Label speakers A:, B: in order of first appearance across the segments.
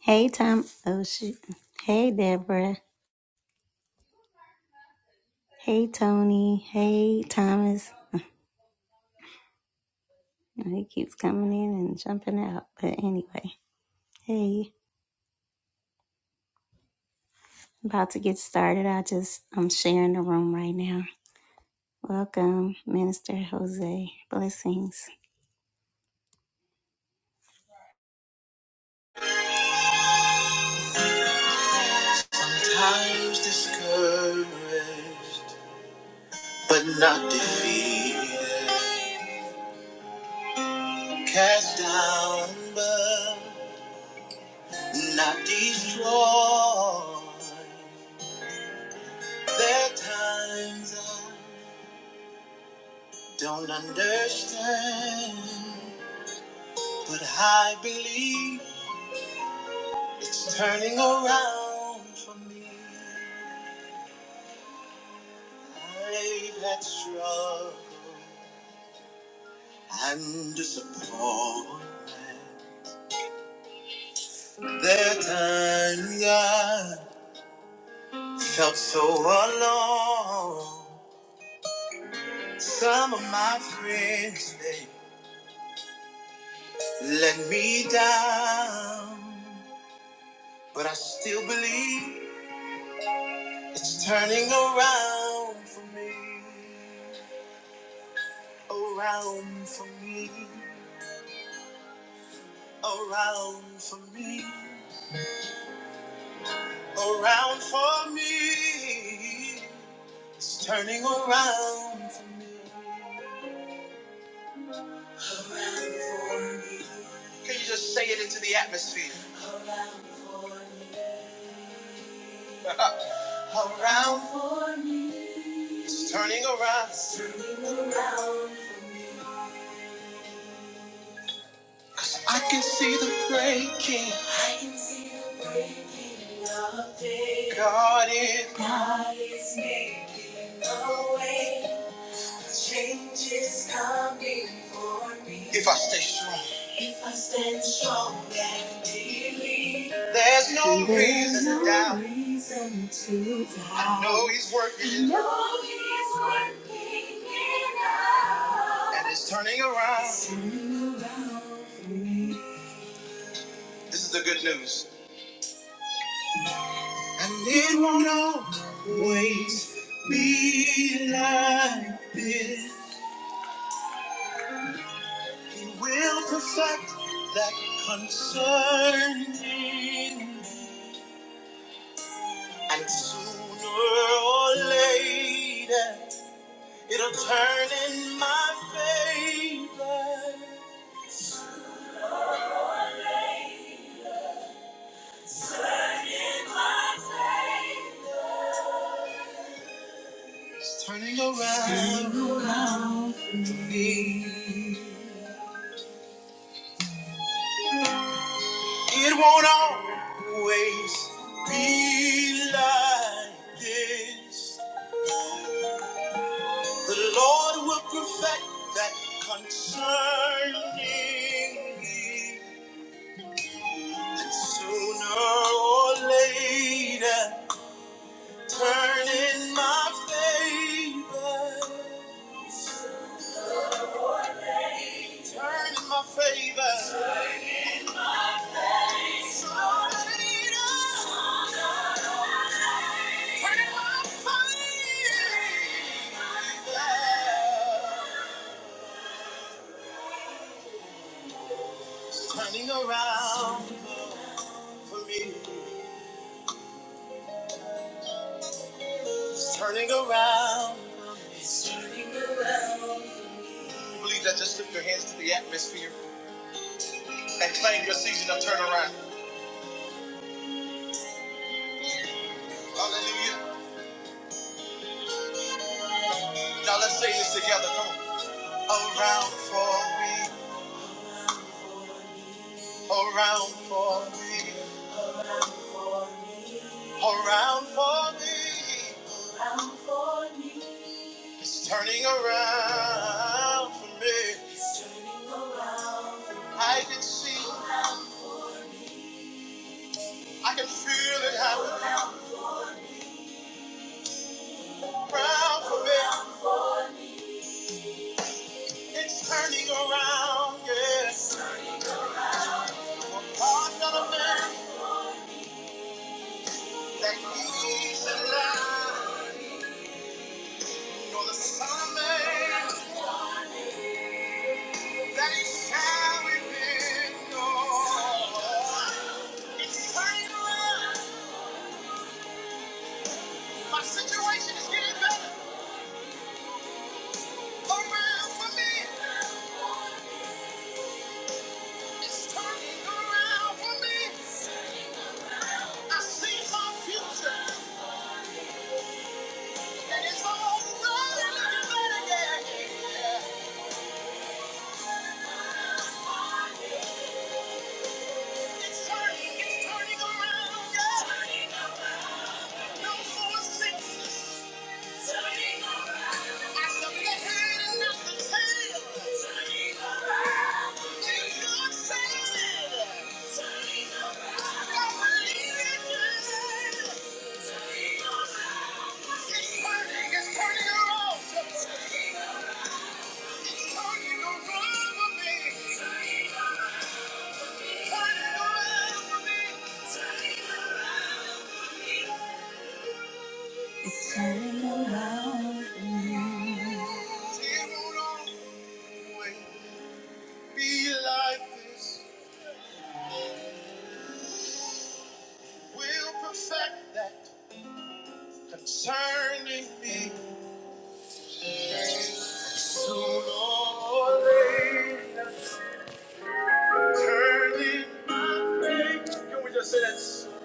A: Hey, Tom. Oh, shoot. Hey, Deborah. Hey, Tony. Hey, Thomas. And He keeps coming in and jumping out. But anyway, hey, about to get started. I just, I'm sharing the room right now. Welcome, Minister Jose. Blessings. Sometimes discouraged, but not defeated. Cast down, but not destroyed. There are times I don't understand, but I believe it's turning around for me. I've had struggle and disappointment. There are times I felt so alone. Some of my friends, they let me down, but I still believe. It's turning around for me, around for me, around for me, around for me. It's turning around for me. Can you just say it into the atmosphere? around for me. It's turning around. It's turning around for me. 'Cause I can see the breaking. I can see the breaking of day. God is. God is making a way. Change is coming for me. If I stay strong. If I stand strong and believe. There's no There's reason to no doubt. reason to doubt. I know He's working. I know He's working it out. And it's turning around. It's turning around. This is the good news. And it won't always be like this. He will perfect that concern. in me. And sooner or later, it'll turn in my favor. Turn in my favor. It's turning around for me. It won't always be like this. The Lord will perfect that concerning me. And sooner or later, turn in my favor. Turn in my favor. Turn in my favor. Turning around for me. It's turning around. It's turning around. You Believe that. Just lift your hands to the atmosphere and claim your season of turnaround. Hallelujah. Now let's say this together. Come on. Around for me. Around for me. Around for me. Around for me. It's turning around for me. It's turning around. I can see. I can feel it happening. around for me. It's turning around, yes. For God's not a man that needs a lie, nor the Son of Man that he shall repent. No. It's turning around. My situation is getting better around for me. It's turning around for me. I see my future, and it's already looking better, yeah. yeah. It's turning, it's turning around, yeah. Turning around. No more sickness. Turning around. I shall be the and not the tail. Turning around. It's God saying Turning around. I believe it, yeah. Turning around. It's turning, it's turning around. Concerning me, sooner or later, turning my face. Can we just say that?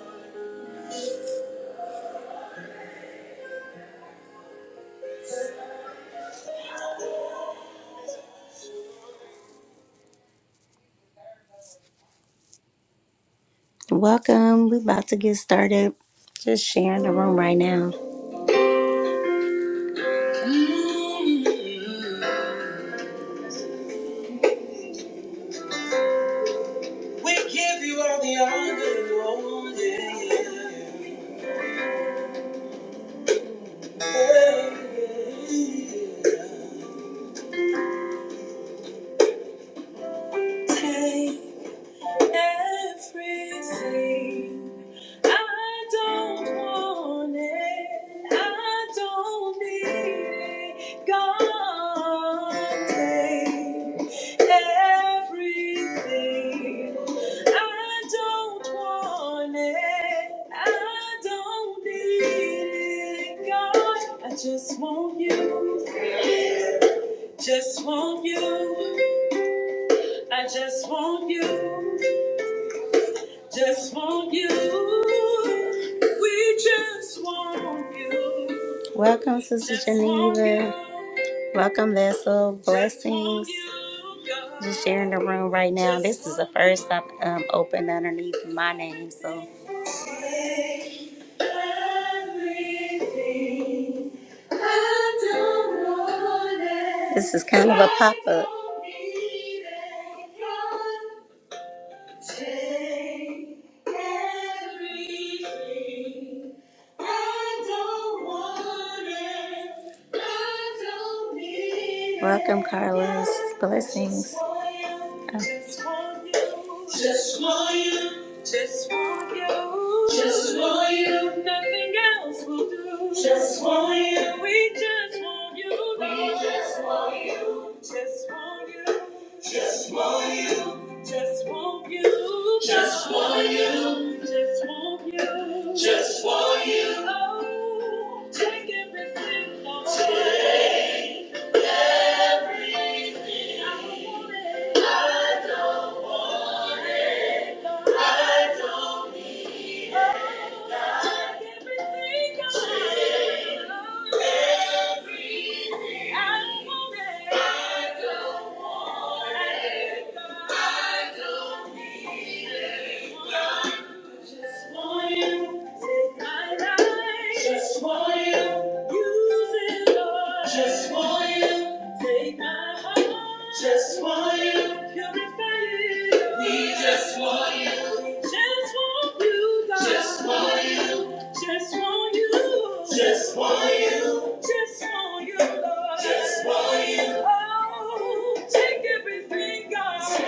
A: Welcome. We're about to get started. Just sharing the room right now. We give you all the honor, Lord. Yeah, yeah, yeah. Hey, hey. everything. I don't want it. I don't need it. God, take everything. I don't want it. I don't need it. God, I just want you. Just want you. I just want you. Just want you. We just want you. Welcome, Sister Just want Geneva. you. Welcome, Vessel. Just want Blessings. you, God. Just sharing the room right now. Just This is the want first I've um, opened underneath my name, so. Everything. I don't want it. This is kind of a pop up. Welcome, Carlos. Blessings. Oh. Just want you. Just want you. Nothing else will do. Just want you. We just want you. Lord. We just want you. Just want you. Just want you. Just want you. Just want you. Just want you. Just want you. Oh, take everything, Lord. Take- I don't want it. Lord. I don't want it. Just want you. Take my life. Just want you. Use it, Lord. Just want you. Take my heart. Just want you. Purify it. We just want you. We just want you, God. Just want you. Just want you. Just want you. Just want you, Lord. Just want you. Oh, take everything, God.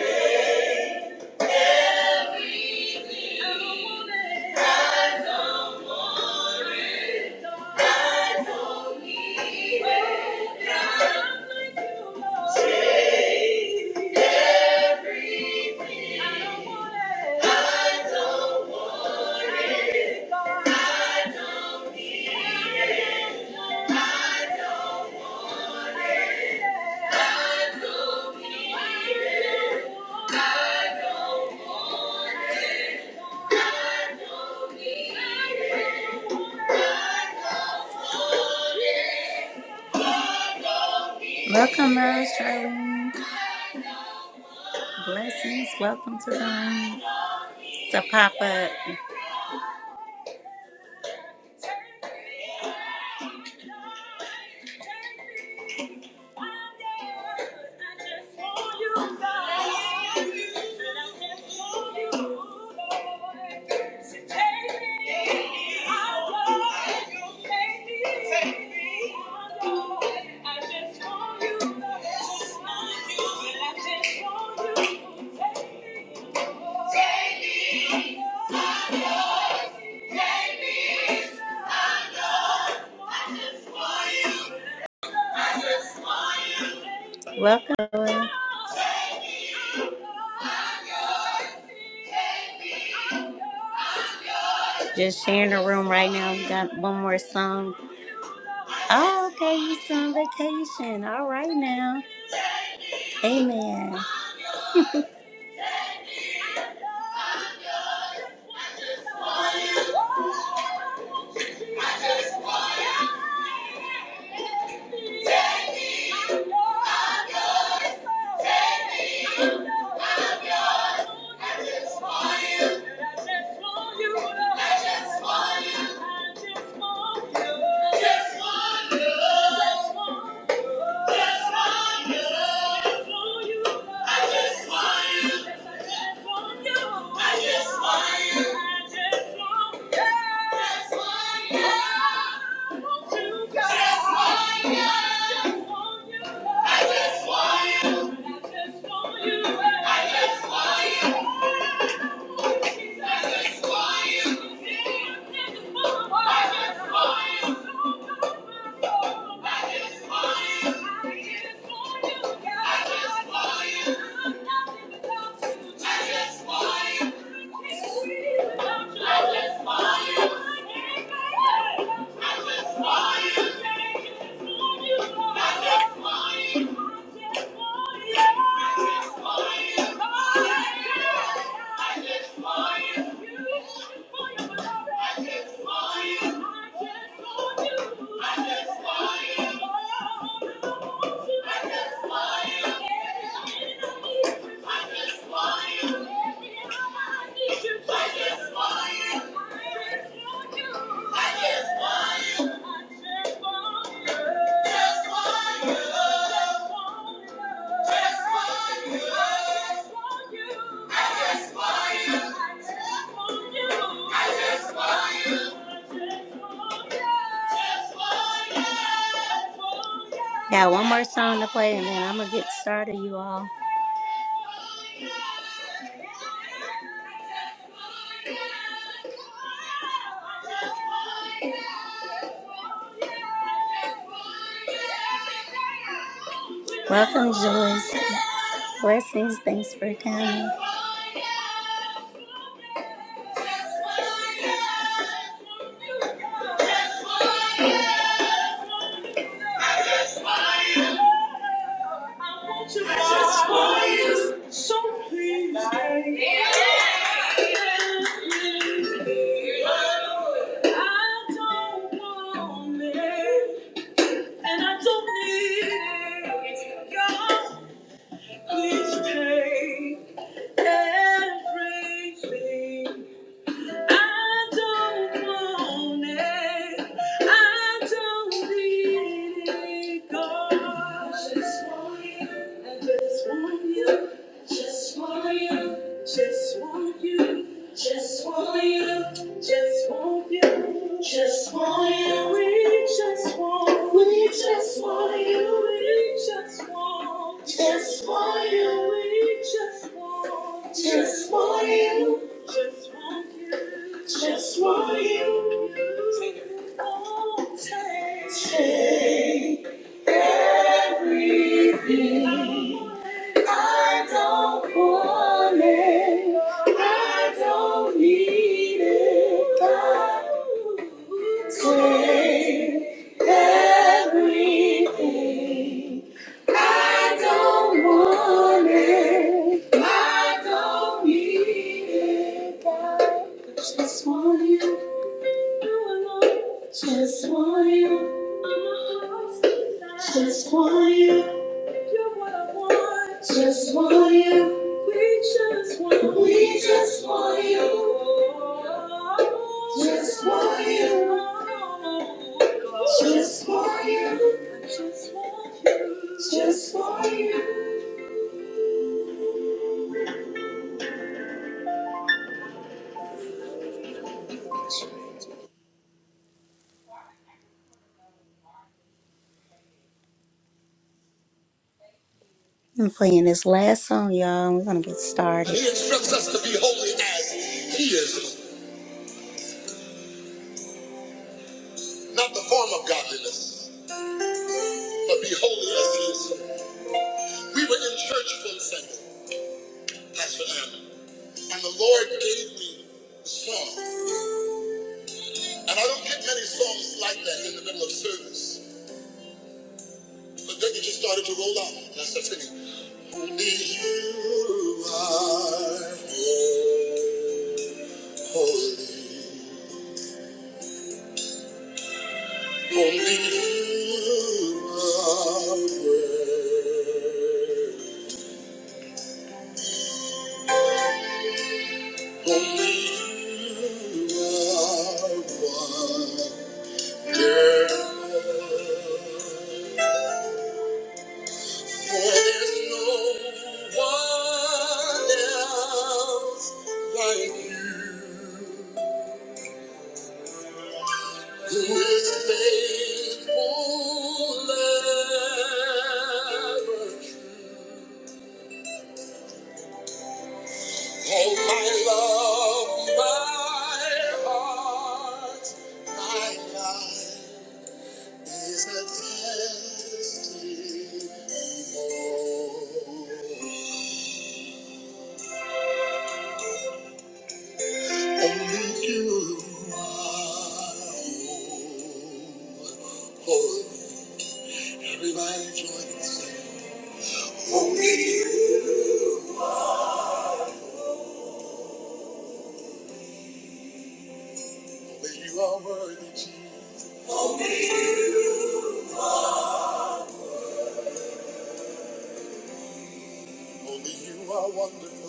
A: Welcome, Rose Charlene. Blessings. Welcome to the room. It's a pop up. Take me, I know. I just want you. Welcome. Noah. Just sharing the room right now. We got one more song. Oh, okay. You on vacation. All right now. Amen. I'm Just want you. I just want you. I just want you. I just want you. Got one more song to play and then I'm gonna get started, you all. Welcome, Joyce. Blessings. Thanks for coming. Just want you, so please. I don't want it, and I don't need it. God, please take everything. I don't want it. I don't need it, God. I just want you. I just want you. Just want you, just want you, just want you, just want you, just want you, we just want, we just want you, we just want, just want you, we just want, just want you, just want you, just want you, you, oh, take. just want you. Just want you. Just want you. You're what I want. Just want you. We just want we just want you. Just want you. Just want you. I'm playing this last song, y'all. We're gonna get started. Not the form of godliness, but be holy as it is. We were in church for the same. That's forever. And the Lord gave me the song. And I don't get many songs like that in the middle of service. But then it just started to roll out. And I started singing. Only you are holy. Only you are worthy. Only you are wonderful. There's no one else like you who is faithful ever. Oh, my love, my heart, my life is a testimony. Only you are oh, holy. Everybody join and sing. Only you. Only you are worthy, Jesus. Only you are wonderful.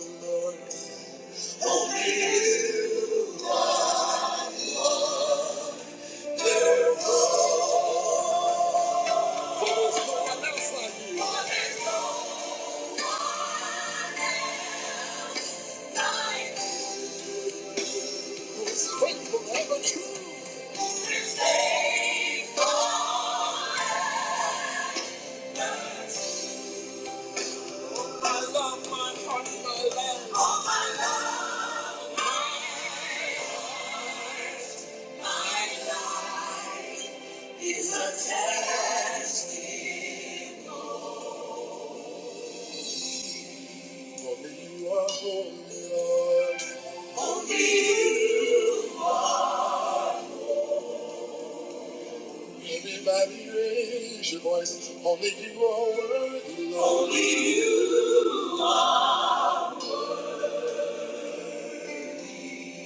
A: Everybody raise your voice. Only you are worthy, Lord.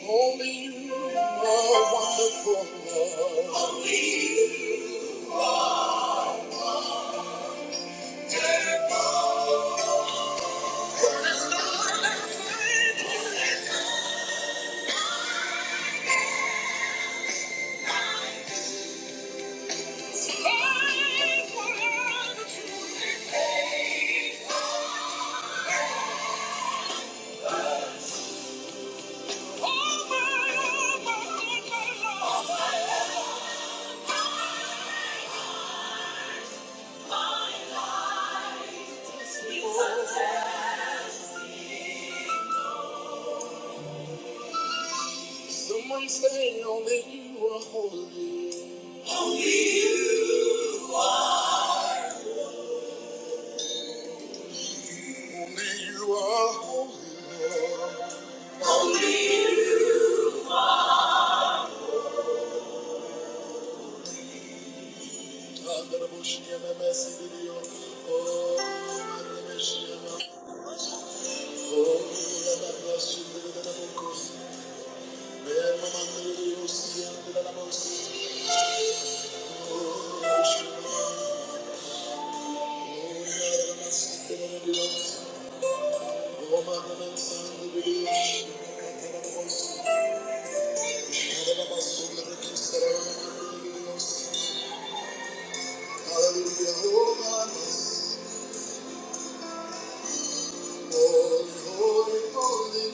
A: Only you are wonderful, Lord. Someone say only you are holy. Only you are holy, Lord. I'm gonna push you in the messy video. Oh, I'm gonna miss you. Oh, I'm gonna bless you. I'm gonna focus. Man, my man, the video, see, I'm gonna focus. Oh, I'm gonna push you. Oh, I'm gonna miss you. I'm gonna do it. Oh, my God, I'm sorry, the video. Hallelujah. Oh, my God. Holy, holy, holy,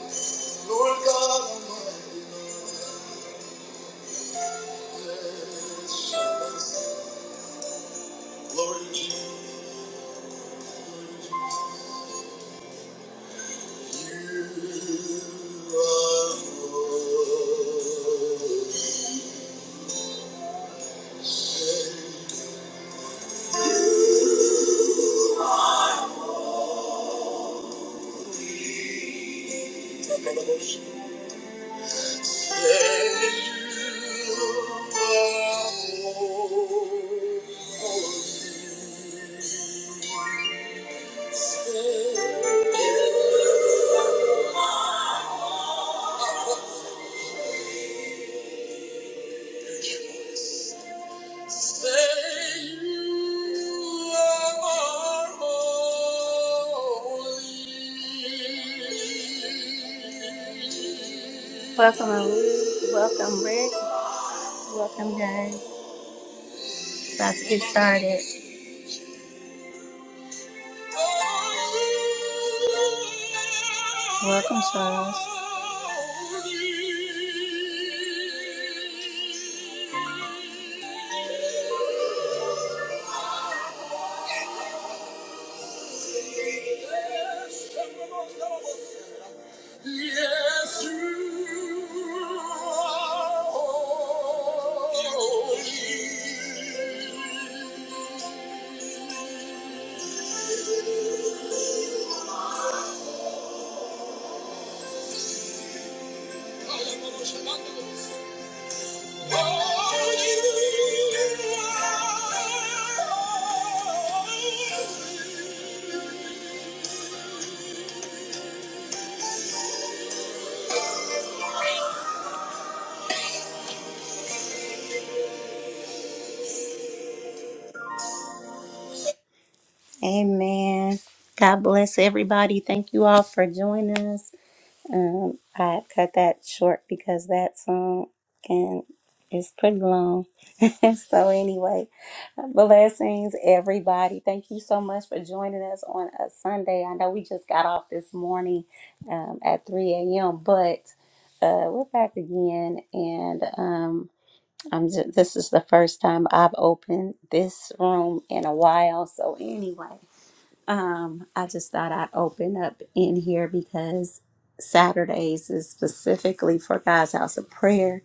A: Lord God Almighty, Lord Jesus, you holy. Welcome, Ruth. welcome, Rick. Welcome, guys. About to get started. Welcome, Charles. Yes, you are holy. Amen. God bless everybody. Thank you all for joining us. Um, I cut that short because that song can is pretty long. so anyway, blessings everybody. Thank you so much for joining us on a Sunday. I know we just got off this morning um, at 3 a.m., but uh, we're back again and. um, I'm just, this is the first time I've opened this room in a while. So anyway, um, I just thought I'd open up in here because Saturdays is specifically for God's house of prayer.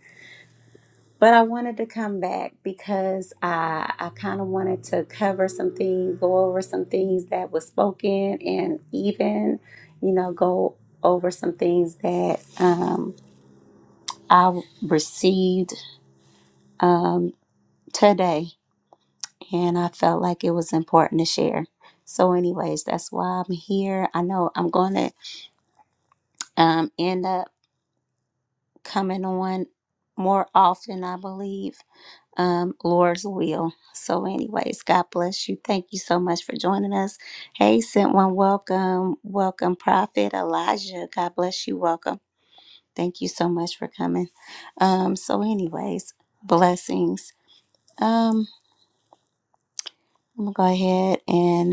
A: But I wanted to come back because I I kind of wanted to cover some things, go over some things that was spoken, and even you know go over some things that um, I received um, today and I felt like it was important to share. So, anyways, that's why I'm here. I know I'm going to um, end up coming on more often, I believe. Um, Lord's will. So, anyways, God bless you. Thank you so much for joining us. Hey, sent one, welcome, welcome, Prophet Elijah. God bless you. Welcome. Thank you so much for coming. Um, so, anyways, blessings. Um, I'm gonna go ahead and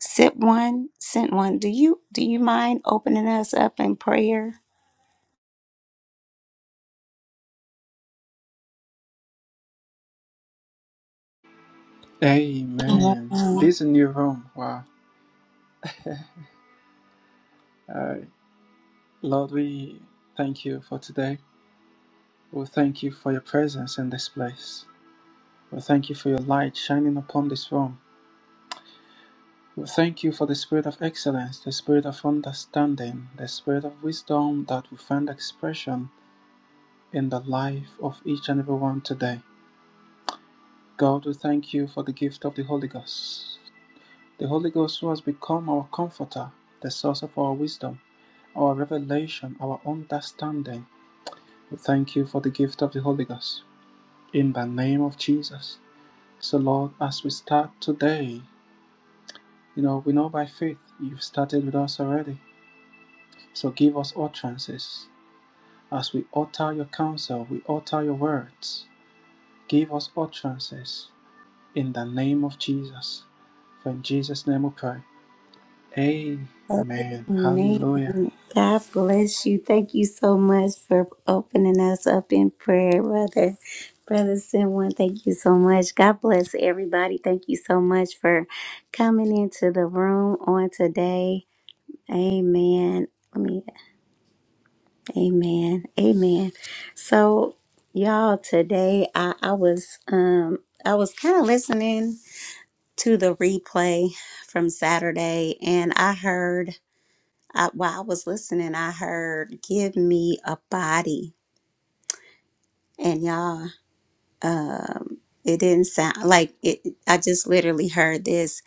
A: Sip one, sent one. Do you do you mind opening us up in prayer?
B: Amen.
A: Oh,
B: This is a new room. Wow. Uh, Lord, we thank you for today. We thank you for your presence in this place. We thank you for your light shining upon this room. We thank you for the spirit of excellence, the spirit of understanding, the spirit of wisdom that will find expression in the life of each and every one today. God, we thank you for the gift of the Holy Ghost. The Holy Ghost, who has become our comforter, the source of our wisdom, our revelation, our understanding, we thank you for the gift of the Holy Ghost. In the name of Jesus. So, Lord, as we start today, you know, we know by faith you've started with us already. So give us utterances. As we utter your counsel, we utter your words. Give us utterances in the name of Jesus. For in Jesus' name we pray. Amen. Hallelujah.
A: Man, God bless you. Thank you so much for opening us up in prayer, brother. Brother Sinwan, thank you so much. God bless everybody. Thank you so much for coming into the room on today. Amen. Let me, amen. Amen. So, y'all, today I, I was um I was kind of listening to the replay from Saturday, and I heard I, while I was listening, I heard "Give me a body," and y'all, it didn't sound like it. I just literally heard this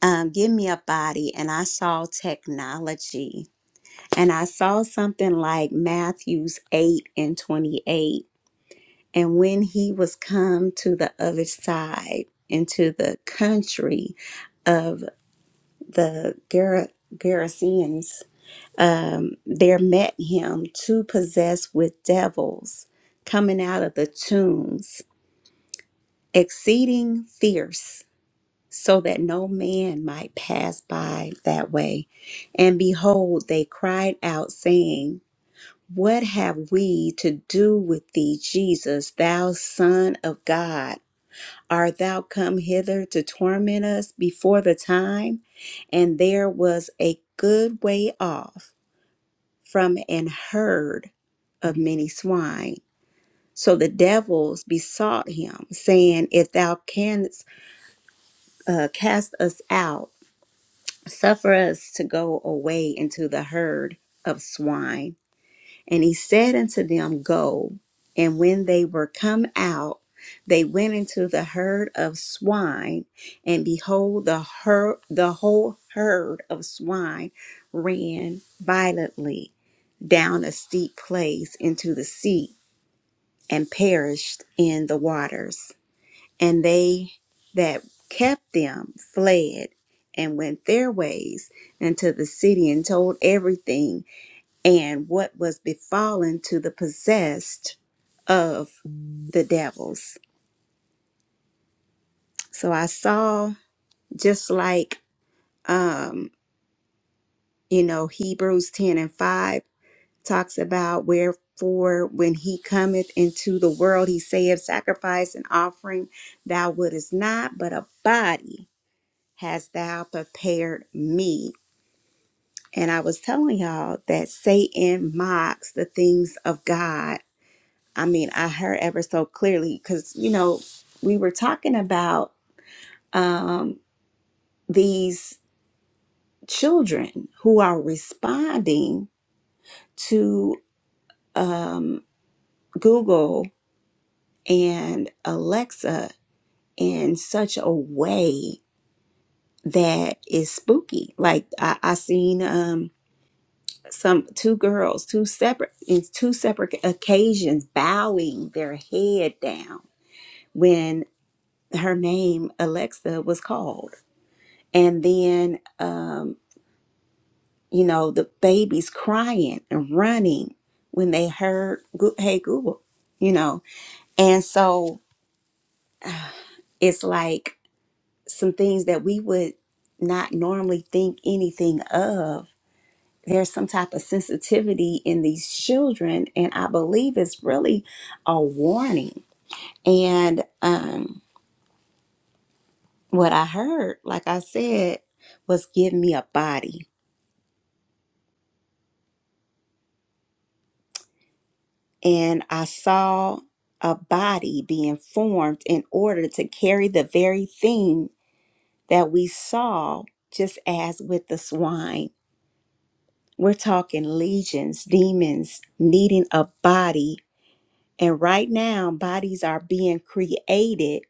A: um, "Give me a body," and I saw technology, and I saw something like Matthew's eight and twenty-eight, and when he was come to the other side into the country of the Gera- Gerasenes um, there met him two possessed with devils coming out of the tombs, exceeding fierce, so that no man might pass by that way. And behold, they cried out, saying, What have we to do with thee, Jesus, thou Son of God? Art thou come hither to torment us before the time? And there was a good way off from an herd of many swine. So the devils besought him, saying, If thou canst uh, cast us out, suffer us to go away into the herd of swine. And he said unto them, Go. And when they were come out, they went into the herd of swine, and behold, the her- the whole herd of swine ran violently down a steep place into the sea, and perished in the waters. And they that kept them fled and went their ways into the city and told everything and what was befallen to the possessed of the devils. So I saw just like um you know Hebrews 10 and 5 talks about wherefore when he cometh into the world he saith sacrifice and offering thou wouldest not but a body hast thou prepared me. And I was telling y'all that Satan mocks the things of God I mean, I heard ever so clearly because, you know, we were talking about um, these children who are responding to um, Google and Alexa in such a way that is spooky. Like I, I seen um, some two girls, two separate, in two separate occasions, bowing their head down when her name Alexa was called and then um, you know the babies crying and running when they heard Goo- hey google you know and so it's like some things that we would not normally think anything of there's some type of sensitivity in these children and i believe it's really a warning and um, what i heard like i said was give me a body and I saw a body being formed in order to carry the very thing that we saw, just as with the swine. We're talking legions, demons needing a body. And right now, bodies are being created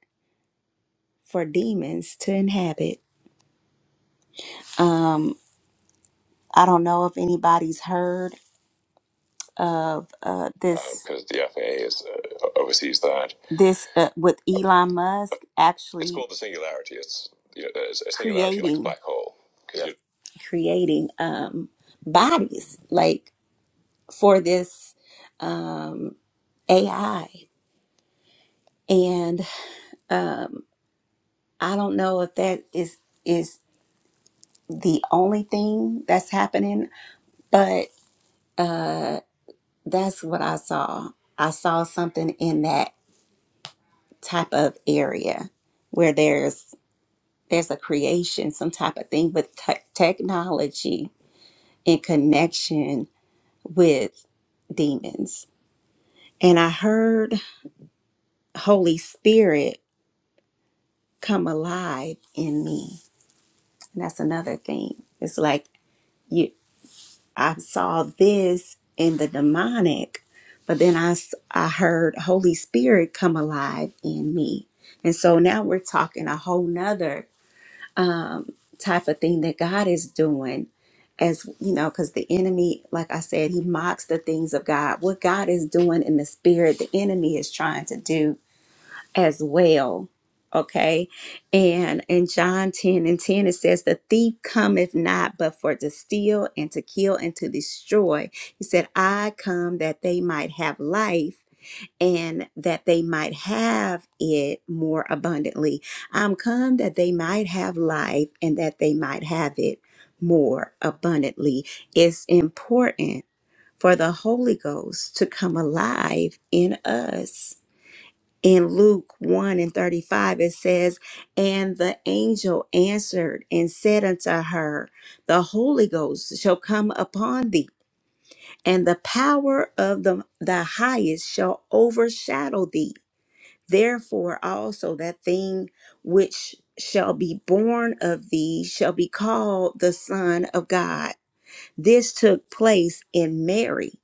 A: for demons to inhabit. I don't know if anybody's heard. of uh, this because the FAA is uh, oversees that. this uh, with Elon Musk It's actually called the singularity. It's you know, it's a singularity like a creating black hole because you creating um, bodies like for this um, AI, and um, I don't know if that is is the only thing that's happening, but that's what I saw. I saw something in that type of area where there's there's a creation, some type of thing with te- technology in connection with demons. And I heard Holy Spirit come alive in me. And that's another thing. It's like you I saw this in the demonic, but then I s- I heard Holy Spirit come alive in me. And so now we're talking a whole nother type of thing that God is doing. As you know, because the enemy, like I said, he mocks the things of God. What God is doing in the spirit, the enemy is trying to do as well. Okay. And in John 10 and 10, it says, The thief cometh not but for to steal and to kill and to destroy. He said, I come that they might have life and that they might have it more abundantly. I'm come that they might have life and that they might have it more abundantly. It's important for the Holy Ghost to come alive in us. In Luke 1 and 35, it says, And the angel answered and said unto her, The Holy Ghost shall come upon thee, and the power of the, the highest shall overshadow thee. Therefore, also that thing which shall be born of thee shall be called the Son of God. This took place in Mary,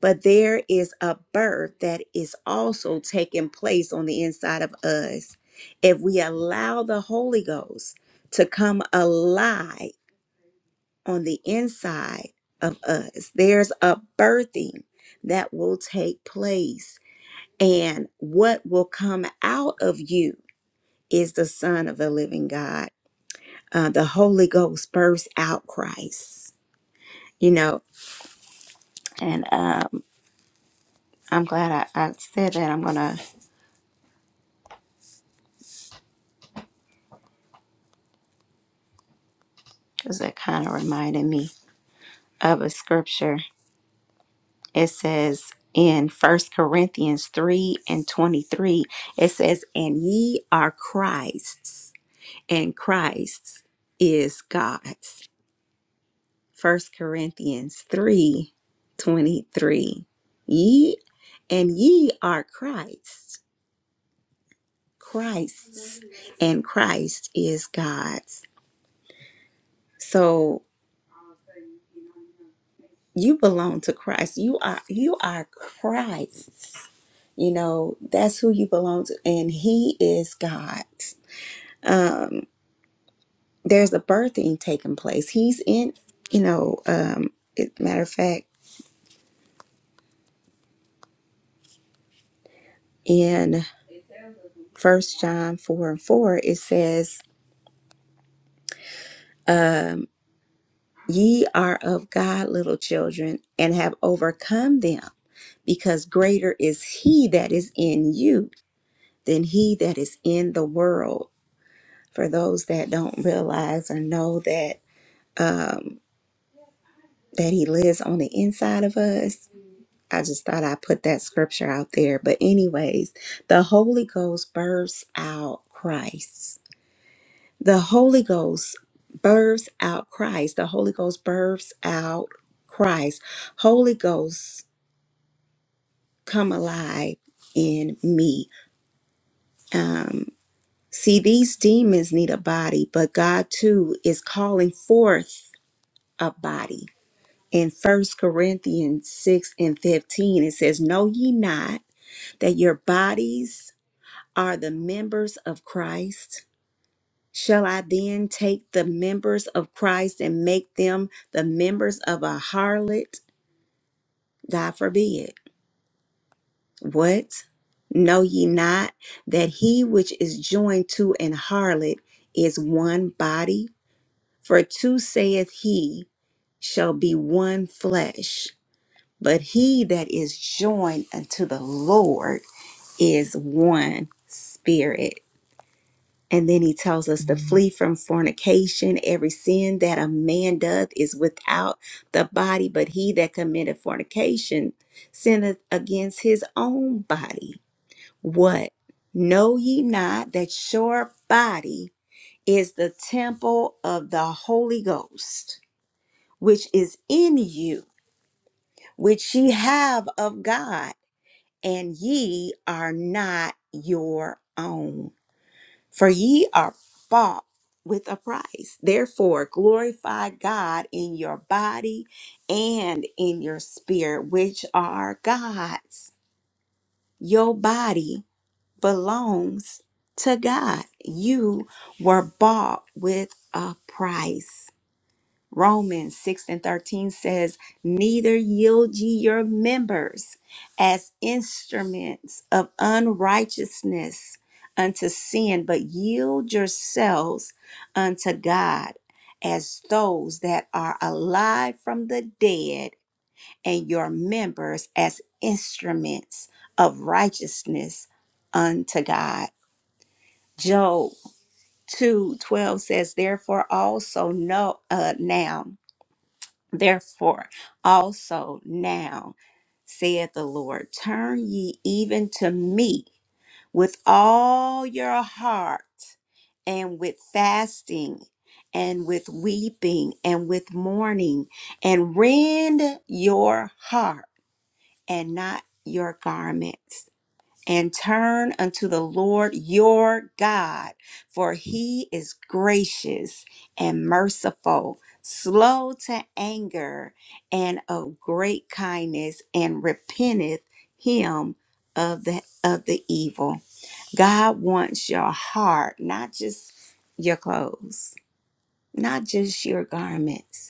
A: but there is a birth that is also taking place on the inside of us. If we allow the Holy Ghost to come alive on the inside of us, there's a birthing that will take place. And what will come out of you? is the Son of the living God. Uh, the Holy Ghost bursts out Christ, you know. And um, I'm glad I, I said that. I'm going to, because it kind of reminded me of a scripture. It says in First Corinthians 3 and 23, it says, And ye are Christ's, and Christ is God's. First Corinthians 3, 23, Ye and ye are Christ's Christ's, and Christ is God's. So you belong to Christ. You are you are Christ's. You know that's who you belong to, and He is God. Um, there's a birthing taking place. He's in. You know, um, it, matter of fact, in First John four and four, it says. um, Ye are of God, little children, and have overcome them, because greater is he that is in you than he that is in the world. For those that don't realize or know that um, that he lives on the inside of us, I just thought I put that scripture out there. But anyways, the Holy Ghost bursts out Christ The Holy Ghost births out Christ. The Holy Ghost births out Christ. Holy Ghost, come alive in me. See, these demons need a body, but God too is calling forth a body. In First Corinthians 6 and 15, it says, Know ye not that your bodies are the members of Christ? Shall I then take the members of Christ and make them the members of a harlot? God forbid. What? Know ye not that he which is joined to an harlot is one body? For two saith he, shall be one flesh. But he that is joined unto the Lord is one spirit. And then he tells us to Mhm. flee from fornication. Every sin that a man doth is without the body, but he that committeth fornication sinneth against his own body. What? Know ye not that your body is the temple of the Holy Ghost, which is in you, which ye have of God, and ye are not your own? For ye are bought with a price. Therefore, glorify God in your body and in your spirit, which are God's. Your body belongs to God. You were bought with a price. Romans 6 and 13 says, Neither yield ye your members as instruments of unrighteousness unto sin, but yield yourselves unto God as those that are alive from the dead, and your members as instruments of righteousness unto God. Job 2 12 says, Therefore also know uh, now. Therefore, also now, saith the Lord, turn ye even to me with all your heart, and with fasting, and with weeping, and with mourning, and rend your heart and not your garments and turn unto the Lord your God, for he is gracious and merciful, slow to anger, and of great kindness, and repenteth him of the of the evil. God wants your heart, not just your clothes, not just your garments.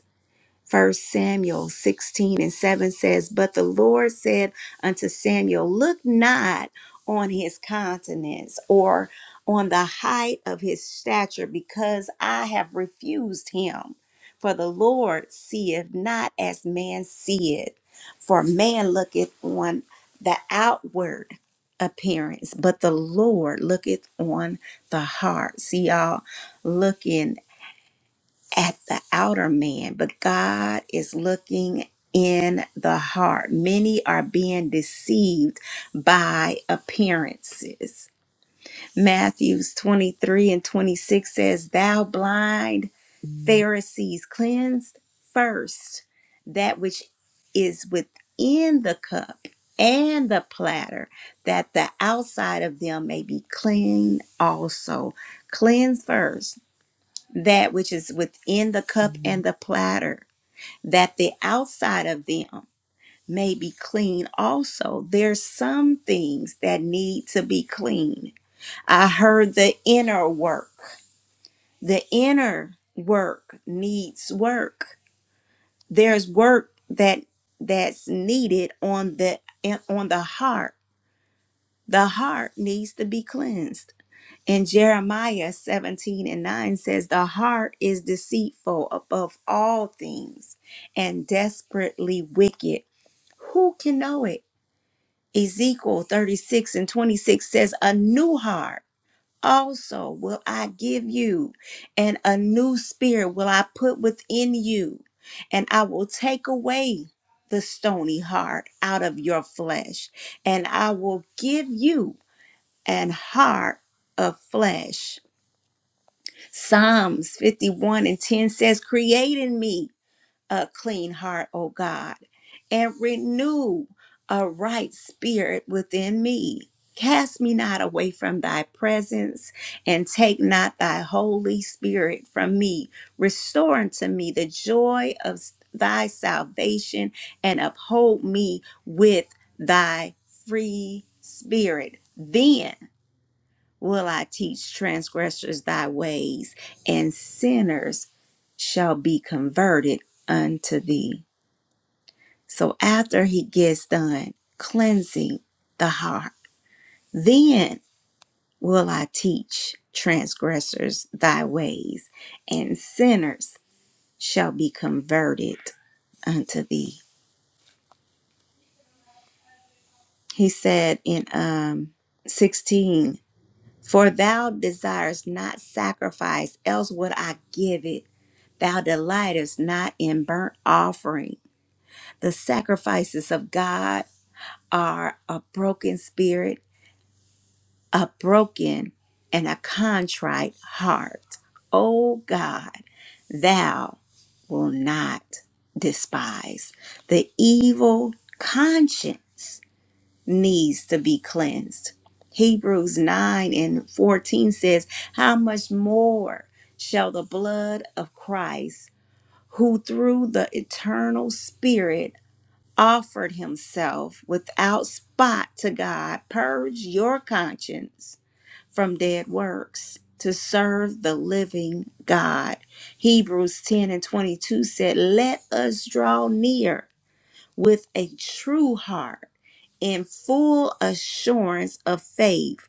A: First Samuel 16 and 7 says, But the Lord said unto Samuel, Look not on his countenance or on the height of his stature, because I have refused him. For the Lord seeth not as man seeth, for man looketh on the outward appearance, but the Lord looketh on the heart. See y'all looking at the outer man, but God is looking in the heart. Many are being deceived by appearances. Matthews 23 and 26 says, Thou blind Pharisees, cleanse first that which is within the cup and the platter, that the outside of them may be clean also. Cleanse first that which is within the cup and the platter, that the outside of them may be clean also. There's some things that need to be clean. I heard the inner work. The inner work needs work. There's work that that's needed on the on the heart. The heart needs to be cleansed And Jeremiah 17 and 9 says, The heart is deceitful above all things and desperately wicked. Who can know it? Ezekiel 36 and 26 says, A new heart also will I give you, and a new spirit will I put within you, and I will take away the stony heart out of your flesh, and I will give you an heart of flesh Psalms 51 and 10 says, Create in me a clean heart, O God, and renew a right spirit within me. Cast me not away from thy presence, and take not thy Holy Spirit from me. Restore unto me the joy of thy salvation, and uphold me with thy free spirit. Then will I teach transgressors thy ways, and sinners shall be converted unto thee. So after he gets done cleansing the heart, then will I teach transgressors thy ways, and sinners shall be converted unto thee. He said in um 16, For thou desirest not sacrifice, else would I give it Thou delightest not in burnt offering. The sacrifices of God are a broken spirit, a broken and a contrite heart. O God, thou will not despise. The evil conscience needs to be cleansed. Hebrews 9 and 14 says, How much more shall the blood of Christ? who through the eternal Spirit offered himself without spot to God, purge your conscience from dead works to serve the living God. Hebrews 10 and 22 said, Let us draw near with a true heart in full assurance of faith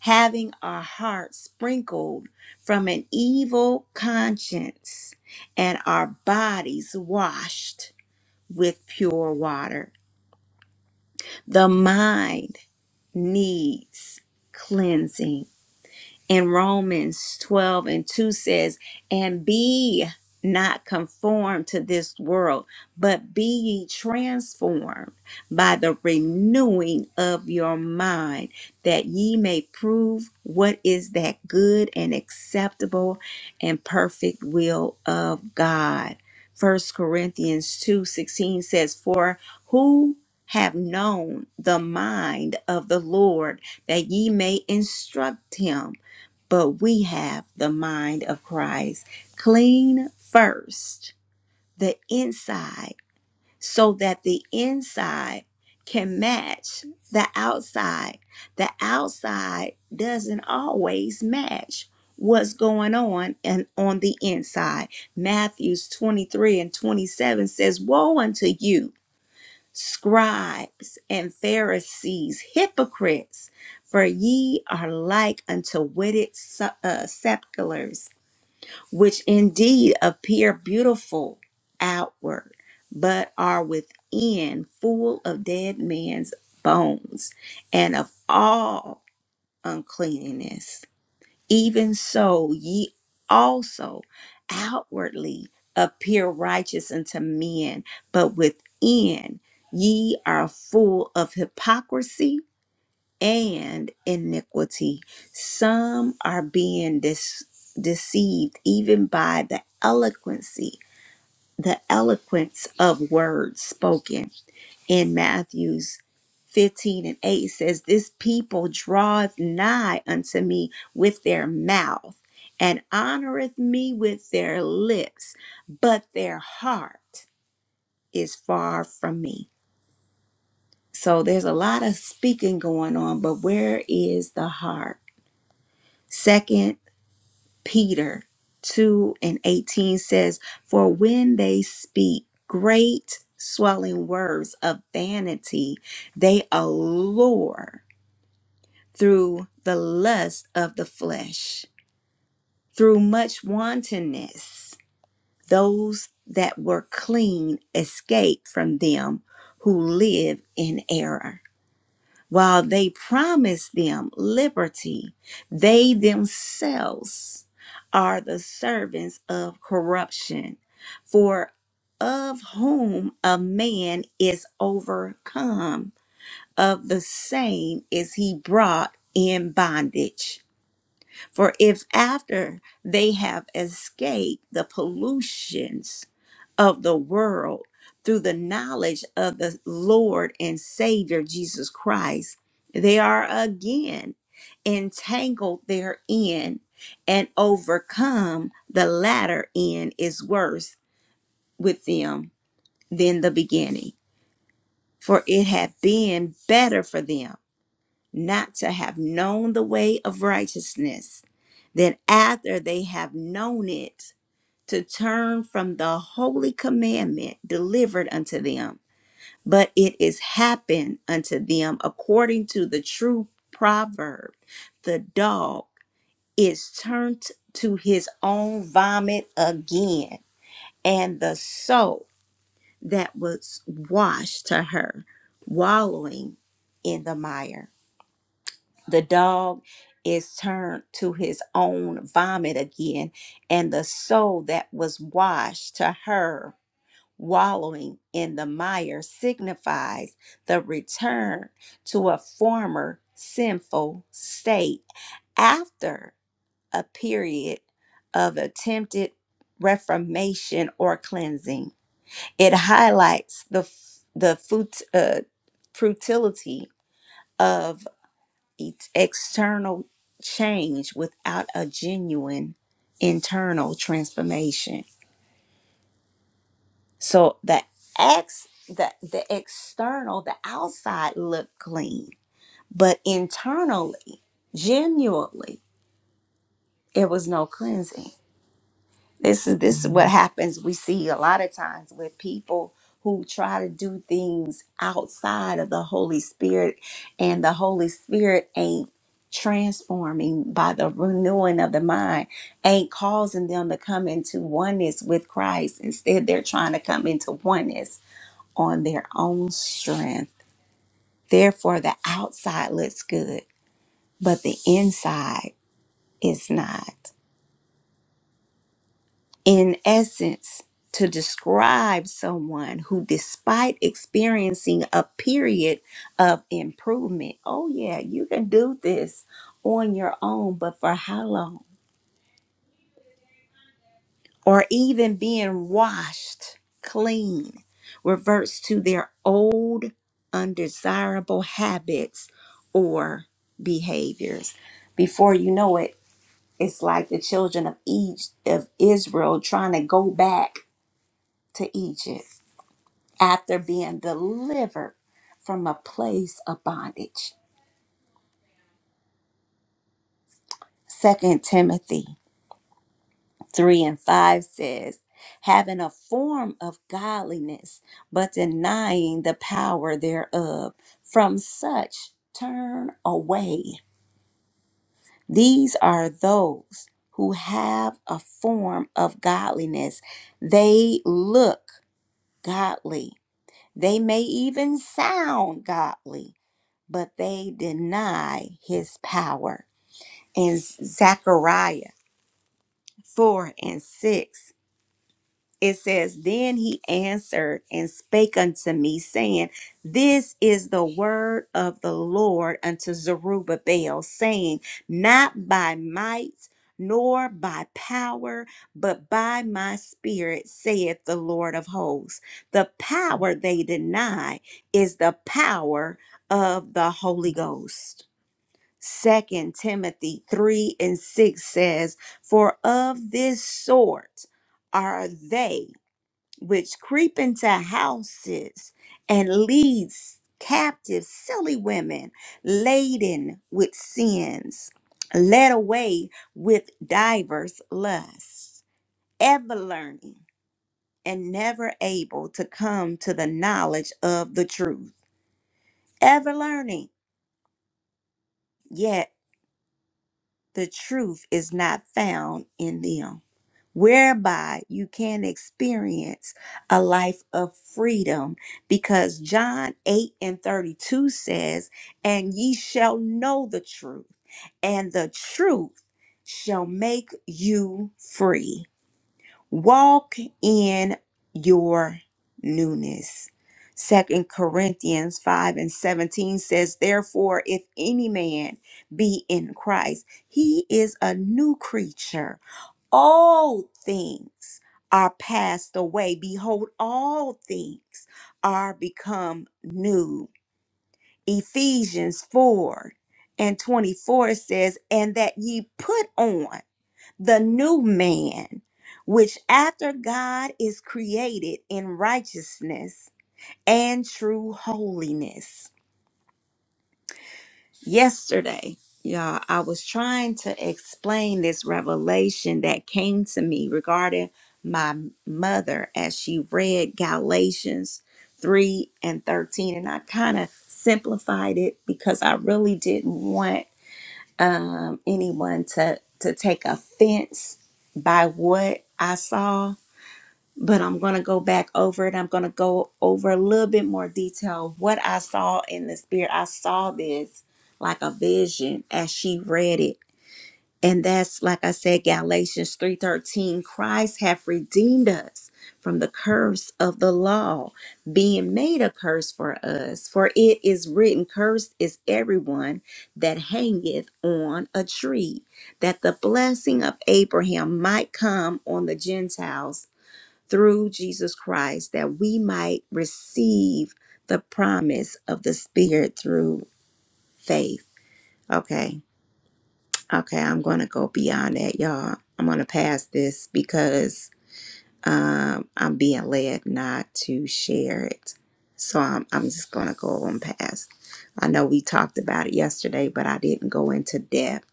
A: having our hearts sprinkled from an evil conscience and our bodies washed with pure water. The mind needs cleansing and Romans 12 and 2 says, And be not conformed to this world, but be ye transformed by the renewing of your mind, that ye may prove what is that good and acceptable and perfect will of God. First Corinthians 2 16 says, For who have known the mind of the Lord that ye may instruct him? but we have the mind of Christ. Clean first the inside so that the inside can match the outside. The outside doesn't always match what's going on and on the inside. Matthews 23 and 27 says, "Woe unto you scribes and Pharisees, hypocrites, for ye are like unto witted se- uh, sepulchres, which indeed appear beautiful outward, but are within full of dead men's bones and of all uncleanness. Even so, ye also outwardly appear righteous unto men, but within ye are full of hypocrisy and iniquity. Some are being dis- deceived even by the eloquency, the eloquence of words spoken in Matthew's 15 and 8 It says, This people draweth nigh unto me with their mouth and honoreth me with their lips, but their heart is far from me. So there's a lot of speaking going on, but where is the heart? Second Peter 2 and 18 says, For when they speak great swelling words of vanity, they allure through the lust of the flesh, through much wantonness. Those that were clean escaped from them who live in error. While they promise them liberty, they themselves are the servants of corruption. For of whom a man is overcome, of the same is he brought in bondage. For if after they have escaped the pollutions of the world through the knowledge of the Lord and Savior Jesus Christ, they are again entangled therein and overcome, the latter end is worse with them than the beginning. For it had been better for them not to have known the way of righteousness then, after they have known it, to turn from the holy commandment delivered unto them. But it is happened unto them according to the true proverb the dog is turned to his own vomit again, and the soul that was washed to her, wallowing in the mire the dog is turned to his own vomit again, and the soul that was washed to her wallowing in the mire signifies the return to a former sinful state after a period of attempted reformation or cleansing. It highlights the f- the fut- uh, futility of ex- external change without a genuine internal transformation. So the ex the the external, the outside looked clean, but internally, genuinely, it was no cleansing. This is this is what happens. We see a lot of times with people who try to do things outside of the Holy Spirit, and the Holy Spirit ain't transforming by the renewing of the mind, ain't causing them to come into oneness with Christ. Instead, they're trying to come into oneness on their own strength. Therefore, the outside looks good, but the inside is not. in essence, to describe someone who, despite experiencing a period of improvement, oh, yeah, you can do this on your own, but for how long? Or even being washed clean, reverts to their old undesirable habits or behaviors. Before you know it, it's like the children of each of Israel trying to go back to Egypt after being delivered from a place of bondage. Second Timothy 3 and 5 says, having a form of godliness, but denying the power thereof, from such turn away. These are those who have a form of godliness. They look godly. They may even sound godly, but they deny his power. in Zechariah 4 and 6. It says, Then he answered and spake unto me, saying, This is the word of the Lord unto Zerubbabel, saying, Not by might, nor by power, but by my spirit, saith the Lord of hosts. The power they deny is the power of the Holy Ghost. Second Timothy 3 and 6 says, For of this sort are they which creep into houses and leads captive silly women laden with sins, led away with divers lusts, ever learning and never able to come to the knowledge of the truth, ever learning, yet the truth is not found in them. whereby you can experience a life of freedom. Because John 8 and 32 says, And ye shall know the truth, and the truth shall make you free. Walk in your newness. Second Corinthians 5 and 17 says, Therefore, if any man be in Christ, he is a new creature all things are passed away. Behold, all things are become new. Ephesians 4 and 24 says, And that ye put on the new man, which after God is created in righteousness and true holiness. yesterday y'all i was trying to explain this revelation that came to me regarding my mother as she read galatians 3 and 13 and i kind of simplified it because i really didn't want um, anyone to to take offense by what i saw but I'm going to go back over it. I'm going to go over a little bit more detail of what I saw in the spirit. I saw this like a vision as she read it. And that's like I said Galatians 3:13 Christ hath redeemed us from the curse of the law being made a curse for us for it is written cursed is everyone that hangeth on a tree that the blessing of Abraham might come on the Gentiles through Jesus Christ that we might receive the promise of the Spirit through faith. Okay. Okay. I'm going to go beyond that, y'all. I'm going to pass this because um, I'm being led not to share it. So I'm, I'm just going to go on past. I know we talked about it yesterday, but I didn't go into depth.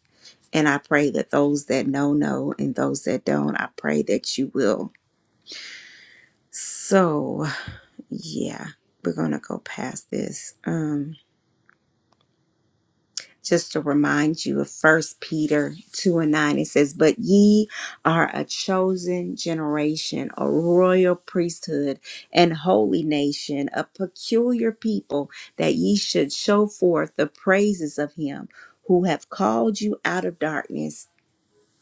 A: And I pray that those that know, know, and those that don't, I pray that you will. So. yeah we're gonna go past this um just to remind you of first peter 2 and 9 it says but ye are a chosen generation a royal priesthood and holy nation a peculiar people that ye should show forth the praises of him who have called you out of darkness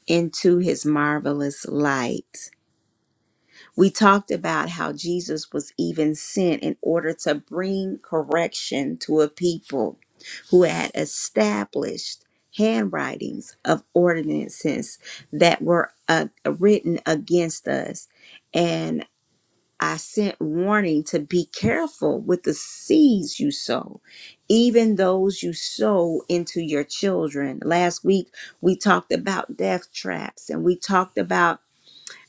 A: into his marvelous light We talked about how Jesus was even sent in order to bring correction to a people who had established handwritings of ordinances that were uh, written against us. And I sent warning to be careful with the seeds you sow, even those you sow into your children. Last week, we talked about death traps and we talked about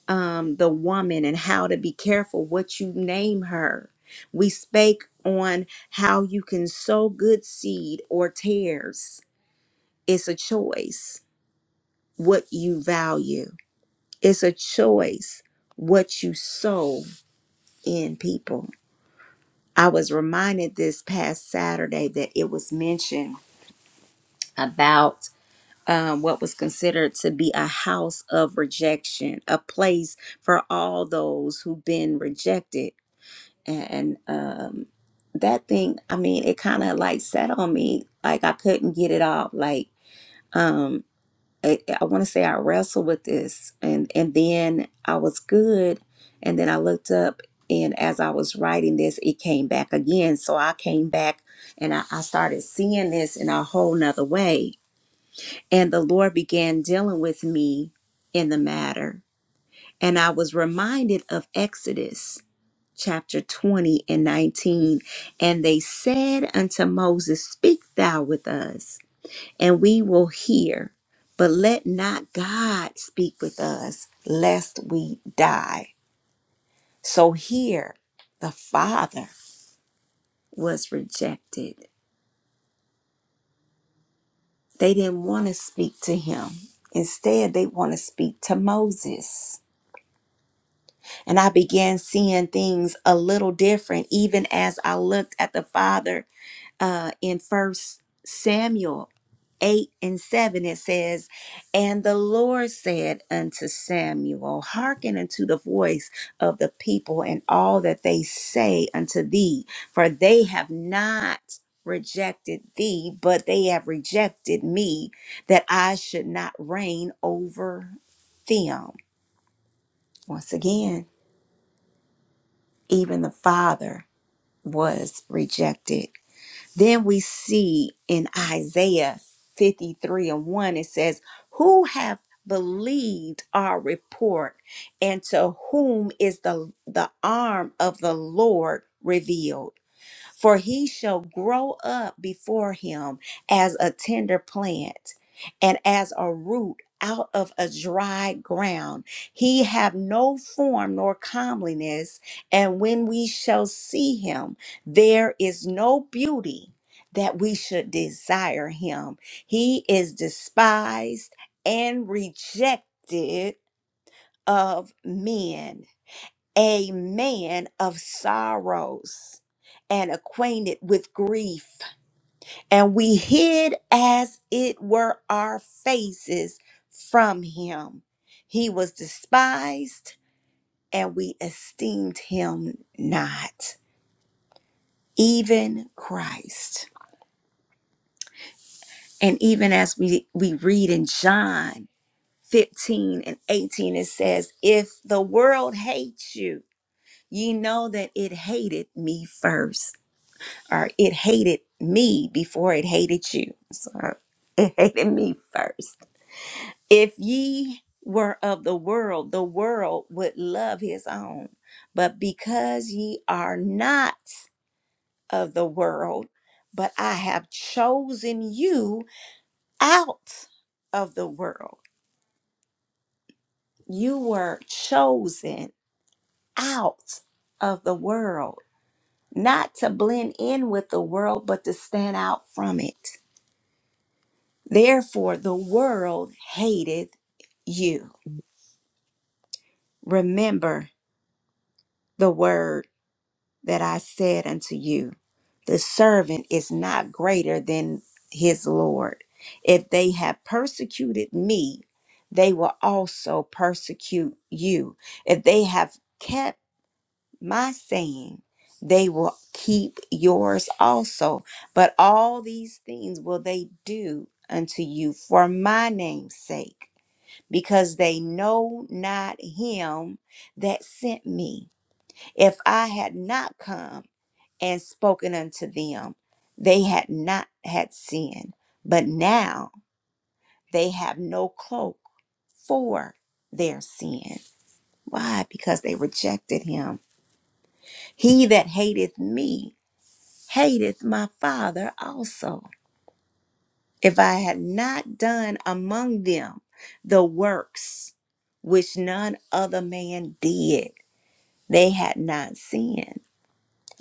A: um, the woman and how to be careful what you name her. We spake on how you can sow good seed or tares. It's a choice what you value, it's a choice what you sow in people. I was reminded this past Saturday that it was mentioned about. Um, what was considered to be a house of rejection, a place for all those who've been rejected and um that thing i mean it kind of like sat on me like i couldn't get it off like um i, I want to say i wrestled with this and and then i was good and then i looked up and as i was writing this it came back again so i came back and i, I started seeing this in a whole nother way and the lord began dealing with me in the matter and i was reminded of exodus chapter 20 and 19. And they said unto Moses, Speak thou with us, and we will hear. But let not God speak with us, lest we die. So here, the Father was rejected. They didn't want to speak to him. Instead, they want to speak to Moses. And I began seeing things a little different, even as I looked at the Father uh, in First Samuel 8 and 7, it says, And the Lord said unto Samuel, Hearken unto the voice of the people and all that they say unto thee, for they have not rejected thee, but they have rejected me, that I should not reign over them. Once again, even the Father was rejected Then we see in Isaiah 53 and 1, it says, Who have believed our report, and to whom is the, the arm of the Lord revealed? for he shall grow up before him as a tender plant and as a root out of a dry ground he have no form nor comeliness and when we shall see him there is no beauty that we should desire him he is despised and rejected of men a man of sorrows and acquainted with grief. And we hid as it were our faces from him. He was despised, and we esteemed him not, even Christ. And even as we, we read in John 15 and 18, it says, If the world hates you, ye know that it hated me first." or it hated me before it hated you. So it hated me first. If ye were of the world, the world would love his own. But because ye are not of the world, but I have chosen you out of the world. You were chosen out of the world, not to blend in with the world, but to stand out from it. Therefore, the world hated you. Remember the word that I said unto you the servant is not greater than his Lord. If they have persecuted me, they will also persecute you. If they have kept my saying, they will keep yours also. But all these things will they do unto you for my name's sake because they know not him that sent me. If I had not come and spoken unto them, they had not had sin, but now they have no cloak for their sin. Why? Because they rejected him. He that hateth me hateth my Father also. If I had not done among them the works which none other man did, they had not sinned.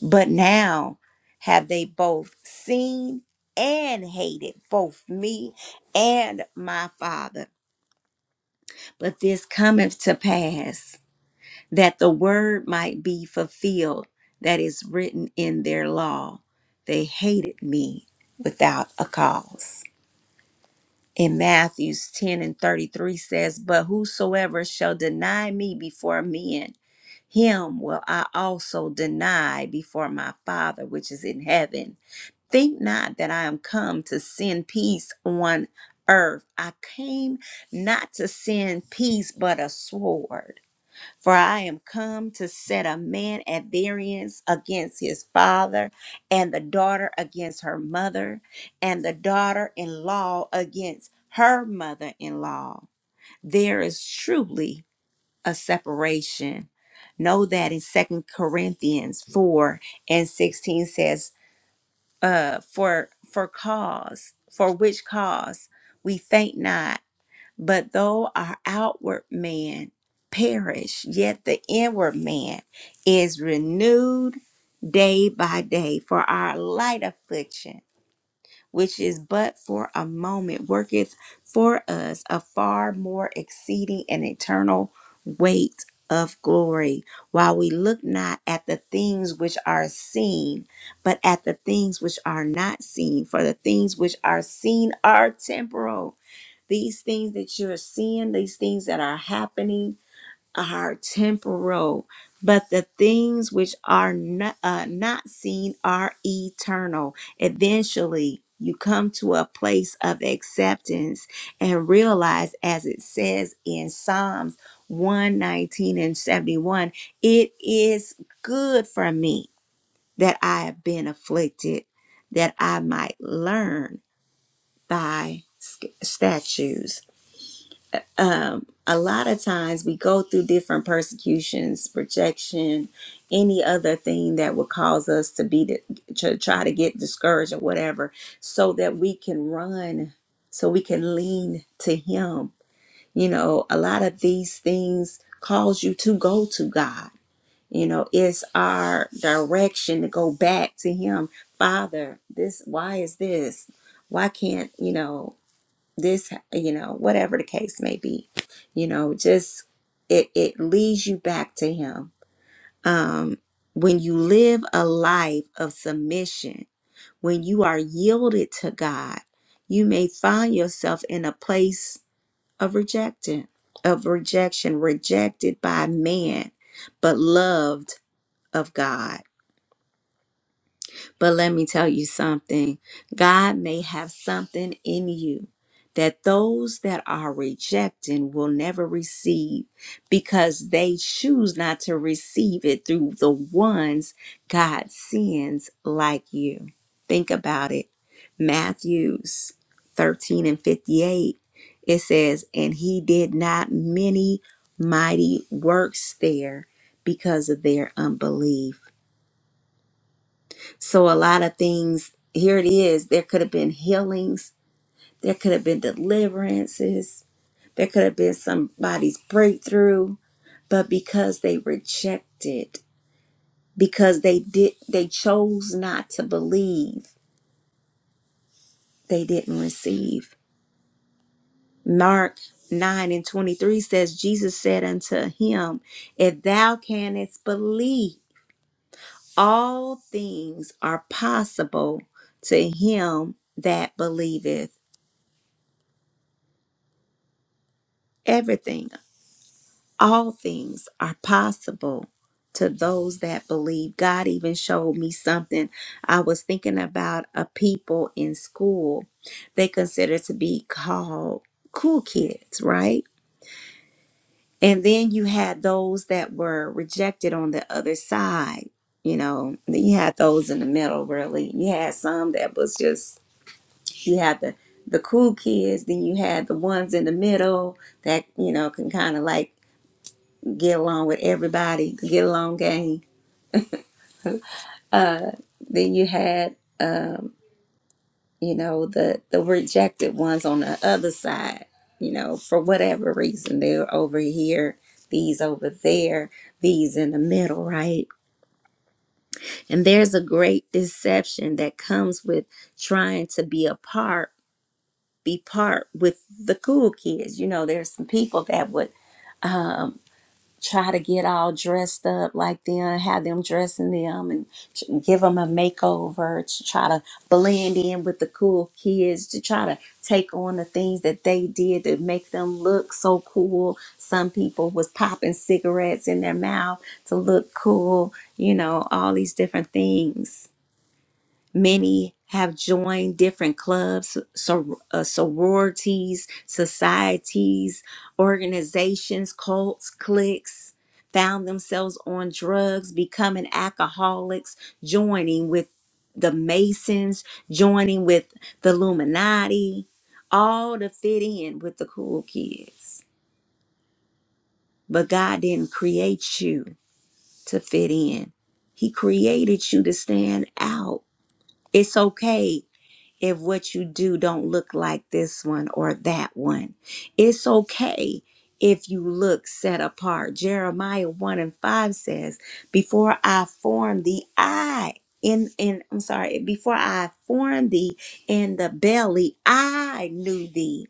A: But now have they both seen and hated both me and my Father. But this cometh to pass that the word might be fulfilled that is written in their law. They hated me without a cause. in Matthews 10 and 33 says, But whosoever shall deny me before men, him will I also deny before my Father which is in heaven. Think not that I am come to send peace on earth. I came not to send peace, but a sword. For I am come to set a man at variance against his father, and the daughter against her mother, and the daughter in law against her mother in law. There is truly a separation. Know that in Second Corinthians 4 and 16 says, uh, for for cause, for which cause we faint not but though our outward man perish, yet the inward man is renewed day by day. For our light affliction, which is but for a moment, worketh for us a far more exceeding and eternal weight of glory, while we look not at the things which are seen, but at the things which are not seen. For the things which are seen are temporal these things that you're seeing, these things that are happening are temporal, but the things which are not, uh, not seen are eternal. Eventually, you come to a place of acceptance and realize, as it says in Psalms 119 and 71, it is good for me that I have been afflicted, that I might learn thy sk- statutes um, a lot of times we go through different persecutions, rejection, any other thing that would cause us to be di- to try to get discouraged or whatever, so that we can run, so we can lean to Him. You know, a lot of these things cause you to go to God. You know, it's our direction to go back to Him. Father, this, why is this? Why can't, you know, this you know whatever the case may be you know just it it leads you back to him um when you live a life of submission when you are yielded to god you may find yourself in a place of rejection of rejection rejected by man but loved of god But let me tell you something God may have something in you that those that are rejecting will never receive because they choose not to receive it through the ones God sends like you. Think about it. Matthews 13 and 58, it says, And he did not many mighty works there because of their unbelief. So a lot of things, here it is, there could have been healings, there could have been deliverances, there could have been somebody's breakthrough, but because they rejected, because they did they chose not to believe, they didn't receive. Mark 9 and 23 says, Jesus said unto him, If thou canst believe, all things are possible to him that believeth everything all things are possible to those that believe. God even showed me something. I was thinking about a people in school they considered to be called cool kids, right? And then you had those that were rejected on the other side. You know, Then you had those in the middle, really. You had some that was just you had the the cool kids, then you had the ones in the middle that you know can kind of like get along with everybody, get along game. Uh, then you had, um, you know, the the rejected ones on the other side. You know, for whatever reason, they're over here, these over there, these in the middle, right? And there's a great deception that comes with trying to be a part, be part with the cool kids. You know, there's some people that would um, try to get all dressed up like them, have them dressing them and ch- give them a makeover to try to blend in with the cool kids, to try to take on the things that they did to make them look so cool. Some people was popping cigarettes in their mouth to look cool, you know, all these different things Many have joined different clubs, sor- uh, sororities, societies, organizations, cults, cliques, found themselves on drugs, becoming alcoholics, joining with the Masons, joining with the Illuminati, all to fit in with the cool kids. But God didn't create you to fit in, He created you to stand out. It's okay if what you do don't look like this one or that one. It's okay if you look set apart. Jeremiah 1 and 5 says, Before I formed the I in in I'm sorry, before I formed thee in the belly, I knew thee.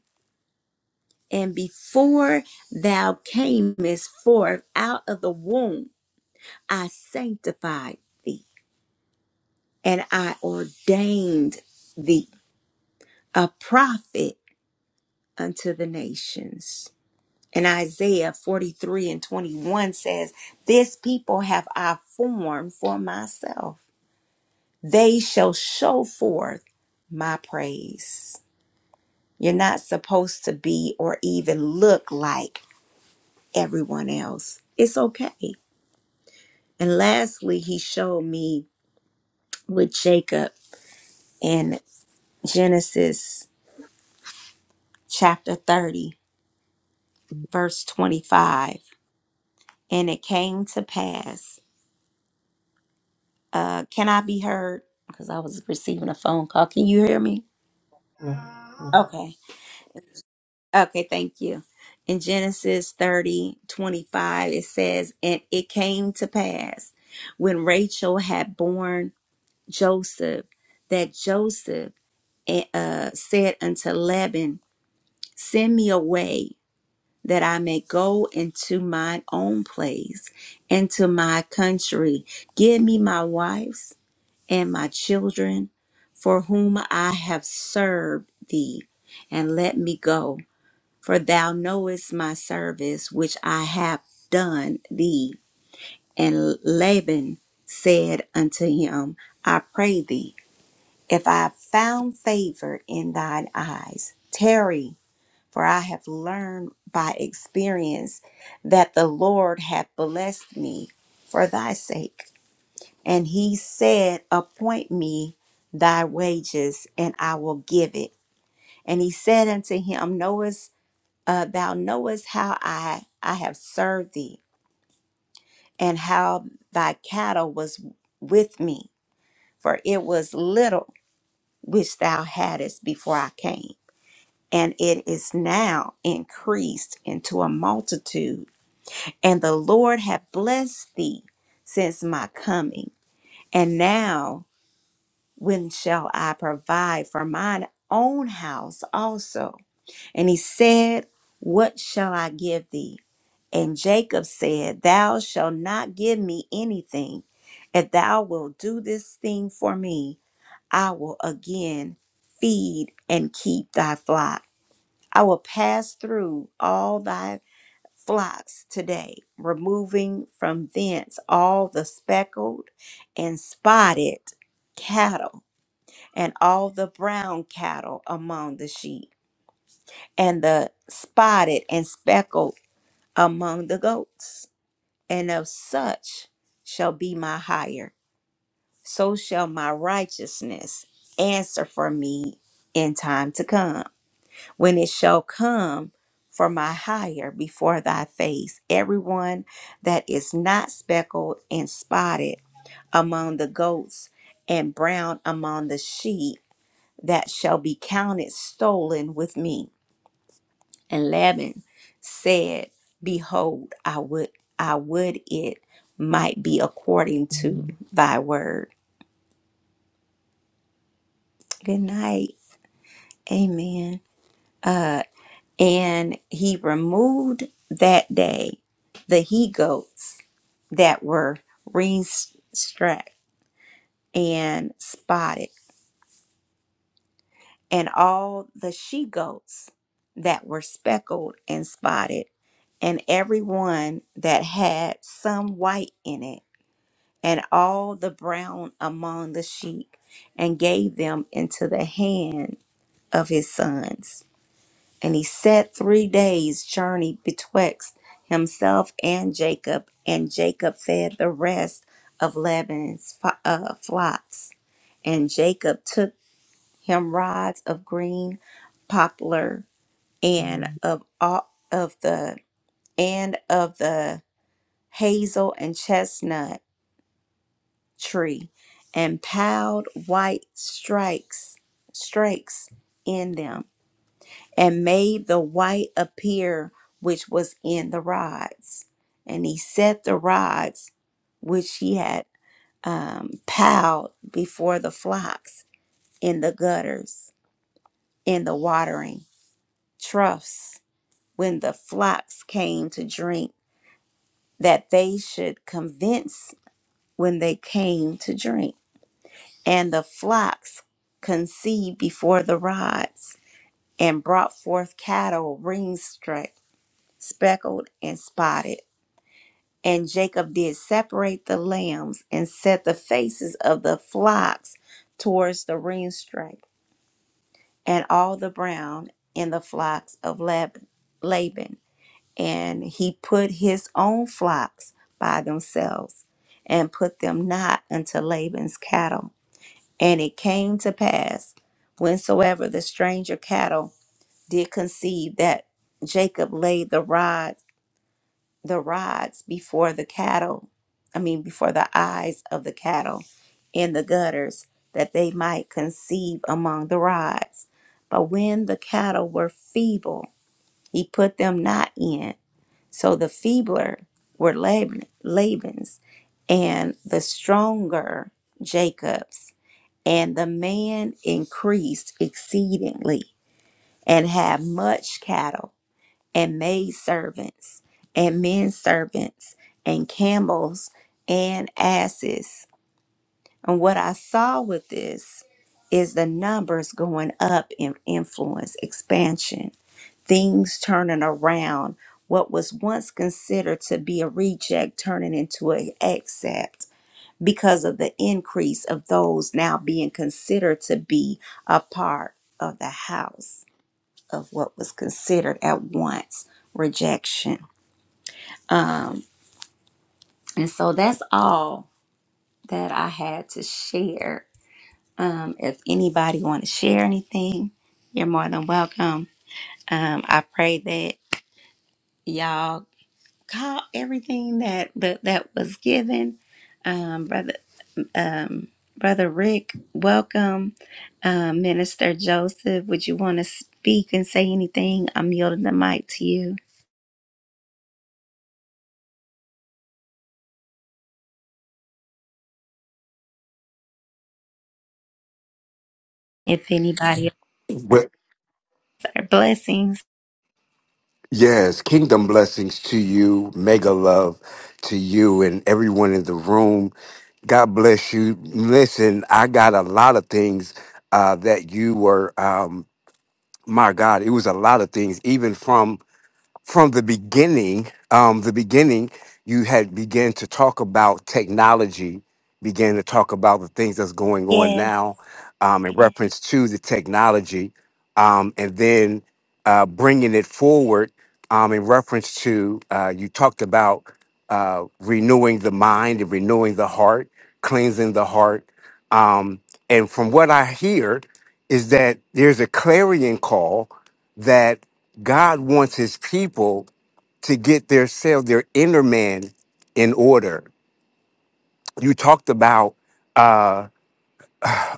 A: And before thou camest forth out of the womb, I sanctified thee and I ordained thee a prophet unto the nations. And Isaiah 43 and 21 says, This people have I formed for myself. They shall show forth my praise. You're not supposed to be or even look like everyone else. It's okay. And lastly, he showed me with Jacob in Genesis chapter 30, verse 25. And it came to pass Uh, can I be heard? Because I was receiving a phone call. Can you hear me?
B: Yeah.
A: Okay. Okay. Thank you. In Genesis 30 25, it says, And it came to pass when Rachel had borne Joseph that Joseph eh, uh, said unto Laban, Send me away that I may go into mine own place, into my country. Give me my wife and my children, for whom I have served thee, and let me go. For thou knowest my service which I have done thee. And Laban said unto him, I pray thee, if I have found favor in thine eyes, tarry, for I have learned by experience that the Lord hath blessed me for thy sake. And he said, Appoint me thy wages, and I will give it. And he said unto him, Knowest uh, thou knowest how I I have served thee, and how thy cattle was with me, for it was little which thou hadst before I came, and it is now increased into a multitude. And the Lord hath blessed thee since my coming, and now. When shall I provide for mine own house also? And he said, What shall I give thee? And Jacob said, Thou shalt not give me anything. If thou wilt do this thing for me, I will again feed and keep thy flock. I will pass through all thy flocks today, removing from thence all the speckled and spotted cattle and all the brown cattle among the sheep, and the spotted and speckled among the goats. And of such shall be my hire, so shall my righteousness answer for me in time to come. When it shall come for my hire before thy face, everyone that is not speckled and spotted among the goats and brown among the sheep that shall be counted stolen with me. And Laban said, Behold, I would I would it might be according to thy word. Good night. Amen. Uh and he removed that day the he goats that were ring strapped and spotted and all the she goats that were speckled and spotted, and every one that had some white in it, and all the brown among the sheep, and gave them into the hand of his sons. And he set three days' journey betwixt himself and Jacob, and Jacob fed the rest of Laban's fo- uh, flocks. And Jacob took him rods of green poplar and of all of the and of the hazel and chestnut tree and piled white strikes strikes in them and made the white appear which was in the rods and he set the rods which he had um, piled before the flocks in the gutters in the watering troughs when the flocks came to drink, that they should convince when they came to drink. And the flocks conceived before the rods, and brought forth cattle ring-struck, speckled, and spotted. And Jacob did separate the lambs, and set the faces of the flocks towards the ring-struck, and all the brown in the flocks of Laban. Laban. and he put his own flocks by themselves, and put them not unto Laban's cattle. And it came to pass, whensoever the stranger cattle did conceive, that Jacob laid the rods, the rods before the cattle, I mean before the eyes of the cattle, in the gutters, that they might conceive among the rods. But when the cattle were feeble, he put them not in so the feebler were Laban, Laban's, and the stronger Jacob's. And the man increased exceedingly and had much cattle and maid servants and men servants and camels and asses. And what I saw with this is the numbers going up in influence, expansion things turning around, what was once considered to be a reject turning into an accept because of the increase of those now being considered to be a part of the house of what was considered at once rejection. Um, and so that's all that I had to share. Um, if anybody want to share anything, you're more than welcome. Um, I pray that y'all call everything that that, that was given um, brother um, brother rick welcome um, minister joseph would you want to speak and say anything i'm yielding the mic to you if anybody
C: Well,
A: blessings
C: yes, kingdom blessings to you, mega love to you and everyone in the room. God bless you. Listen, I got a lot of things uh, that you were, um, my God, it was a lot of things, even from from the beginning, um, the beginning, you had began to talk about technology, began to talk about the things that's going on
A: yes
C: now, um, in reference to the technology, um, and then uh, bringing it forward um, in reference to uh, you talked about uh, renewing the mind and renewing the heart, cleansing the heart, um, and from what I hear, is that there's a clarion call that. God wants his people to get their self, their inner man in order. You talked about uh,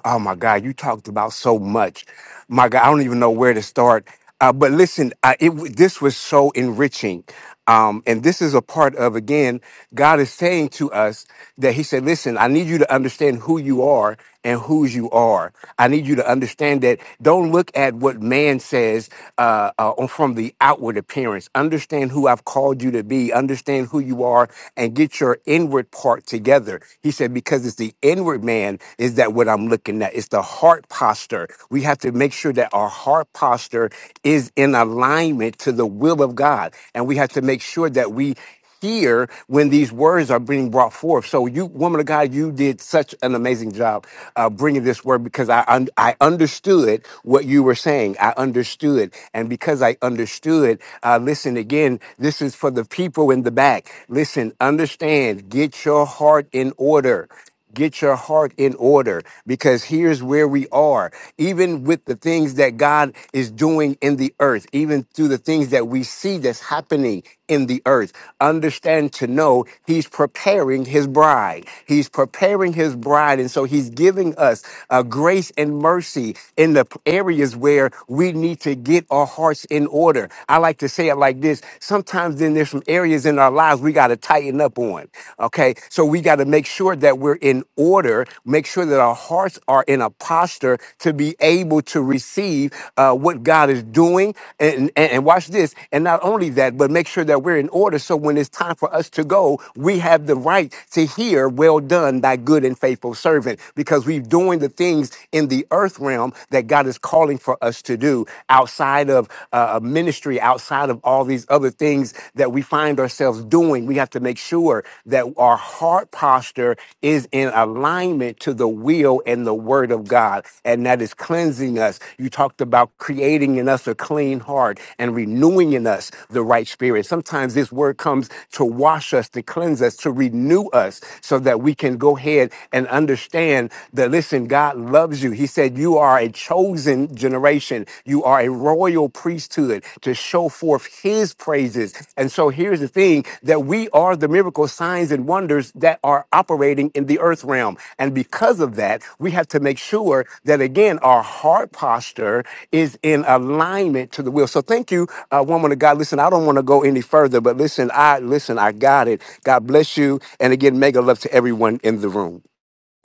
C: Oh my God, you talked about so much. My God, I don't even know where to start. Uh, but listen, uh, it w- this was so enriching, um, and this is a part of again, God is saying to us that He said, "Listen, I need you to understand who you are and whose you are. I need you to understand that. Don't look at what man says uh, uh, on- from the outward appearance. Understand who I've called you to be. Understand who you are, and get your inward part together." He said, "Because it's the inward man." is." Is that what I'm looking at? It's the heart posture. We have to make sure that our heart posture is in alignment to the will of God. And we have to make sure that we hear when these words are being brought forth. So, you, woman of God, you did such an amazing job uh, bringing this word because I un- I understood what you were saying. I understood, and because I understood, uh, listen again. This is for the people in the back. Listen, understand. Get your heart in order. Get your heart in order because here's where we are. Even with the things that God is doing in the earth, even through the things that we see that's happening in the earth, understand to know He's preparing His bride. He's preparing His bride. And so He's giving us uh, grace and mercy in the areas where we need to get our hearts in order. I like to say it like this sometimes then there's some areas in our lives ourselves we got to tighten up on. Okay. So we got to make sure that we're in order, make sure that our hearts are in a posture to be able to receive uh, what God is doing. And, and, and watch this. And not only that, but make sure that we're in order. So when it's time for us to go, we have the right to hear, well done, thy good and faithful servant, because we're doing the things in the earth realm that God is calling for us to do outside of uh, ministry outside of all these other things that we find ourselves doing. We have to make sure that our heart posture is in alignment to the will and the word of God, and that is cleansing us. You talked about creating in us a clean heart and renewing in us the right spirit. Sometimes this word comes to wash us, to cleanse us, to renew us, so that we can go ahead and understand that, listen, God loves you. He said, You are are a chosen generation. You are a royal priesthood to show forth his praises. And so here's the thing that we are the miracle signs and wonders that are operating in the earth realm. And because of that, we have to make sure that again, our heart posture is in alignment to the will. So thank you, uh, woman of God. Listen, I don't want to go any further, but listen, I listen, I got it. God bless you. And again, mega love to everyone in the room.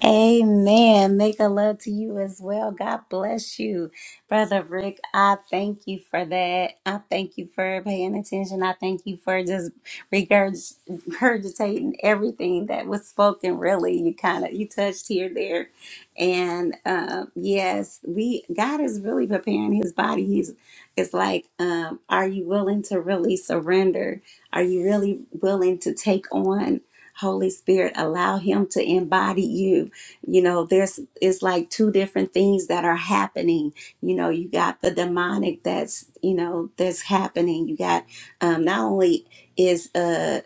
A: Amen. Make a love to you as well. God bless you. Brother Rick, I thank you for that. I thank you for paying attention. I thank you for just regurg- regurgitating everything that was spoken. Really, you kind of, you touched here, there. And uh, yes, we, God is really preparing his body. He's, it's like, um, are you willing to really surrender? Are you really willing to take on Holy Spirit? Allow him to embody you you know there's it's like two different things that are happening you know you got the demonic that's you know that's happening you got um not only is uh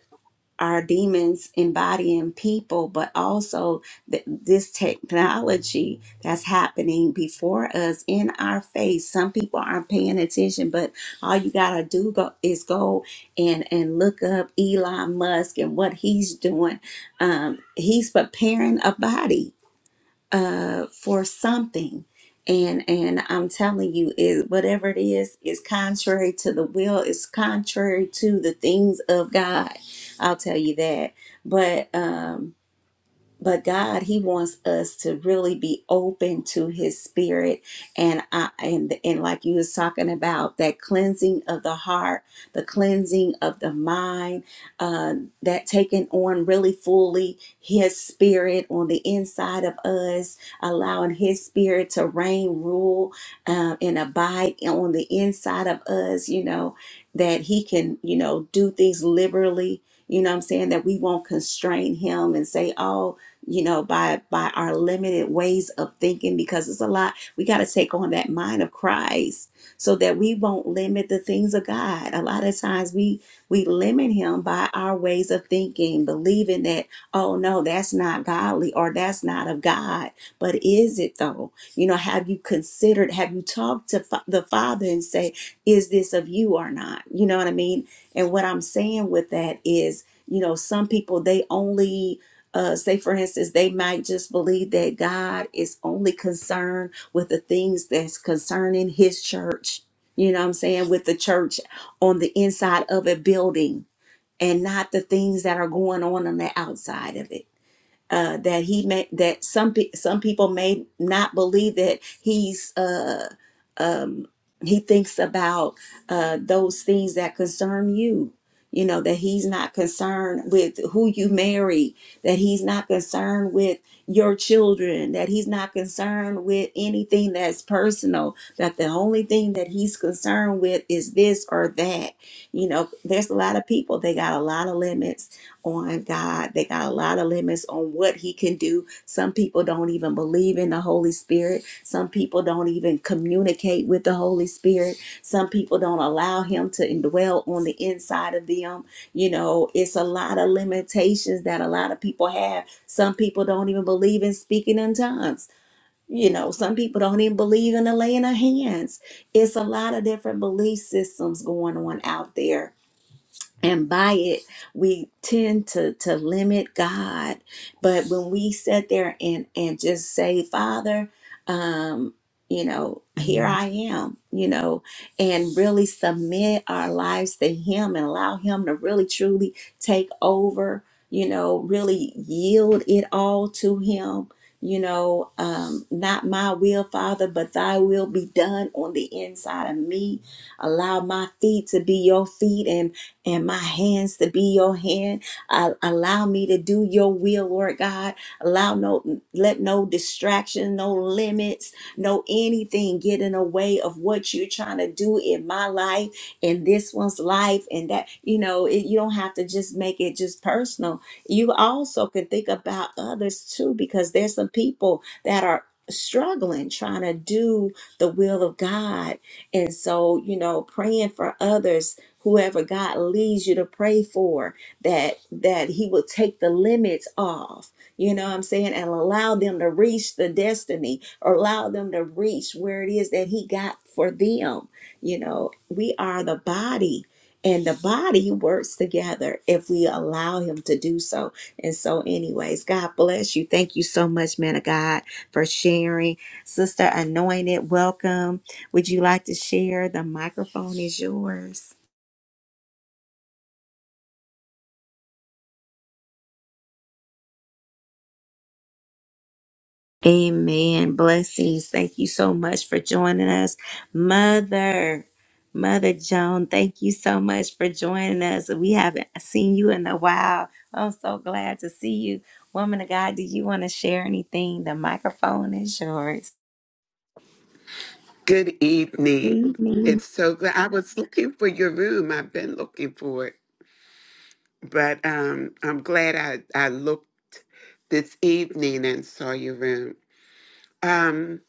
A: our demons embodying people but also th- this technology that's happening before us in our face some people aren't paying attention but all you gotta do go, is go and and look up elon musk and what he's doing um he's preparing a body uh for something and and i'm telling you it whatever it is is contrary to the will it's contrary to the things of god i'll tell you that but um but God, He wants us to really be open to His Spirit, and I, and and like you was talking about that cleansing of the heart, the cleansing of the mind, uh, that taking on really fully His Spirit on the inside of us, allowing His Spirit to reign, rule, uh, and abide on the inside of us. You know that He can, you know, do things liberally. You know what I'm saying? That we won't constrain him and say, oh, you know by by our limited ways of thinking because it's a lot we got to take on that mind of christ so that we won't limit the things of god a lot of times we we limit him by our ways of thinking believing that oh no that's not godly or that's not of god but is it though you know have you considered have you talked to fa- the father and say is this of you or not you know what i mean and what i'm saying with that is you know some people they only uh, say for instance they might just believe that god is only concerned with the things that's concerning his church you know what i'm saying with the church on the inside of a building and not the things that are going on on the outside of it uh, that he may that some pe- some people may not believe that he's uh um, he thinks about uh, those things that concern you you know that he's not concerned with who you marry that he's not concerned with your children that he's not concerned with anything that's personal that the only thing that he's concerned with is this or that you know there's a lot of people they got a lot of limits on god they got a lot of limits on what he can do some people don't even believe in the Holy Spirit. Some people don't even communicate with the Holy Spirit. Some people don't allow Him to indwell on the inside of them. You know, it's a lot of limitations that a lot of people have. Some people don't even believe in speaking in tongues. You know, some people don't even believe in the laying of hands. It's a lot of different belief systems going on out there and by it we tend to to limit god but when we sit there and and just say father um you know here i am you know and really submit our lives to him and allow him to really truly take over you know really yield it all to him you know um not my will father but thy will be done on the inside of me allow my feet to be your feet and and my hands to be your hand. Uh, allow me to do your will, Lord God. Allow no, let no distraction, no limits, no anything get in the way of what you're trying to do in my life, in this one's life, and that, you know, it, you don't have to just make it just personal. You also can think about others too, because there's some people that are struggling trying to do the will of God. And so, you know, praying for others whoever God leads you to pray for that that he will take the limits off you know what I'm saying and allow them to reach the destiny or allow them to reach where it is that he got for them you know we are the body and the body works together if we allow him to do so and so anyways God bless you thank you so much man of God for sharing sister anointed welcome would you like to share the microphone is yours Amen. Blessings. Thank you so much for joining us. Mother, Mother Joan, thank you so much for joining us. We haven't seen you in a while. I'm so glad to see you. Woman of God, do you want to share anything? The microphone is yours.
D: Good
A: Good
D: evening.
A: evening.
D: It's so glad I was looking for your room. I've been looking for it, but um, I'm glad I, I looked this evening and saw your room. Um,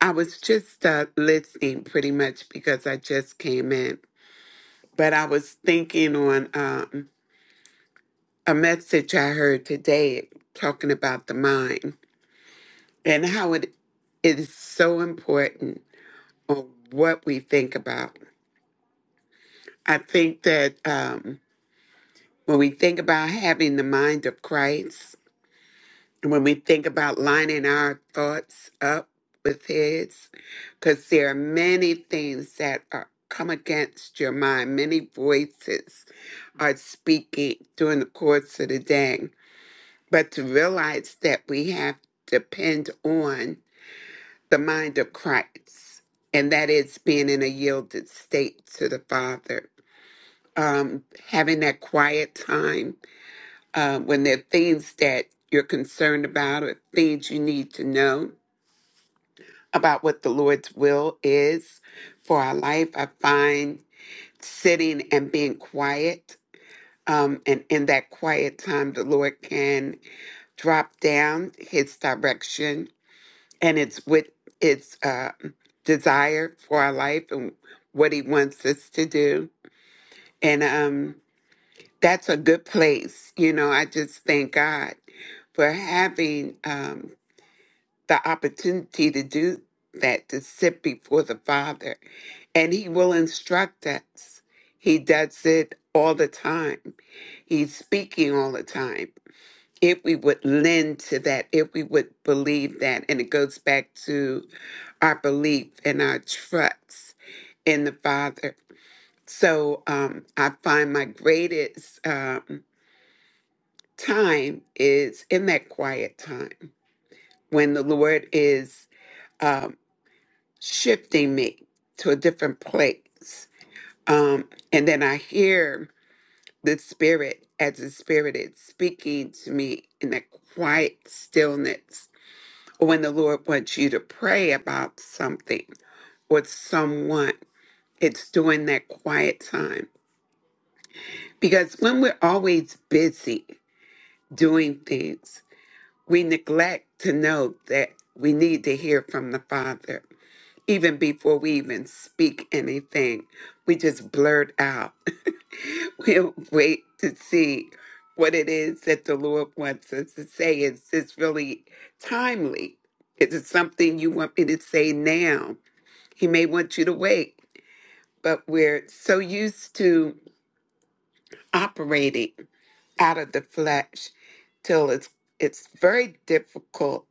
D: I was just uh, listening pretty much because I just came in, but I was thinking on um, a message I heard today talking about the mind and how it it is so important on what we think about. I think that. Um, When we think about having the mind of Christ, when we think about lining our thoughts up with His, because there are many things that are, come against your mind, many voices are speaking during the course of the day. But to realize that we have to depend on the mind of Christ, and that is being in a yielded state to the Father, um, having that quiet time uh, when there are things that you're concerned about or things you need to know about what the Lord's will is for our life, I find sitting and being quiet. Um, and in that quiet time, the Lord can drop down His direction and it's with His uh, desire for our life and what He wants us to do. And um, that's a good place. You know, I just thank God for having um, the opportunity to do that, to sit before the Father. And He will instruct us. He does it all the time. He's speaking all the time. If we would lend to that, if we would believe that, and it goes back to our belief and our trust in the Father. So um, I find my greatest um, time is in that quiet time when the Lord is. um, shifting me to a different place. Um, and then I hear the spirit as the spirit is speaking to me in that quiet stillness. When the Lord wants you to pray about something or someone, it's during that quiet time. Because when we're always busy doing things, we neglect to know that we need to hear from the Father. even before we even speak anything, we just blurt out. we'll wait to see what it is that the Lord wants us to say. Is this really timely? Is it something you want me to say now? He may want you to wait, but we're so used to operating out of the flesh till it's it's very difficult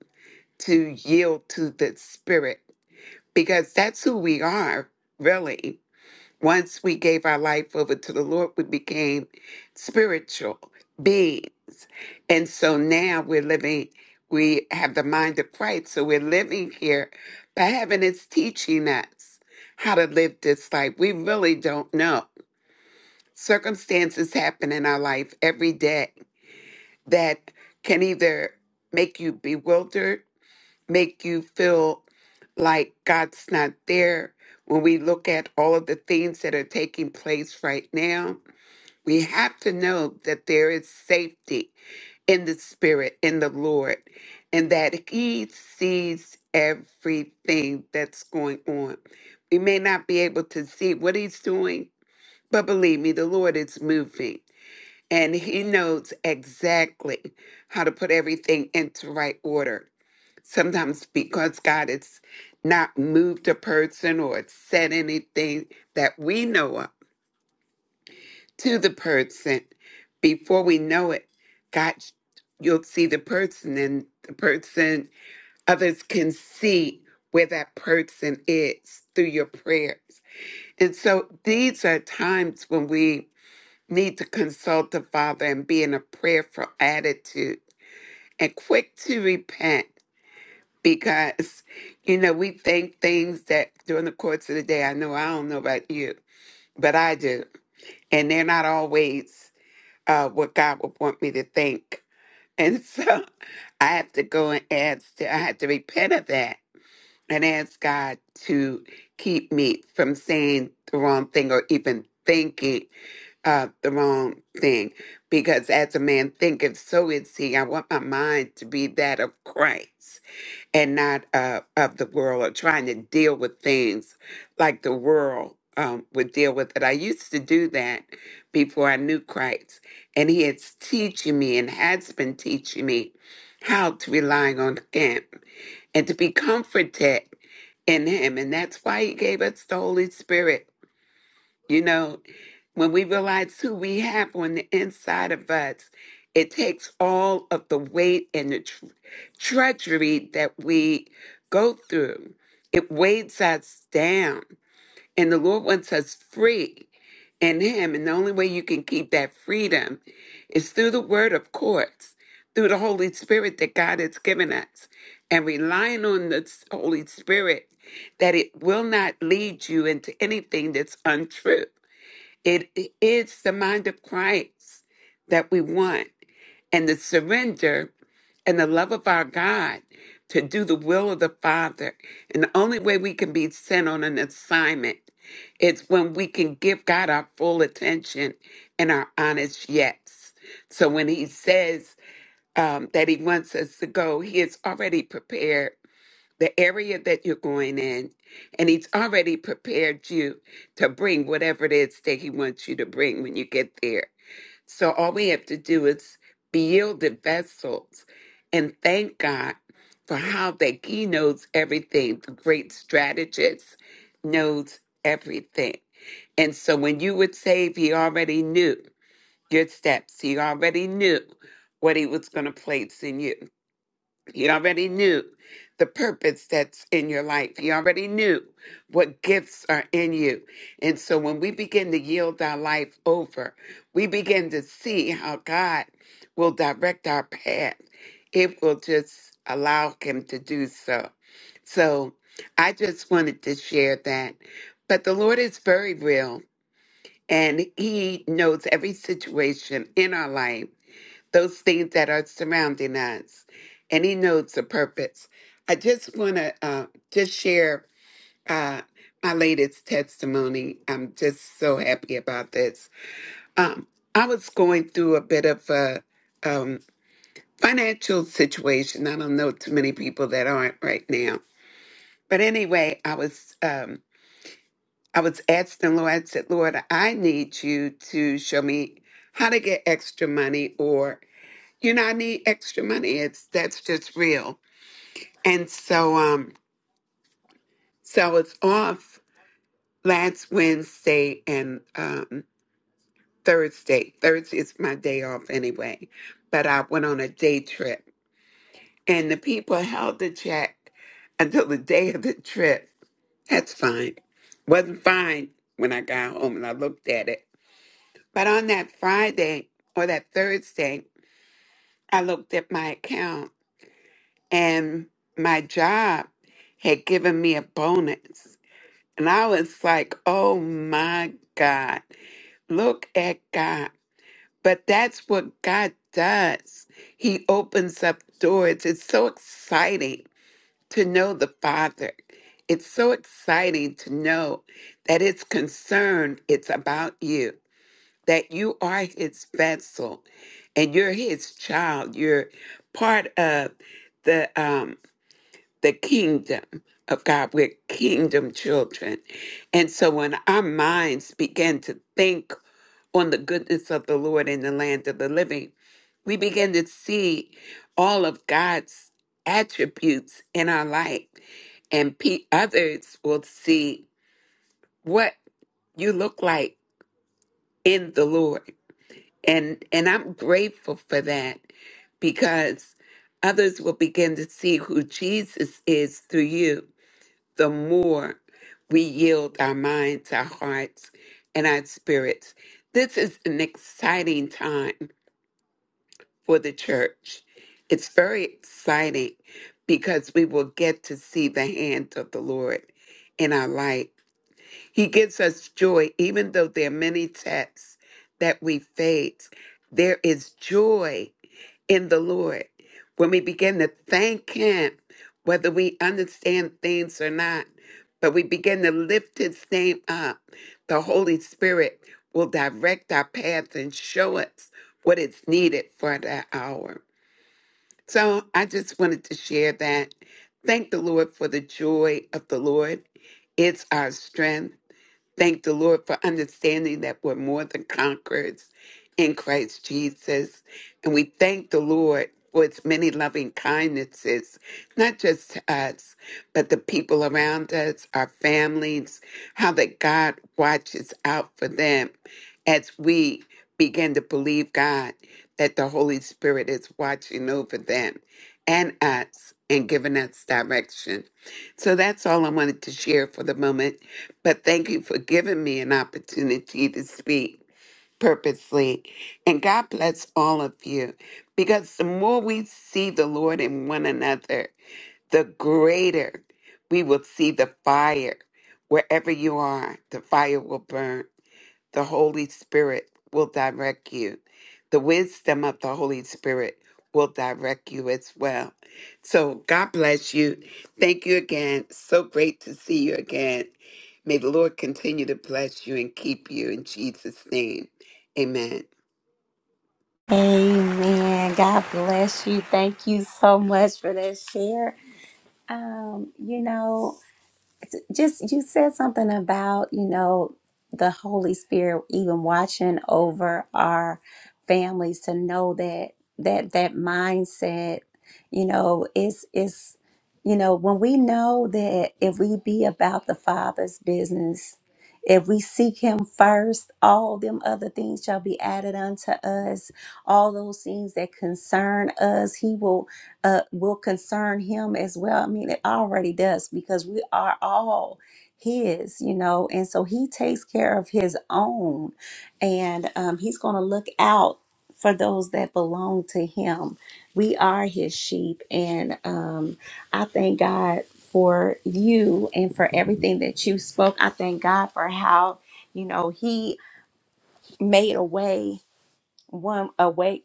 D: to yield to the spirit because that's who we are really Once we gave our life over to the Lord, we became spiritual beings. And so now we're living, we have the mind of Christ. So we're living here, but heaven is teaching us how to live this life. We really don't know. Circumstances happen in our life every day that can either make you bewildered, make you feel like God's not there. When we look at all of the things that are taking place right now, we have to know that there is safety in the Spirit, in the Lord, and that He sees everything that's going on. We may not be able to see what He's doing, but believe me, the Lord is moving. And he knows exactly how to put everything into right order sometimes because God has not moved a person or said anything that we know of to the person, before we know it, God, you'll see the person, and the person, others can see where that person is through your prayers. And so these are times when we need to consult the Father and be in a prayerful attitude and quick to repent because you know we think things that during the course of the day i know i don't know about you but i do and they're not always uh, what god would want me to think and so i have to go and ask to, i have to repent of that and ask god to keep me from saying the wrong thing or even thinking uh, the wrong thing because as a man thinketh so is he i want my mind to be that of christ and not uh, of the world or trying to deal with things like the world um, would deal with it. I used to do that before I knew Christ, and He is teaching me and has been teaching me how to rely on Him and to be comforted in Him. And that's why He gave us the Holy Spirit you know, when we realize who we have on the inside of us, it takes all of the weight and the tr- treachery that we go through. It weighs us down. And the Lord wants us free in Him. And the only way you can keep that freedom is through the Word, of course, through the Holy Spirit that God has given us, and relying on the Holy Spirit that it will not lead you into anything that's untrue it is the mind of Christ that we want, and the surrender and the love of our God to do the will of the Father. And the only way we can be sent on an assignment is when we can give God our full attention and our honest yes. So when He says um, that He wants us to go, He is already prepared the area that you're going in, and He's already prepared you to bring whatever it is that He wants you to bring when you get there. So all we have to do is be yielded vessels and thank God for how that He knows everything, the great strategist knows everything. And so when you were saved, He already knew your steps, He already knew what He was going to place in you. He already knew the purpose that's in your life. He already knew what gifts are in you. And so when we begin to yield our life over, we begin to see how God will direct our path if we'll just allow Him to do so. So I just wanted to share that. But the Lord is very real and He knows every situation in our life those things that are surrounding us, and He knows the purpose. I just want to uh, just share uh, my latest testimony. I'm just so happy about this. Um, I was going through a bit of a um, financial situation. I don't know too many people that aren't right now, but anyway, I was um, I was asking Lord. I said, Lord, I need you to show me how to get extra money, or you know, I need extra money. It's that's just real. And so um so it's off last Wednesday and um Thursday. Thursday is my day off anyway. But I went on a day trip and the people held the check until the day of the trip. That's fine. Wasn't fine when I got home and I looked at it. But on that Friday or that Thursday, I looked at my account and my job had given me a bonus. And I was like, oh my God, look at God. But that's what God does. He opens up doors. It's so exciting to know the Father. It's so exciting to know that it's concerned, it's about you, that you are His vessel and you're His child. You're part of the um, the kingdom of God. We're kingdom children. And so when our minds begin to think on the goodness of the Lord in the land of the living, we begin to see all of God's attributes in our life. And pe- others will see what you look like in the Lord. And, and I'm grateful for that because others will begin to see who Jesus is through you the more we yield our minds, our hearts, and our spirits. This is an exciting time for the church. It's very exciting because we will get to see the hand of the Lord in our life. He gives us joy, even though there are many tests that we face. There is joy in the Lord. When we begin to thank Him, whether we understand things or not, but we begin to lift His name up, the Holy Spirit will direct our paths and show us what is needed for that hour. So I just wanted to share that. Thank the Lord for the joy of the Lord. It's our strength. Thank the Lord for understanding that we're more than conquerors in Christ Jesus. And we thank the Lord for its many loving kindnesses, not just to us, but the people around us, our families, how that God watches out for them as we begin to believe God that the Holy Spirit is watching over them and us and giving us direction. So that's all I wanted to share for the moment. But thank you for giving me an opportunity to speak purposely. And God bless all of you because the more we see the Lord in one another, the greater we will see the fire. Wherever you are, the fire will burn. The Holy Spirit will direct you. The wisdom of the Holy Spirit will direct you as well. So God bless you. Thank you again. So great to see you again. May the Lord continue to bless you and keep you in Jesus' name. Amen.
A: Amen. God bless you. Thank you so much for that share. Um, you know, just you said something about, you know, the Holy Spirit even watching over our families to know that that that mindset, you know, is is you know, when we know that if we be about the Father's business, if we seek him first, all them other things shall be added unto us. All those things that concern us, he will uh, will concern him as well. I mean, it already does because we are all his, you know, and so he takes care of his own and um, he's going to look out for those that belong to him. We are his sheep. And um, I thank God for you and for everything that you spoke. I thank God for how, you know, he made a way one away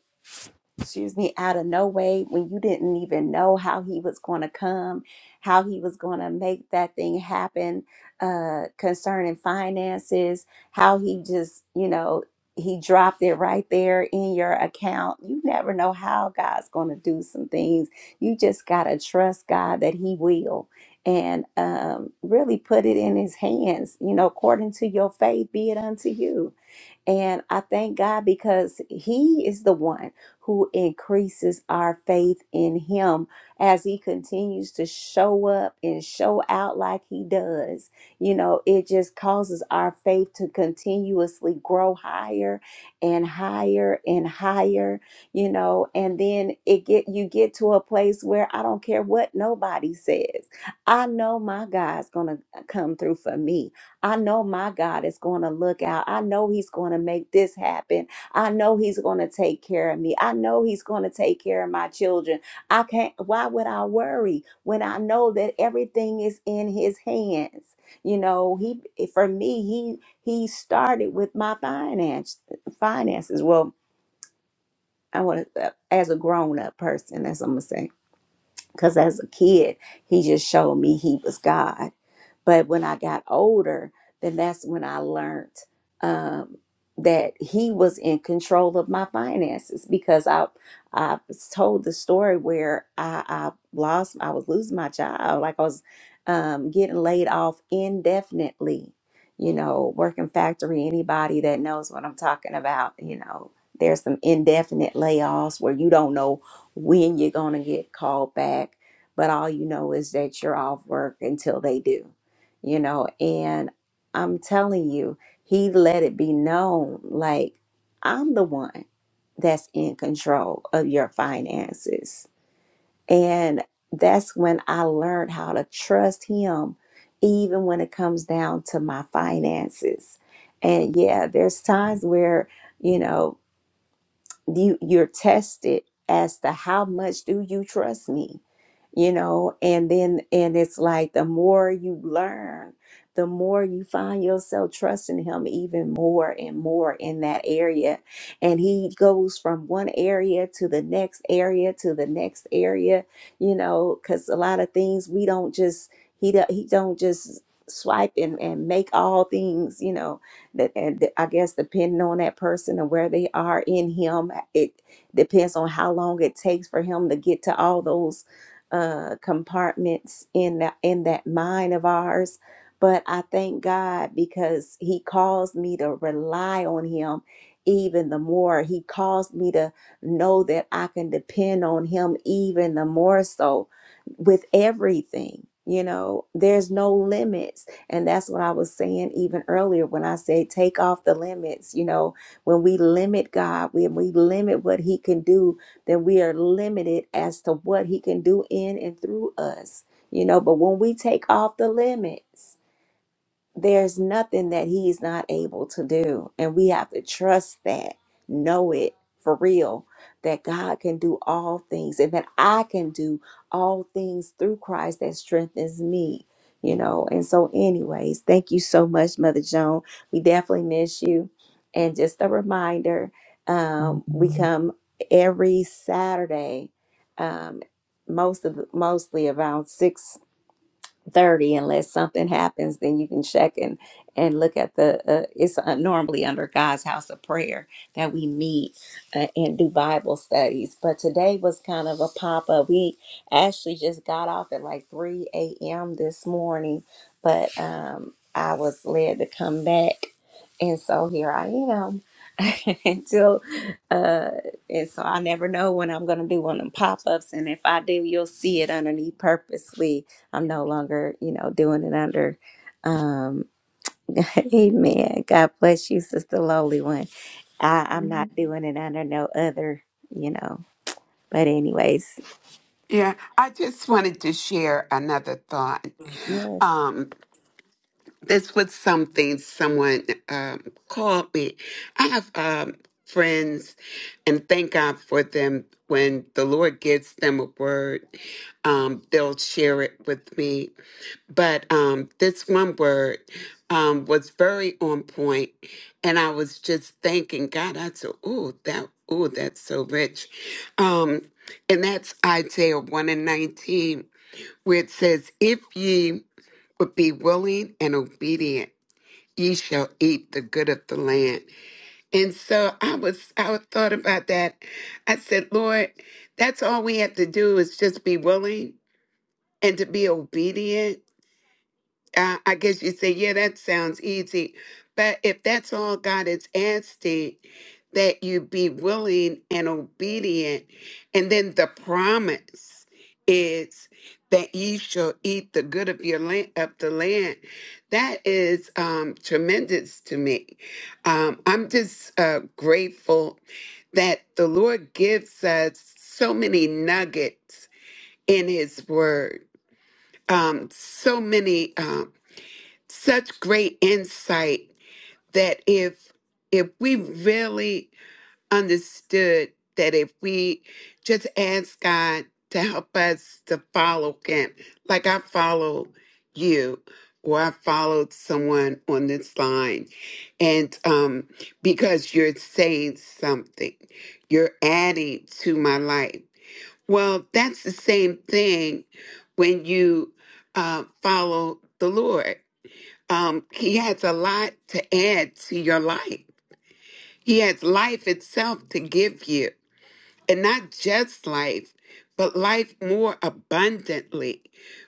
A: excuse me, out of no way when you didn't even know how he was going to come, how he was going to make that thing happen uh, concerning finances, how he just, you know, he dropped it right there in your account. You never know how God's going to do some things. You just got to trust God that he will and um, really put it in his hands, you know, according to your faith, be it unto you and I thank God because He is the one who increases our faith in Him as He continues to show up and show out like He does. You know, it just causes our faith to continuously grow higher and higher and higher, you know, and then it get you get to a place where I don't care what nobody says. I know my God's going to come through for me I know my God is going to look out. I know He's going to make this happen. I know He's going to take care of me. I know He's going to take care of my children. I can't, why would I worry when I know that everything is in His hands? You know, He, eh, for me, He, He started with my finance, finances. Well, I want to, as a grown up person, that's what I'm going to say. Because as a kid, he just showed me he was God but when I got older, then that's when I learned um, that he was in control of my finances because I I was told the story where I, I lost I was losing my job like I was um, getting laid off indefinitely. You know, working factory, anybody that knows what I'm talking about, you know, there's some indefinite layoffs where you don't know when you're going to get called back, but all you know is that you're off work until they do you know, and I'm telling you, he let it be known like I'm the one that's in control of your finances. And that's when I learned how to trust him, even when it comes down to my finances. And yeah, there's times where, you know, you, you're tested as to how much do you trust me? you know and then and it's like the more you learn the more you find yourself trusting him even more and more in that area and he goes from one area to the next area to the next area you know because a lot of things we don't just he do he don't just swipe and, and make all things you know that and i guess depending on that person and where they are in him it depends on how long it takes for him to get to all those uh, compartments in that in that mind of ours. But I thank God because He calls me to rely on Him even the more. He calls me to know that I can depend on Him even the more so with everything. You know, there's no limits. And that's what I was saying even earlier when I said, take off the limits. You know, when we limit God, when we limit what He can do, that we are limited as to what He can do in and through us, you know. But when we take off the limits, there's nothing that he's not able to do and we have to trust that know it for real that god can do all things and that i can do all things through christ that strengthens me you know and so anyways thank you so much mother joan we definitely miss you and just a reminder um, we come every saturday um, most of mostly around six 30 unless something happens then you can check and and look at the uh, it's uh, normally under god's house of prayer that we meet uh, and do bible studies but today was kind of a pop-up we actually just got off at like 3 a.m this morning but um i was led to come back and so here i am until uh and so i never know when i'm gonna do one of them pop-ups and if i do you'll see it underneath purposely I'm no longer, you know, doing it under. Um, amen. God bless you, Sister Lowly One. I, I'm
D: Mhm.
A: not doing it under no other, you know. But anyways,
D: Yeah, I just wanted to share another thought.
A: yes.
D: Um, this was something someone um, called me. I have um, friends, and thank God for them. When the Lord gives them a word, um, they'll share it with me. But um, this one word um, was very on point, and I was just thanking God. I said, "Ooh, that." Ooh, that's so rich. Um, and that's Isaiah 1 and 19, where it says, If ye would be willing and obedient ye shall eat the good of the land. And so I was I thought about that. I said, Lord, that's all we have to do is just be willing and to be obedient I I guess you say, yeah, that sounds easy. But if that's all God is asking, that you be willing and obedient. And then the promise is that ye shall eat the good of your land of the land. That is um, tremendous to me. Um, I'm just uh, grateful that the Lord gives us so many nuggets in His Word um, so many um, such great insight that if if we really understood that if we just ask God to help us to follow him, like I follow you or I followed someone on this line and um because you're saying something, you're adding to my life. Well, that's the same thing when you uh, follow the Lord um, he has a lot to add to your life. He has life itself to give you, and not just life, but life more abundantly.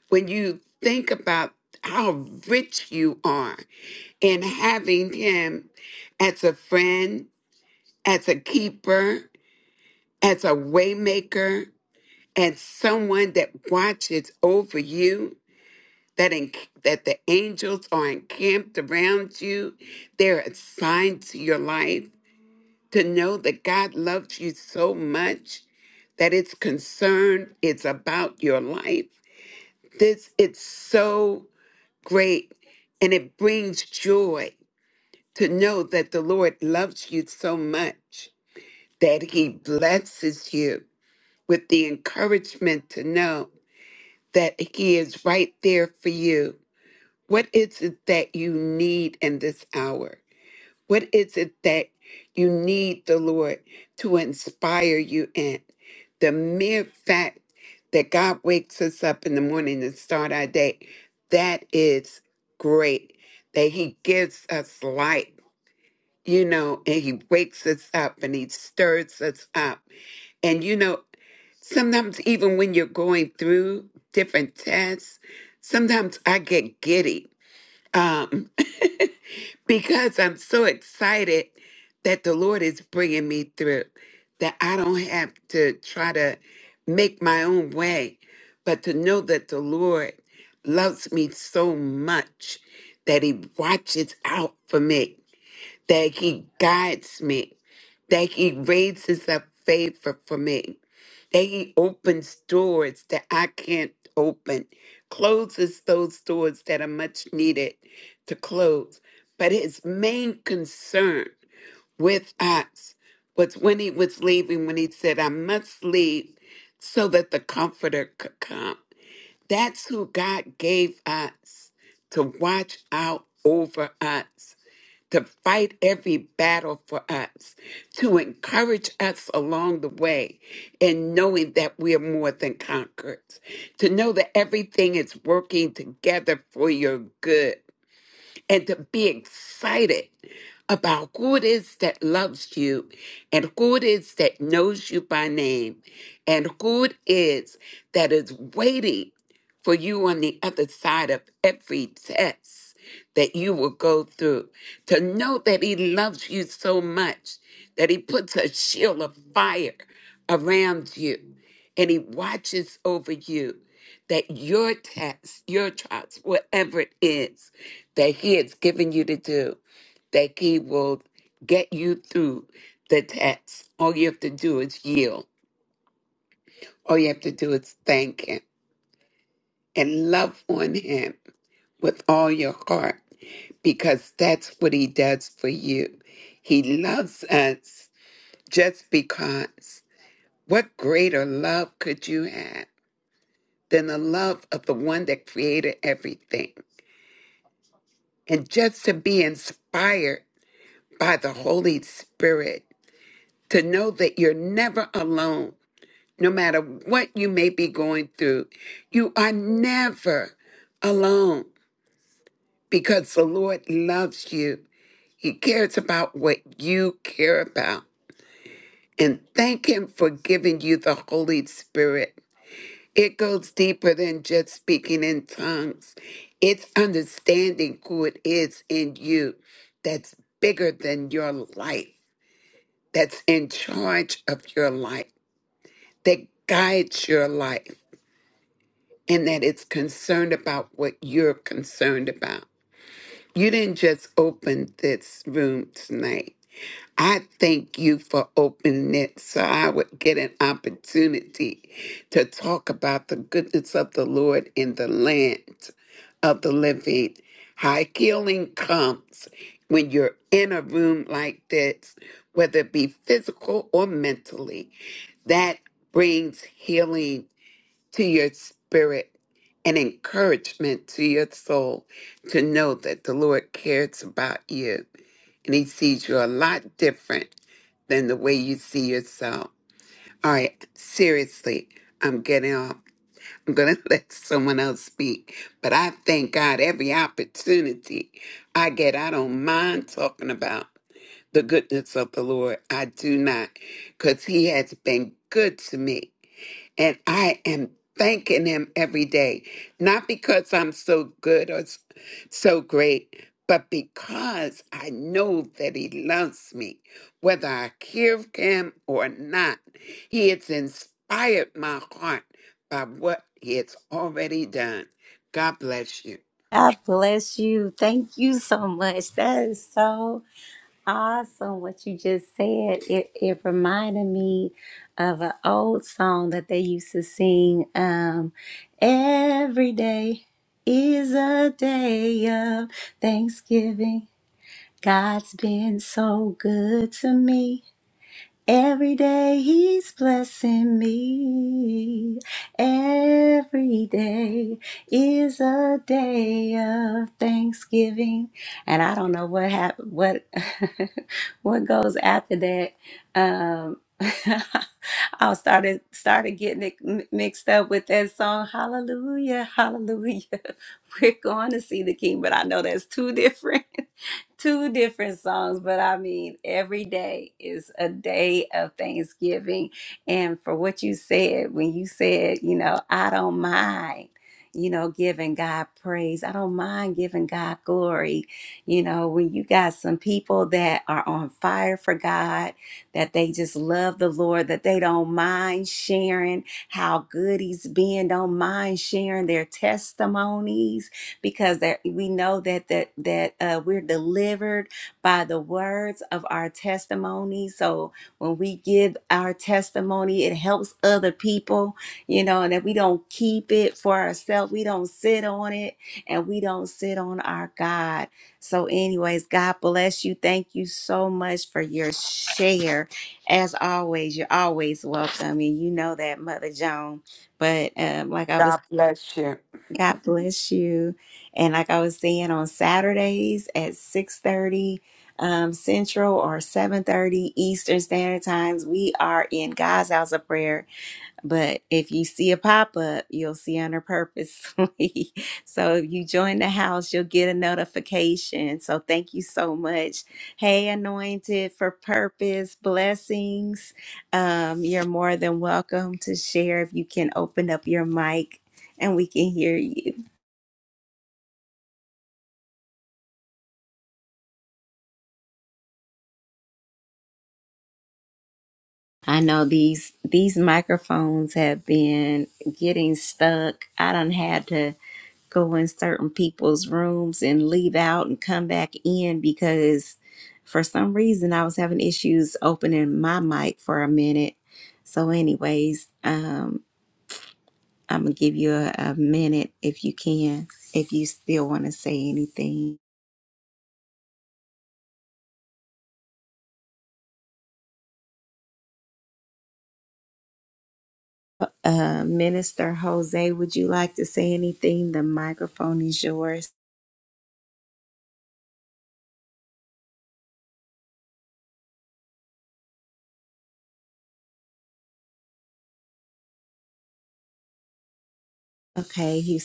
D: When you think about how rich you are in having him as a friend, as a keeper, as a waymaker, as someone that watches over you, that in, that the angels are encamped around you. They're a sign to your life to know that God loves you so much that it's concerned it's about your life. This it's so great and it brings joy to know that the Lord loves you so much that he blesses you with the encouragement to know that he is right there for you What is it that you need in this hour? What is it that you need the Lord to inspire you in? The mere fact that God wakes us up in the morning to start our day, that is great. That He gives us light, you know, and He wakes us up and He stirs us up. And, you know, sometimes even when you're going through different tests, sometimes I get giddy. Um, because I'm so excited that the Lord is bringing me through, that I don't have to try to make my own way, but to know that the Lord loves me so much that He watches out for me, that He guides me, that He raises up favor for me. They opens doors that I can't open, closes those doors that are much needed to close. But his main concern with us was when he was leaving, when he said, I must leave so that the Comforter could come. That's who God gave us to watch out over us to fight every battle for us, to encourage us along the way in knowing that we are more than conquerors, to know that everything is working together for your good and to be excited about who it is that loves you and who it is that knows you by name and who it is that is waiting for you on the other side of every test that you will go through. To know that He loves you so much that He puts a shield of fire around you and He watches over you that your task, your task, whatever it is that He has given you to do, that He will get you through the task. All you have to do is yield. All you have to do is thank Him and love on Him with all your heart because that's what He does for you. He loves us just because. What greater love could you have than the love of the one that created everything? and just to be inspired by the Holy Spirit, to know that you're never alone, no matter what you may be going through. You are never alone because the Lord loves you. He cares about what you care about. And thank Him for giving you the Holy Spirit It goes deeper than just speaking in tongues. It's understanding who it is in you that's bigger than your life, that's in charge of your life, that guides your life, and that it's concerned about what you're concerned about. You didn't just open this room tonight I thank you for opening it so I would get an opportunity to talk about the goodness of the Lord in the land of the living. How healing comes when you're in a room like this, whether it be physical or mentally, that brings healing to your spirit and encouragement to your soul to know that the Lord cares about you and He sees you a lot different than the way you see yourself. All right, seriously, I'm getting off. I'm going to let someone else speak, but I thank God every opportunity I get. I don't mind talking about the goodness of the Lord. I do not, because He has been good to me and I am thanking him every day, not because I'm so good or s- so great, but because I know that he loves me, whether I hear of him or not. He has inspired my heart by what he has already done. God bless you.
A: God bless you. Thank you so much. That is so awesome what you just said. It it reminded me of an old song that they used to sing. Um, every day is a day of Thanksgiving. God's been so good to me. Every day he's blessing me. Every day is a day of thanksgiving. And I don't know what hap- what what goes after that. Um I started started getting it mi- mixed up with that song Hallelujah, Hallelujah. We're going to see the king, but I know that's two different. two different songs, but I mean, every day is a day of Thanksgiving. And for what you said, when you said, you know, I don't mind, you know, giving God praise, I don't mind giving God glory. You know, when you got some people that are on fire for God, that they just love the Lord, that they don't mind sharing how good He's been, don't mind sharing their testimonies because that we know that that that uh, we're delivered by the words of our testimony. So when we give our testimony, it helps other people, you know, and that we don't keep it for ourselves. We don't sit on it, and we don't sit on our God. So, anyways, God bless you. Thank you so much for your share. As always, you're always welcome, and you know that, Mother Joan. But um, like I was.
D: God bless you.
A: God bless you. And like I was saying, on Saturdays at 6.30 um, Central or 7.30 Eastern Standard Times, we are in God's House of Prayer but if you see a pop up, you'll see under purposely. so if you join the house, you'll get a notification. So thank you so much. Hey, anointed for purpose, blessings. Um, you're more than welcome to share if you can open up your mic and we can hear you. I know these these microphones have been getting stuck. I done had to go in certain people's rooms and leave out and come back in because for some reason I was having issues opening my mic for a minute. So, anyways, um, I'm gonna give you a, a minute if you can, if you still want to say anything. Uh, Minister Jose, would you like to say anything? The microphone is yours. Okay, Hussein.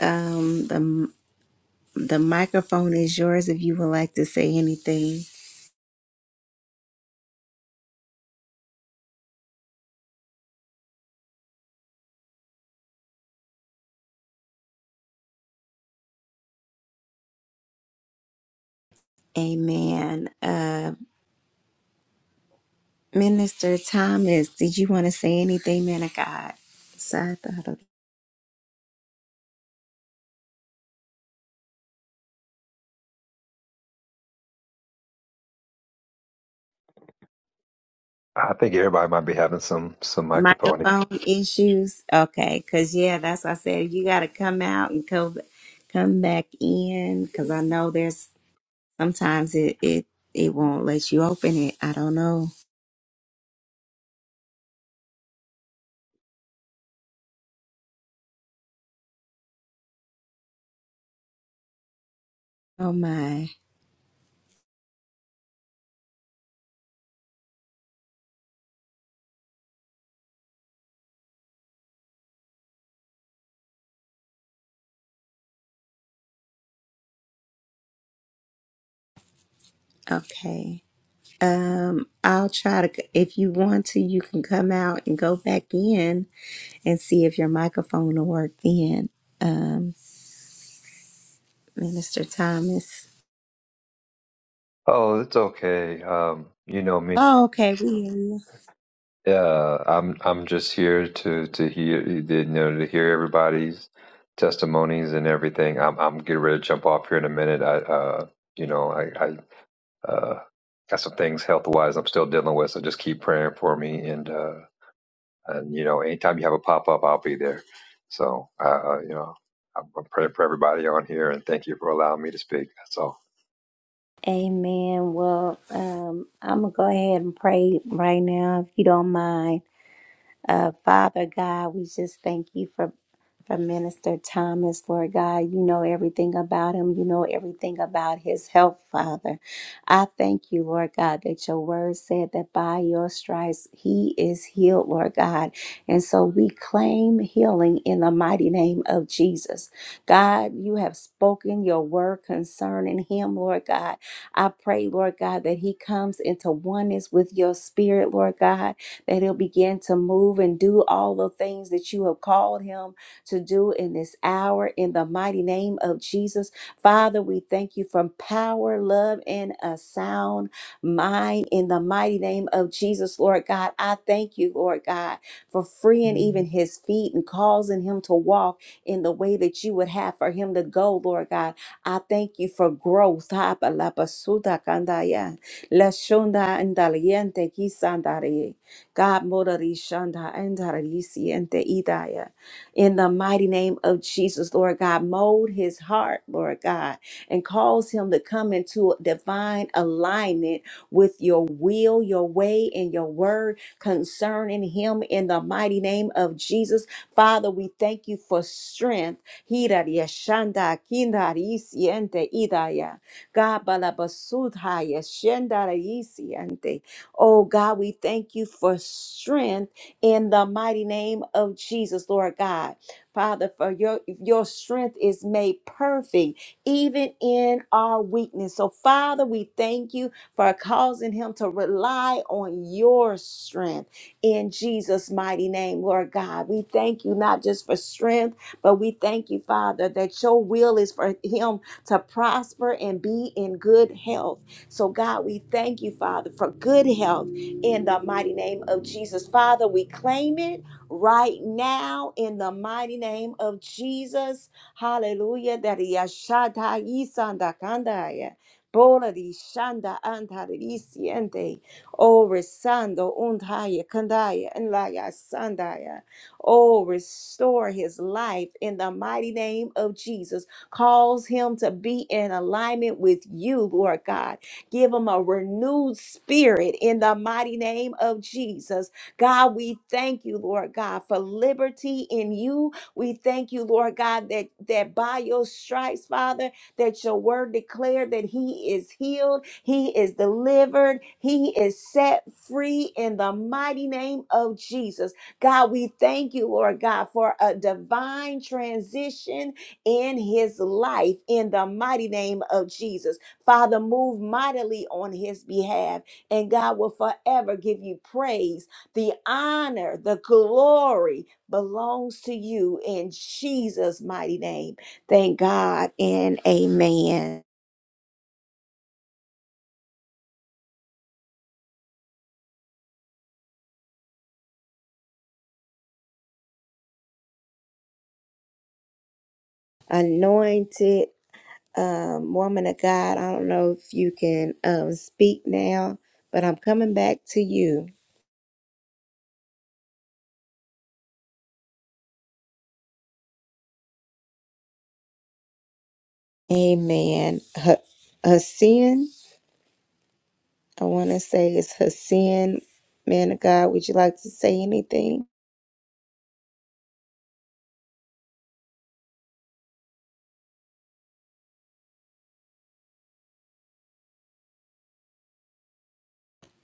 A: Um, the the microphone is yours if you would like to say anything. Amen. Uh, Minister Thomas, did you want to say anything, man of God? So I thought of
E: I think everybody might be having some some microphone.
A: microphone issues. Okay, cause yeah, that's what I said. You got to come out and come come back in, cause I know there's sometimes it it it won't let you open it. I don't know. Oh my. Okay. Um, I'll try to, c- if you want to, you can come out and go back in and see if your microphone will work then. Um, Minister Thomas.
E: Oh, it's okay. Um, you know me.
A: Oh, okay. We hear you.
E: Yeah, I'm I'm just here to to hear you know to hear everybody's testimonies and everything. I'm I'm getting ready to jump off here in a minute. I uh you know I I uh got some things health wise I'm still dealing with, so just keep praying for me and uh and you know anytime you have a pop up I'll be there. So uh uh, you know I'm I'm praying for everybody on here and thank you for allowing me to speak. That's all.
A: Amen. Well, um, I'm going to go ahead and pray right now, if you don't mind. Uh, Father God, we just thank you for, for Minister Thomas, Lord God. You know everything about him. You know everything about his health, Father. I thank you, Lord God, that your word said that by your stripes he is healed, Lord God. And so we claim healing in the mighty name of Jesus. God, you have spoken your word concerning him, Lord God. I pray, Lord God, that he comes into oneness with your spirit, Lord God that he'll begin to move and do all the things that you have called him to do in this hour in the mighty name of Jesus. Father, we thank you for power, love, and a sound mind in the mighty name of Jesus, Lord God. I thank you, Lord God, for freeing even his feet and causing him to walk in the way that you would have for him to go, Lord God. I thank you for growth. Ha, ba, la, ba, su, da, kan, da, ya. La, shun, da, and da, lien, te, ki, san, da, re. God, Morari Shanda and Darisi and Te Idaya. In the mighty name of Jesus, Lord God, mold his heart, Lord God, and cause him to come into divine alignment with your will, your way, and your word concerning him in the mighty name of Jesus. Father, we thank you for strength. Hiraria Shanda Kindarisi and Te Idaya. God, Balabasudha Yeshendarisi Oh God, we thank you for strength in the mighty name of Jesus, Lord God. Father, for your your strength is made perfect even in our weakness. So Father, we thank you for causing him to rely on your strength in Jesus' mighty name, Lord God. We thank you not just for strength, but we thank you, Father, that your will is for him to prosper and be in good health so, God, we thank you, Father, for good health in the mighty name of Jesus. Father, we claim it right now in the mighty name of Jesus. Hallelujah. That yashata yisanda kandaya. Bola di shanda anta di siente. Oh, resando untaya kandaya and la ya sandaya. Oh, restore his life in the mighty name of Jesus. Cause him to be in alignment with you, Lord God. Give them a renewed spirit in the mighty name of Jesus. God, we thank you, Lord God, for liberty in you. We thank you, Lord God, that, that by your stripes, Father, that your word declared that he is healed, he is delivered, he is set free in the mighty name of Jesus. God, we thank you, Lord God, for a divine transition in his life in the mighty name of Jesus. Father, move mightily on his behalf, and God will forever give you praise. The honor, the glory belongs to you in Jesus' mighty name. Thank God and amen. Anointed um, woman of God, I don't know if you can um, speak now, but I'm coming back to you. Amen. Hassan, I want to say it's Hassan, man of God. Would you like to say anything?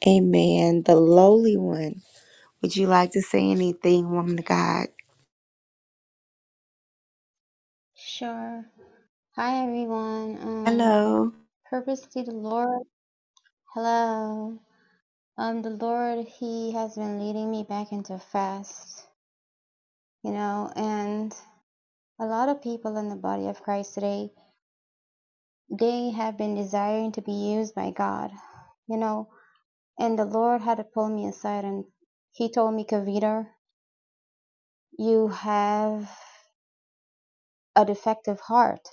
A: Amen. The lowly one. Would you like to say anything, woman of God?
F: Sure. Hi everyone. Um,
A: Hello.
F: purposely the Lord. Hello. Um, the Lord, He has been leading me back into fast, you know, and a lot of people in the body of Christ today, they have been desiring to be used by God, you know, and the Lord had to pull me aside and He told me, Kavita, you have a defective heart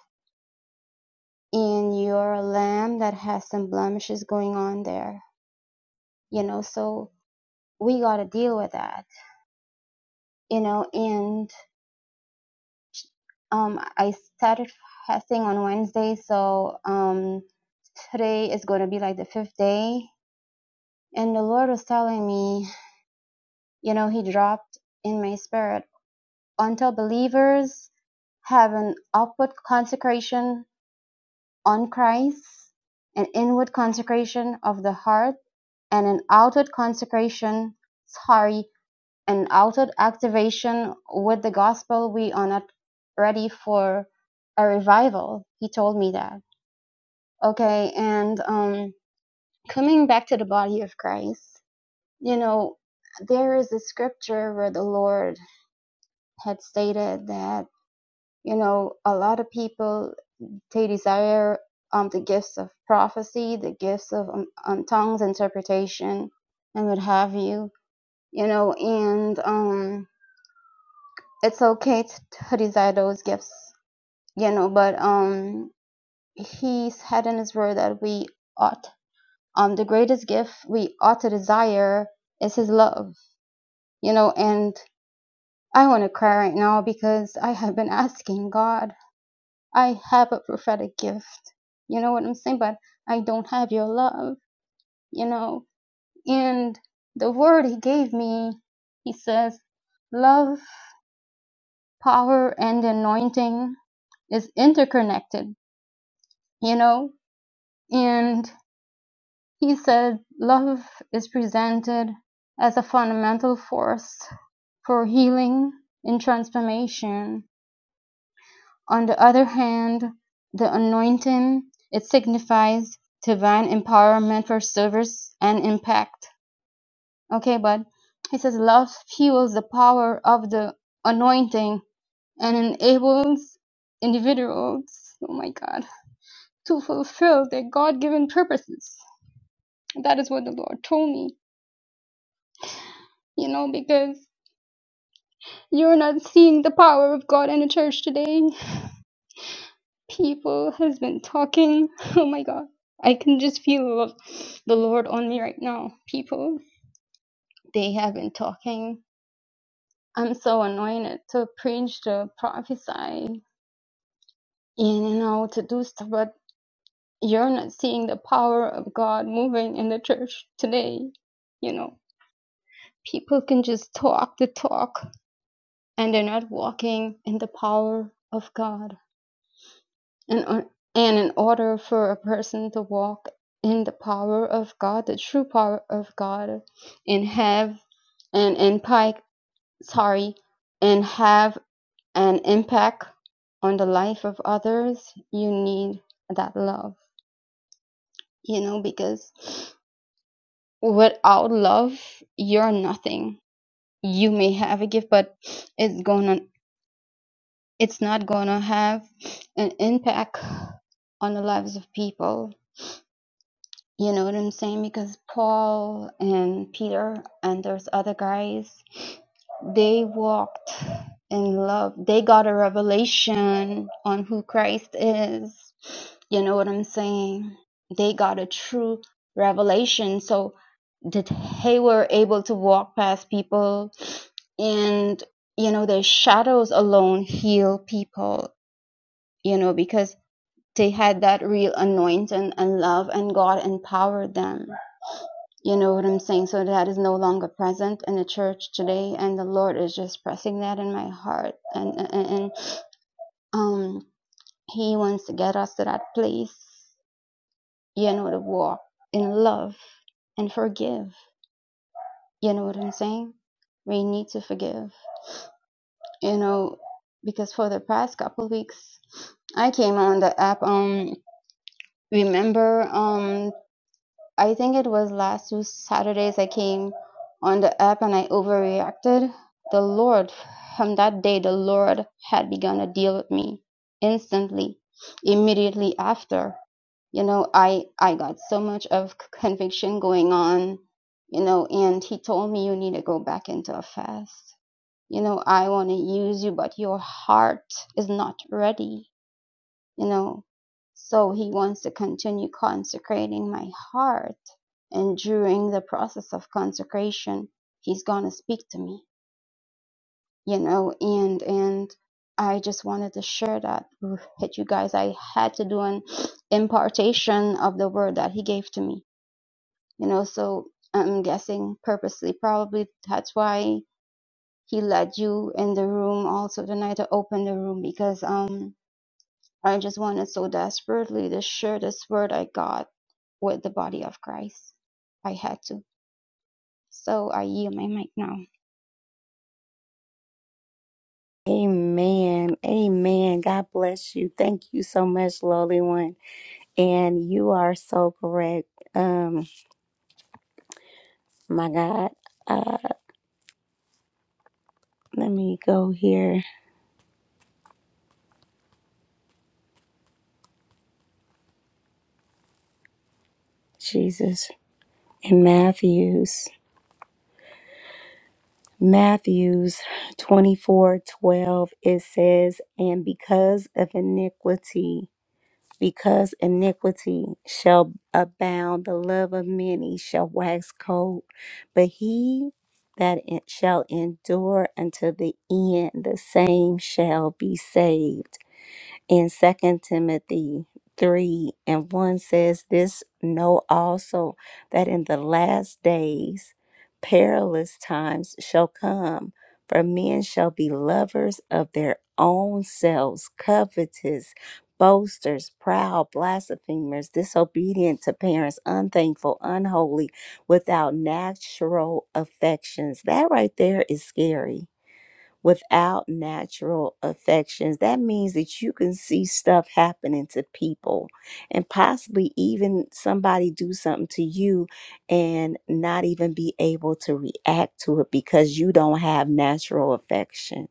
F: and you're a lamb that has some blemishes going on there, you know, so we got to deal with that, you know. And um, I started fasting on Wednesday, so um, today is going to be like the fifth day. And the Lord was telling me, you know, He dropped in my spirit until believers have an outward consecration on Christ, an inward consecration of the heart, and an outward consecration, sorry, an altered activation with the gospel. We are not ready for a revival. He told me that. Okay, and um, coming back to the body of Christ, you know, there is a scripture where the Lord had stated that, you know, a lot of people, they desire um, the gifts of prophecy, the gifts of um, um, tongues, interpretation, and what have you, you know, and um, it's okay t- to desire those gifts, you know, but um, he's had in his word that we ought, um, the greatest gift we ought to desire is his love, you know, and I want to cry right now because I have been asking God, I have a prophetic gift, you know what I'm saying, but I don't have your love, you know, and the word he gave me, he says, love, power, and anointing is interconnected you know? And he said love is presented as a fundamental force for healing and transformation. On the other hand, the anointing, it signifies divine empowerment for service and impact. Okay, but he says love fuels the power of the anointing and enables individuals, oh my God, to fulfill their God given purposes. That is what the Lord told me. you know, because you're not seeing the power of God in the church today. People has been talking. Oh my God. I can just feel the Lord on me right now. People, they have been talking. I'm so anointed to preach, to prophesy, and you know, to do stuff, but you're not seeing the power of God moving in the church today. You know, people can just talk the talk and they're not walking in the power of God And, on- and in order for a person to walk in the power of God, the true power of God, and have an impact, sorry, and have an impact on the life of others, you need that love, you know, because without love, you're nothing. You may have a gift, but it's gonna, it's not gonna have an impact on the lives of people You know what I'm saying? Because Paul and Peter and there's other guys, they walked in love. They got a revelation on who Christ is. You know what I'm saying? They got a true revelation. So that they were able to walk past people and you know their shadows alone heal people, you know, because they had that real anointing and love and God empowered them you know what I'm saying? So that is no longer present in the church today, and the Lord is just pressing that in my heart, and and, and um, He wants to get us to that place, you know, to walk in love and forgive. You know what I'm saying? We need to forgive, you know, because for the past couple of weeks, I came on the app. Um, remember, um, I think it was last two Saturdays I came on the app and I overreacted. The Lord, from that day, the Lord had begun to deal with me instantly, immediately after. You know, I, I got so much of c- conviction going on, you know, and He told me you need to go back into a fast. You know, I want to use you, but your heart is not ready you know. So he wants to continue consecrating my heart. And during the process of consecration, he's going to speak to me, you know, and, and I just wanted to share that with you guys. I had to do an impartation of the word that he gave to me, you know, so I'm guessing purposely, probably that's why he led you in the room also tonight to open the room because, um, I just wanted so desperately to share this word I got with the body of Christ. I had to. So I yield my mic now.
A: Amen. Amen. God bless you. Thank you so much, lowly one. And you are so correct. Um, my God. Uh, let me go here. Jesus. In Matthew's. Matthew's 24 12 it says, And because of iniquity, Because iniquity shall abound, the love of many shall wax cold. But he that en- shall endure unto the end, the same shall be saved in second timothy 3 and 1 says this know also that in the last days perilous times shall come for men shall be lovers of their own selves covetous boasters proud blasphemers disobedient to parents unthankful unholy without natural affections that right there is scary without natural affections. That means that you can see stuff happening to people and possibly even somebody do something to you and not even be able to react to it because you don't have natural affection.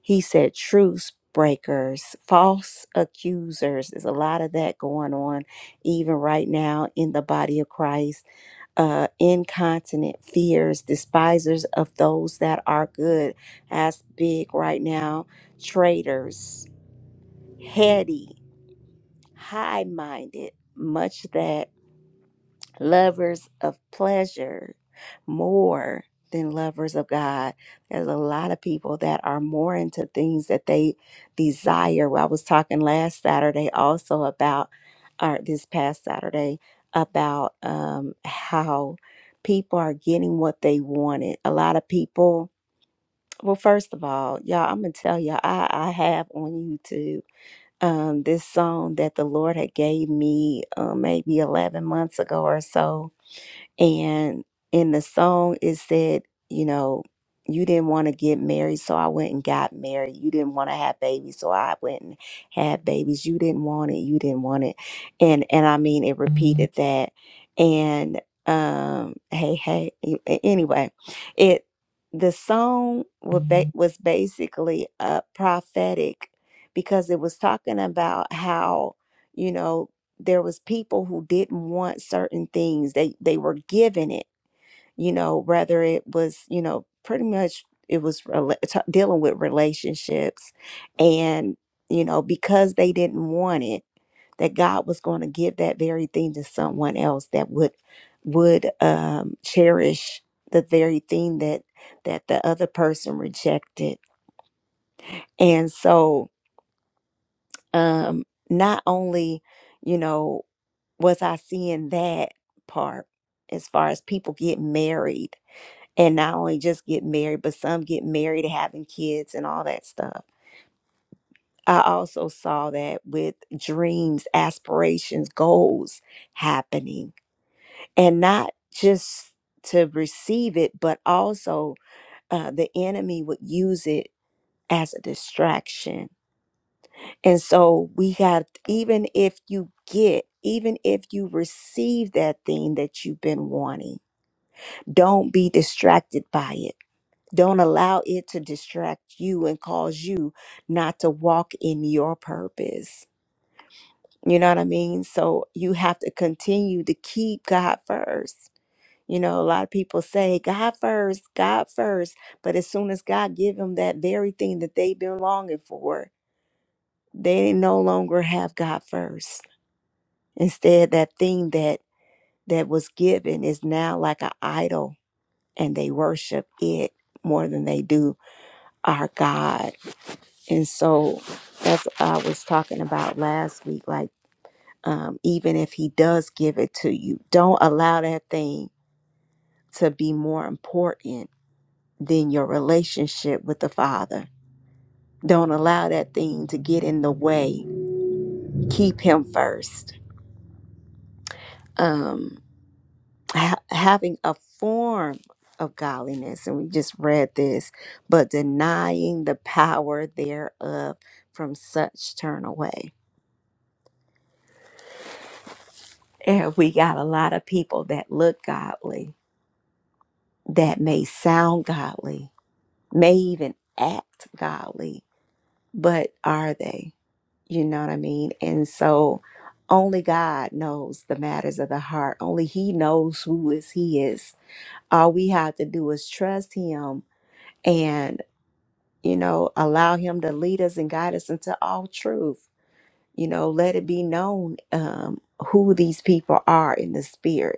A: He said, truce breakers, false accusers. There's a lot of that going on even right now in the body of Christ uh, incontinent fears, despisers of those that are good. That's big right now. Traitors, heady, high minded, much that lovers of pleasure more than lovers of God. There's a lot of people that are more into things that they desire. Well, I was talking last Saturday also about, or this past Saturday, about um, how people are getting what they wanted. A lot of people, well, first of all, y'all, I'm going to tell y'all, I, I have on YouTube um, this song that the Lord had gave me uh, maybe 11 months ago or so and in the song, it said, you know, you didn't want to get married, so I went and got married. You didn't want to have babies, so I went and had babies. You didn't want it, you didn't want it. And and I mean it repeated that. And um hey, hey, a- a- anyway, it the song was, ba- Mhm. was basically uh prophetic because it was talking about how, you know, there was people who didn't want certain things they they were given it you know whether it was you know pretty much it was rela- t- dealing with relationships and you know because they didn't want it that god was going to give that very thing to someone else that would would um cherish the very thing that that the other person rejected and so um not only you know was I seeing that part as far as people get married and not only just get married, but some get married having kids and all that stuff. I also saw that with dreams, aspirations, goals happening and not just to receive it, but also uh, the enemy would use it as a distraction. And so we got, even if you get, even if you receive that thing that you've been wanting Don't be distracted by it. Don't allow it to distract you and cause you not to walk in your purpose. You know what I mean? So you have to continue to keep God first. You know, a lot of people say God first, God first, but as soon as God give them that very thing that they've been longing for, they no longer have God first. Instead, that thing that that was given is now like an idol, and they worship it more than they do our God. And so that's what I was talking about last week. Like, um, even if he does give it to you, don't allow that thing to be more important than your relationship with the Father. Don't allow that thing to get in the way. Keep him first. Um, ha- having a form of godliness, and we just read this, but denying the power thereof from such turn away And we got a lot of people that look godly, that may sound godly, may even act godly, but are they? You know what I mean? And so only God knows the matters of the heart. Only He knows who is He is. All we have to do is trust Him and, you know, allow Him to lead us and guide us into all truth. You know, let it be known um, who these people are in the spirit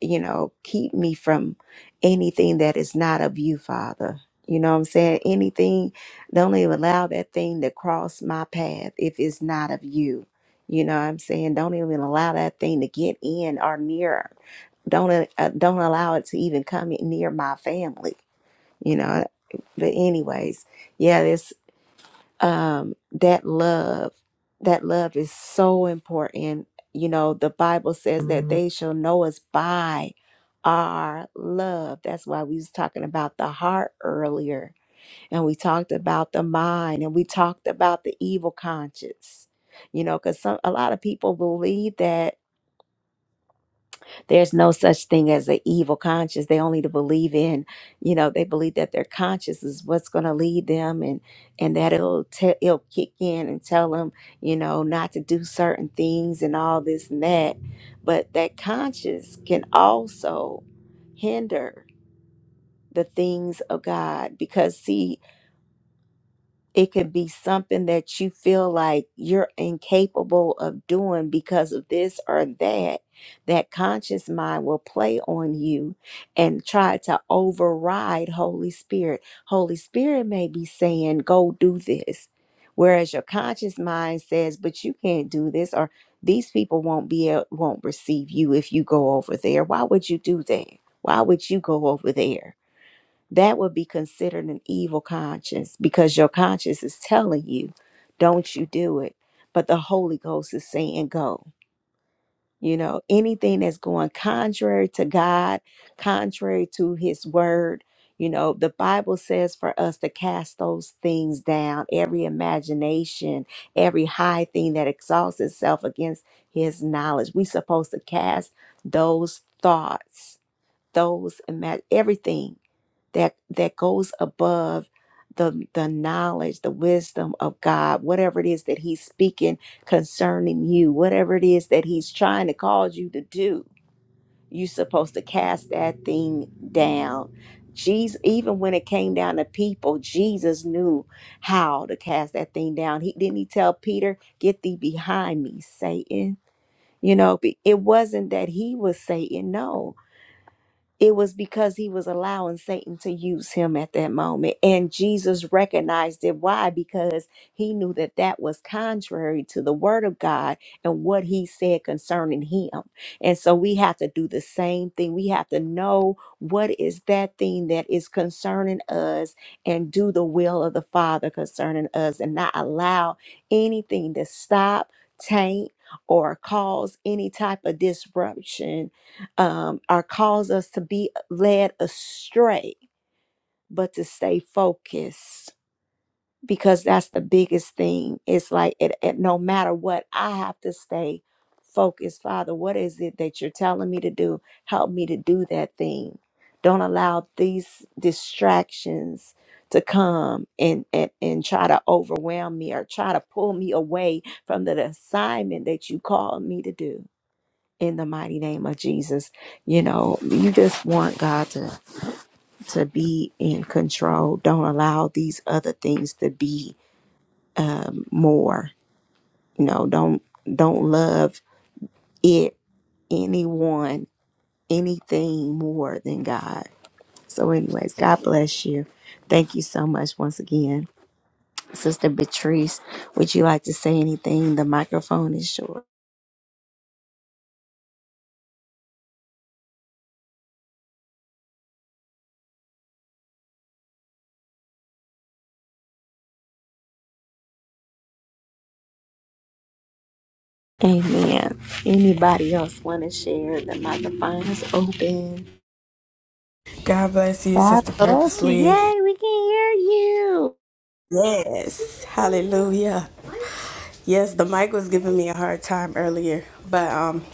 A: you know, keep me from anything that is not of you, Father. You know what I'm saying? Anything, don't even allow that thing to cross my path if it's not of you. You know what I'm saying? Don't even allow that thing to get in or near. Don't uh, uh, don't allow it to even come in near my family. You know. But anyways, yeah, there's um, that love that love is so important you know the bible says that Mhm. they shall know us by our love that's why we was talking about the heart earlier and we talked about the mind and we talked about the evil conscience you know because some a lot of people believe that there's no such thing as an evil conscience. They only to believe in, you know, they believe that their conscience is what's going to lead them, and and that it'll te- it'll kick in and tell them, you know, not to do certain things and all this and that. But that conscience can also hinder the things of God because see it could be something that you feel like you're incapable of doing because of this or that. That conscious mind will play on you and try to override Holy Spirit. Holy Spirit may be saying, Go do this. Whereas your conscious mind says, But you can't do this, or these people won't be a- won't receive you if you go over there. Why would you do that? Why would you go over there? that would be considered an evil conscience because your conscience is telling you, don't you do it. But the Holy Ghost is saying, go. You know, anything that's going contrary to God, contrary to His word, you know, the Bible says for us to cast those things down, every imagination, every high thing that exalts itself against His knowledge. we are supposed to cast those thoughts, those, ima- everything that that goes above the the knowledge the wisdom of god whatever it is that he's speaking concerning you whatever it is that he's trying to cause you to do you're supposed to cast that thing down jesus even when it came down to people jesus knew how to cast that thing down he didn't he tell peter get thee behind me satan you know be- it wasn't that he was satan no it was because he was allowing Satan to use him at that moment. And Jesus recognized it. Why? Because he knew that that was contrary to the word of God and what he said concerning him. And so we have to do the same thing. We have to know what is that thing that is concerning us and do the will of the Father concerning us and not allow anything to stop, taint, or cause any type of disruption um, or cause us to be led astray, but to stay focused because that's the biggest thing. It's like it, it, no matter what, I have to stay focused. Father, what is it that you're telling me to do? Help me to do that thing. Don't allow these distractions to come and, and, and try to overwhelm me or try to pull me away from the assignment that you called me to do in the mighty name of Jesus. You know, you just want God to to be in control. Don't allow these other things to be more. You know, don't don't love it, anyone, anything more than God. So anyways, God bless you. Thank you so much once again. Sister Beatrice, would you like to say anything? The microphone is yours. Amen. Anybody else want to share? The microphone is open.
G: God bless you,
A: God
G: Sister
A: bless you.
G: Purposely.
A: Yay, we can hear you.
G: Yes, hallelujah. Yes, the mic was giving me a hard time earlier, but um,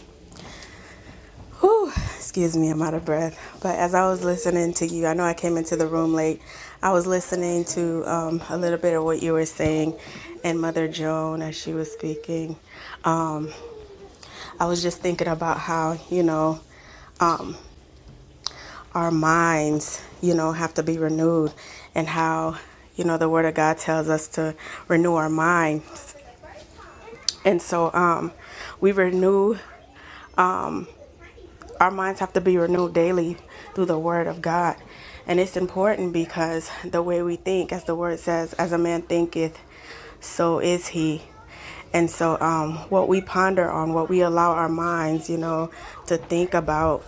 G: whew, excuse me, I'm out of breath. But as I was listening to you, I know I came into the room late. I was listening to um, a little bit of what you were saying, and Mother Joan as she was speaking. Um, I was just thinking about how you know our minds, you know, have to be renewed, and how you know the Word of God tells us to renew our mind And so um, we renew, our minds have to be renewed daily through the Word of God. And it's important because the way we think, as the Word says, as a man thinketh, so is he. And so um, what we ponder on, what we allow our minds, you know, to think about,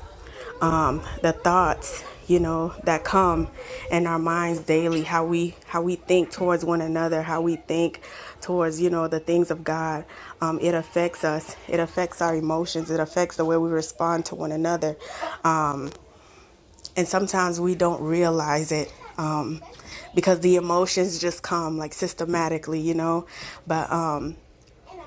G: um, the thoughts you know that come in our minds daily how we how we think towards one another how we think towards you know the things of god um, it affects us it affects our emotions it affects the way we respond to one another and sometimes we don't realize it um, because the emotions just come like systematically you know but um,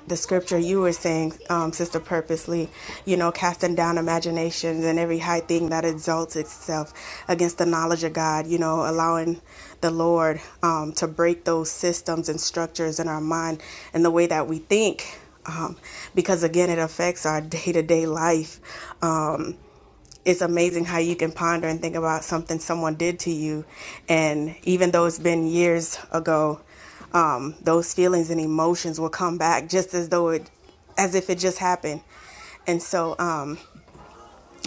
G: the scripture you were saying, um, Sister Purposely, you know, casting down imaginations and every high thing that exalts itself against the knowledge of God, you know, allowing the Lord um, to break those systems and structures in our mind and the way that we think um, because again it affects our day-to-day life it's amazing how you can ponder and think about something someone did to you. And even though it's been years ago, um, those feelings and emotions will come back just as though it, as if it just happened. And so, um,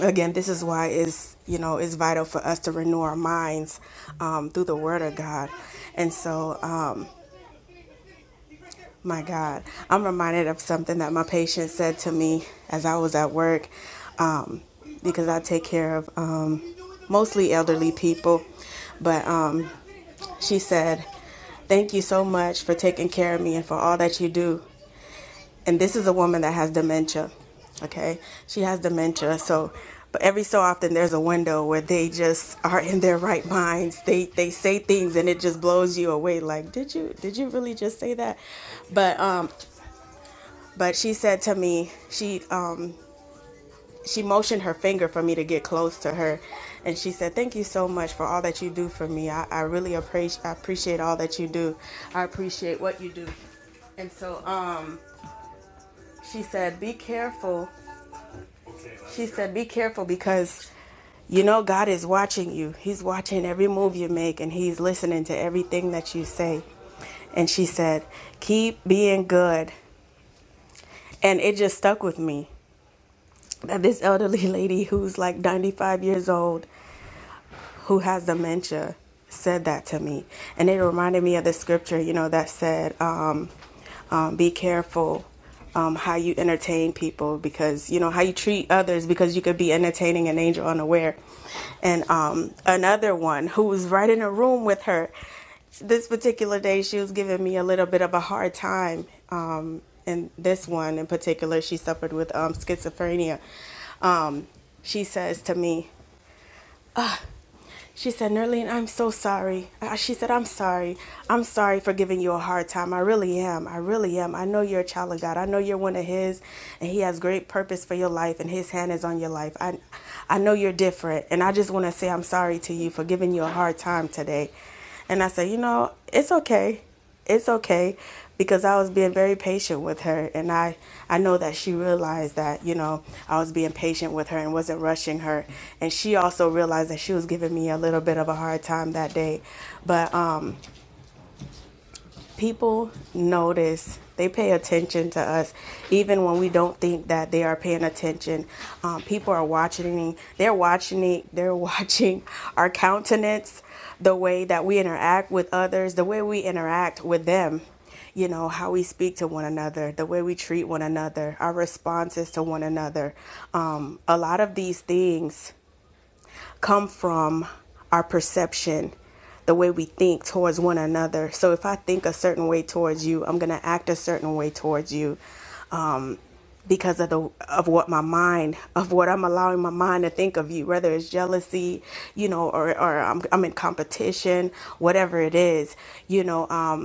G: again, this is why it's, you know, it's vital for us to renew our minds um, through the Word of God. And so, My God, I'm reminded of something that my patient said to me as I was at work um, because I take care of um, mostly elderly people. But um, she said, Thank you so much for taking care of me and for all that you do. And this is a woman that has dementia, okay? She has dementia. So, but every so often there's a window where they just are in their right minds. They they say things and it just blows you away like, "Did you did you really just say that?" But um but she said to me she um she motioned her finger for me to get close to her and she said thank you so much for all that you do for me i, I really appreciate I appreciate all that you do i appreciate what you do and so um she said be careful she said be careful because you know god is watching you he's watching every move you make and he's listening to everything that you say and she said keep being good and it just stuck with me that this elderly lady who's like 95 years old who has dementia said that to me. And it reminded me of the scripture, you know, that said, um, um, be careful um, how you entertain people because, you know, how you treat others because you could be entertaining an angel unaware. And um, another one who was right in a room with her this particular day, she was giving me a little bit of a hard time. Um, and this one in particular, she suffered with um, schizophrenia. Um, she says to me, she said, Nerlene, I'm so sorry. Uh, She said, I'm sorry. I'm sorry for giving you a hard time. I really am. I really am. I know you're a child of God. I know you're one of His, and He has great purpose for your life, and His hand is on your life. I, I know you're different, and I just want to say I'm sorry to you for giving you a hard time today. And I said, You know, it's okay it's okay because I was being very patient with her and I I know that she realized that, you know, I was being patient with her and wasn't rushing her. And she also realized that she was giving me a little bit of a hard time that day. But um people notice they pay attention to us even when we don't think that they are paying attention um, people are watching they're watching it they're watching our countenance the way that we interact with others the way we interact with them you know how we speak to one another the way we treat one another our responses to one another um, a lot of these things come from our perception, the way we think towards one another. So if I think a certain way towards you, I'm going to act a certain way towards you um, because of the of what my mind of what I'm allowing my mind to think of you, whether it's jealousy, you know, or or I'm I'm in competition, whatever it is, you know. um,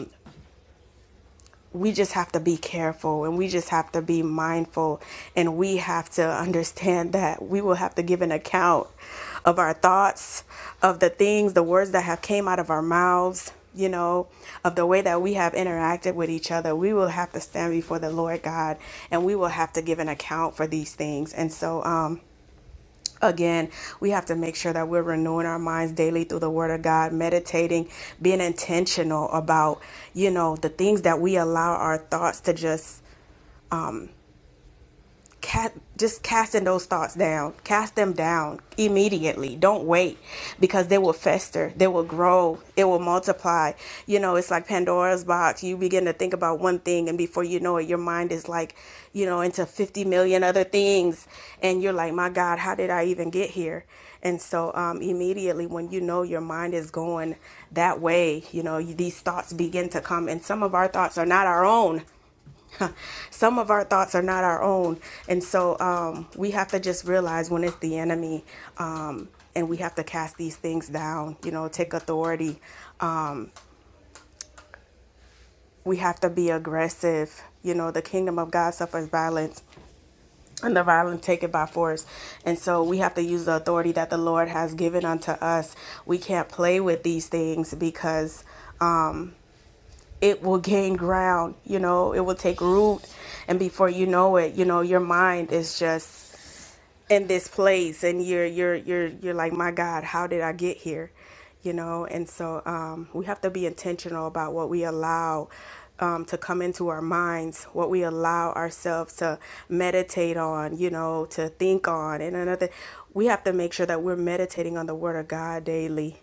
G: we just have to be careful and we just have to be mindful and we have to understand that we will have to give an account of our thoughts of the things the words that have came out of our mouths you know of the way that we have interacted with each other we will have to stand before the lord god and we will have to give an account for these things and so um again, we have to make sure that we're renewing our minds daily through the Word of God, meditating, being intentional about, you know, the things that we allow our thoughts to just Cat, just casting those thoughts down. Cast them down immediately. Don't wait because they will fester. They will grow. It will multiply. You know, it's like Pandora's box. You begin to think about one thing, and before you know it, your mind is like, you know, into 50 million other things. And you're like, my God, how did I even get here? And so, um, immediately when you know your mind is going that way, you know, these thoughts begin to come. And some of our thoughts are not our own some of our thoughts are not our own and so um, we have to just realize when it's the enemy um, and we have to cast these things down you know take authority um, we have to be aggressive you know the kingdom of god suffers violence and the violent take it by force and so we have to use the authority that the lord has given unto us we can't play with these things because um, it will gain ground you know it will take root and before you know it you know your mind is just in this place and you're you're you're you're like my god how did i get here you know and so um, we have to be intentional about what we allow um, to come into our minds what we allow ourselves to meditate on you know to think on and another we have to make sure that we're meditating on the word of god daily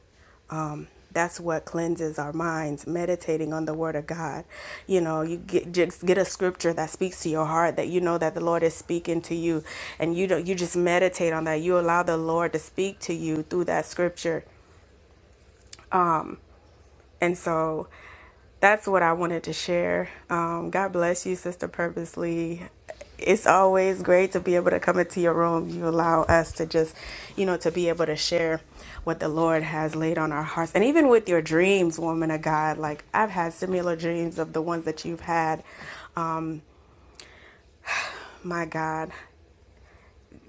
G: that's what cleanses our minds meditating on the word of god you know you get just get a scripture that speaks to your heart that you know that the lord is speaking to you and you don't you just meditate on that you allow the lord to speak to you through that scripture and so that's what I wanted to share. Um, God bless you, Sister Purposely. It's always great to be able to come into your room. You allow us to just, you know, to be able to share what the Lord has laid on our hearts. And even with your dreams, woman of God, like I've had similar dreams of the ones that you've had. Oh, my God.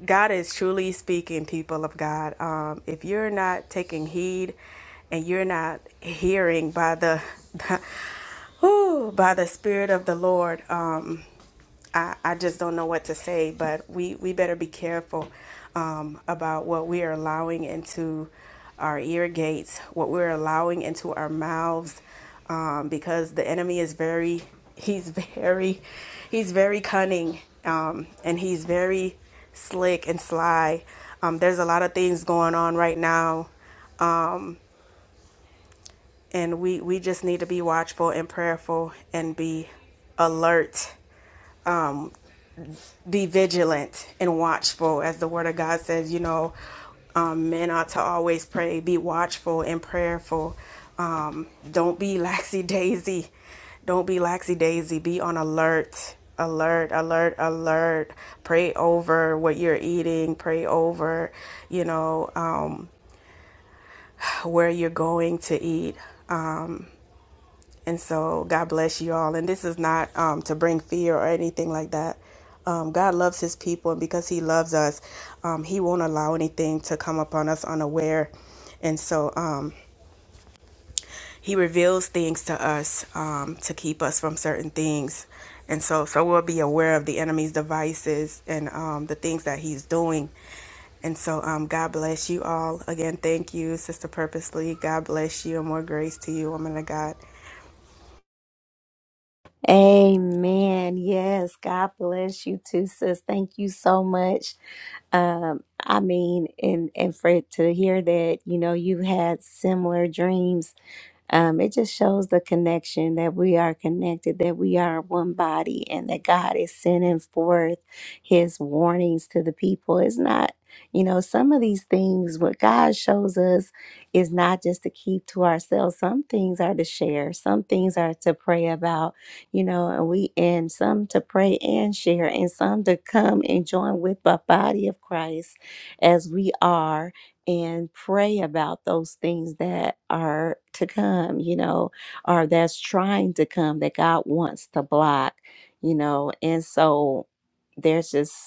G: God is truly speaking, people of God. Um, if you're not taking heed and you're not hearing by the, whew, by the Spirit of the Lord, um, I, I just don't know what to say, but we, we better be careful um, about what we are allowing into our ear gates, what we're allowing into our mouths um, because the enemy is very he's very he's very cunning um, and he's very slick and sly um, there's a lot of things going on right now and we we just need to be watchful and prayerful and be alert be vigilant and watchful, as the Word of God says. You know, um, men ought to always pray, be watchful and prayerful. Um, don't be laxy daisy. Don't be laxy daisy. Be on alert, alert, alert, alert. Pray over what you're eating. Pray over, you know, um, where you're going to eat. And so, God bless you all. And this is not um, to bring fear or anything like that. Um, God loves His people, and because He loves us, um, He won't allow anything to come upon us unaware. And so, um, He reveals things to us um, to keep us from certain things. And so, so we'll be aware of the enemy's devices and um, the things that He's doing. And so, um, God bless you all. Again, thank you, Sister Purposely. God bless you and more grace to you, woman of God.
A: Amen. Yes. God bless you too, sis. Thank you so much. Um, I mean, and and for it to hear that, you know, you had similar dreams. Um, it just shows the connection that we are connected, that we are one body, and that God is sending forth his warnings to the people. It's not, you know, some of these things, what God shows us is not just to keep to ourselves. Some things are to share, some things are to pray about you know, and we and some to pray and share, and some to come and join with the body of Christ as we are and pray about those things that are to come, you know, or that's trying to come that God wants to block, you know, and so there's just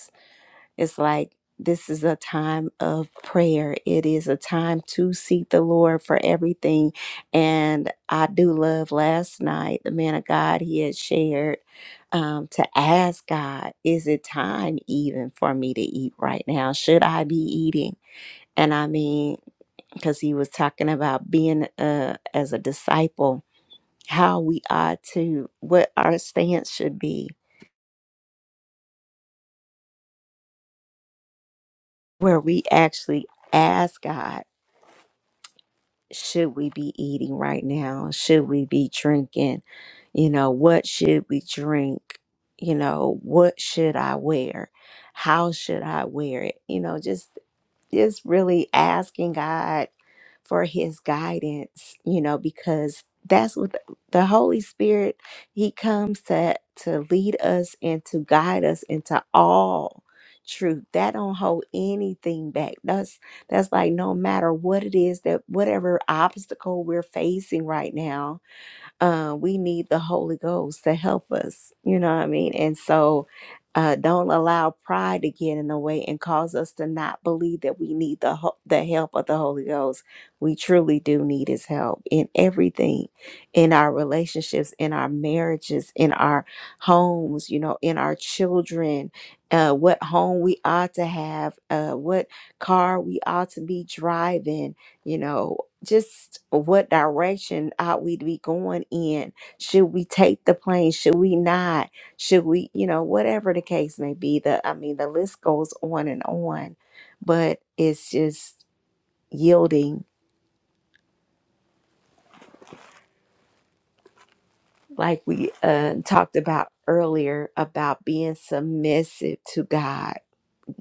A: it's like this is a time of prayer. It is a time to seek the Lord for everything. And I do love last night, the man of God, he had shared um, to ask God, is it time even for me to eat right now? Should I be eating? And I mean, because he was talking about being uh, as a disciple, how we ought to, what our stance should be, where we actually ask God. should we be eating right now? Should we be drinking? You know, what should we drink? You know, what should I wear? How should I wear it? You know, just just really asking God for his guidance, you know, because that's what the the Holy Spirit he comes to to lead us and to guide us into all truth. That don't hold anything back. That's that's like no matter what it is that whatever obstacle we're facing right now, uh, we need the Holy Ghost to help us. You know what I mean? And so uh, don't allow pride to get in the way and cause us to not believe that we need the ho- the help of the Holy Ghost. We truly do need His help in everything, in our relationships, in our marriages, in our homes. You know, in our children, uh, what home we ought to have, uh, what car we ought to be driving. You know, just what direction ought we to be going in? Should we take the plane? Should we not? Should we, you know, whatever the case may be, the I mean the list goes on and on, but it's just yielding like we uh, talked about earlier about being submissive to God,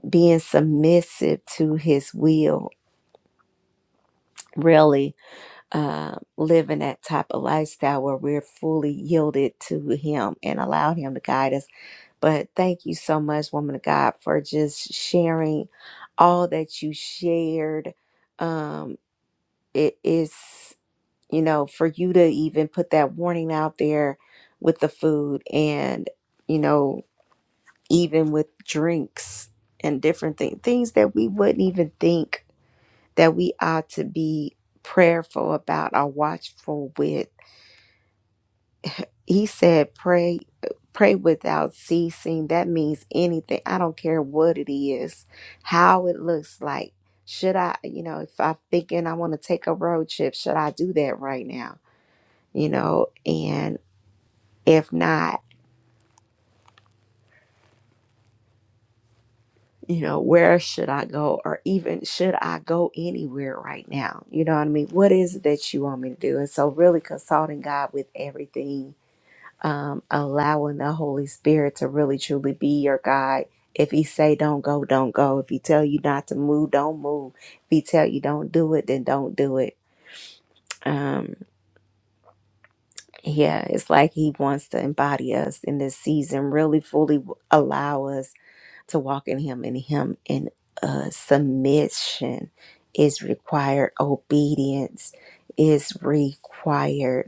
A: being submissive to his will, really uh, living that type of lifestyle where we're fully yielded to him and allow him to guide us But thank you so much, woman of God, for just sharing all that you shared. Um, it is, you know, for you to even put that warning out there with the food and, you know, even with drinks and different things, things that we wouldn't even think that we ought to be prayerful about or watchful with he said pray pray without ceasing that means anything i don't care what it is how it looks like should i you know if i'm thinking i want to take a road trip should i do that right now you know and if not you know where should i go or even should i go anywhere right now you know what i mean what is it that you want me to do and so really consulting god with everything um, allowing the Holy Spirit to really truly be your guide. If he say don't go, don't go. If he tell you not to move, don't move. If he tell you don't do it, then don't do it. Um, yeah, it's like he wants to embody us in this season, really fully w- allow us to walk in him and him in uh, submission is required. Obedience is required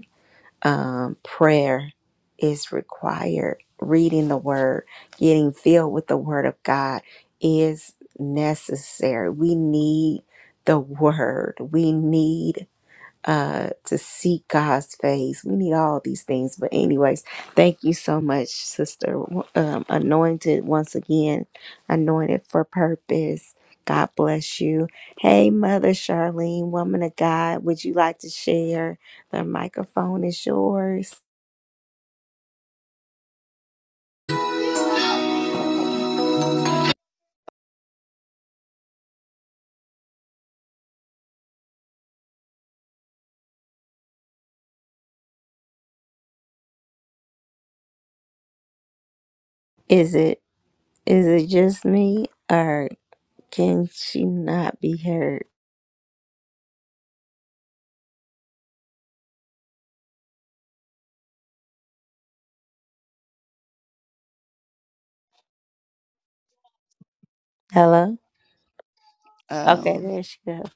A: um, prayer is required. Reading the word, getting filled with the word of God is necessary. We need the word. We need uh to seek God's face. We need all these things. But anyways, thank you so much, sister. Um, anointed once again, anointed for purpose. God bless you. Hey, Mother Charlene, woman of God, would you like to share? The microphone is yours. Is it is it just me or can she not be heard? Hello? Okay,
H: Um,
A: there she goes.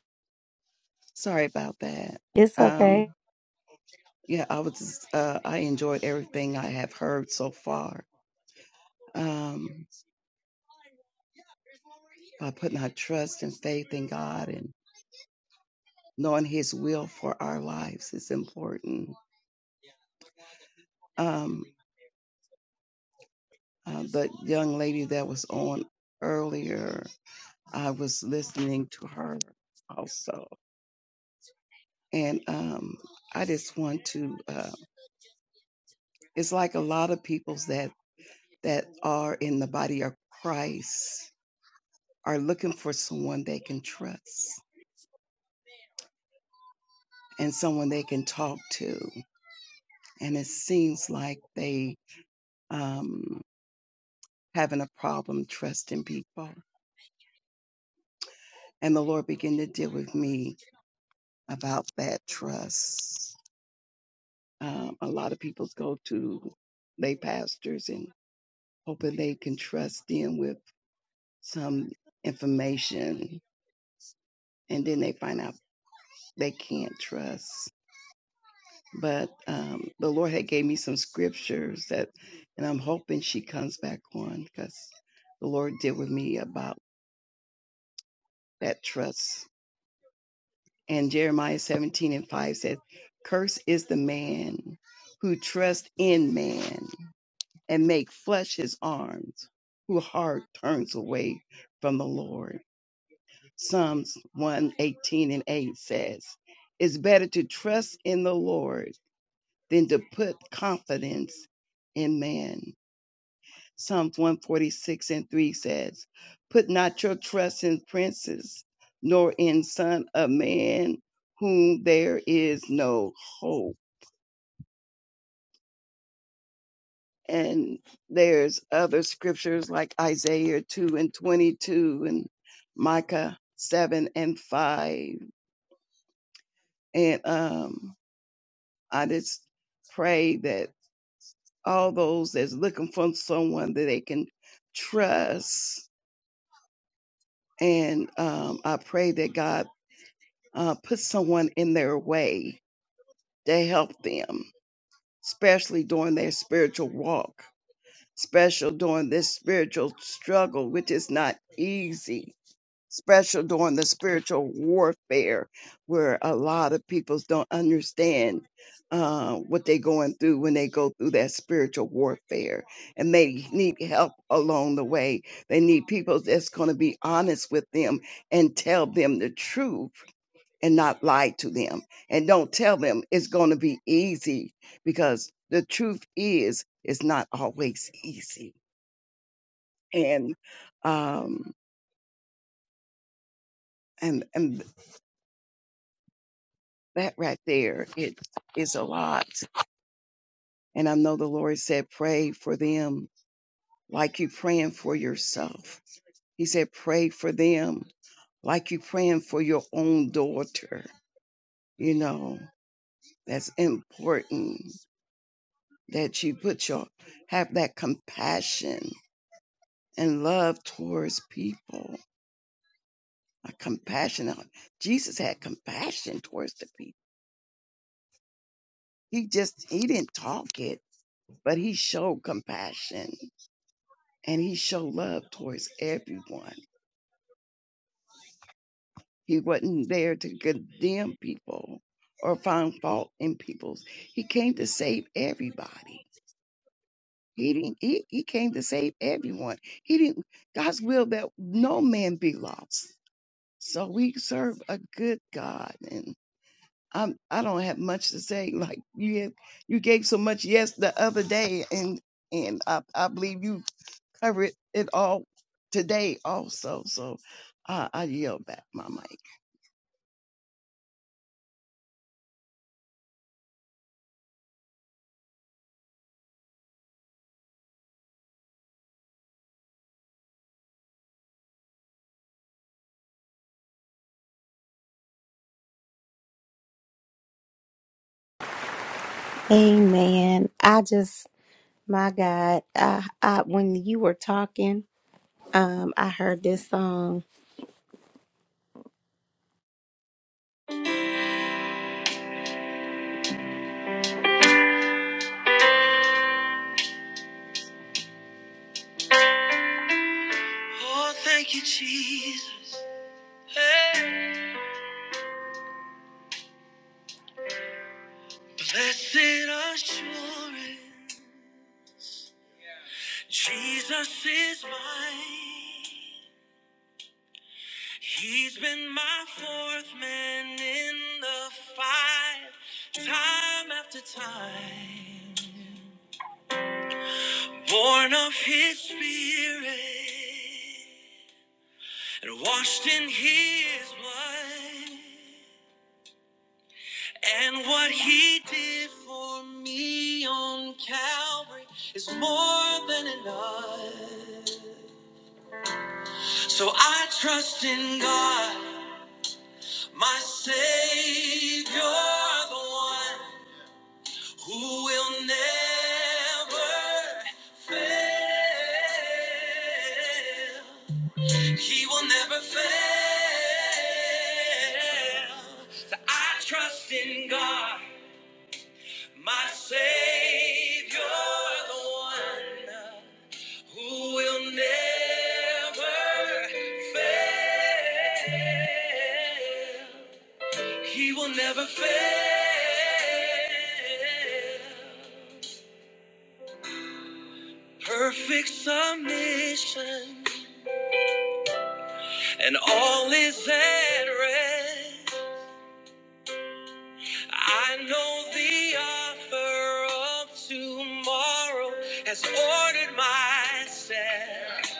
H: sorry about that.
A: It's
H: Um,
A: okay.
H: yeah, I was. Just, uh, I enjoyed everything I have heard so far. Um, by putting our trust and faith in God and knowing His will for our lives is important. Um, uh, the young lady that was on earlier, I was listening to her also, and um, I just want to. Uh, it's like a lot of peoples that that are in the body of Christ are looking for someone they can trust and someone they can talk to. And it seems like they um having a problem trusting people. And the Lord began to deal with me about that trust. Um, a lot of people go to lay pastors and hoping they can trust them with some information, and then they find out they can't trust. but um, the Lord had gave me some scriptures that, and I'm hoping she comes back on because the Lord did with me about that trust. And Jeremiah 17 and 5 said, "Curse is the man who trusts in man and make flesh his arms, who heart turns away from the Lord." Psalms 118 and 8 says, "It's better to trust in the Lord than to put confidence in man." Psalms 146 and 3 says, Put not your trust in princes, nor in son of man, whom there is no hope. And there's other scriptures like Isaiah 2 and 22 and Micah 7 and 5. And um, I just pray that all those that's looking for someone that they can trust. And um, I pray that God uh, put someone in their way to help them, especially during their spiritual walk, special during this spiritual struggle, which is not easy, special during the spiritual warfare, where a lot of people don't understand uh, what they're going through when they go through that spiritual warfare, and they need help along the way. They need people that's going to be honest with them and tell them the truth and not lie to them. And don't tell them it's going to be easy because the truth is, it's not always easy. And, um, and, and that right there, it is a lot. And I know the Lord said, pray for them like you praying for yourself. He said, pray for them like you praying for your own daughter. You know, that's important that you put your, have that compassion and love towards people. A compassion. uh, Jesus had compassion towards the people. He just he didn't talk it, but he showed compassion and he showed love towards everyone. He wasn't there to condemn people or find fault in people. He came to save everybody. He didn't he, he came to save everyone. He didn't God's will that no man be lost. So we serve a good God and. I'm, I don't have much to say. Like you, have, you gave so much yes the other day, and and I, I believe you covered it all today also. So uh, I yield back my mic.
A: Amen. I just My God, I, I, when you were talking, um, I heard this song. Blessed assurance, Jesus is mine. He's been my fourth man in the fight, time after time. Born of his spirit and washed in his blood. And what he did for me on Calvary is more than enough. So I trust in God, my Savior, the one who will never fail. Her submission and all is there. Offer of tomorrow has ordered my steps.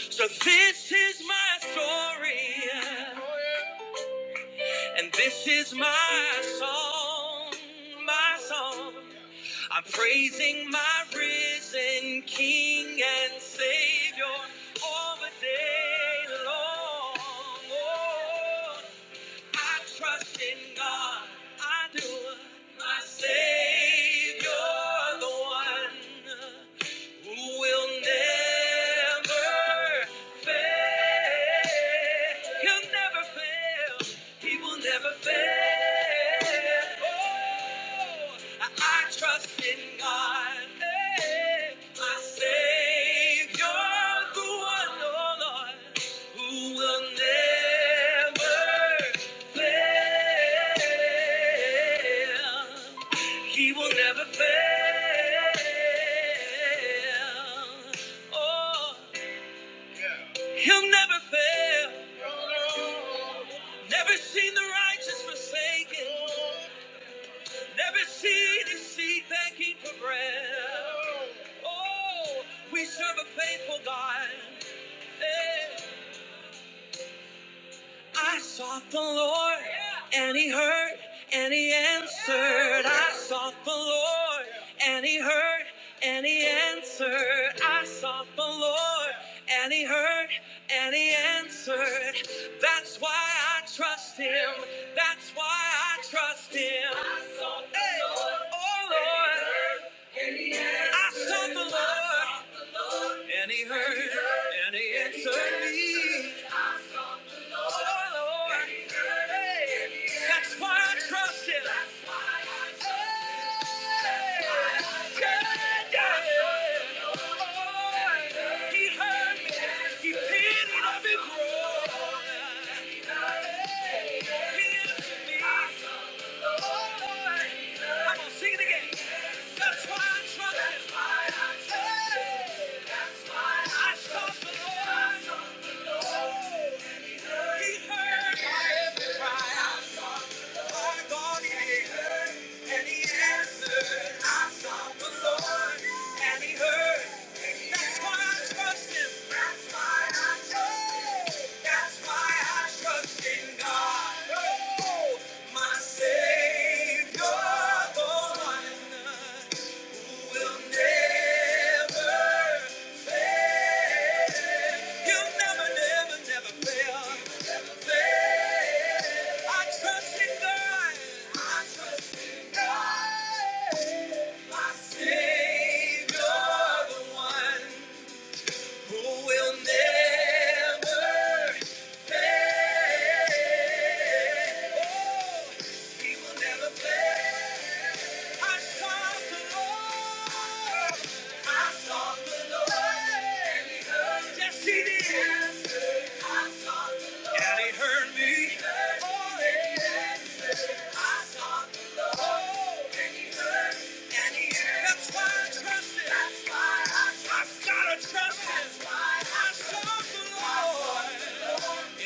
A: So this is my story, and this is my song, my song. I'm praising my risen King and Savior all the day long. Oh, I trust in God. I do. My Savior, the one who will never fail. He'll never fail. He will never fail. Oh, I, I trust in God, eh, my Savior, the one, oh Lord, who will never fail. He will never fail. Oh, he'll never fail. Never seen the righteous forsaken. Never seen his seed begging for bread. Oh, we serve a faithful God. Eh. I sought the Lord, and He heard, and He answered. I sought the Lord, and He heard, and He answered. I sought the Lord, and He heard, and He answered. That's why I trust Him. That's why I trust Him. Hey, oh Lord, I sought the Lord, and He heard, and He answered me. Lord. Hey, that's why I trust Him. That's why I my God, He heard and He answered. I sought the Lord and He heard. That's why I trust Him. That's why I trust Him. That's why I trust in God. Oh, my Savior, the one. Savior, the one. Who will never fail? Oh, He will never fail. I sought the Lord. I sought the Lord, and He heard. Yes, He did. Yes, He heard. Oh, yeah. I sought the Lord, and He heard, and He heard. That's why I trust Him. That's why I trust Him. I've gotta trust Him. That's why I I sought the Lord.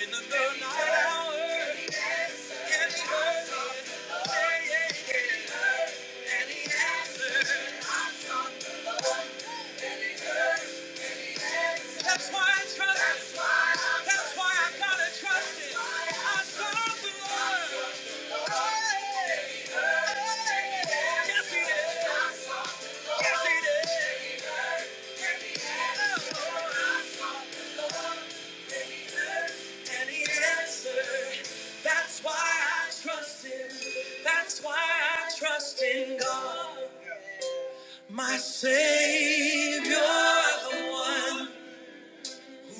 A: In the third night hour, and he heard, yeah, yeah, yeah, and he answered. That's why I trust him. That's why I That's why I gotta trust him. I serve the Lord. Hey, hey, yes he did. Yes he did. And he answered. That's why I trust him. That's why I trust in God. My Savior, the one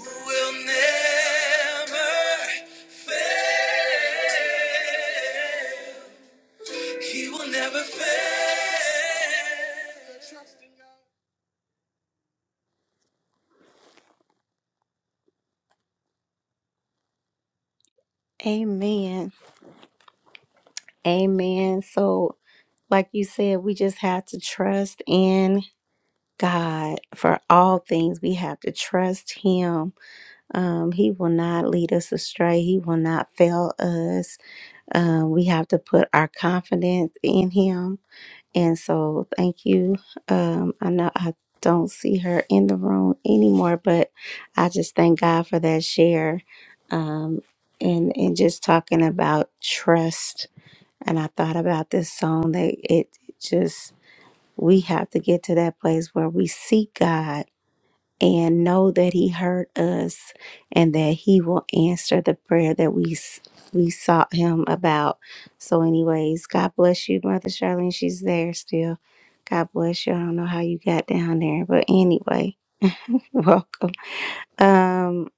A: who will never fail. He will never fail. Amen. Amen. So, like you said, we just have to trust in God for all things. We have to trust Him. Um, he will not lead us astray, He will not fail us. Um, we have to put our confidence in Him And so, thank you. Um, I know I don't see her in the room anymore, but I just thank God for that share, um, and and just talking about trust. And I thought about this song that it just we have to get to that place where we seek God and know that he heard us and that he will answer the prayer that we s- we sought him about. So anyways, God bless you, Mother Charlene. She's there still. God bless you. I don't know how you got down there, but anyway, welcome. Um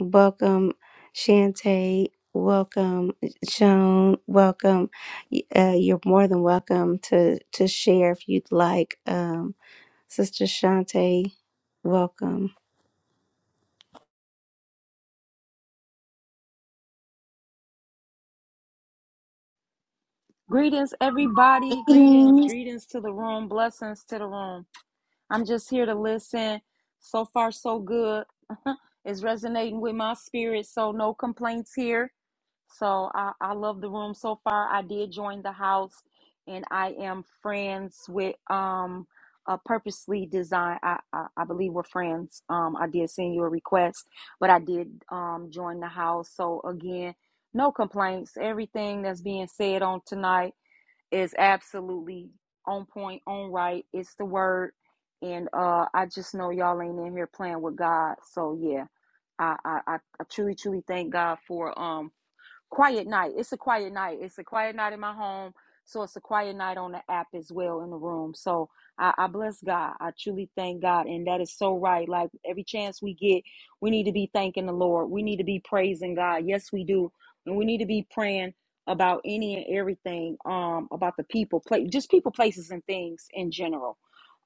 A: welcome Shantae. Welcome Joan. Welcome. Y- Uh, you're more than welcome to to share if you'd like. Um Sister Shantae, welcome.
I: Greetings, everybody. Greetings. Greetings to the room. Blessings to the room. I'm just here to listen. So far, so good. it's resonating with my spirit, so no complaints here. So I, I love the room so far. I did join the house, and I am friends with um a purposely designed. I, I I believe we're friends. Um, I did send you a request, but I did um join the house. So again, no complaints. Everything that's being said on tonight is absolutely on point, on right. It's the word. And uh I just know y'all ain't in here playing with God. So yeah, I I, I I truly, truly thank God for um quiet night. It's a quiet night. It's a quiet night in my home. So it's a quiet night on the app as well in the room. So I, I bless God. I truly thank God. And that is so right. Like every chance we get, we need to be thanking the Lord. We need to be praising God. Yes, we do. And we need to be praying about any and everything, um, about the people, play just people, places, and things in general.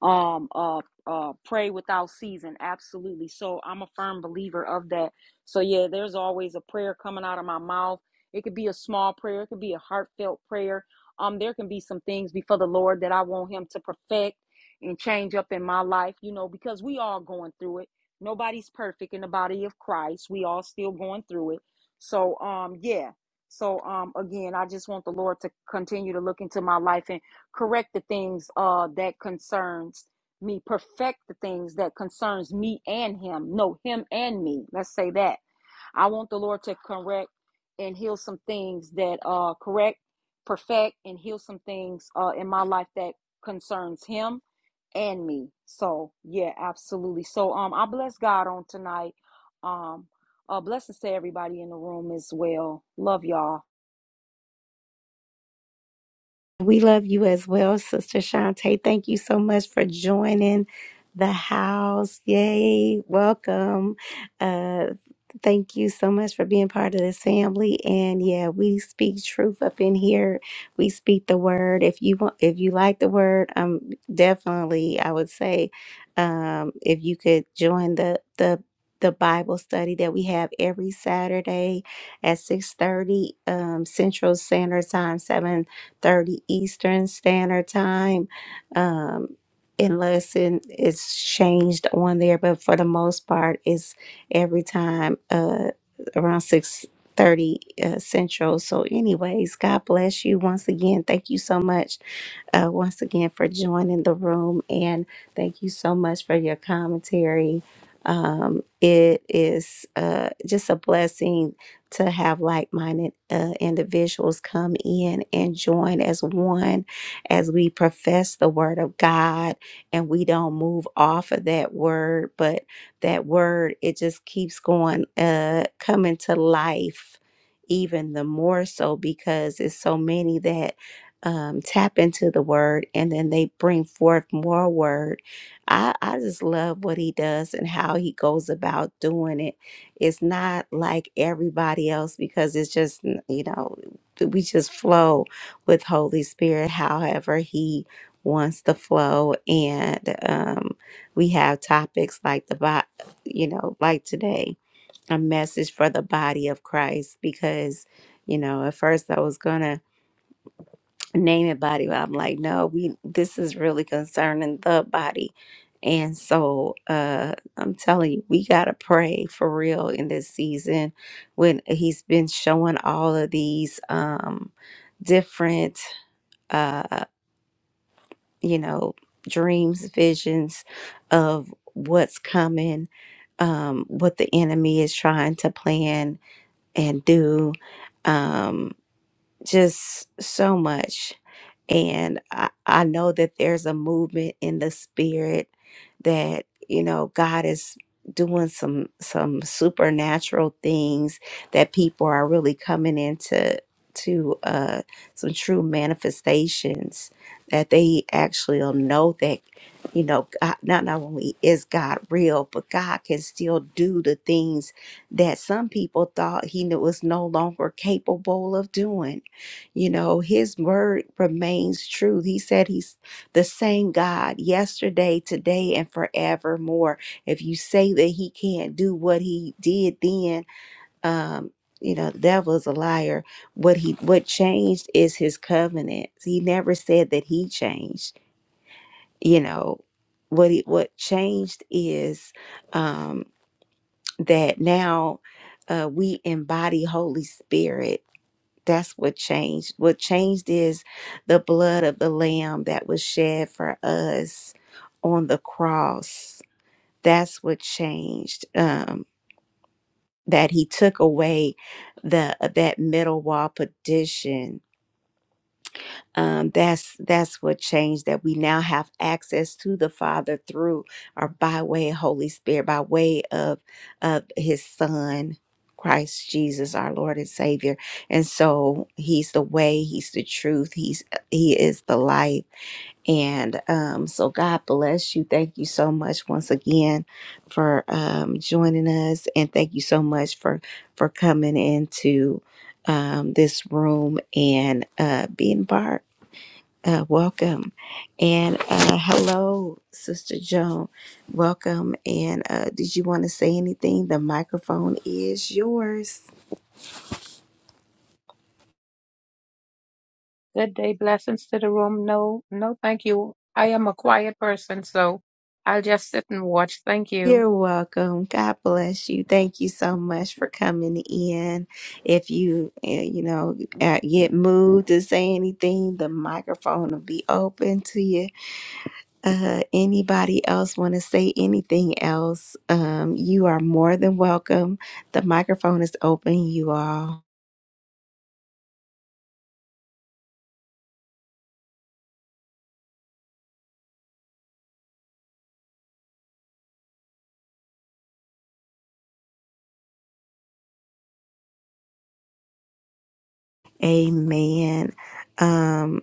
I: Um, uh, uh, pray without season. Absolutely. So I'm a firm believer of that. So yeah, there's always a prayer coming out of my mouth it could be a small prayer, it could be a heartfelt prayer. Um, there can be some things before the Lord that I want Him to perfect and change up in my life, you know, because we all going through it. Nobody's perfect in the body of Christ. We all still going through it. So um yeah. So um again, I just want the Lord to continue to look into my life and correct the things uh that concerns me perfect the things that concerns me and him no him and me let's say that I want the Lord to correct and heal some things that uh correct, perfect, and heal some things uh in my life that concerns him and me. So yeah, absolutely. So um I bless God on tonight. Um uh blessings to everybody in the room as well. Love y'all.
A: We love you as well, Sister Shantae. Thank you so much for joining the house. Yay. Welcome. Uh, thank you so much for being part of this family. And yeah, we speak truth up in here. We speak the word. If you want, if you like the word, um, definitely, I would say, um, if you could join the, the, the Bible study that we have every Saturday at 6:30 um, Central Standard Time, 7 30 Eastern Standard Time. Um, unless it, it's changed on there, but for the most part, it's every time uh, around 6 30 uh, Central. So, anyways, God bless you once again. Thank you so much uh, once again for joining the room and thank you so much for your commentary. Um, it is uh, just a blessing to have like minded uh, individuals come in and join as one as we profess the word of God and we don't move off of that word, but that word, it just keeps going, uh, coming to life even the more so because it's so many that um, tap into the word and then they bring forth more word. I, I just love what he does and how he goes about doing it it's not like everybody else because it's just, you know, we just flow with Holy Spirit however He wants to flow. And um, we have topics like the, bo- you know, like today, a message for the body of Christ because, you know, at first I was going to name it body but i'm like no we this is really concerning the body and so uh i'm telling you we gotta pray for real in this season when he's been showing all of these um different uh you know dreams visions of what's coming um what the enemy is trying to plan and do um just so much and I, I know that there's a movement in the spirit that, you know, God is doing some some supernatural things that people are really coming into to uh some true manifestations that they actually will know that you know God, not not only is God real but God can still do the things that some people thought he knew was no longer capable of doing you know, his word remains true. He said he's the same God yesterday, today, and forevermore. If you say that he can't do what he did then, um, you know, the devil is a liar. What he what changed is his covenant. He never said that he changed, you know. What he, what changed is um that now uh, we embody Holy Spirit that's what changed. What changed is the blood of the Lamb that was shed for us on the cross. That's what changed. Um, that He took away the that middle wall partition um, that's that's what changed that we now have access to the father through or by way of holy spirit by way of of his son christ jesus our lord and savior and so he's the way he's the truth he's uh, he is the life and um, so god bless you thank you so much once again for um, joining us and thank you so much for for coming into um, this room and uh, being part uh, welcome and uh, hello, Sister Joan. Welcome. And uh, did you want to say anything? The microphone is yours.
J: Good day. Blessings to the room. No, no, thank you. I am a quiet person, so I'll just sit and watch. Thank you.
A: You're welcome. God bless you. Thank you so much for coming in. If you, uh, you know, uh, get moved to say anything, the microphone will be open to you. Uh, anybody else want to say anything else? Um, you are more than welcome. The microphone is open, you all. Amen. Um,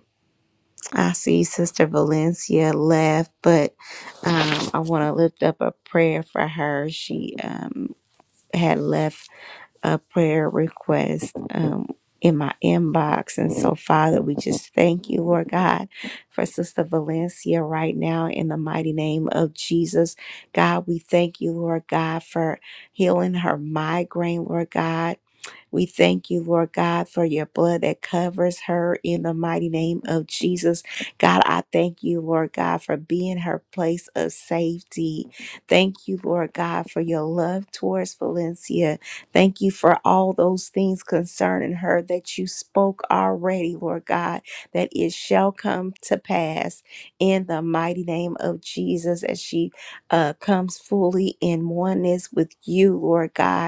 A: I see Sister Valencia left, but um, I want to lift up a prayer for her. She um, had left a prayer request um, in my inbox. And so, Father, we just thank you, Lord God, for Sister Valencia right now in the mighty name of Jesus. God, we thank you, Lord God, for healing her migraine, Lord God we thank you, Lord God, for your blood that covers her in the mighty name of Jesus. God, I thank you, Lord God, for being her place of safety. Thank you, Lord God, for your love towards Valencia. Thank you for all those things concerning her that you spoke already, Lord God, that it shall come to pass in the mighty name of Jesus as she uh, comes fully in oneness with you, Lord God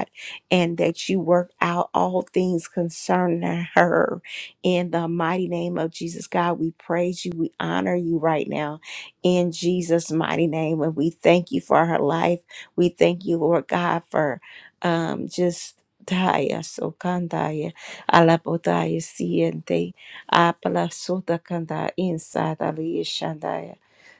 A: and that you work out all things concerning her. In the mighty name of Jesus, God, we praise you. We honor you right now in Jesus' mighty name. And we thank you for her life. We thank you, Lord God, for um, just. Daya so kandaya alapodaya siente apala kanda inside aliya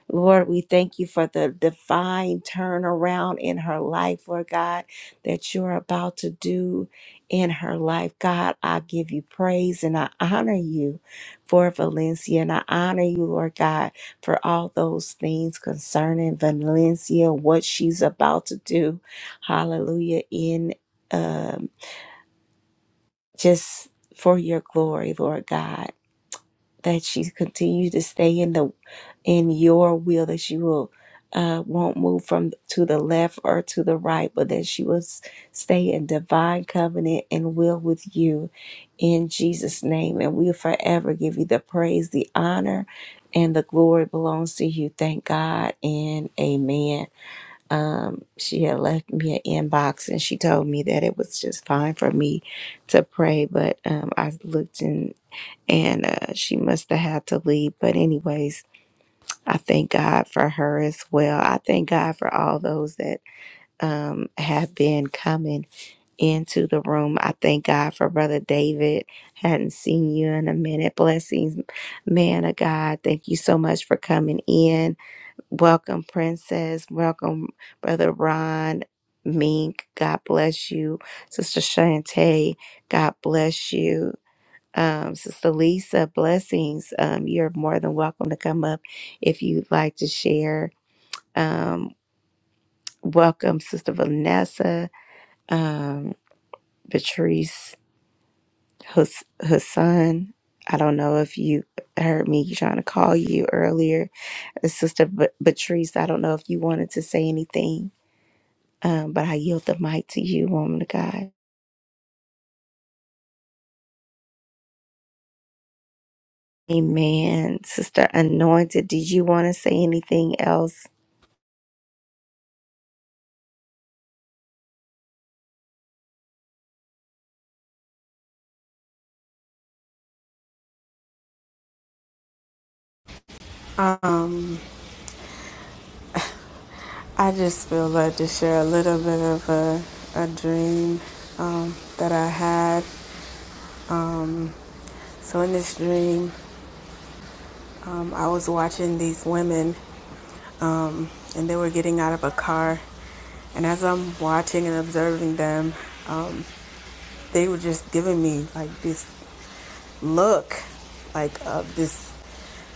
A: Lord, we thank you for the divine turnaround in her life, Lord God that you're about to do in her life. God, I give you praise and I honor you for Valencia. And I honor you, Lord God, for all those things concerning Valencia, what she's about to do. Hallelujah. In um, just for your glory, Lord God that she continue to stay in the in your will that she will uh, won't move from to the left or to the right but that she will s- stay in divine covenant and will with you in jesus name and we'll forever give you the praise the honor and the glory belongs to you thank god and amen um, she had left me an inbox and she told me that it was just fine for me to pray but um, i looked in and uh, she must have had to leave. But, anyways, I thank God for her as well. I thank God for all those that um, have been coming into the room. I thank God for Brother David. Hadn't seen you in a minute. Blessings, man of God. Thank you so much for coming in. Welcome, Princess. Welcome, Brother Ron. Mink, God bless you. Sister Shantae, God bless you. Um, Sister Lisa, blessings. Um, you're more than welcome to come up if you'd like to share. Um, welcome, Sister Vanessa, um, Patrice, Hus- Hassan. I don't know if you heard me trying to call you earlier. Uh, Sister B- Patrice, I don't know if you wanted to say anything, um, but I yield the mic to you, woman of God. Amen. Sister Anointed, did you want to say anything else?
G: Um, I just feel led to share a little bit of a, a dream um, that I had. So, in this dream, um, I was watching these women um, and they were getting out of a car. And as I'm watching and observing them, um, they were just giving me like this look, like of this,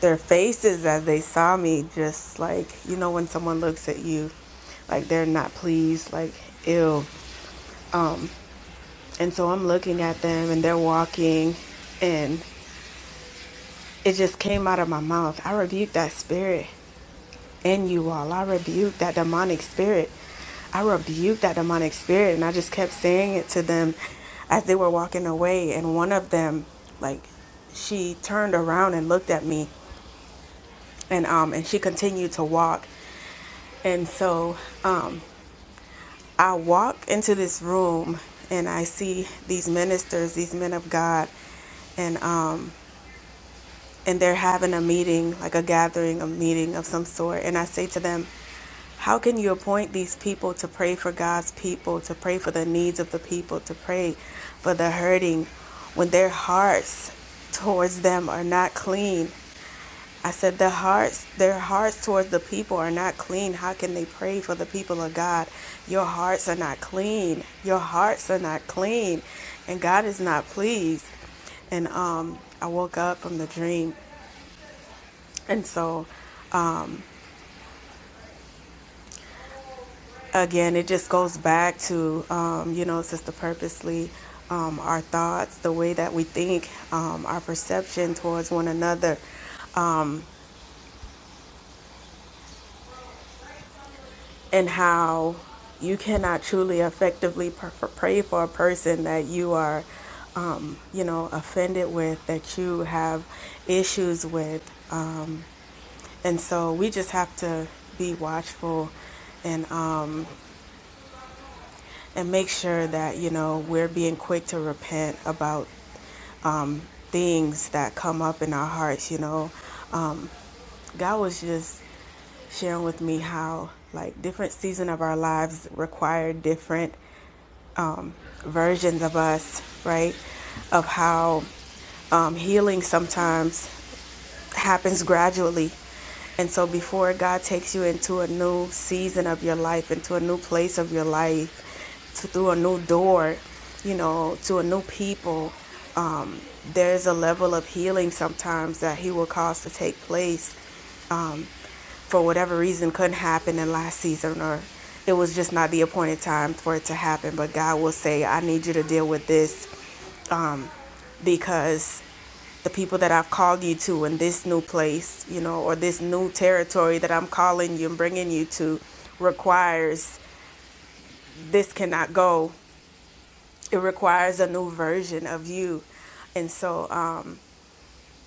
G: their faces as they saw me, just like, you know, when someone looks at you, like they're not pleased, like, ew. And so I'm looking at them and they're walking, and it just came out of my mouth. I rebuke that spirit in you all. I rebuke that demonic spirit. I rebuked that demonic spirit. And I just kept saying it to them as they were walking away. And one of them, like, she turned around and looked at me, and um, and she continued to walk. And so I walk into this room, and I see these ministers, these men of God, and um, and they're having a meeting, like a gathering, a meeting of some sort. And I say to them, How can you appoint these people to pray for God's people, to pray for the needs of the people, to pray for the hurting when their hearts towards them are not clean? I said, their hearts, their hearts towards the people are not clean. How can they pray for the people of God? Your hearts are not clean. Your hearts are not clean, and God is not pleased. And um, I woke up from the dream and so, again, it just goes back to, um, you know, Sister Purposely, um, our thoughts, the way that we think, um, our perception towards one another, and how you cannot truly effectively pr- pray for a person that you are, um, you know, offended with, that you have issues with. And so we just have to be watchful and, um, and make sure that you know we're being quick to repent about um, things that come up in our hearts. You know, um, God was just sharing with me how like different season of our lives require different versions of us, right? Of how um, healing sometimes happens gradually. And so before God takes you into a new season of your life, into a new place of your life, to, through a new door, you know, to a new people, um, there's a level of healing sometimes that He will cause to take place for whatever reason couldn't happen in last season or it was just not the appointed time for it to happen. But God will say, I need you to deal with this because the people that I've called you to in this new place, you know, or this new territory that I'm calling you and bringing you to requires this cannot go. It requires a new version of you. And so um,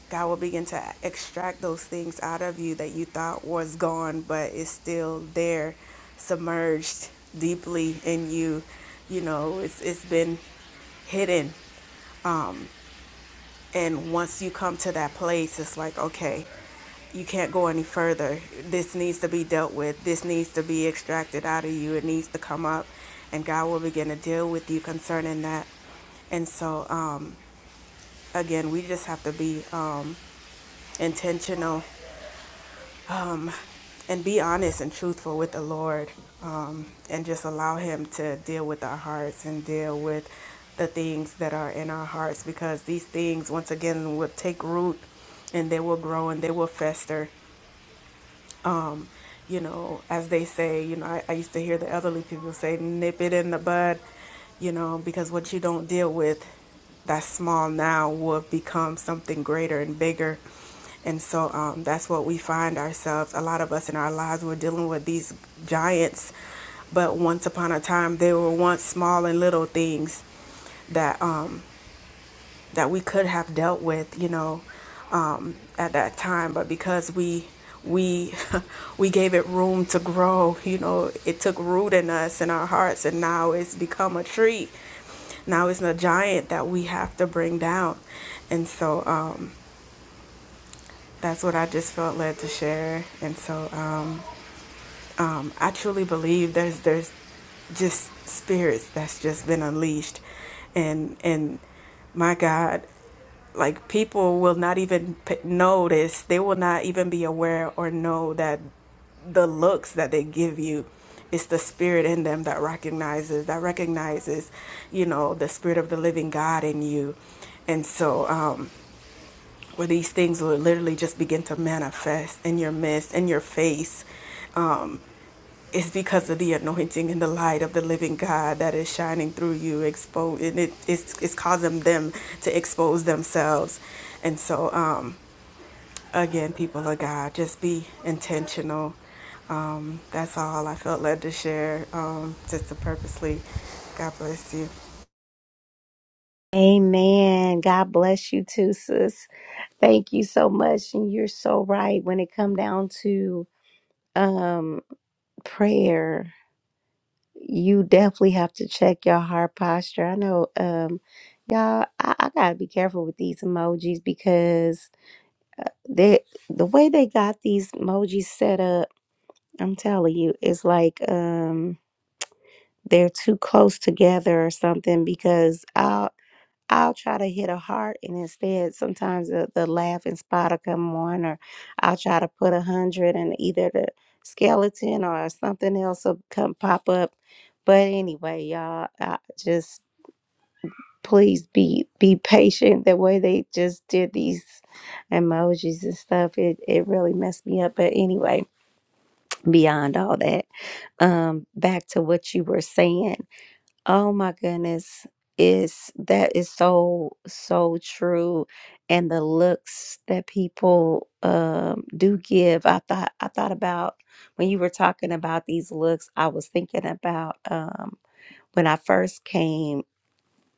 G: God will begin to extract those things out of you that you thought was gone, but it's still there, submerged deeply in you. You know, it's, it's been hidden And once you come to that place, it's like, okay, you can't go any further. This needs to be dealt with. This needs to be extracted out of you. It needs to come up. And God will begin to deal with you concerning that. And so, um, again, we just have to be um, intentional and be honest and truthful with the Lord um, and just allow Him to deal with our hearts and deal with the things that are in our hearts because these things, once again, will take root and they will grow and they will fester you know, as they say, you know, I, I used to hear the elderly people say, nip it in the bud, you know, because what you don't deal with that's small now will become something greater and bigger. And so um, that's what we find ourselves. A lot of us in our lives, we're dealing with these giants, but once upon a time, they were once small and little things that. um, that we could have dealt with, you know, um, at that time. But because we we we gave it room to grow, you know, it took root in us in our hearts, and now it's become a tree. Now it's a giant that we have to bring down, and so um, that's what I just felt led to share. And so Um, um, I truly believe there's there's just spirits that's just been unleashed, and and my God, like people will not even notice. They will not even be aware or know that the looks that they give you. It's the spirit in them that recognizes that recognizes, you know, the spirit of the living God in you. And so, um, where these things will literally just begin to manifest in your midst, in your face, Um, it's because of the anointing and the light of the living God that is shining through you, expose, and it, it's, it's causing them to expose themselves. And so, um, again, people of God, just be intentional. Um, that's all I felt led to share, um, just to purposely. God bless you.
A: Amen. God bless you too, sis. Thank you so much. And you're so right. When it come down to um prayer, you definitely have to check your heart posture. I know um y'all I, I gotta be careful with these emojis because they the way they got these emojis set up, I'm telling you, it's like um they're too close together or something because I'll try to hit a heart, and instead, sometimes the, the laughing spot will come on, or I'll try to put a hundred, and either the skeleton or something else will come pop up. But anyway, y'all, I just please be be patient. The way they just did these emojis and stuff, it it really messed me up. But anyway, beyond all that, um, back to what you were saying. Oh my goodness. Is that is so so true and the looks that people um do give. I thought I thought about when you were talking about these looks, I was thinking about um when I first came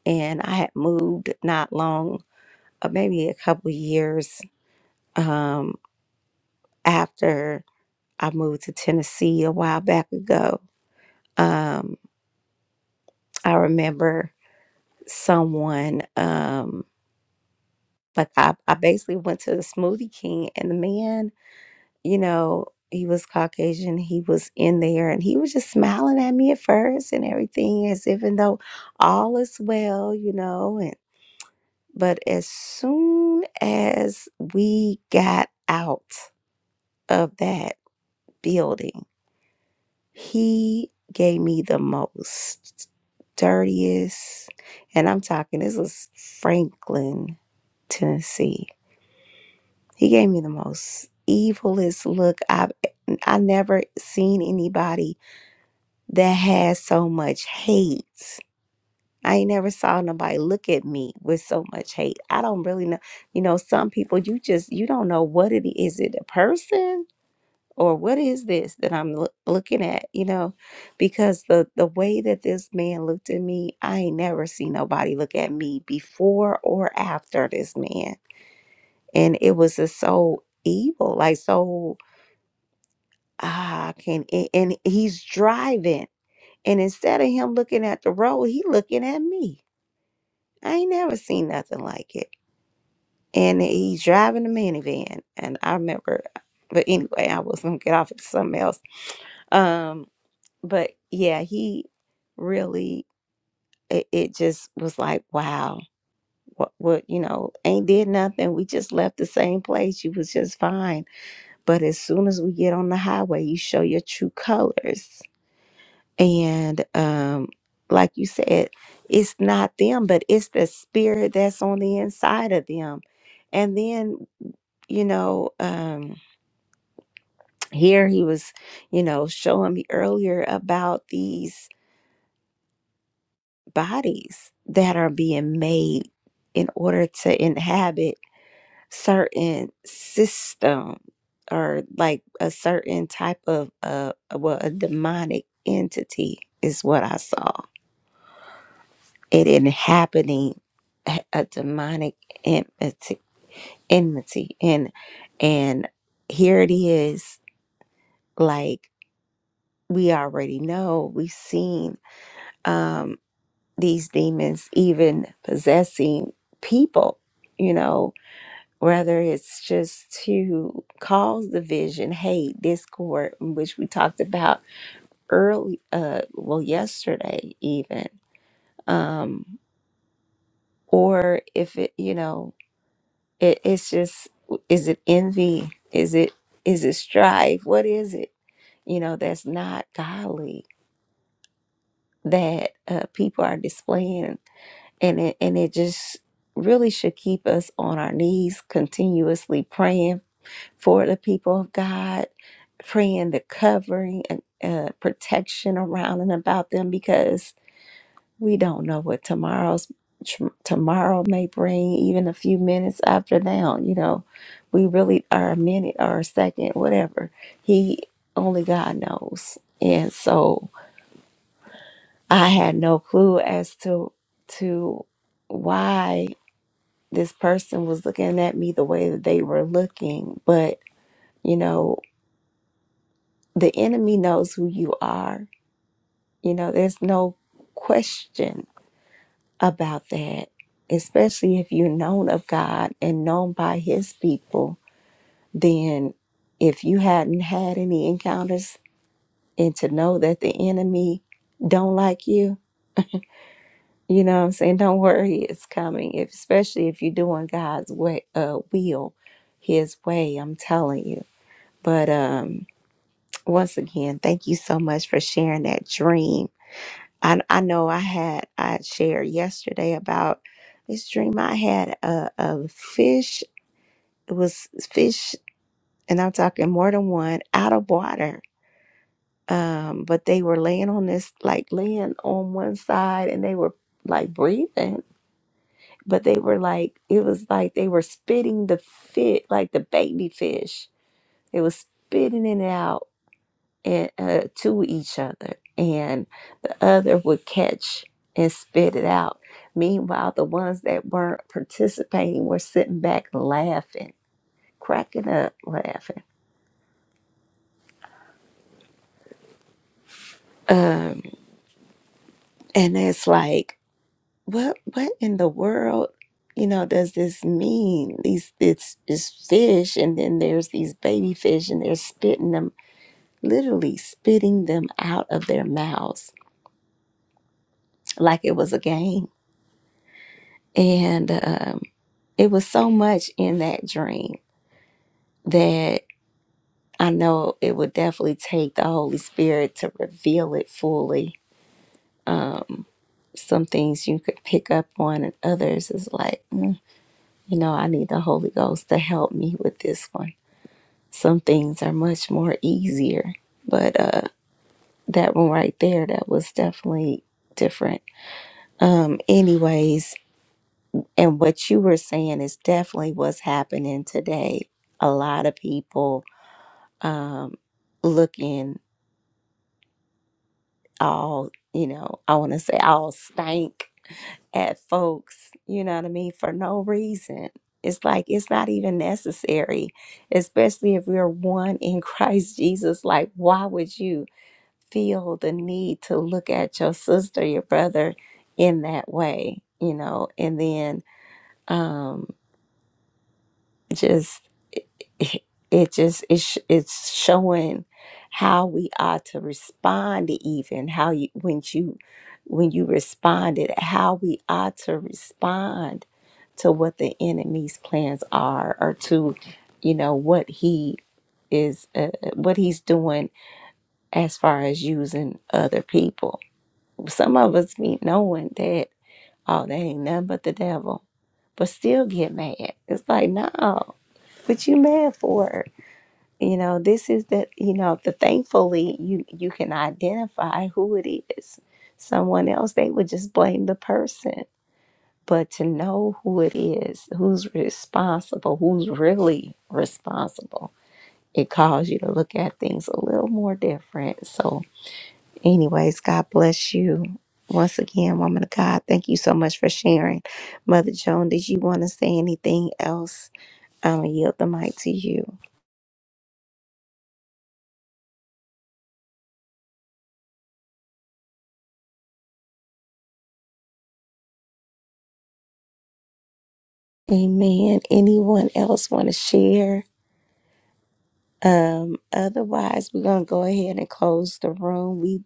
A: and I had moved not long, uh, maybe a couple years um after I moved to Tennessee a while back ago. Um I remember someone um, Like I, I basically went to the Smoothie King and the man, you know, he was Caucasian. He was in there and he was just smiling at me at first and everything as even though all is well, you know, and but as soon as we got out of that building, he gave me the most dirtiest and I'm talking this was Franklin, Tennessee He gave me the most evilest look I've I never seen anybody that has so much hate. I ain't never saw nobody look at me with so much hate. I don't really know. You know, some people you just you don't know what it is. Is It a person or what is this that I'm loo- looking at? You know, because the the way that this man looked at me, I ain't never seen nobody look at me before or after this man, and it was just so evil, like so ah, I can't. And, and he's driving, and instead of him looking at the road, he looking at me. I ain't never seen nothing like it. And he's driving a minivan, and I remember. But anyway, I was gonna get off at something else. Um, but yeah, he really. It, it just was like, wow. What, what you know ain't did nothing we just left the same place you was just fine but as soon as we get on the highway you show your true colors And um, like you said, it's not them, but it's the spirit that's on the inside of them. And then, you know, um, here he was, you know, showing me earlier about these bodies that are being made in order to inhabit certain system or like a certain type of uh well a demonic entity is what I saw it inhabiting a a demonic enmity, enmity and and here it is like we already know we've seen um these demons even possessing people you know whether it's just to cause division hate discord which we talked about early uh well yesterday even um or if it you know It, it's just, is it envy? Is it is it strife? What is it? You know, that's not godly that uh, people are displaying, and it, and it just really should keep us on our knees, continuously praying for the people of God, praying the covering and uh, protection around and about them, because We don't know what tomorrow's tr- tomorrow may bring, even a few minutes after now. You know, we really are a minute or a second, whatever. He only God knows, and so I had no clue as to to why this person was looking at me the way that they were looking. But you know, the enemy knows who you are. You know, there's no question about that, especially if you're known of God and known by His people, then if you hadn't had any encounters and to know that the enemy don't like you, you know what I'm saying? Don't worry, it's coming. If, especially if you're doing God's way, uh, will, His way. I'm telling you. But um, once again, thank you so much for sharing that dream I, I know I had I shared yesterday about this dream I had a, a fish it was fish and I'm talking more than one out of water um but they were laying on this like laying on one side and they were like breathing but they were like it was like they were spitting the fit like the baby fish they was spitting it out and uh, to each other, and the other would catch and spit it out. Meanwhile, the ones that weren't participating were sitting back laughing, cracking up, laughing. Um, and it's like, what, what in the world, you know, does this mean? These, it's, it's fish, and then there's these baby fish, and they're spitting them, literally spitting them out of their mouths like it was a game. And um, It was so much in that dream that I know it would definitely take the Holy Spirit to reveal it fully. Some things you could pick up on, and others is like, "Mm, you know, I need the Holy Ghost to help me with this one. Some things are much more easier, but uh, that one right there, that was definitely different. Um, anyways, and what you were saying is definitely what's happening today. A lot of people um, looking all, you know, I want to say all stank at folks, you know what I mean, for no reason. It's like it's not even necessary, especially if we're one in Christ Jesus. Like, why would you feel the need to look at your sister, your brother in that way, you know? And then, um, just it, it just it's it's showing how we are to respond to even how you when you when you responded how we are to respond to what the enemy's plans are or to you know what he is uh, what he's doing as far as using other people some of us be knowing that oh that ain't nothing but the devil but still get mad it's like no what you mad for you know, this is the, you know, the thankfully you you can identify who it is. Someone else, they would just blame the person. But to know who it is, who's responsible, who's really responsible, it calls you to look at things a little more different. So, anyways, God bless you. Once again, woman of God, thank you so much for sharing. Mother Joan, did you want to say anything else? I'm going to yield the mic to you. Amen. Anyone else want to share? Um, otherwise, we're gonna go ahead and close the room. We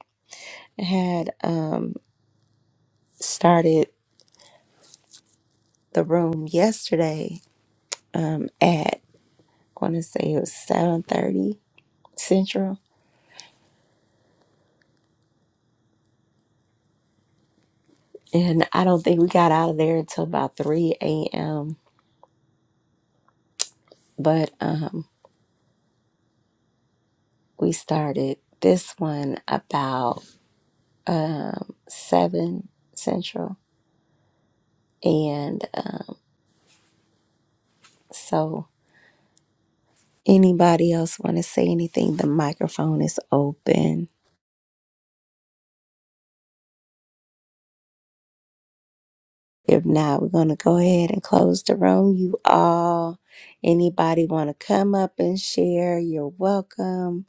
A: had um started the room yesterday um at I want to say it was seven thirty central, and I don't think we got out of there until about three a.m. But um, we started this one about um seven central, and um, so Anybody else want to say anything? The microphone is open. If not, we're going to go ahead and close the room. You all, anybody want to come up and share? You're welcome.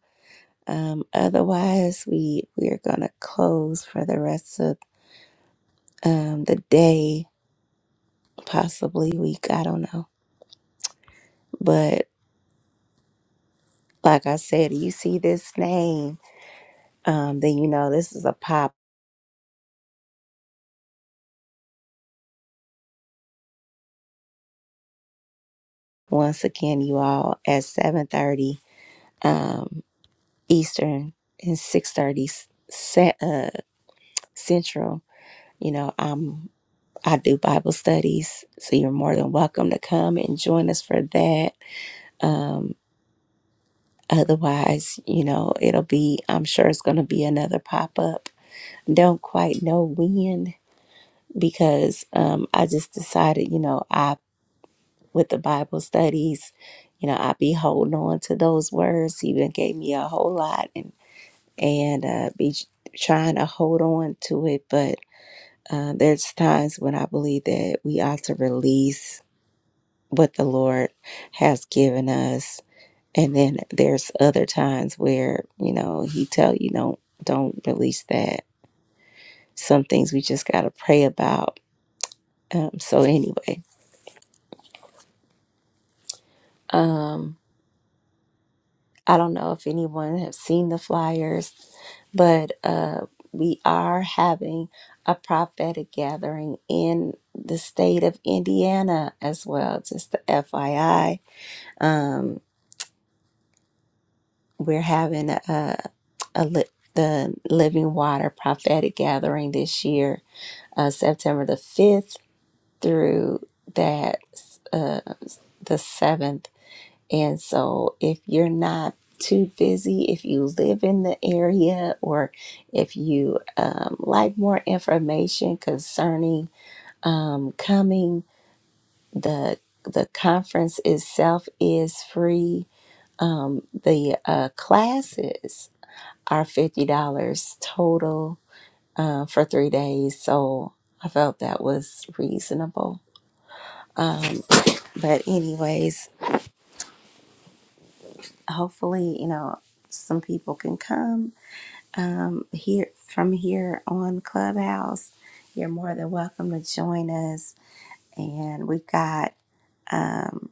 A: Um, otherwise, we we are going to close for the rest of um, the day, possibly week. I don't know, but like I said, you see this name, um, then you know this is a pop. Once again, you all at seven thirty. Um, Eastern and six thirty uh, Central. You know, I'm I do Bible studies, so you're more than welcome to come and join us for that. Um, otherwise, you know, it'll be I'm sure it's going to be another pop up. Don't quite know when because um, I just decided, you know, I with the Bible studies. You know, I be holding on to those words. He even gave me a whole lot, and uh, be trying to hold on to it. But uh, there's times when I believe that we ought to release what the Lord has given us, and then there's other times where you know He tell you don't don't release that. Some things we just got to pray about. Um, so anyway, um, I don't know if anyone have seen the flyers, but uh, we are having a prophetic gathering in the state of Indiana as well. Just the FYI, um, we're having a, a li- the Living Water prophetic gathering this year, uh, September the fifth through that uh, the seventh And so, if you're not too busy, if you live in the area, or if you um, like more information concerning um, coming, the the conference itself is free. Um, the uh, classes are fifty dollars total uh, for three days. So I felt that was reasonable. But anyways, hopefully, you know, some people can come um, here from here on Clubhouse. You're more than welcome to join us. And we've got um,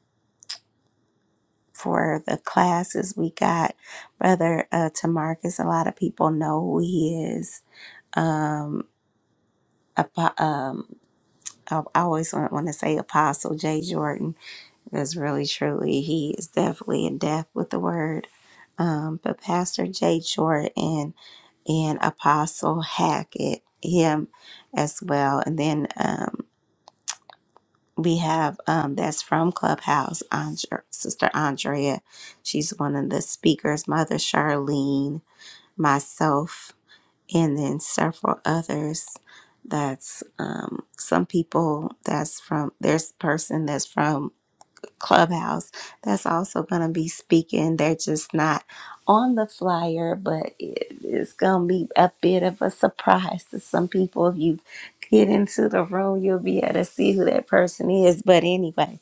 A: for the classes, we got Brother uh, Tamarcus. A lot of people know who he is. Um, apo- um, I I always want to say Apostle Jay Jordan because really, truly, he is definitely in depth with the word. Um, but Pastor Jay Jordan and Apostle Hackett, him as well. And then um, we have um, that's from Clubhouse, Andre, Sister Andrea. She's one of the speakers, Mother Charlene, myself, and then several others. That's um, some people that's from, there's a person that's from Clubhouse that's also going to be speaking. They're just not on the flyer, but it, it's going to be a bit of a surprise to some people. If you get into the room, you'll be able to see who that person is. But anyway,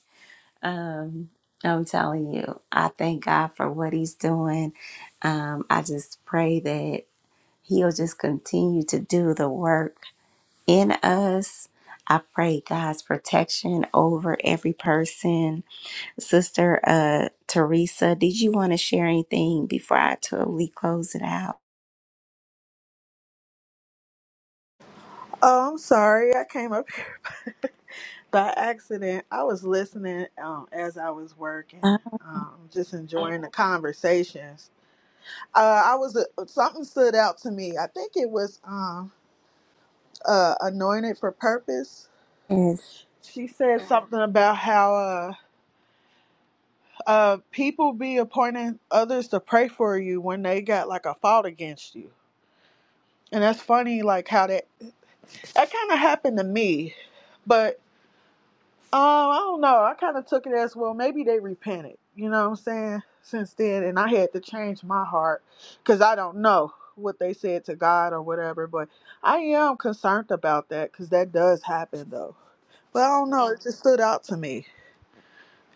A: um, I'm telling you, I thank God for what He's doing. Um, I just pray that He'll just continue to do the work in us. I pray God's protection over every person Sister uh, Teresa, did you want to share anything before I totally close it out?
K: Oh, I'm sorry. I came up here by accident. I was listening um, as I was working,
A: Uh,
K: um, just enjoying the conversations. Uh, I was uh, something stood out to me. I think it was um, uh, anointed for purpose.
A: Yes,
K: She said something about how uh, uh, people be appointing others to pray for you when they got like a fault against you, and that's funny. Like how that that kind of happened to me, but Oh, I don't know. I kind of took it as well. Maybe they repented. You know what I'm saying? Since then, and I had to change my heart because I don't know what they said to God or whatever. But I am concerned about that because that does happen though. But I don't know. It just stood out to me.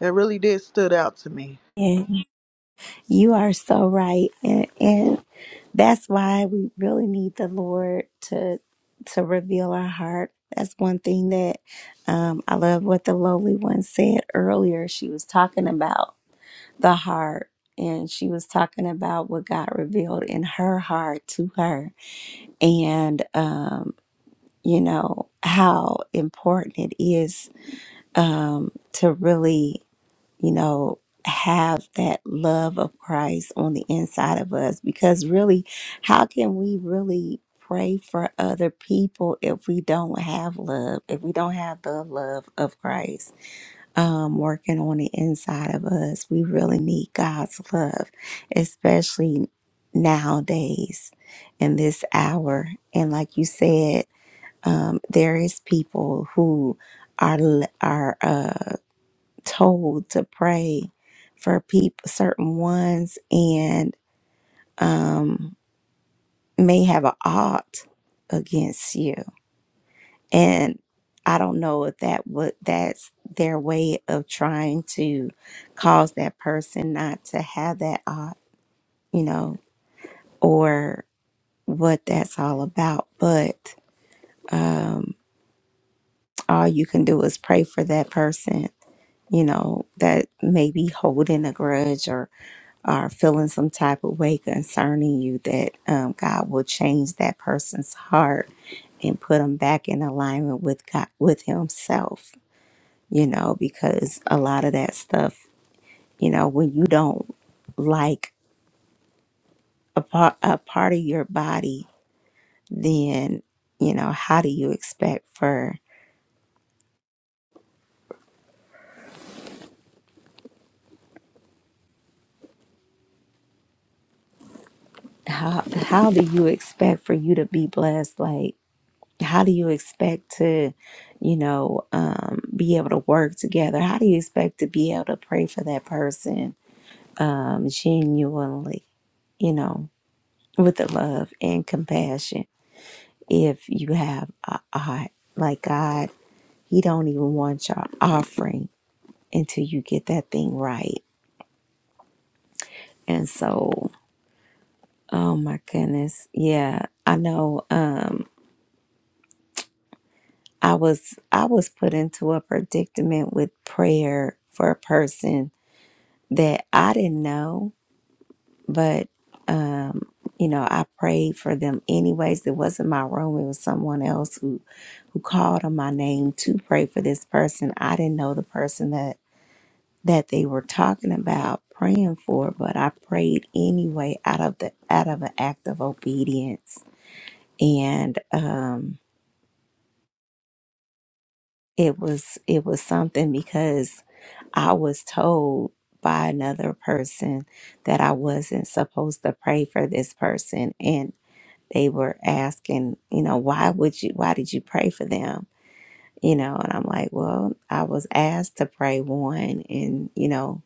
K: It really did stood out to me.
A: and you are so right, and, and that's why we really need the Lord to to reveal our heart. That's one thing that um, I love what the lowly one said earlier. She was talking about the heart, and she was talking about what God revealed in her heart to her, and. um. you know, how important it is um, to really, you know, have that love of Christ on the inside of us. Because really, how can we really pray for other people if we don't have love, if we don't have the love of Christ um, working on the inside of us? We really need God's love, especially nowadays in this hour. And like you said, um, there is people who are l- are uh, told to pray for people certain ones and um, may have a ought against you and I don't know if that would that's their way of trying to cause that person not to have that ought you know or what that's all about but um, all you can do is pray for that person you know, that may be holding a grudge or are feeling some type of way concerning you, that um, God will change that person's heart and put them back in alignment with God, with Himself, you know, because a lot of that stuff, you know, when you don't like a part, a part of your body, then, you know, how do you expect for, how, how do you expect for you to be blessed? Like, how do you expect to you know um, be able to work together how do you expect to be able to pray for that person um, genuinely you know with the love and compassion if you have a a heart like god he don't even want your offering until you get that thing right and so oh my goodness yeah i know um i was i was put into a predicament with prayer for a person that I didn't know, but um, you know, I prayed for them anyways. It wasn't my room, it was someone else who who called on my name to pray for this person. I didn't know the person that that they were talking about praying for, but I prayed anyway out of the out of an act of obedience. And um it was it was something because I was told by another person that I wasn't supposed to pray for this person and they were asking, you know, why would you why did you pray for them? You know, and I'm like, well, I was asked to pray one and, you know,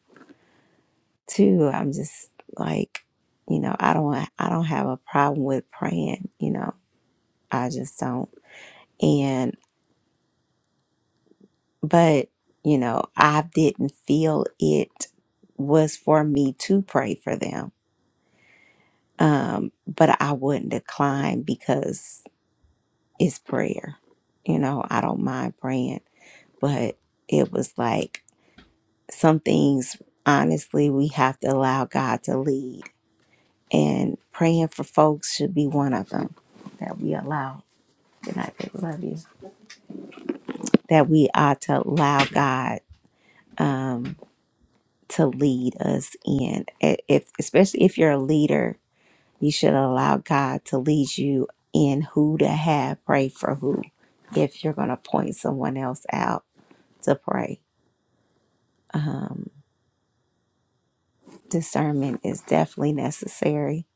A: two, I'm just like, you know, I don't I don't have a problem with praying, you know. I just don't. but you know i didn't feel it was for me to pray for them um but i wouldn't decline because it's prayer you know i don't mind praying but it was like some things honestly we have to allow god to lead and praying for folks should be one of them that we allow good night baby love you that we ought to allow god Um, to lead us in. I- If especially if you're a leader, you should allow God to lead you in who to have pray for who. If you're going to point someone else out to pray, um, discernment is definitely necessary.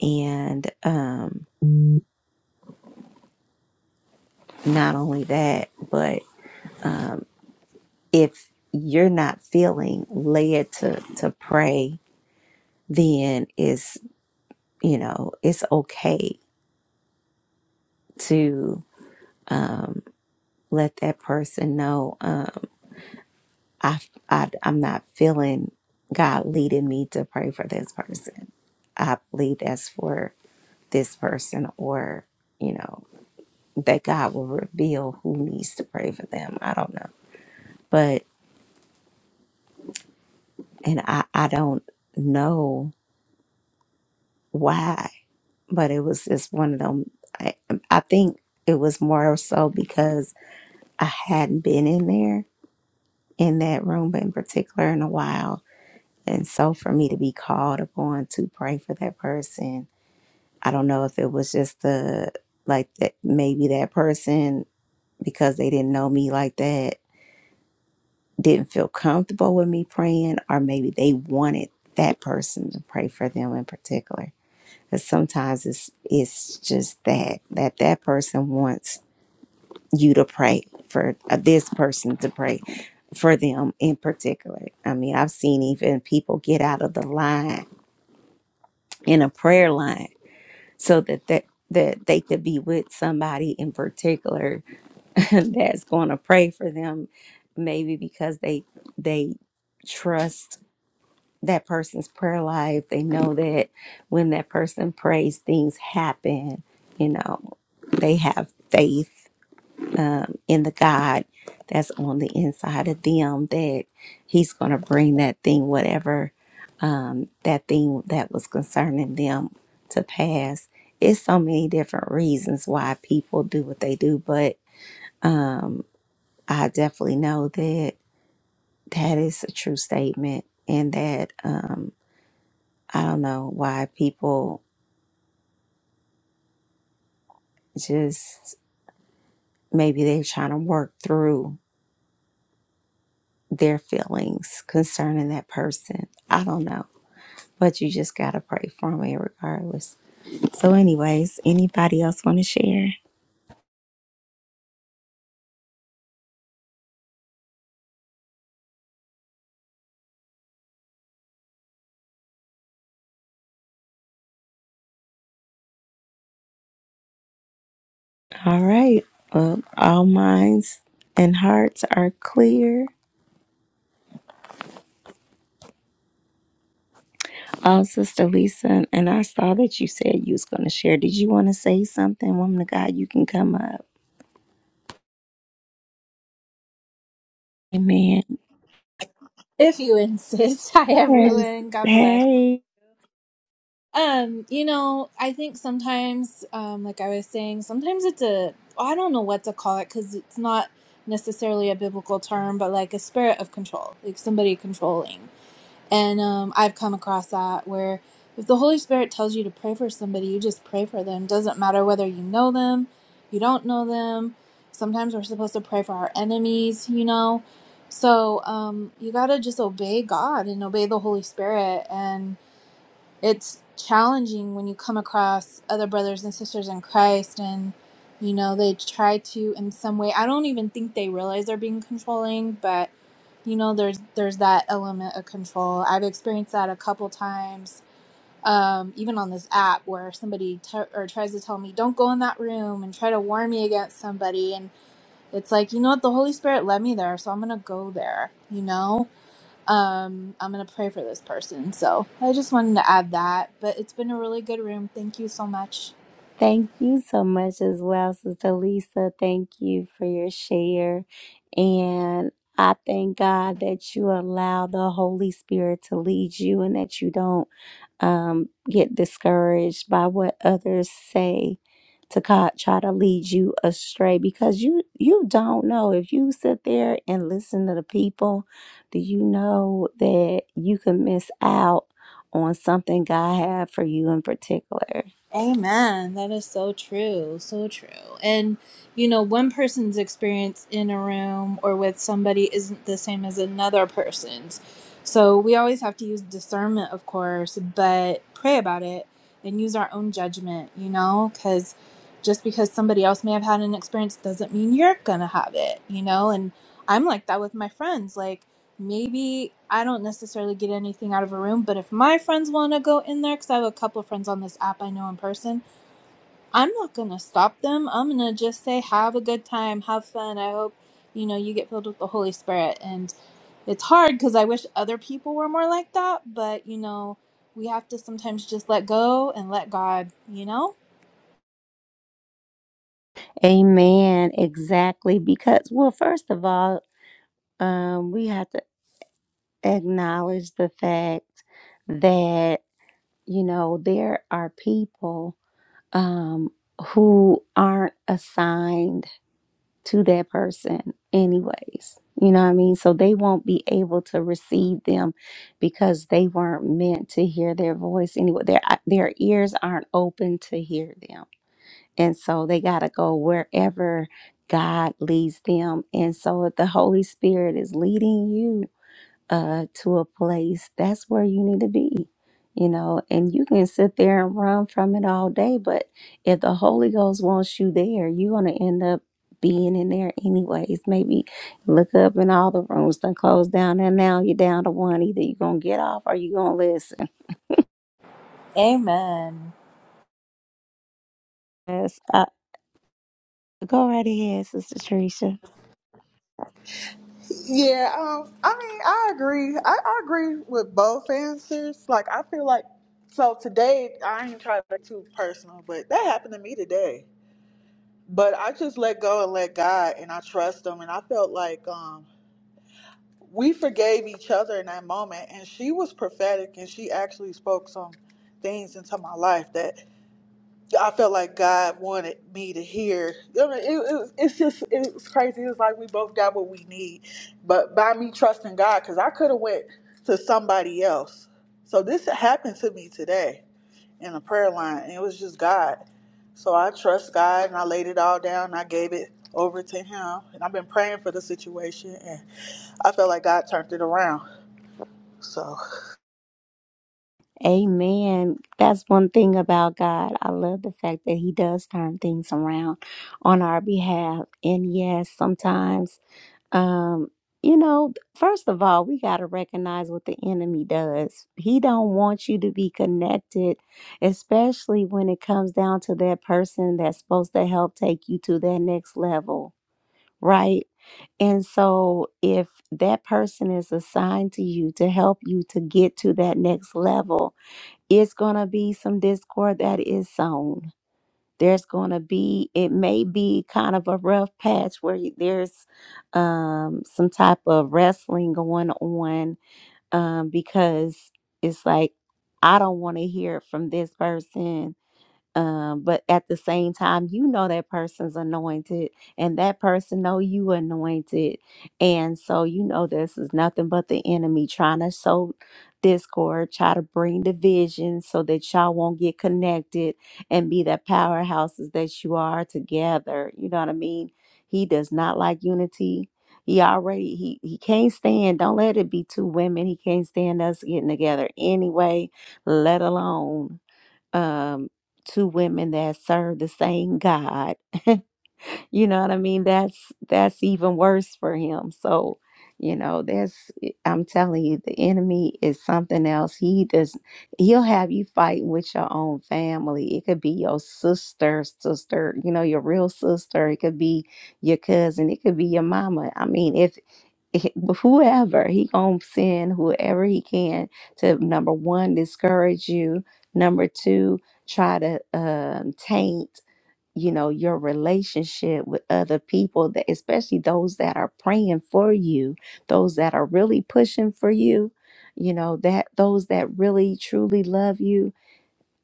A: And um, not only that, but um, if you're not feeling led to to pray, then it's you know it's okay to. um, let that person know um, I, I, I'm not feeling God leading me to pray for this person. I believe that's for this person, or, you know, that God will reveal who needs to pray for them. I don't know. But, and I, I don't know why, but it was just one of them. I, I think it was more so because I hadn't been in there in that room in particular in a while And so for me to be called upon to pray for that person, I don't know if it was just the like that maybe that person because they didn't know me like that didn't feel comfortable with me praying or maybe they wanted that person to pray for them in particular. Cuz sometimes it's it's just that that that person wants you to pray for uh, this person to pray for them in particular. I mean, I've seen even people get out of the line in a prayer line so that that that they could be with somebody in particular that's going to pray for them maybe because they they trust that person's prayer life they know that when that person prays things happen you know they have faith um, in the God that's on the inside of them that He's going to bring that thing, whatever um, that thing that was concerning them, to pass. It's so many different reasons why people do what they do, but um, I definitely know that that is a true statement, and that um, I don't know why people just maybe they're trying to work through their feelings concerning that person. I don't know But you just gotta pray for me regardless. So, anyways, anybody else want to share? All right. Well, all minds and hearts are clear. Oh, Sister Lisa, and I saw that you said you was going to share. Did you want to say something, woman of God? You can come up. Amen.
L: If you insist. Hi,
A: Yes.
L: everyone. God bless.
A: Hey.
L: Um, you know, I think sometimes, um, like I was saying, sometimes it's a, I don't know what to call it because it's not necessarily a biblical term, but like a spirit of control, like somebody controlling. And um, I've come across that where if the Holy Spirit tells you to pray for somebody, you just pray for them. Doesn't matter whether you know them, you don't know them. Sometimes we're supposed to pray for our enemies, you know. So um, you got to just obey God and obey the Holy Spirit. And it's challenging when you come across other brothers and sisters in Christ and you know they try to in some way I don't even think they realize they're being controlling but you know there's there's that element of control. I've experienced that a couple times um, even on this app where somebody t- or tries to tell me don't go in that room and try to warn me against somebody and it's like you know what the Holy Spirit led me there so I'm going to go there, you know? um i'm gonna pray for this person so i just wanted to add that but it's been a really good room thank you so much
A: Thank you so much as well, Sister Lisa. Thank you for your share. And I thank God that you allow the Holy Spirit to lead you and that you don't um, get discouraged by what others say to co- try to lead you astray because you you don't know if you sit there and listen to the people do you know that you can miss out on something god had for you in particular
L: amen that is so true so true and you know one person's experience in a room or with somebody isn't the same as another person's so we always have to use discernment of course but pray about it and use our own judgment you know because just because somebody else may have had an experience doesn't mean you're gonna have it you know and I'm like that with my friends. Like maybe I don't necessarily get anything out of a room, but if my friends want to go in there, because I have a couple of friends on this app I know in person, I'm not going to stop them. I'm going to just say, have a good time, have fun. I hope, you know, you get filled with the Holy Spirit. And it's hard because I wish other people were more like that, but, you know, we have to sometimes just let go and let God, you know?
A: Amen. Exactly. Because, well, first of all, um, we have to acknowledge the fact that, you know, there are people um, who aren't assigned to that person, anyways. You know what I mean? So they won't be able to receive them because they weren't meant to hear their voice anyway. Their, uh, their ears aren't open to hear them and so they got to go wherever God leads them. And so if the Holy Spirit is leading you uh, to a place, that's where you need to be, you know, and you can sit there and run from it all day. But if the Holy Ghost wants you there, you're going to end up being in there anyways. Maybe look up and all the rooms done closed down and now you're down to one. Either you're going to get off or you're going to listen.
L: Amen.
A: Yes, uh, go right ahead, Sister Teresa.
K: Yeah. Um. I mean, I agree. I, I agree with both answers. Like, I feel like so today. I ain't trying to be too personal, but that happened to me today. but I just let go and let God and I trust him and I felt like um we forgave each other in that moment and she was prophetic and she actually spoke some things into my life that I felt like God wanted me to hear. I mean, it, it, it's just it's crazy. It's like we both got what we need, but by me trusting God, because I could have went to somebody else. So this happened to me today in a prayer line. And it was just God. So I trust God and I laid it all down. I gave it over to Him. And I've been praying for the situation and I felt like God turned it around. So.
A: Amen. That's one thing about God. I love the fact that He does turn things around on our behalf. And yes, sometimes, um, you know, first of all, we got to recognize what the enemy does. He don't want you to be connected, especially when it comes down to that person that's supposed to help take you to that next level, right? And so, if that person is assigned to you to help you to get to that next level, it's going to be some discord that is sown. There's going to be, it may be kind of a rough patch where you, there's um, some type of wrestling going on um, because it's like, I don't want to hear it from this person um, but at the same time you know that person's anointed and that person know you anointed and so you know this is nothing but the enemy trying to sow discord try to bring division so that y'all won't get connected and be the powerhouses that you are together you know what i mean he does not like unity he already he he can't stand don't let it be two women he can't stand us getting together anyway let alone um, two women that serve the same God. you know what I mean? That's that's even worse for him. So, you know, that's eh, I'm telling you, the enemy is something else. He does he'll have you fighting with your own family. It could be your sister, sister, you know, your real sister. It could be your cousin. It could be your mama. I mean, if whoever he gonna send whoever he can to number one discourage you number two try to um, taint you know your relationship with other people that especially those that are praying for you those that are really pushing for you you know that those that really truly love you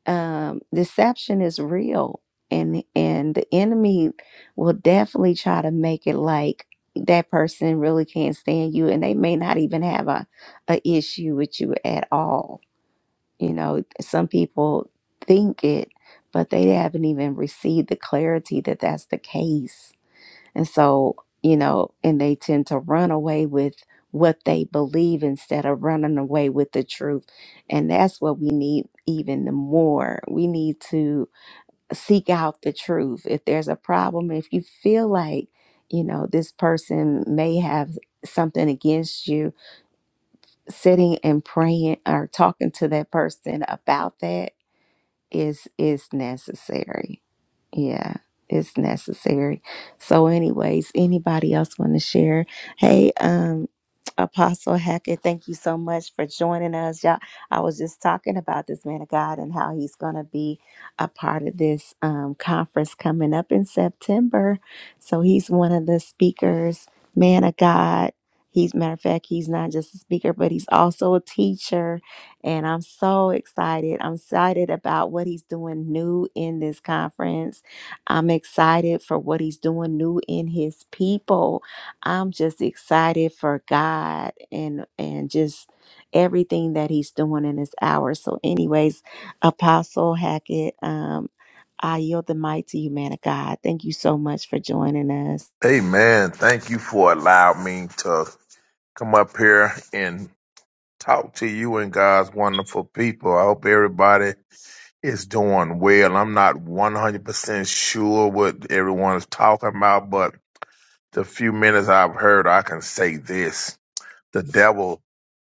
A: um, deception is real and and the enemy will definitely try to make it like that person really can't stand you and they may not even have a, a issue with you at all you know some people think it but they haven't even received the clarity that that's the case and so, you know, and they tend to run away with what they believe instead of running away with the truth. And that's what we need even more. We need to seek out the truth. If there's a problem, if you feel like, you know, this person may have something against you, sitting and praying or talking to that person about that is is necessary. Yeah, it's necessary. So, anyways, anybody else want to share? Hey, um, Apostle Hackett, thank you so much for joining us. Y'all, I was just talking about this man of God and how he's going to be a part of this um, conference coming up in September. So he's one of the speakers, man of God. He's matter of fact, he's not just a speaker, but he's also a teacher and I'm so excited. I'm excited about what he's doing new in this conference. I'm excited for what he's doing new in his people. I'm just excited for God and and just everything that he's doing in this hour. So, anyways, Apostle Hackett, um, I yield the mic to you, man of God. Thank you so much for joining us.
M: Amen. Thank you for allowing me to come up here and talk to you and God's wonderful people. I hope everybody is doing well. I'm not 100% sure what everyone is talking about, but the few minutes I've heard, I can say this. The devil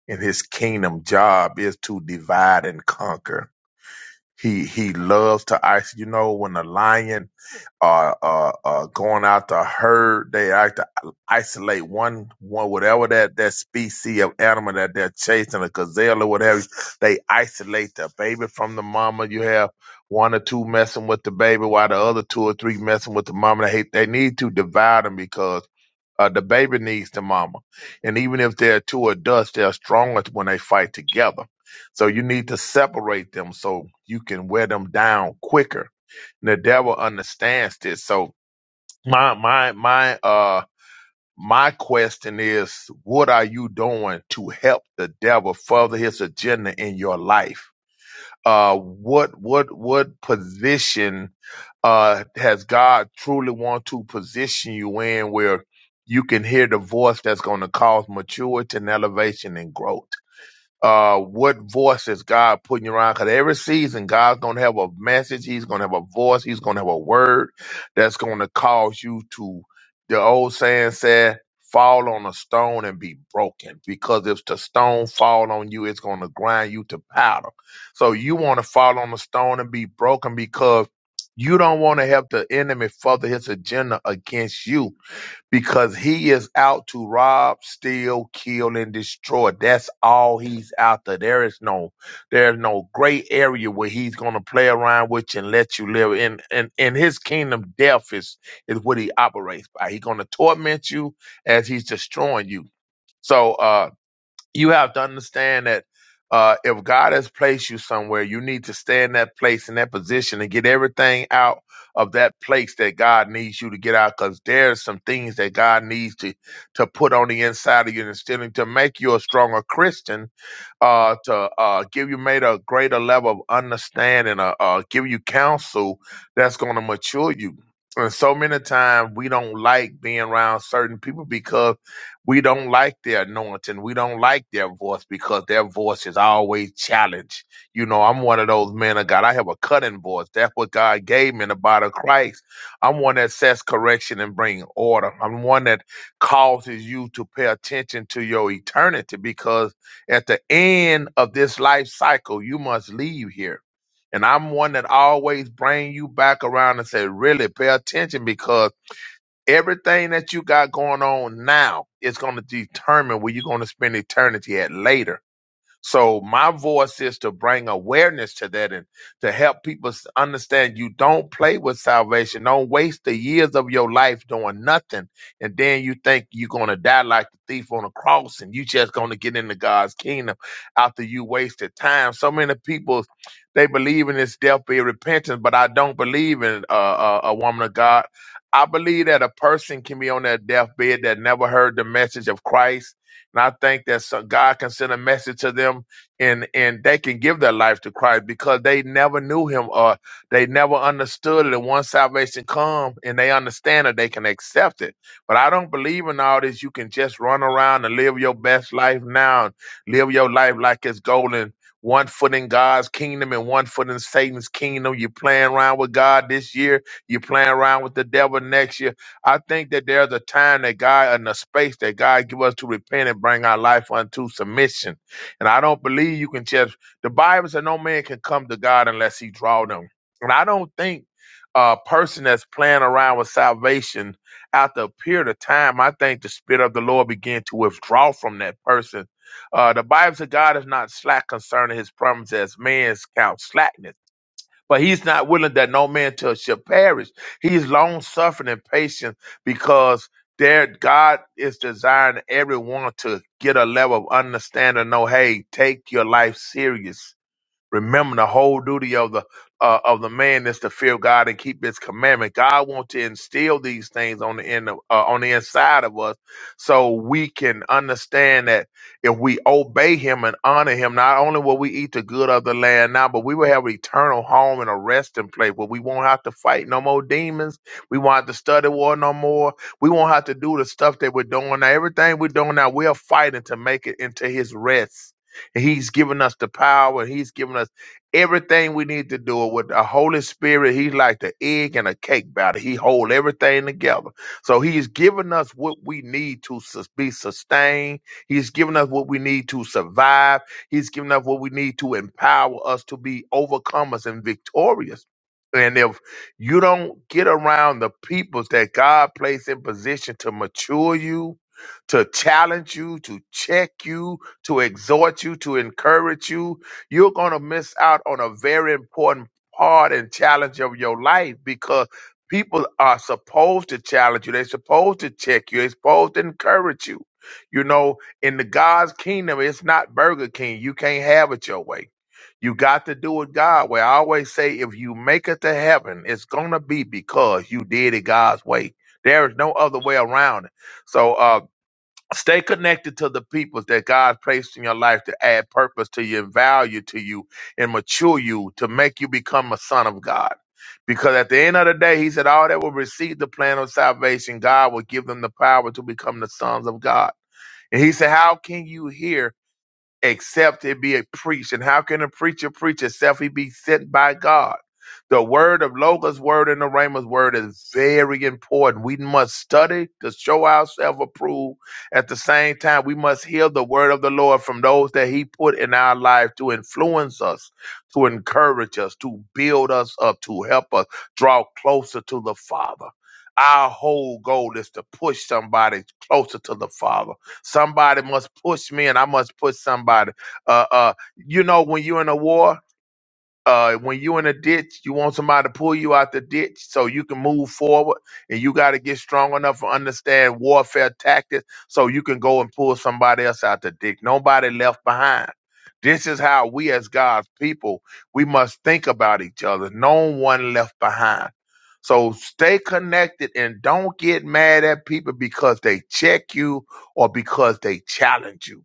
M: in his kingdom job is to divide and conquer. He, he loves to ice. You know, when a lion uh, uh, uh, going out to herd. They like to isolate one, one, whatever that, that species of animal that they're chasing, a gazelle or whatever. They isolate the baby from the mama. You have one or two messing with the baby while the other two or three messing with the mama. They, hate, they need to divide them because uh, the baby needs the mama. And even if they're two adults, they're stronger when they fight together. So you need to separate them so you can wear them down quicker. And the devil understands this. So my my my uh my question is what are you doing to help the devil further his agenda in your life? Uh what what what position uh, has God truly want to position you in where you can hear the voice that's going to cause maturity and elevation and growth? uh, what voice is God putting you around? Because every season, God's going to have a message. He's going to have a voice. He's going to have a word that's going to cause you to, the old saying said, fall on a stone and be broken. Because if the stone fall on you, it's going to grind you to powder. So you want to fall on a stone and be broken because you don't want to help the enemy further his agenda against you because he is out to rob, steal, kill, and destroy. That's all he's after. There There is no, there's no gray area where he's gonna play around with you and let you live. In in in his kingdom, death is is what he operates by. He's gonna torment you as he's destroying you. So uh you have to understand that uh, if God has placed you somewhere, you need to stay in that place, in that position, and get everything out of that place that God needs you to get out. Because there's some things that God needs to to put on the inside of you, and still to make you a stronger Christian, uh, to uh, give you made a greater level of understanding, uh, uh, give you counsel that's going to mature you. And so many times we don't like being around certain people because we don't like their anointing. We don't like their voice because their voice is always challenged. You know, I'm one of those men of God. I have a cutting voice. That's what God gave me in the body of Christ. I'm one that sets correction and bring order. I'm one that causes you to pay attention to your eternity because at the end of this life cycle, you must leave here. And I'm one that always bring you back around and say, really pay attention because Everything that you got going on now is going to determine where you're going to spend eternity at later. So my voice is to bring awareness to that and to help people s- understand you don't play with salvation. Don't waste the years of your life doing nothing. And then you think you're going to die like the thief on a cross and you just going to get into God's kingdom after you wasted time. So many people, they believe in this death be repentance, but I don't believe in uh, uh, a woman of God. I believe that a person can be on their deathbed that never heard the message of Christ and I think that some, God can send a message to them and, and they can give their life to Christ because they never knew him or they never understood it. And once salvation comes and they understand it, they can accept it. But I don't believe in all this. You can just run around and live your best life now and live your life like it's golden. One foot in God's kingdom and one foot in Satan's kingdom. You're playing around with God this year. You're playing around with the devil next year I think that there's a time that God and a space that God give us to repent and bring our life unto submission. And I don't believe you can just the Bible said no man can come to God unless he draw them. And I don't think a person that's playing around with salvation after a period of time, I think the spirit of the Lord begin to withdraw from that person. Uh, the Bible said God is not slack concerning his promise as man's count slackness but he's not willing that no man to- should perish. He's long suffering and patient because there God is desiring everyone to get a level of understanding. No, hey, take your life serious Remember, the whole duty of the uh, of the man is to fear God and keep His commandment. God wants to instill these things on the end of, uh, on the inside of us, so we can understand that if we obey Him and honor Him, not only will we eat the good of the land now, but we will have an eternal home and a resting place where we won't have to fight no more demons. We won't have to study war no more. We won't have to do the stuff that we're doing now. Everything we're doing now, we are fighting to make it into His rest He's given us the power. He's given us everything we need to do it with the Holy Spirit. He's like the egg and a cake batter. He hold everything together. So he's given us what we need to sus- be sustained. He's given us what we need to survive. He's given us what we need to empower us to be overcomers and victorious. And if you don't get around the peoples that God placed in position to mature you, to challenge you, to check you, to exhort you, to encourage you, you're going to miss out on a very important part and challenge of your life because people are supposed to challenge you. They're supposed to check you. They're supposed to encourage you. You know, in the God's kingdom, it's not Burger King. You can't have it your way. You got to do it God way. I always say, if you make it to heaven, it's gonna be because you did it God's way. There is no other way around it. So, uh, Stay connected to the people that God placed in your life to add purpose to you and value to you and mature you to make you become a son of God. Because at the end of the day, he said, All that will receive the plan of salvation, God will give them the power to become the sons of God. And he said, How can you hear? except it be a preached. And how can a preacher preach except he be sent by God? The word of Logos word and the Rhema's word is very important. We must study to show ourselves approved. At the same time, we must hear the word of the Lord from those that he put in our life to influence us, to encourage us, to build us up, to help us draw closer to the Father. Our whole goal is to push somebody closer to the Father Somebody must push me, and I must push somebody. Uh, uh, you know, when you're in a war, uh, when you in a ditch, you want somebody to pull you out the ditch so you can move forward, and you got to get strong enough to understand warfare tactics so you can go and pull somebody else out the ditch. Nobody left behind. This is how we, as God's people, we must think about each other. No one left behind. So stay connected and don't get mad at people because they check you or because they challenge you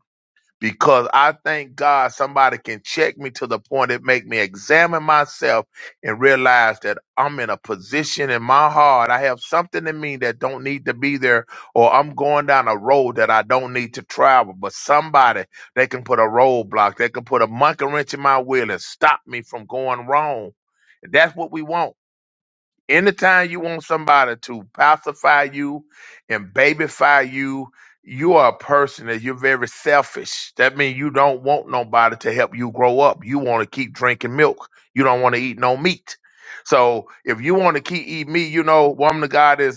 M: because I thank God somebody can check me to the point it make me examine myself and realize that I'm in a position in my heart. I have something in me that don't need to be there, or I'm going down a road that I don't need to travel. But somebody they can put a roadblock, they can put a monkey wrench in my wheel and stop me from going wrong. That's what we want. Anytime you want somebody to pacify you and babyfy you, you are a person that you're very selfish. That means you don't want nobody to help you grow up. You want to keep drinking milk. You don't want to eat no meat. So if you want to keep eating meat, you know, woman of God is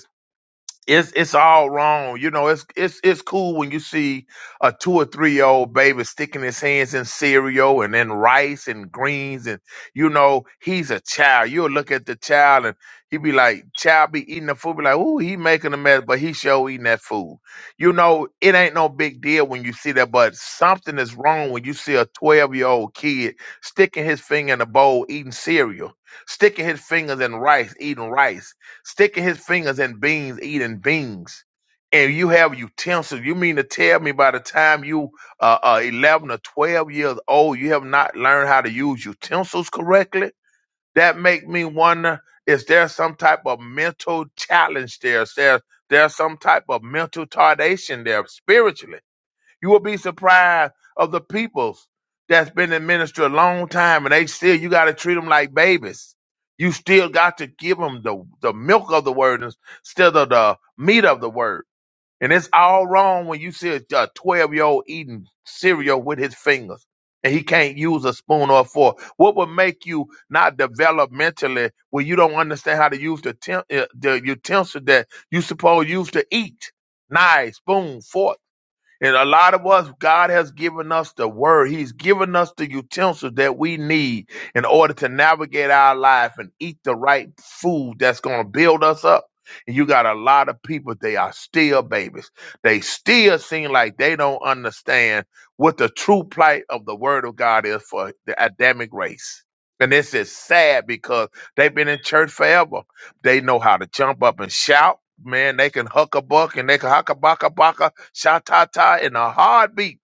M: it's it's all wrong. You know, it's it's it's cool when you see a two or three year old baby sticking his hands in cereal and in rice and greens and you know, he's a child. You'll look at the child and he be like, child be eating the food, be like, ooh, he making a mess, but he sure eating that food. You know, it ain't no big deal when you see that, but something is wrong when you see a twelve year old kid sticking his finger in a bowl eating cereal, sticking his fingers in rice, eating rice sticking his fingers in beans, eating beans, and you have utensils. You mean to tell me by the time you uh, uh, 11 or 12 years old, you have not learned how to use utensils correctly? That make me wonder, is there some type of mental challenge there? Is there, there's some type of mental tardation there spiritually? You will be surprised of the peoples that's been in ministry a long time, and they still you got to treat them like babies. You still got to give them the the milk of the word instead of the meat of the word. And it's all wrong when you see a twelve year old eating cereal with his fingers, and he can't use a spoon or a fork. What would make you not develop mentally when you don't understand how to use the, tem- uh, the utensil that you supposed used to eat? Knife, spoon, fork. And a lot of us, God has given us the word. He's given us the utensils that we need in order to navigate our life and eat the right food that's going to build us up. And you got a lot of people, they are still babies. They still seem like they don't understand what the true plight of the word of God is for the Adamic race. And this is sad because they've been in church forever. They know how to jump up and shout. Man, they can huck a buck and they can huck a buck a buck Shatata in a heartbeat.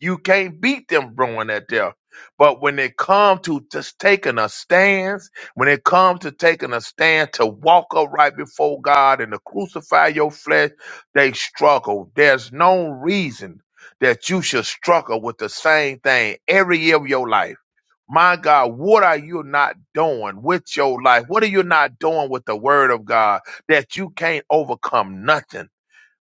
M: You can't beat them throwing that there. But when it comes to just taking a stance, when it comes to taking a stand to walk upright before God and to crucify your flesh, they struggle. There's no reason that you should struggle with the same thing every year of your life. My God, what are you not doing with your life? What are you not doing with the word of God that you can't overcome nothing?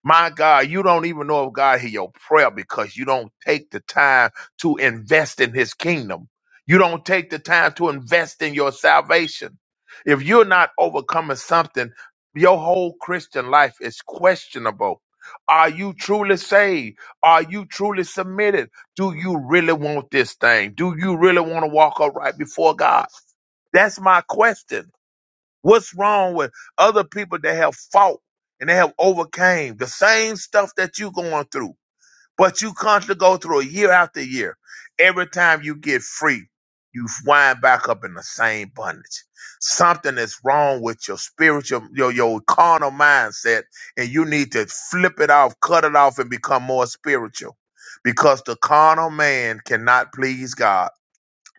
M: My God, you don't even know if God hear your prayer because you don't take the time to invest in his kingdom. You don't take the time to invest in your salvation. If you're not overcoming something, your whole Christian life is questionable. Are you truly saved? Are you truly submitted? Do you really want this thing? Do you really want to walk upright before God? That's my question. What's wrong with other people that have fought and they have overcame the same stuff that you going through, but you constantly go through it year after year. Every time you get free, you wind back up in the same bondage. Something is wrong with your spiritual, your your carnal mindset, and you need to flip it off, cut it off, and become more spiritual. Because the carnal man cannot please God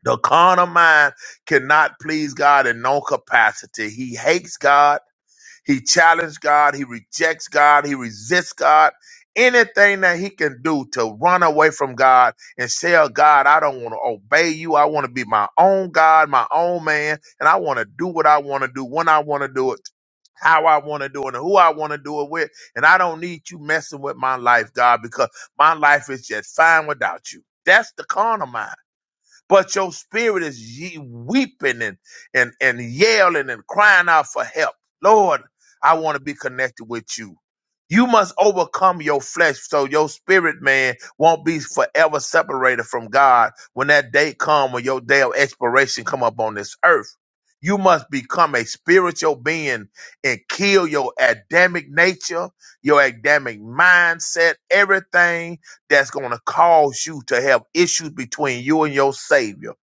M: the carnal mind cannot please God in no capacity. He hates God. He challenges God. He rejects God. He resists God. Anything that he can do to run away from God and say, oh, God, I don't want to obey you. I want to be my own God, my own man, and I want to do what I want to do when I want to do it. How I want to do it and who I want to do it with. And I don't need you messing with my life, God, because my life is just fine without you. That's the carnal mind but your spirit is ye weeping and, and, and yelling and crying out for help. Lord, I want to be connected with you. You must overcome your flesh so your spirit man won't be forever separated from God when that day come when your day of expiration come up on this earth. You must become a spiritual being and kill your Adamic nature, your Adamic mindset, everything that's going to cause you to have issues between you and your Savior.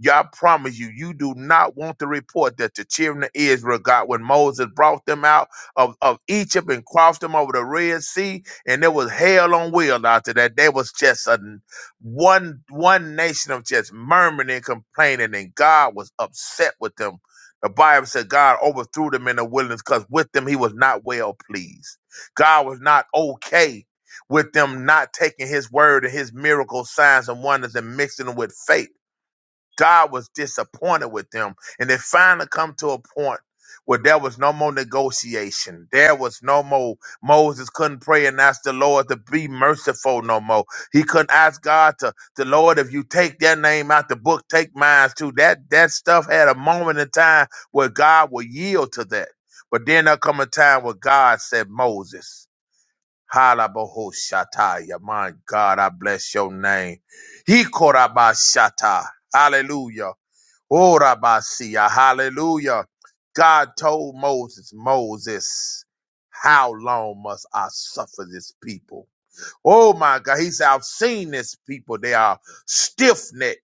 M: Y'all promise you, you do not want the report that the children of Israel got when Moses brought them out of, of Egypt and crossed them over the Red Sea, and there was hell on wheels after that. There was just a one one nation of just murmuring and complaining, and God was upset with them. The Bible said God overthrew them in the wilderness because with them he was not well pleased. God was not okay with them not taking his word and his miracle signs and wonders and mixing them with faith. God was disappointed with them. And it finally come to a point where there was no more negotiation. There was no more Moses couldn't pray and ask the Lord to be merciful no more. He couldn't ask God to the Lord if you take their name out the book, take mine too. That that stuff had a moment in time where God would yield to that. But then there come a time where God said, Moses. Halabahoshataya. My God, I bless your name. Hikorabashata. Hallelujah. Orabasia. Hallelujah. God told Moses, Moses, how long must I suffer this people? Oh my God. He said, I've seen this people. They are stiff necked.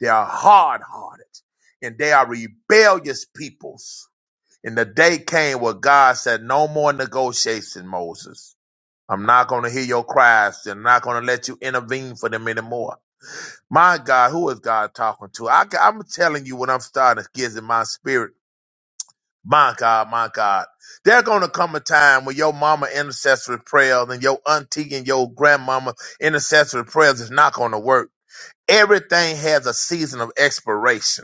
M: They are hard hearted and they are rebellious peoples. And the day came where God said, no more negotiation, Moses I'm not going to hear your cries. I'm not going to let you intervene for them anymore. My God, who is God talking to? I, am telling you what I'm starting to get in my spirit. My God, my God. There's going to come a time when your mama intercessory prayers and your auntie and your grandmama intercessory prayers is not going to work. Everything has a season of expiration.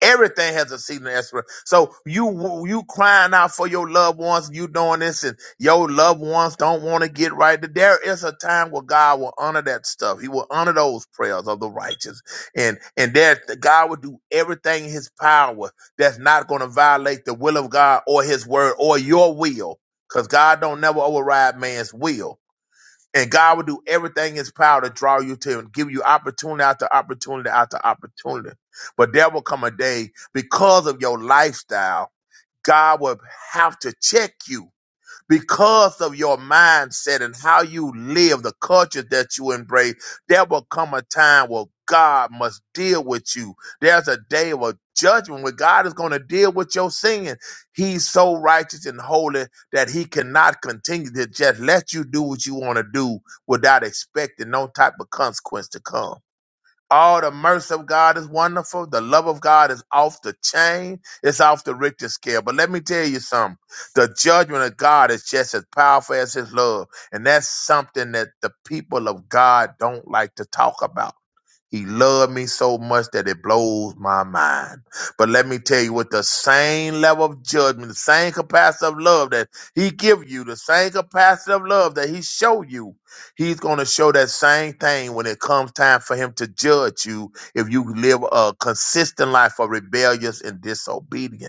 M: Everything has a season of expiration. So you you crying out for your loved ones, you doing this, and your loved ones don't want to get right. There is a time where God will honor that stuff. He will honor those prayers of the righteous, and and that God will do everything in His power that's not going to violate the will of God or His word or your will, because God don't never override man's will and God will do everything in his power to draw you to him, and give you opportunity after opportunity after opportunity. But there will come a day because of your lifestyle, God will have to check you because of your mindset and how you live, the culture that you embrace, there will come a time where God must deal with you. There's a day of judgment where God is going to deal with your sin. He's so righteous and holy that he cannot continue to just let you do what you want to do without expecting no type of consequence to come. All the mercy of God is wonderful. The love of God is off the chain. It's off the Richter scale. But let me tell you something. The judgment of God is just as powerful as his love. And that's something that the people of God don't like to talk about. He loved me so much that it blows my mind. But let me tell you, with the same level of judgment, the same capacity of love that he give you, the same capacity of love that he show you, he's going to show that same thing when it comes time for him to judge you if you live a consistent life of rebellious and disobedient.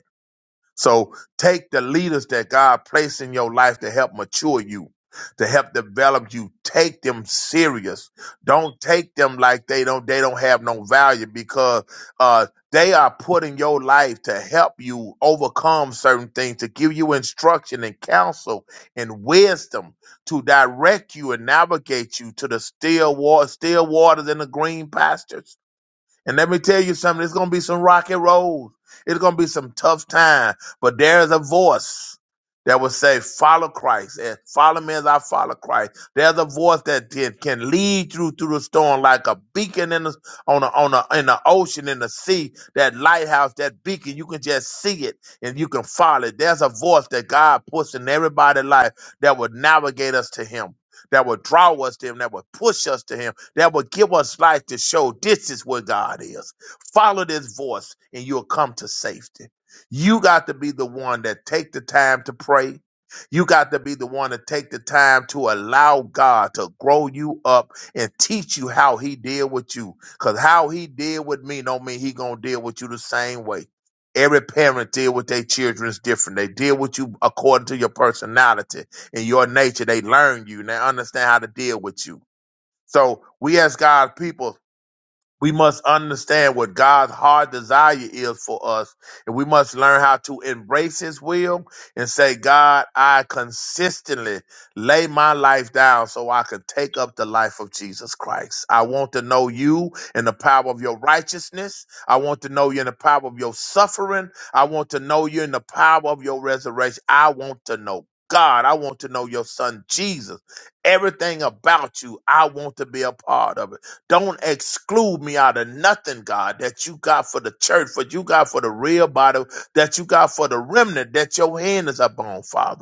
M: So take the leaders that God placed in your life to help mature you, to help develop you. Take them serious. Don't take them like they don't they don't have no value because uh they are put in your life to help you overcome certain things, to give you instruction and counsel and wisdom, to direct you and navigate you to the still water, still waters and the green pastures. And let me tell you something, it's gonna be some rocky roads. It's gonna be some tough time. But there is a voice that will say, follow Christ and follow me as I follow Christ. There's a voice that can can lead you through the storm like a beacon in the on a, on a, in the ocean, in the sea, that lighthouse, that beacon, you can just see it and you can follow it. There's a voice that God puts in everybody's life that will navigate us to him. That will draw us to him, that will push us to him that will give us life to show this is where God is. Follow this voice and you'll come to safety. You got to be the one that take the time to pray. You got to be the one to take the time to allow God to grow you up and teach you how he deal with you. Cause how he deal with me don't mean he gonna deal with you the same way. Every parent deal with their children is different. They deal with you according to your personality and your nature. They learn you and they understand how to deal with you. So we as God's people we must understand what God's hard desire is for us, and we must learn how to embrace His will and say, God, I consistently lay my life down so I could take up the life of Jesus Christ. I want to know you and the power of your righteousness. I want to know you in the power of your suffering. I want to know you in the power of your resurrection. I want to know. God, I want to know your son Jesus. Everything about you, I want to be a part of it. Don't exclude me out of nothing, God, that you got for the church, for you got for the real body, that you got for the remnant that your hand is upon, Father.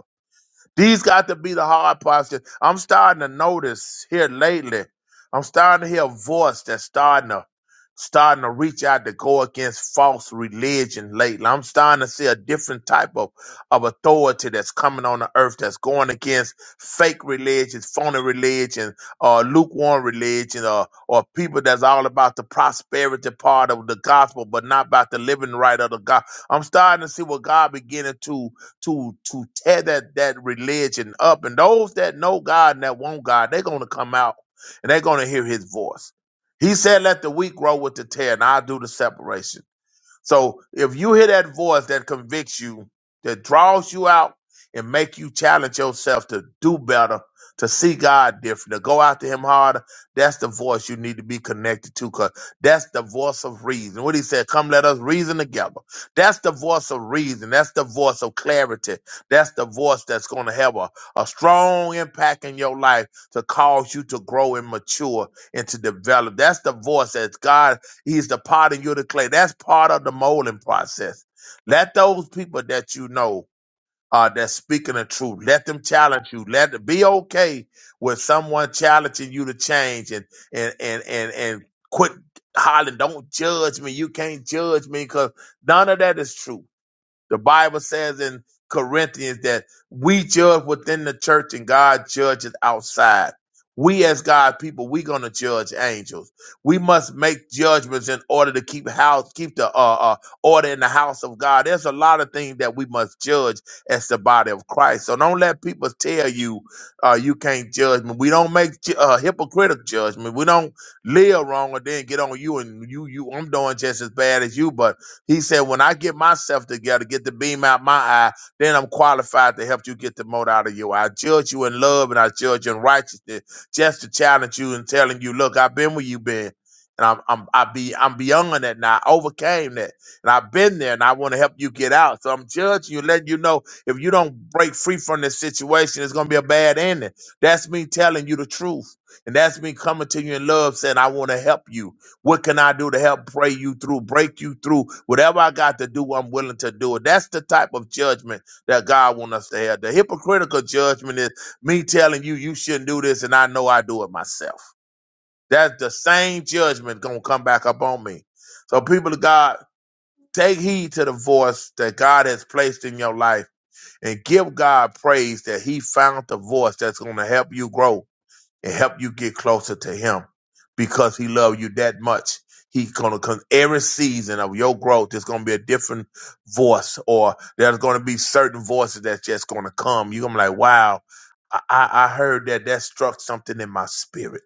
M: These got to be the hard parts. I'm starting to notice here lately. I'm starting to hear a voice that's starting to starting to reach out to go against false religion lately. I'm starting to see a different type of, of authority that's coming on the earth that's going against fake religions, phony religion, or lukewarm religion, or or people that's all about the prosperity part of the gospel, but not about the living right of the God. I'm starting to see what God beginning to to to tear that that religion up. And those that know God and that want God, they're gonna come out and they're gonna hear His voice. He said, "Let the wheat grow with the tear, and I'll do the separation." So if you hear that voice that convicts you, that draws you out and make you challenge yourself to do better, to see God different, to go after him harder, that's the voice you need to be connected to because that's the voice of reason. What he said, come let us reason together. That's the voice of reason. That's the voice of clarity. That's the voice that's going to have a, a strong impact in your life to cause you to grow and mature and to develop. That's the voice that God He's the pot and you're the clay. That's part of the molding process. Let those people that you know uh, that's speaking the truth, let them challenge you. Let it be okay with someone challenging you to change and and and and and quit hollering. Don't judge me. You can't judge me because none of that is true. The Bible says in Corinthians that we judge within the church and God judges outside. We as God people, we gonna judge angels. We must make judgments in order to keep house, keep the uh, uh, order in the house of God. There's a lot of things that we must judge as the body of Christ. So don't let people tell you uh, you can't judge me. We don't make ju- uh, hypocritical judgment. We don't live wrong and then get on you and you you. I'm doing just as bad as you, but he said, When I get myself together, get the beam out my eye, then I'm qualified to help you get the mote out of your eye. I judge you in love and I judge you in righteousness, just to challenge you and telling you, look, I've been where you've been. And I'm I'm I be I'm beyond that now. I overcame that. And I've been there and I want to help you get out. So I'm judging you, letting you know if you don't break free from this situation, it's gonna be a bad ending. That's me telling you the truth. And that's me coming to you in love, saying, I want to help you. What can I do to help pray you through, break you through? Whatever I got to do, I'm willing to do it. That's the type of judgment that God wants us to have. The hypocritical judgment is me telling you you shouldn't do this, and I know I do it myself. That's the same judgment gonna come back upon me. So, people of God, take heed to the voice that God has placed in your life and give God praise that He found the voice that's gonna help you grow and help you get closer to him because he loves you that much. He's gonna come every season of your growth. There's gonna be a different voice, or there's gonna be certain voices that's just gonna come. You're gonna be like, wow, I, I I heard that that struck something in my spirit.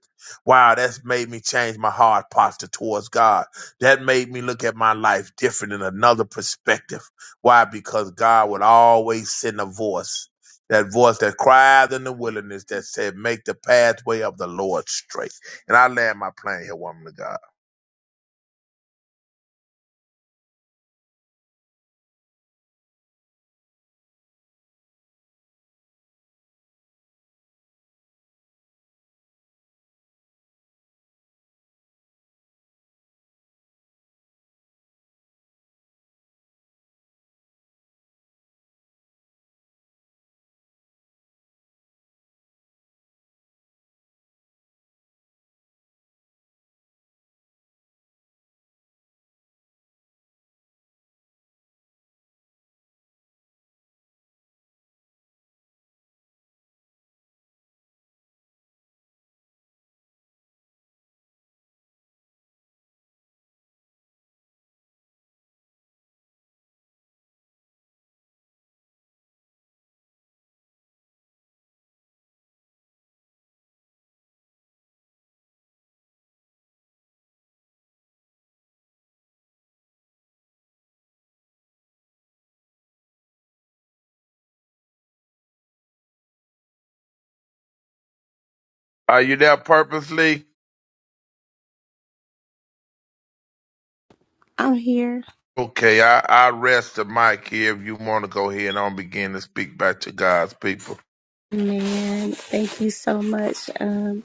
M: Wow, that's made me change my heart posture towards God. That made me look at my life different in another perspective. Why? Because God would always send a voice that voice that cried in the wilderness that said, Make the pathway of the Lord straight. And I land my plane here, woman of God. Are you there purposely?
A: I'm here.
M: Okay, I, I rest the mic here if you want to go ahead and on begin to speak back to God's people.
A: Man, thank you so much. Um,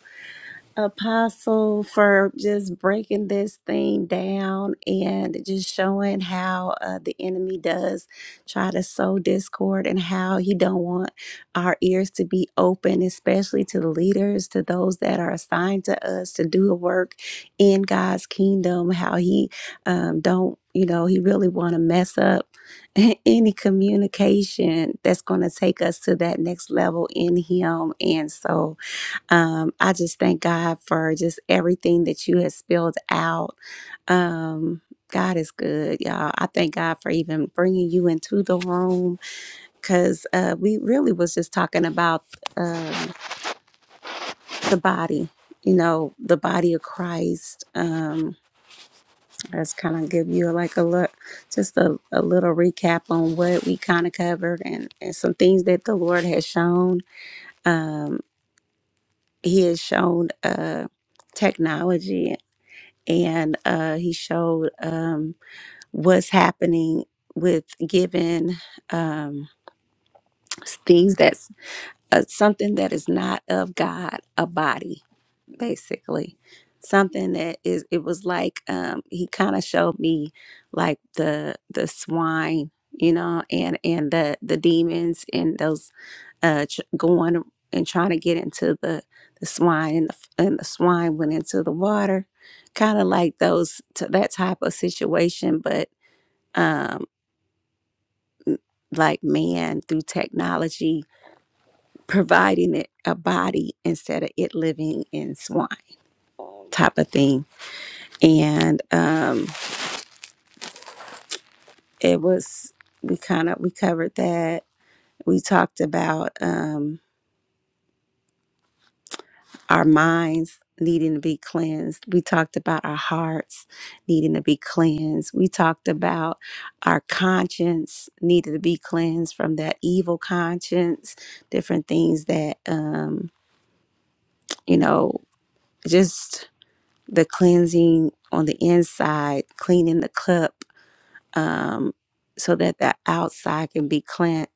A: Apostle for just breaking this thing down and just showing how uh, the enemy does try to sow discord and how he don't want our ears to be open, especially to the leaders, to those that are assigned to us to do the work in God's kingdom. How he um, don't, you know, he really want to mess up any communication that's going to take us to that next level in him. And so um, I just thank God for just everything that you have spilled out. Um, God is good, y'all. I thank God for even bringing you into the room because uh, we really was just talking about um, the body, you know, the body of Christ. Um, let's kind of give you like a look, just a, a little recap on what we kind of covered and, and some things that the Lord has shown. Um, he has shown uh, technology and uh, he showed um, what's happening with giving um, things that's uh, something that is not of God a body, basically. Something that is, it was like um, he kind of showed me like the the swine, you know, and and the the demons and those uh, ch- going and trying to get into the, the swine, and the, f- and the swine went into the water, kind of like those t- that type of situation, but um, like man through technology providing it a body instead of it living in swine type of thing, and um, it was we kind of we covered that. We talked about. Um, our minds needing to be cleansed. We talked about our hearts needing to be cleansed. We talked about our conscience needed to be cleansed from that evil conscience, different things that, um, you know, just the cleansing on the inside, cleaning the cup um, so that the outside can be cleansed.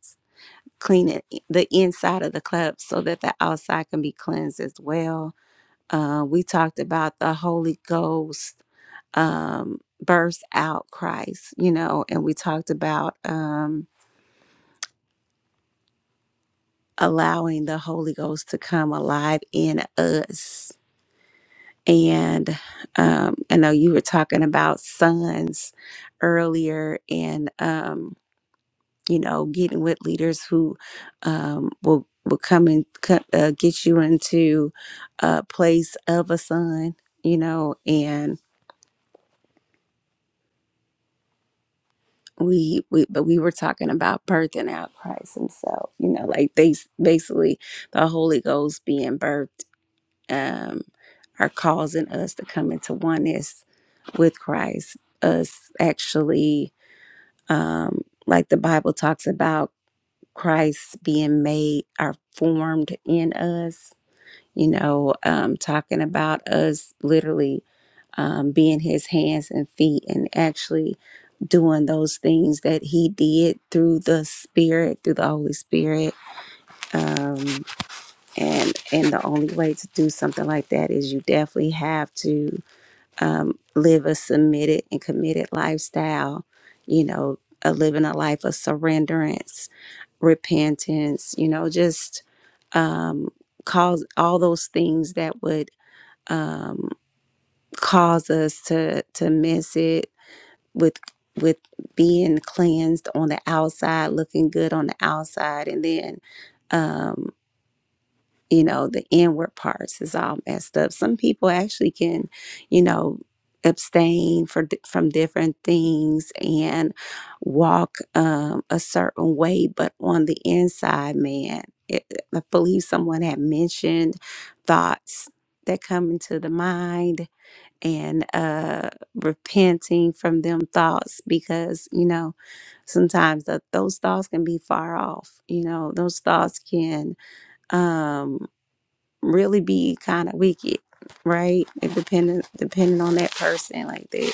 A: Cleaning the inside of the cup so that the outside can be cleansed as well Uh, we talked about the Holy Ghost um, burst out Christ, you know, and we talked about um, allowing the Holy Ghost to come alive in us. And um, I know you were talking about sons earlier, and um, you know, getting with leaders who um, will will come and co- uh, get you into a place of a son, you know, and we, we but we were talking about birthing out Christ himself you know like they s- basically the Holy Ghost being birthed um are causing us to come into oneness with Christ us actually um like the Bible talks about Christ being made are formed in us you know um talking about us literally um being his hands and feet and actually doing those things that he did through the spirit through the holy spirit um, and and the only way to do something like that is you definitely have to um, live a submitted and committed lifestyle you know a living a life of surrenderance repentance you know just um, cause all those things that would um, cause us to to miss it with with being cleansed on the outside, looking good on the outside, and then um, you know, the inward parts is all messed up. Some people actually can, you know, abstain for di- from different things and walk um, a certain way, but on the inside, man, it, I believe someone had mentioned thoughts that come into the mind and uh repenting from them thoughts because you know sometimes that those thoughts can be far off you know those thoughts can um really be kind of wicked right it depending depending on that person like they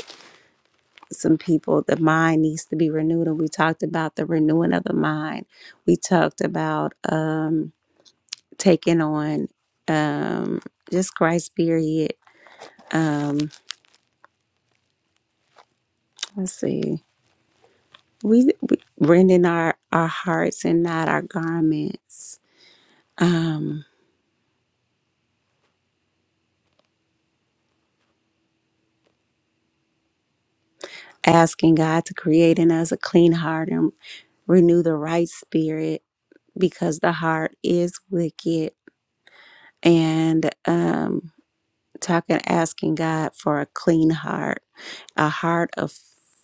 A: some people the mind needs to be renewed and we talked about the renewing of the mind we talked about um taking on um just christ period um, let's see We, we rending our, our hearts and not our garments, um, asking God to create in us a clean heart and renew the right spirit because the heart is wicked and um talking asking god for a clean heart a heart of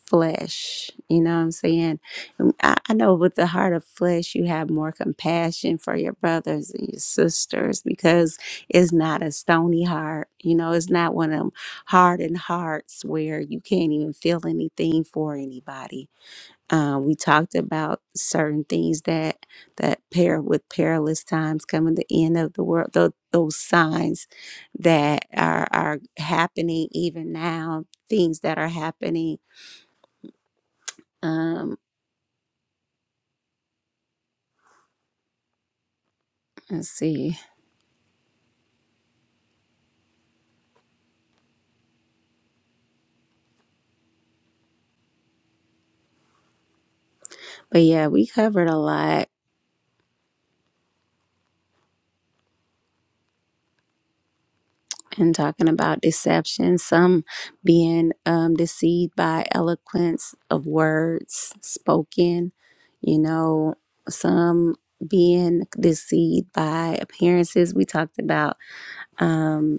A: flesh. You know what I'm saying? And I, I know with the heart of flesh, you have more compassion for your brothers and your sisters because it's not a stony heart. You know, it's not one of them hardened hearts where you can't even feel anything for anybody. Uh, we talked about certain things that that pair with perilous times coming, the end of the world, tho- those signs that are are happening even now, things that are happening. Um, let's see. But yeah, we covered a lot in talking about deception, some being um deceived by eloquence of words spoken, you know, some being deceived by appearances. We talked about um,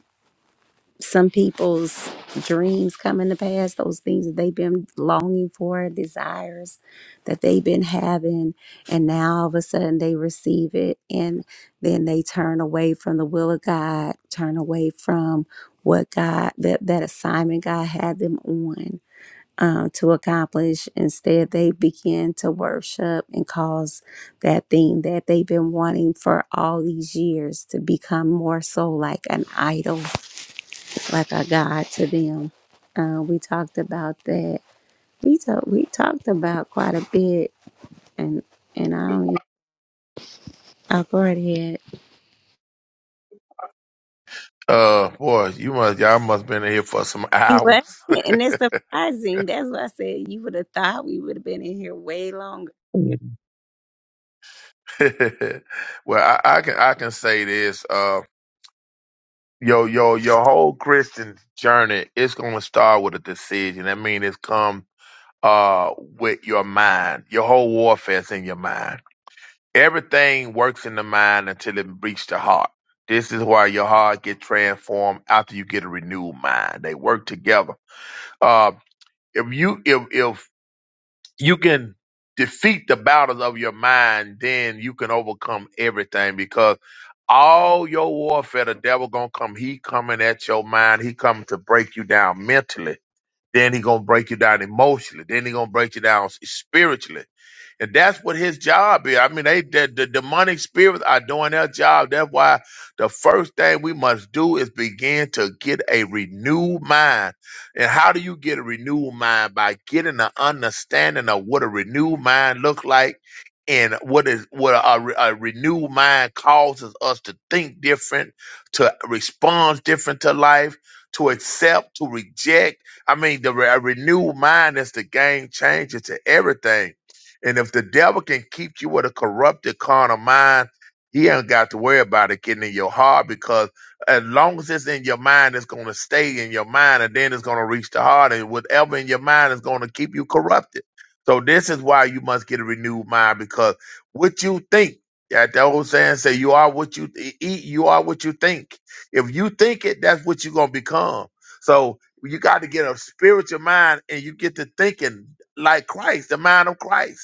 A: some people's dreams coming to pass, those things that they've been longing for, desires that they've been having, and now all of a sudden they receive it and then they turn away from the will of God, turn away from what God that, that assignment God had them on. Um, to accomplish instead they begin to worship and cause that thing that they've been wanting for all these years to become more so like an idol like a God to them. Uh, we talked about that. We talked we talked about quite a bit, and and I don't. I'll go right ahead.
M: Uh boy, you must y'all must been in here for some
A: You what?
M: hours.
A: And it's surprising. That's why I said you would have thought we would have been in here way longer.
M: well, I, I can I can say this. Uh yo, yo, your whole Christian journey, is gonna start with a decision. That means it's come uh, with your mind. Your whole warfare is in your mind. Everything works in the mind until it reaches the heart. This is why your heart get transformed after you get a renewed mind. They work together. Uh, if you if if you can defeat the battles of your mind, then you can overcome everything because all your warfare, the devil gonna come. He coming at your mind. He coming to break you down mentally. Then he gonna break you down emotionally. Then he gonna break you down spiritually and that's what his job is. I mean, they the, the demonic spirits are doing their job. That's why the first thing we must do is begin to get a renewed mind. And how do you get a renewed mind? By getting an understanding of what a renewed mind looks like and what is what a, re- a renewed mind causes us to think different, to respond different to life, to accept, to reject. I mean, the re- a renewed mind is the game changer to everything and if the devil can keep you with a corrupted carnal mind, he ain't got to worry about it getting in your heart because as long as it's in your mind, it's going to stay in your mind and then it's going to reach the heart. And whatever in your mind is going to keep you corrupted. So this is why you must get a renewed mind because what you think, that the old saying say, you are what you th- eat, you are what you think. If you think it, that's what you're going to become. So you got to get a spiritual mind and you get to thinking like Christ, the mind of Christ.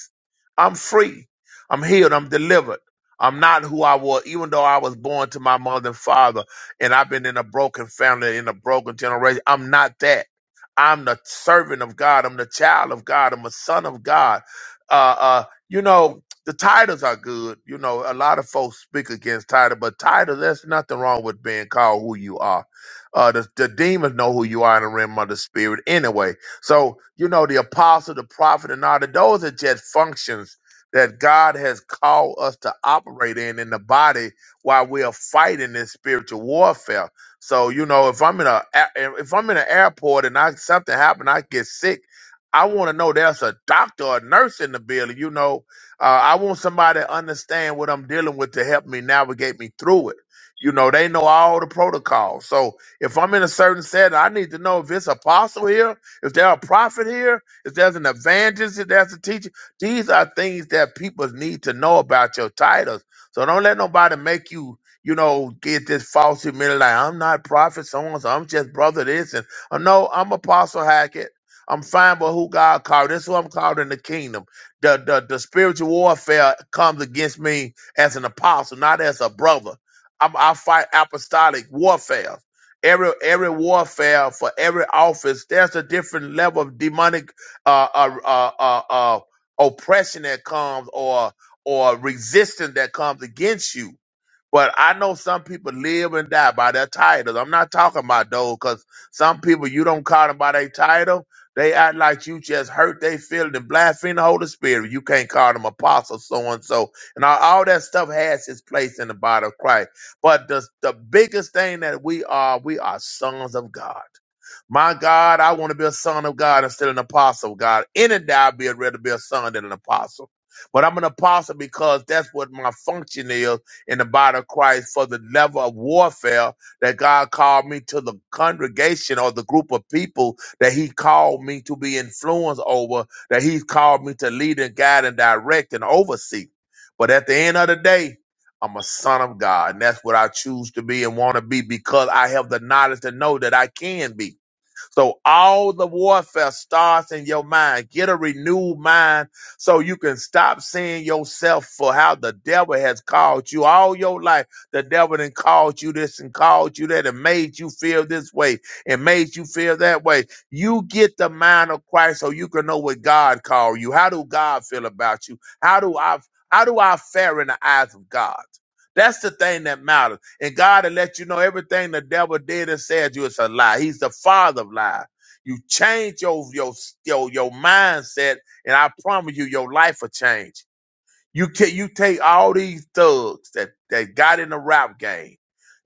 M: I'm free. I'm healed. I'm delivered. I'm not who I was, even though I was born to my mother and father, and I've been in a broken family, in a broken generation. I'm not that. I'm the servant of God. I'm the child of God. I'm a son of God. Uh, uh, you know, the titles are good. You know, a lot of folks speak against title, but title, there's nothing wrong with being called who you are. Uh, the, the demons know who you are in the realm of the spirit anyway so, you know, the apostle, the prophet, and all of those are just functions that God has called us to operate in in the body while we are fighting this spiritual warfare. So, you know, if I'm in a if I'm in an airport and I something happened, I get sick. I want to know there's a doctor or nurse in the building. You know, uh, I want somebody to understand what I'm dealing with to help me navigate me through it. You know, they know all the protocols. So if I'm in a certain setting, I need to know if it's apostle here is there a prophet here? Is there an evangelist? Is there a teacher? These are things that people need to know about your titles. So don't let nobody make you, you know, get this false humility. Like, I'm not prophet, so and so. I'm just brother this. And oh, no, I'm Apostle Hackett. I'm fine with who God called. This is who I'm called in the kingdom. The, the, the spiritual warfare comes against me as an apostle, not as a brother. I'm, I fight apostolic warfare every every warfare for every office there's a different level of demonic uh uh uh, uh, uh oppression that comes or or resistance that comes against you but I know some people live and die by their titles. I'm not talking about those because some people you don't call them by their title. They act like you just hurt their feelings and blaspheme the Holy Spirit. You can't call them apostle so and so. And all, all that stuff has its place in the body of Christ. But the, the biggest thing that we are, we are sons of God. My God, I want to be a son of God instead of an apostle, God. Any day I'd be rather be a son than an apostle. But I'm an apostle because that's what my function is in the body of Christ for the level of warfare that God called me to the congregation or the group of people that He called me to be influenced over, that He's called me to lead and guide and direct and oversee. But at the end of the day, I'm a son of God, and that's what I choose to be and want to be because I have the knowledge to know that I can be. So all the warfare starts in your mind. Get a renewed mind so you can stop seeing yourself for how the devil has called you all your life. The devil then called you this and called you that and made you feel this way and made you feel that way. You get the mind of Christ so you can know what God called you. How do God feel about you? How do I how do I fare in the eyes of God? That's the thing that matters and God will let you know everything the devil did and said to you is a lie. He's the father of lies. You change your your your, your mindset, and I promise you, your life will change. You can you take all these thugs that, that got in the rap game.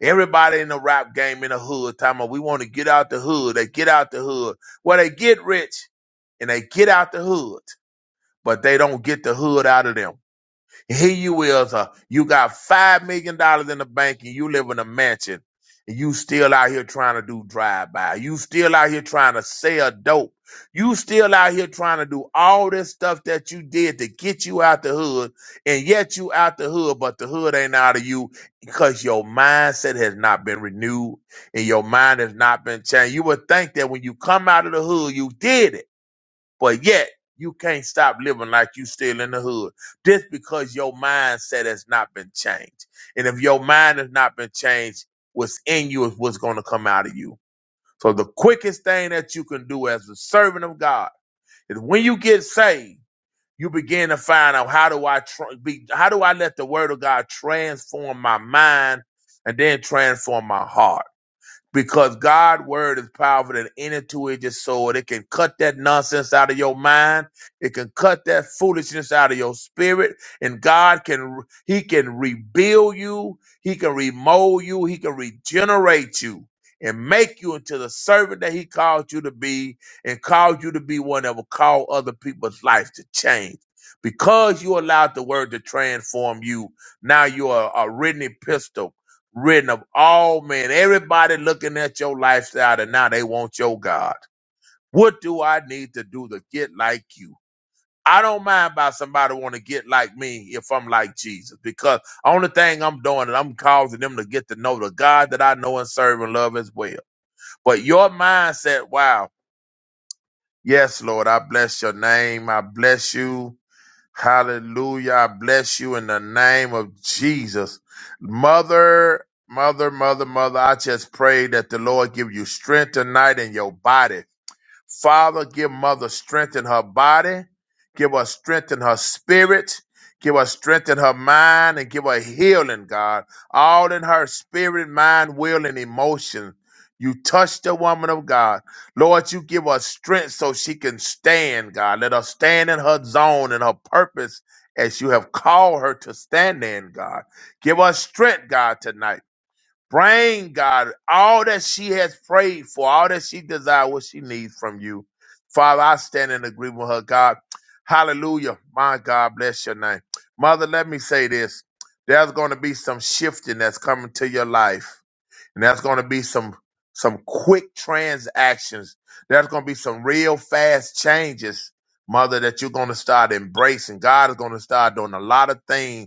M: Everybody in the rap game in the hood, talking about we want to get out the hood. They get out the hood. Well, they get rich and they get out the hood, but they don't get the hood out of them. Here you is, uh, you got five million dollars in the bank and you live in a mansion and you still out here trying to do drive by. You still out here trying to sell dope. You still out here trying to do all this stuff that you did to get you out the hood, and yet you out the hood, but the hood ain't out of you because your mindset has not been renewed and your mind has not been changed. You would think that when you come out of the hood, you did it but yet you can't stop living like you still in the hood just because your mindset has not been changed. And if your mind has not been changed, what's in you is what's going to come out of you. So the quickest thing that you can do as a servant of God is when you get saved, you begin to find out how do I tr- be, how do I let the word of God transform my mind and then transform my heart because God's word is powerful than any two-edged sword. It can cut that nonsense out of your mind. It can cut that foolishness out of your spirit. And God can He can rebuild you. He can remold you. He can regenerate you and make you into the servant that He called you to be, and called you to be one that will call other people's life to change. Because you allowed the word to transform you, now you are a written epistle written of all men, everybody looking at your lifestyle, and now they want your God. What do I need to do to get like you? I don't mind about somebody want to get like me if I'm like Jesus, because only thing I'm doing is I'm causing them to get to know the God that I know and serve and love as well. But your mindset, wow, yes, Lord, I bless your name, I bless you. Hallelujah. I bless you in the name of Jesus. Mother, mother, mother, mother, I just pray that the Lord give you strength tonight in your body. Father, give mother strength in her body, give her strength in her spirit, give her strength in her mind, and give her healing, God. All in her spirit, mind, will, and emotion. You touch the woman of God. Lord, you give her strength so she can stand, God. Let her stand in her zone and her purpose as you have called her to stand in, God. Give her strength, God, tonight. Bring, God, all that she has prayed for, all that she desires, what she needs from you. Father, I stand in agreement with her, God. Hallelujah. My God, bless your name. Mother, let me say this. There's going to be some shifting that's coming to your life. And there's going to be some some quick transactions. There's going to be some real fast changes, mother, that you're going to start embracing. God is going to start doing a lot of things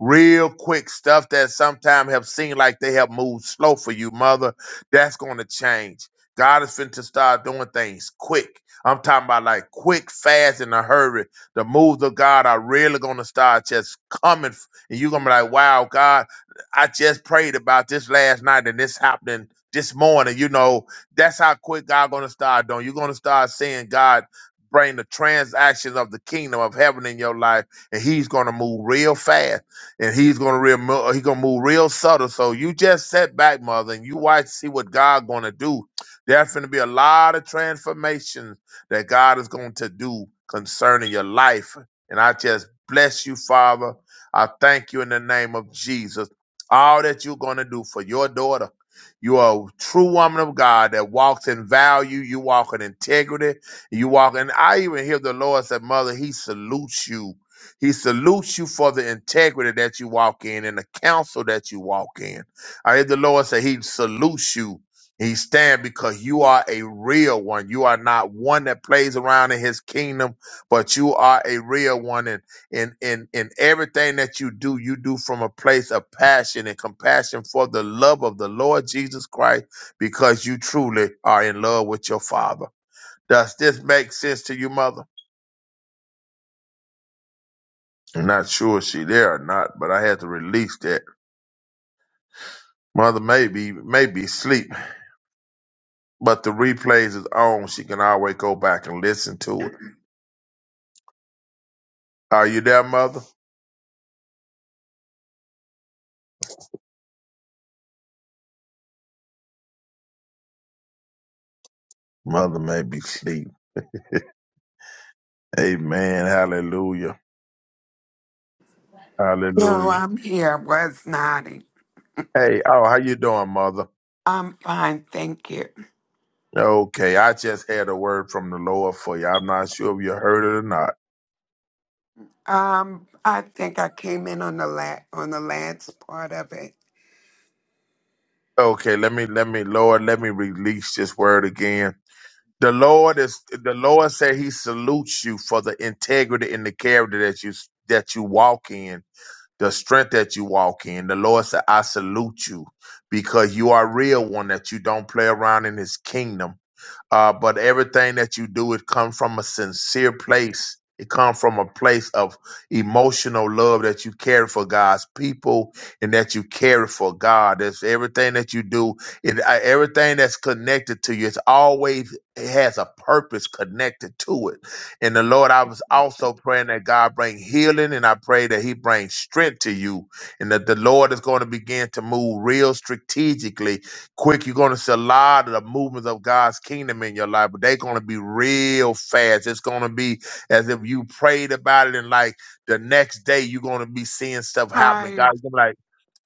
M: real quick stuff that sometimes have seemed like they have moved slow for you, mother. That's going to change. God is finna to start doing things quick. I'm talking about like quick, fast, in a hurry. The moves of God are really going to start just coming. f- And you're going to be like, wow, God, I just prayed about this last night and this happening this morning. You know, that's how quick God going to start doing. You're going to start seeing God bring the transactions of the kingdom of heaven in your life and he's going to move real fast and he's gonna real mo- he gonna move real subtle. So you just sit back, mother, and you watch see what God gonna do. There's gonna be a lot of transformations that God is going to do concerning your life. And I just bless you, Father. I thank you in the name of Jesus. All that you're gonna do for your daughter. You are a true woman of God that walks in value. You walk in integrity. You walk, and I even hear the Lord say, "Mother, He salutes you." He salutes you for the integrity that you walk in and the counsel that you walk in. I heard the Lord say he salutes you. He stand because you are a real one. You are not one that plays around in his kingdom, but you are a real one. And in in in everything that you do, you do from a place of passion and compassion for the love of the Lord Jesus Christ, because you truly are in love with your father. Does this make sense to you, mother? I'm not sure if she there or not, but I had to release that. Mother may be, may be asleep, but the replays is on. She can always go back and listen to it. Are you there, mother? Mother may be asleep. Amen. Hallelujah.
D: No,
M: Hallelujah.
D: I'm here. Was nodding.
M: Hey, oh, how you doing, mother?
D: I'm fine, thank you.
M: Okay, I just had a word from the Lord for you. I'm not sure if you heard it or not.
D: Um, I think I came in on the la- on the last part of it.
M: Okay, let me, let me, Lord, let me release this word again The Lord is the Lord said He salutes you for the integrity and the character that you that you walk in, the strength that you walk in. The Lord said, "I salute you because you are a real one that you don't play around in His kingdom." uh, but everything that you do it comes from a sincere place it comes from a place of emotional love that you care for god's people and that you care for god that's everything that you do it, uh, everything that's connected to you it's always it has a purpose connected to it and the lord i was also praying that god bring healing and i pray that he brings strength to you and that the lord is going to begin to move real strategically Quick, you're going to see a lot of the movements of God's kingdom in your life, but they're going to be real fast. It's going to be as if you prayed about it, and like the next day, you're going to be seeing stuff happening.
D: higher
M: God's gonna be like,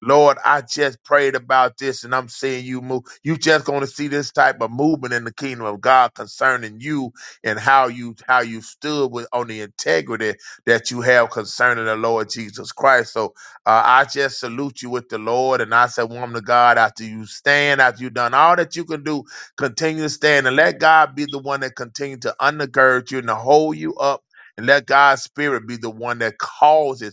M: Lord, I just prayed about this and I'm seeing you move. You just going to see this type of movement in the kingdom of God concerning you and how you how you stood with on the integrity that you have concerning the Lord Jesus Christ. So uh, I just salute you with the Lord and I say, woman of God, after you stand, after you've done all that you can do, continue to stand and let God be the one that continue to undergird you and to hold you up. And let God's spirit be the one that causes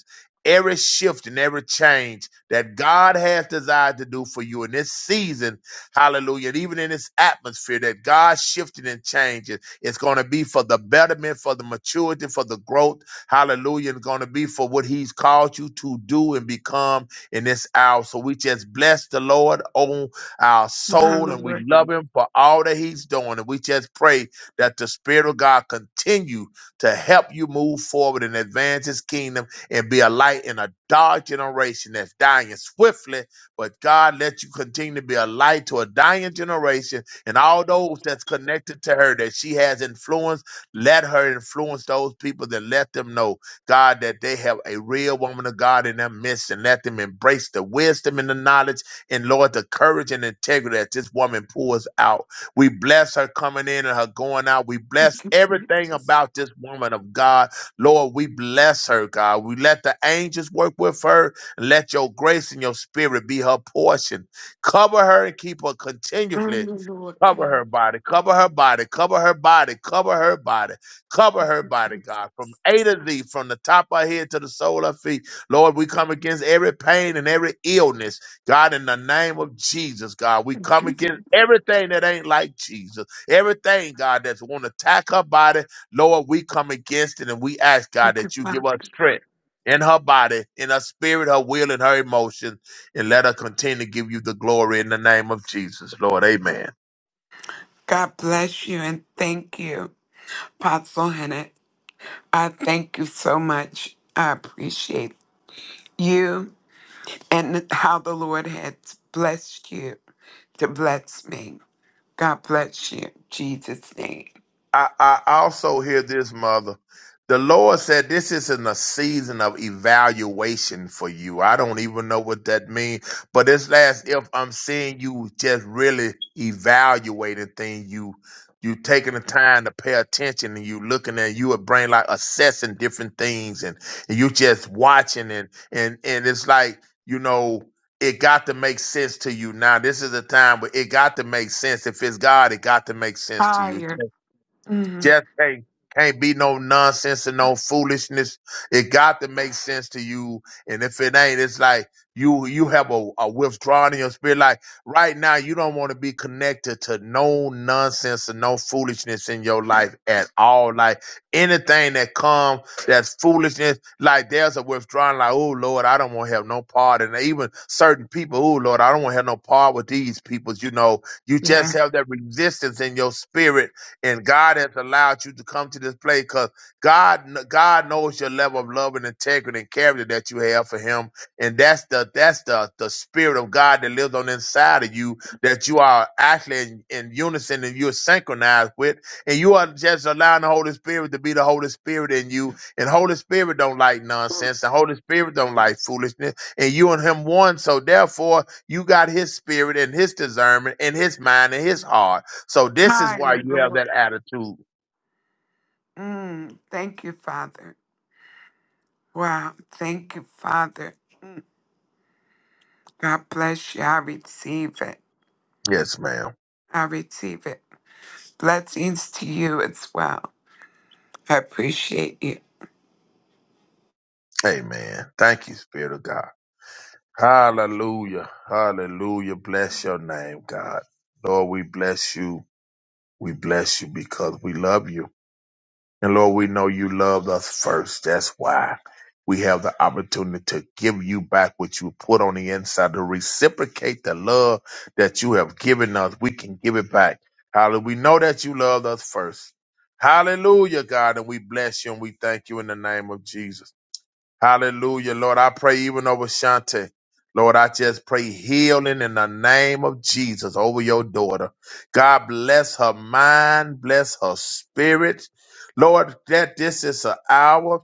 M: every shift and every change that God has desired to do for you in this season, hallelujah, and even in this atmosphere that God shifting and changing, it's going to be for the betterment, for the maturity, for the growth, hallelujah, and going to be for what He's called you to do and become in this hour. So we just bless the Lord on our
D: than
M: soul
D: the
M: and we
D: Lord.
M: love Him for all that He's doing. And we just pray that the Spirit of God continue to help you move forward and advance His kingdom and be a light in a dark generation that's dying swiftly. But God, let you continue to be a light to a dying generation and all those that's connected to her that she has influenced. Let her influence those people that let them know, God, that they have a real woman of God in their midst and let them embrace the wisdom and the knowledge and, Lord, the courage and integrity that this woman pours out. We bless her coming in and her going out. We
D: Thank
M: bless
D: you,
M: everything
D: Jesus.
M: about this woman of God Lord, we bless her, God. We let the angels work with her. Let your grace and your spirit be her portion. Cover her and keep her
D: Thank
M: continually
D: you, Lord
M: Cover
D: God.
M: her body, cover her body, cover her body, cover her body, cover her body, God, from A to Z, from the top of her head to the sole of her feet. Lord, we come against every pain and every illness, God, in the name of Jesus, God. We
D: Thank
M: come
D: you, Father.
M: against everything that ain't like Jesus, everything, God, that's want to attack her body. Lord, we come against it and we ask, God,
D: Thank you,
M: that you give us
D: Father.
M: strength in her body, in her spirit, her will, and her emotions, and let her continue to give you the glory in the name of Jesus, Lord. Amen.
D: God bless you and thank you, Apostle Hennett. I thank you so much. I appreciate you and how the Lord has blessed you to bless me. God bless you. Jesus' name.
M: I, I also hear this, mother. The Lord said this isn't a season of evaluation for you. I don't even know what that means, but it's as if I'm seeing you just really evaluating things. You you taking the time to pay attention and you looking at you would brain like assessing different things and, and you just watching and and and it's like, you know, it got to make sense to you now. This is a time where it got to make sense. If it's God, it got to make sense to you.
D: Higher. Mm,
M: Just can't can't be no nonsense and no foolishness. It got to make sense to you. And if it ain't, it's like you you have a, a withdrawal in your spirit. Like right now, you don't want to be connected to no nonsense and no foolishness in your life at all. Like anything that come that's foolishness, like there's a withdrawal, like, oh Lord, I don't want to have no part. And even certain people, oh Lord, I don't want to have no part with these people. You know, you
D: yeah.
M: just have that resistance in your spirit and God has allowed you to come to this place because God God knows your level of love and integrity and character that you have for Him, and that's the that's the the spirit of God that lives on the inside of you that you are actually in, in unison and you're synchronized with, and you are just allowing the Holy Spirit to be the Holy Spirit in you, and Holy Spirit don't like nonsense, and Holy Spirit don't like foolishness, and you and Him one, so therefore you got His spirit and His discernment and His mind and His heart. So this is why
D: Higher,
M: you have that
D: Lord.
M: attitude.
D: Mm, thank you, Father. Wow. Thank you, Father. Mm, God bless you. I receive it.
M: Yes, ma'am.
D: I receive it. Blessings to you as well. I appreciate you.
M: Amen. Thank you, Spirit of God. Hallelujah. Hallelujah. Bless your name, God. Lord, we bless you. We bless you because we love you. And Lord, we know you loved us first. That's why we have the opportunity to give you back what you put on the inside, to reciprocate the love that you have given us. We can give it back. Hallelujah. We know that you loved us first. Hallelujah, God. And we bless you and we thank you in the name of Jesus. Hallelujah, Lord. I pray even over Shante. Lord, I just pray healing in the name of Jesus over your daughter. God bless her mind, bless her spirit. Lord, that this is an hour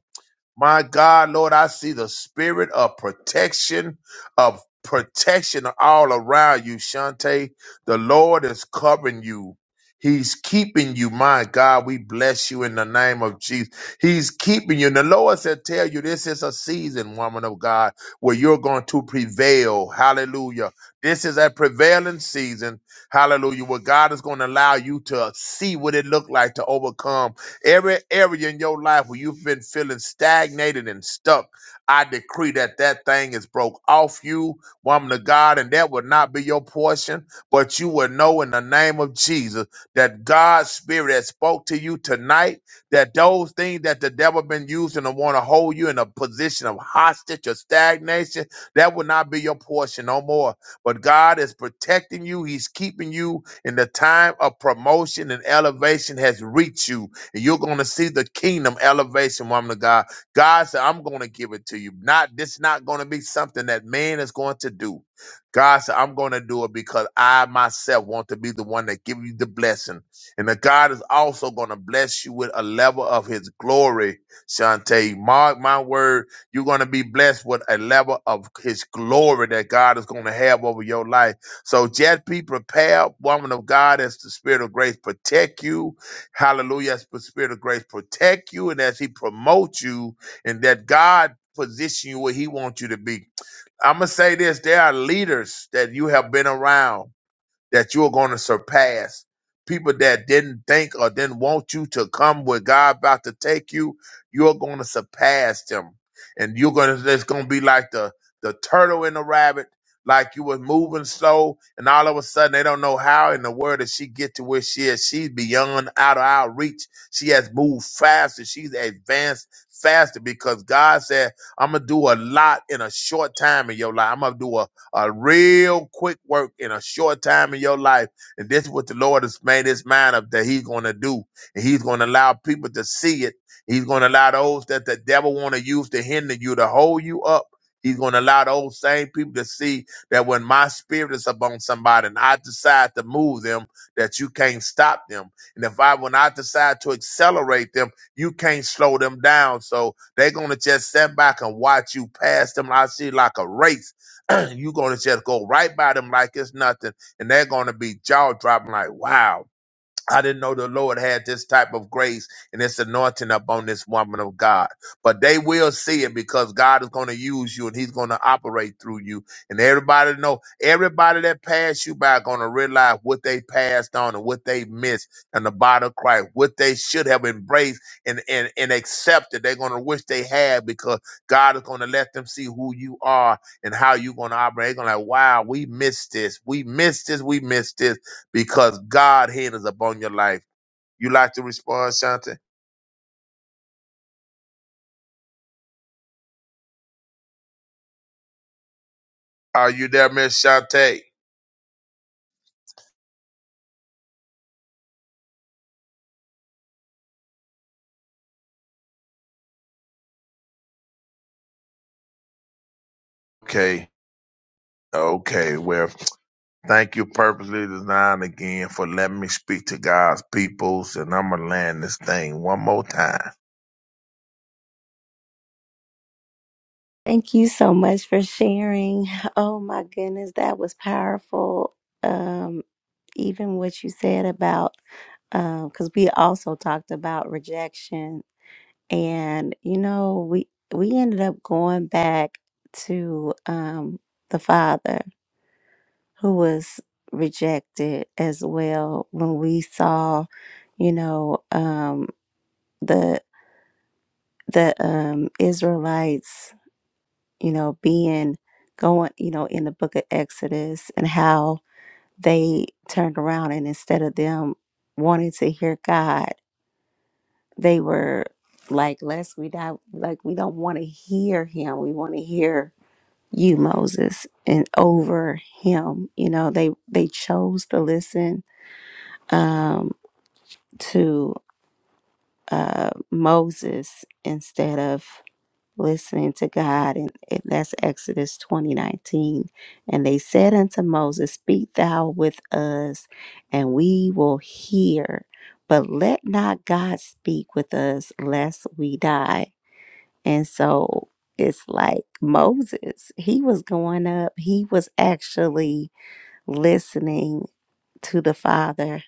M: my God, Lord, I see the spirit of protection, of protection all around you, Shante. The Lord is covering you. He's keeping you, my God. We bless you in the name of Jesus. He's keeping you. And the Lord said, Tell you this is a season, woman of God, where you're going to prevail. Hallelujah. This is a prevailing season. Hallelujah. Where God is going to allow you to see what it looked like to overcome Every area in your life where you've been feeling stagnated and stuck, I decree that that thing is broke off you, woman of God, and that will not be your portion. But you will know in the name of Jesus that God's spirit has spoke to you tonight. That those things that the devil been using to want to hold you in a position of hostage or stagnation, that will not be your portion no more. But God is protecting you. He's keeping you in the time of promotion and elevation has reached you and you're going to see the kingdom elevation, woman of God. God said, I'm going to give it to you. Not this not going to be something that man is going to do. God said, I'm going to do it because I myself want to be the one that give you the blessing. And that God is also going to bless you with a level of his glory, Shantae. Mark my word, you're going to be blessed with a level of his glory that God is going to have over your life. So just be prepared, woman of God, as the spirit of grace protect you Hallelujah. As the Spirit of grace protect you and as He promotes you, and that God position you where He wants you to be. I'm going to say this there are leaders that you have been around that you're going to surpass people that didn't think or didn't want you to come where God about to take you. You're going to surpass them, and you're going to. It's going to be like the the turtle and the rabbit. Like you was moving slow, and all of a sudden they don't know how in the world did she get to where she is. She's beyond out of our reach. She has moved faster. She's advanced faster because God said, "I'm gonna do a lot in a short time in your life. I'm gonna do a a real quick work in a short time in your life. And this is what the Lord has made his mind up that he's going to do. And he's going to allow people to see it. He's going to allow those that the devil want to use to hinder you, to hold you up. He's going to allow those same people to see that when my spirit is upon somebody and I decide to move them, that you can't stop them. And if I, when I decide to accelerate them, you can't slow them down. So they're going to just sit back and watch you pass them. I see like a race you're going to just go right by them like it's nothing, and they're going to be jaw dropping like, wow. I didn't know the Lord had this type of grace and this anointing upon this woman of God. But they will see it because God is going to use you and He's going to operate through you. And everybody know, everybody that passed you by going to realize what they passed on and what they missed and the body of Christ, what they should have embraced and, and, and accepted. They're going to wish they had because God is going to let them see who you are and how you're going to operate. They're going to like, wow, we missed this. We missed this. We missed this because God hand is upon your life. You like to respond, Shante? Are you there, Miss Shante? Okay. Okay. Well, thank you, purposely designed again for letting me speak to God's peoples, and I'm gonna land this thing one more time.
A: Thank you so much for sharing. Oh my goodness, that was powerful. Um, even what you said about because we also talked about rejection and you know we we ended up going back to um the father who was rejected as well when we saw you know um the the um israelites you know being going you know in the book of exodus and how they turned around and instead of them wanting to hear god they were like lest we die like we don't want to hear him we want to hear you Moses and over him. You know, they they chose to listen um to uh Moses instead of listening to God and it, that's Exodus 20:19 and they said unto Moses speak thou with us and we will hear but let not God speak with us lest we die and so it's like Moses he was going up he was actually listening to the Father,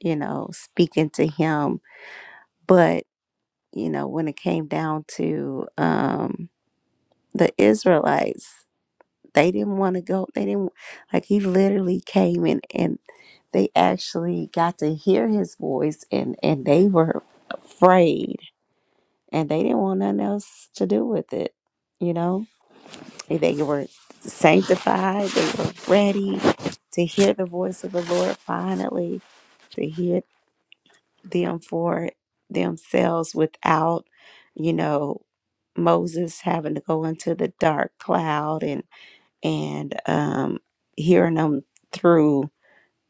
A: you know, speaking to Him. But, you know, when it came down to um, the Israelites, they didn't want to go. They didn't, like, He literally came in, and they actually got to hear His voice and, and they were afraid and they didn't want nothing else to do with it, you know? They were sanctified, they were ready to hear the voice of the Lord finally to hear. them for themselves without, you know, Moses having to go into the dark cloud and and um, hearing them through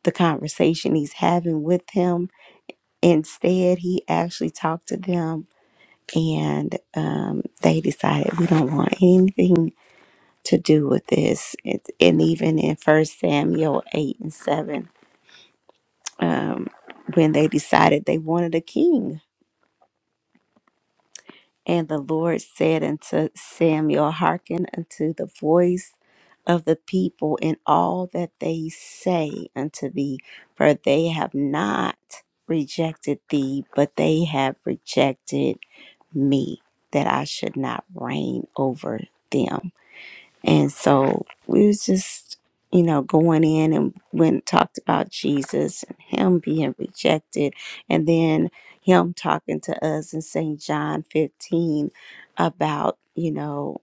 A: the conversation he's having with him. Instead, he actually talked to them, and um, they decided we don't want anything to do with this. It, and even in First Samuel eight and seven, um, when they decided they wanted a king, And the Lord said unto Samuel, Hearken unto the voice of the people in all that they say unto thee, for they have not rejected thee, but they have rejected me, that I should not reign over them. And so we was just, you know, going in and went and talked about Jesus and him being rejected and then him talking to us in St. John 15 about, you know,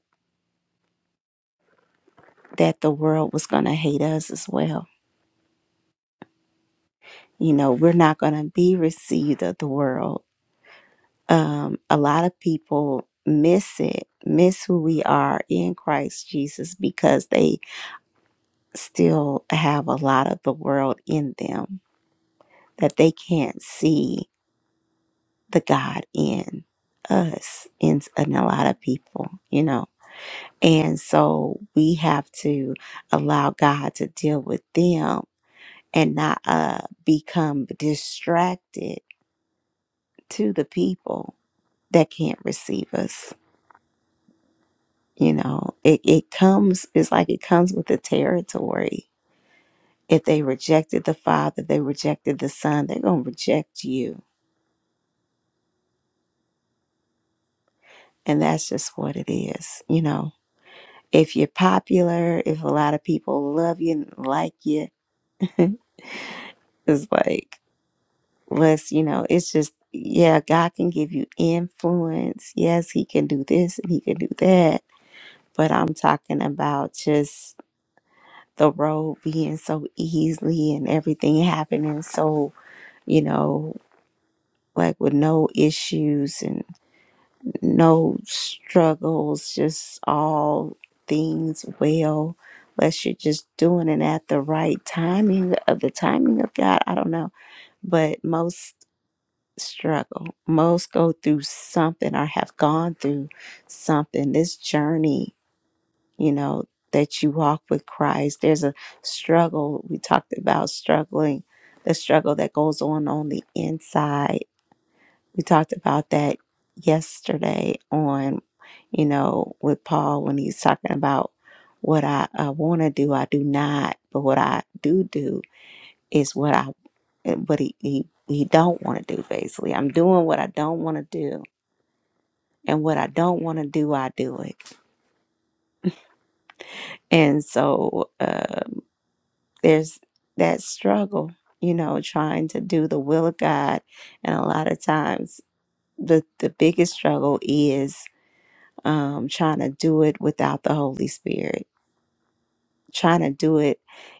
A: that the world was going to hate us as well. You know, we're not going to be received of the world. Um, a lot of people miss it, miss who we are in Christ Jesus because they still have a lot of the world in them that they can't see the God in us, in, in a lot of people, you know. And so we have to allow God to deal with them and not uh, become distracted to the people that can't receive us. You know, it, it comes, it's like it comes with the territory. If they rejected the Father, they rejected the Son, they're going to reject you. And that's just what it is, you know if you're popular, if a lot of people love you and like you, it's like, let's, you know, it's just, yeah, God can give you influence. Yes, He can do this and He can do that. But I'm talking about just the road being so easily and everything happening so, you know, like with no issues and. no struggles, just all things well, unless you're just doing it at the right timing of the timing of God. I don't know. But most struggle, most go through something or have gone through something. This journey, you know, that you walk with Christ, there's a struggle. We talked about struggling, the struggle that goes on on the inside we talked about that yesterday on, you know, with Paul when he's talking about what I uh, want to do, I do not, but what I do do is what I, what he, he, he don't want to do basically. I'm doing what I don't want to do, and what I don't want to do, I do it. And so uh, there's that struggle, you know, trying to do the will of God, and a lot of times the the biggest struggle is um, trying to do it without the Holy Spirit, trying to do it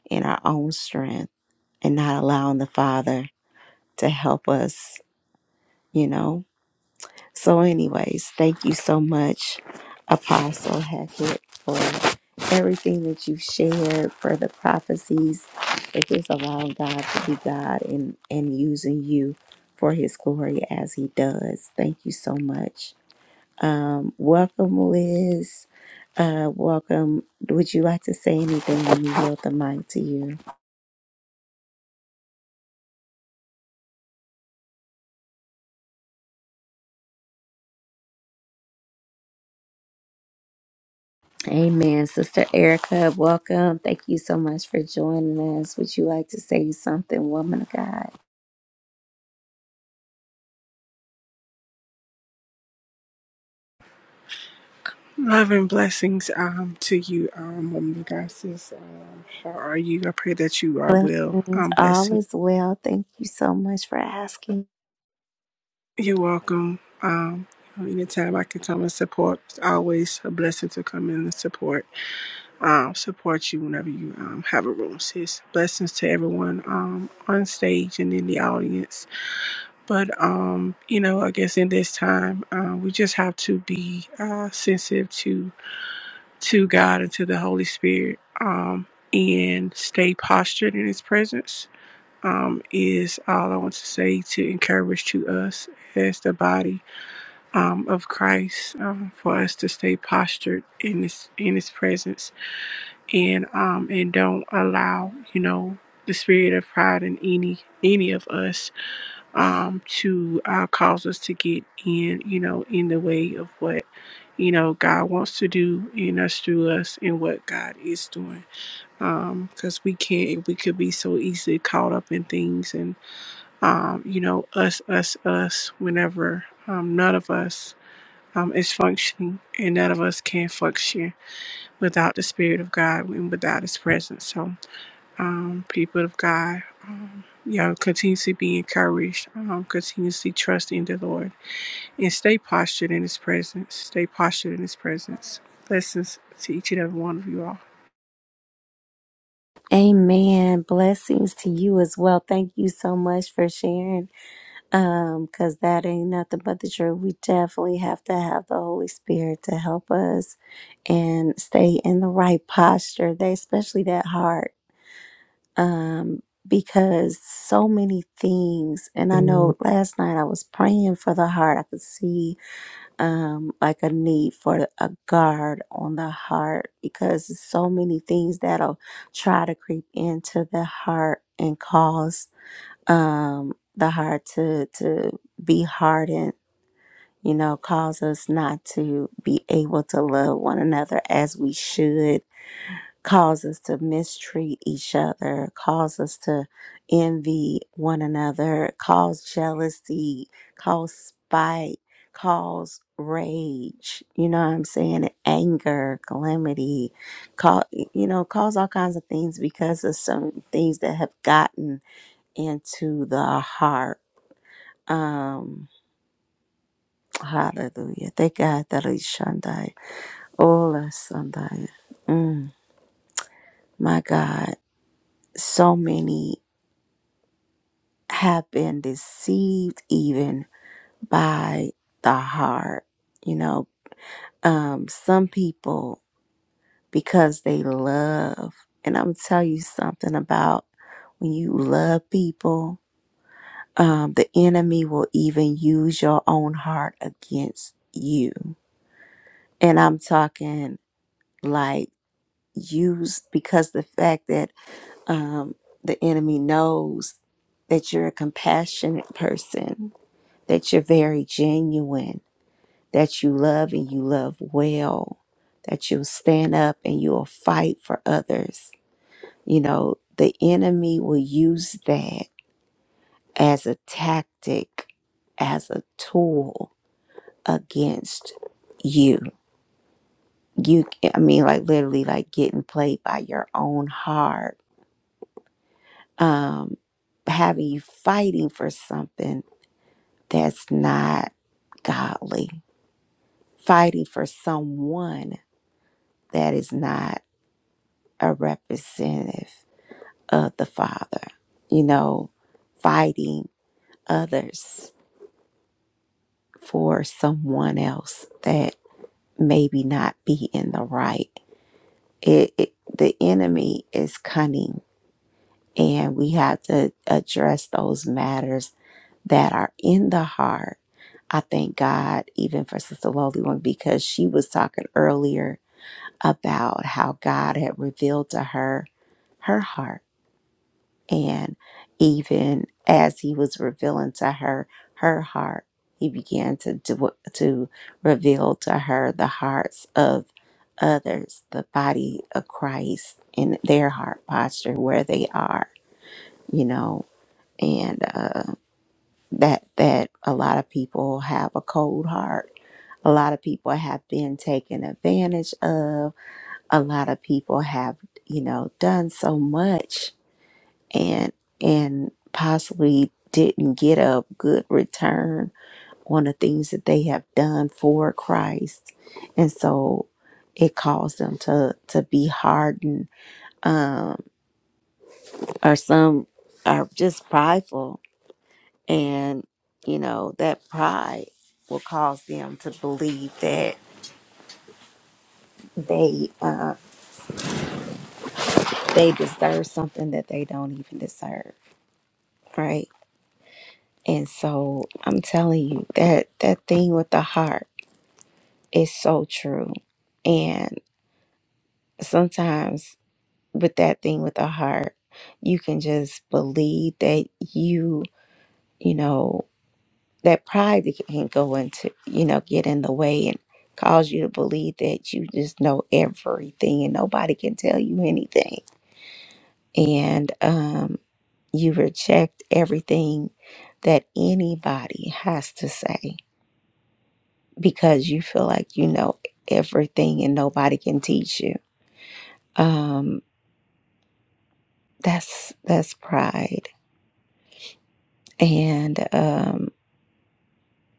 A: in our own strength and not allowing the Father to help us, you know. So, anyways, thank you so much, Apostle Hackett, for everything that you've shared, for the prophecies, for just allowing God to be God and, and using you for his glory as he does. Thank you so much. Um, welcome, Liz. Uh, welcome. Would you like to say anything when you yield the mic to you? Amen. Sister Erica, welcome. Thank you so much for joining us. Would you like to say something, woman of God?
N: Love and blessings um to you, um, woman of God, sis. Um, how are you? I pray that you are well.
A: Blessings.
N: Um,
A: All
N: blessing.
A: is well. Thank you so much for asking.
N: You're welcome. Um, anytime I can come and support, it's always a blessing to come in and support. Um, support you whenever you um have a room, sis. Blessings to everyone um on stage and in the audience. But um, you know, I guess in this time, uh, we just have to be uh sensitive to to God and to the Holy Spirit um, and stay postured in His presence um, is all I want to say to encourage to us as the body um, of Christ um, for us to stay postured in His in His presence and um, and don't allow you know the spirit of pride in any any of us um, to uh, cause us to get in, you know, in the way of what, you know, God wants to do in us, through us, and what God is doing. Um, Because we can't, we could be so easily caught up in things and, um, you know, us, us, us, whenever um, none of us. Um, is functioning and none of us can function without the spirit of god and without his presence so um, people of god you know continuously be encouraged um, continuously trust in the lord and stay postured in His presence. Stay postured in His presence. Blessings to each and every one of you all.
A: Amen. Blessings to you as well. Thank you so much for sharing. um because that ain't nothing but the truth we definitely have to have the holy spirit to help us and stay in the right posture they especially that heart um because so many things and i know last night i was praying for the heart i could see um like a need for a guard on the heart because there's so many things that'll try to creep into the heart and cause um, the heart to to be hardened, you know, cause us not to be able to love one another as we should, cause us to mistreat each other, cause us to envy one another, cause jealousy, cause spite, cause rage, you know what I'm saying, and anger, calamity, cause you know, cause all kinds of things because of some things that have gotten into the heart um, hallelujah. Thank God that is Shandai. Ola Shandai. Mm, my God. So many have been deceived even by the heart. You know, um, some people because they love, and I'm tell you something about when you love people, um, the enemy will even use your own heart against you. And I'm talking like used because the fact that um, the enemy knows that you're a compassionate person, that you're very genuine, that you love and you love well, that you'll stand up and you'll fight for others. You know, the enemy will use that as a tactic, as a tool against you. You, I mean, like literally, like getting played by your own heart. Um, having you fighting for something that's not godly, fighting for someone that is not a representative of the Father, you know, fighting others for someone else that maybe not be in the right. It, it the enemy is cunning and we have to address those matters that are in the heart. I thank God even for Sister Lowly one because she was talking earlier about how God had revealed to her her heart. And even as he was revealing to her her heart, he began to do, to reveal to her the hearts of others, the body of Christ and their heart posture, where they are, you know. And uh, that that a lot of people have a cold heart. A lot of people have been taken advantage of. A lot of people have, you know, done so much and and possibly didn't get a good return on the things that they have done for Christ. And so it caused them to to be hardened um or some are just prideful And, you know, that pride will cause them to believe that they uh, they deserve something that they don't even deserve, right? And so I'm telling you that that thing with the heart is so true. And sometimes with that thing with the heart, you can just believe that you, you know, that pride that can go into, you know, get in the way and cause you to believe that you just know everything and nobody can tell you anything. And um, you reject everything that anybody has to say because you feel like you know everything and nobody can teach you. Um, that's that's pride. And um,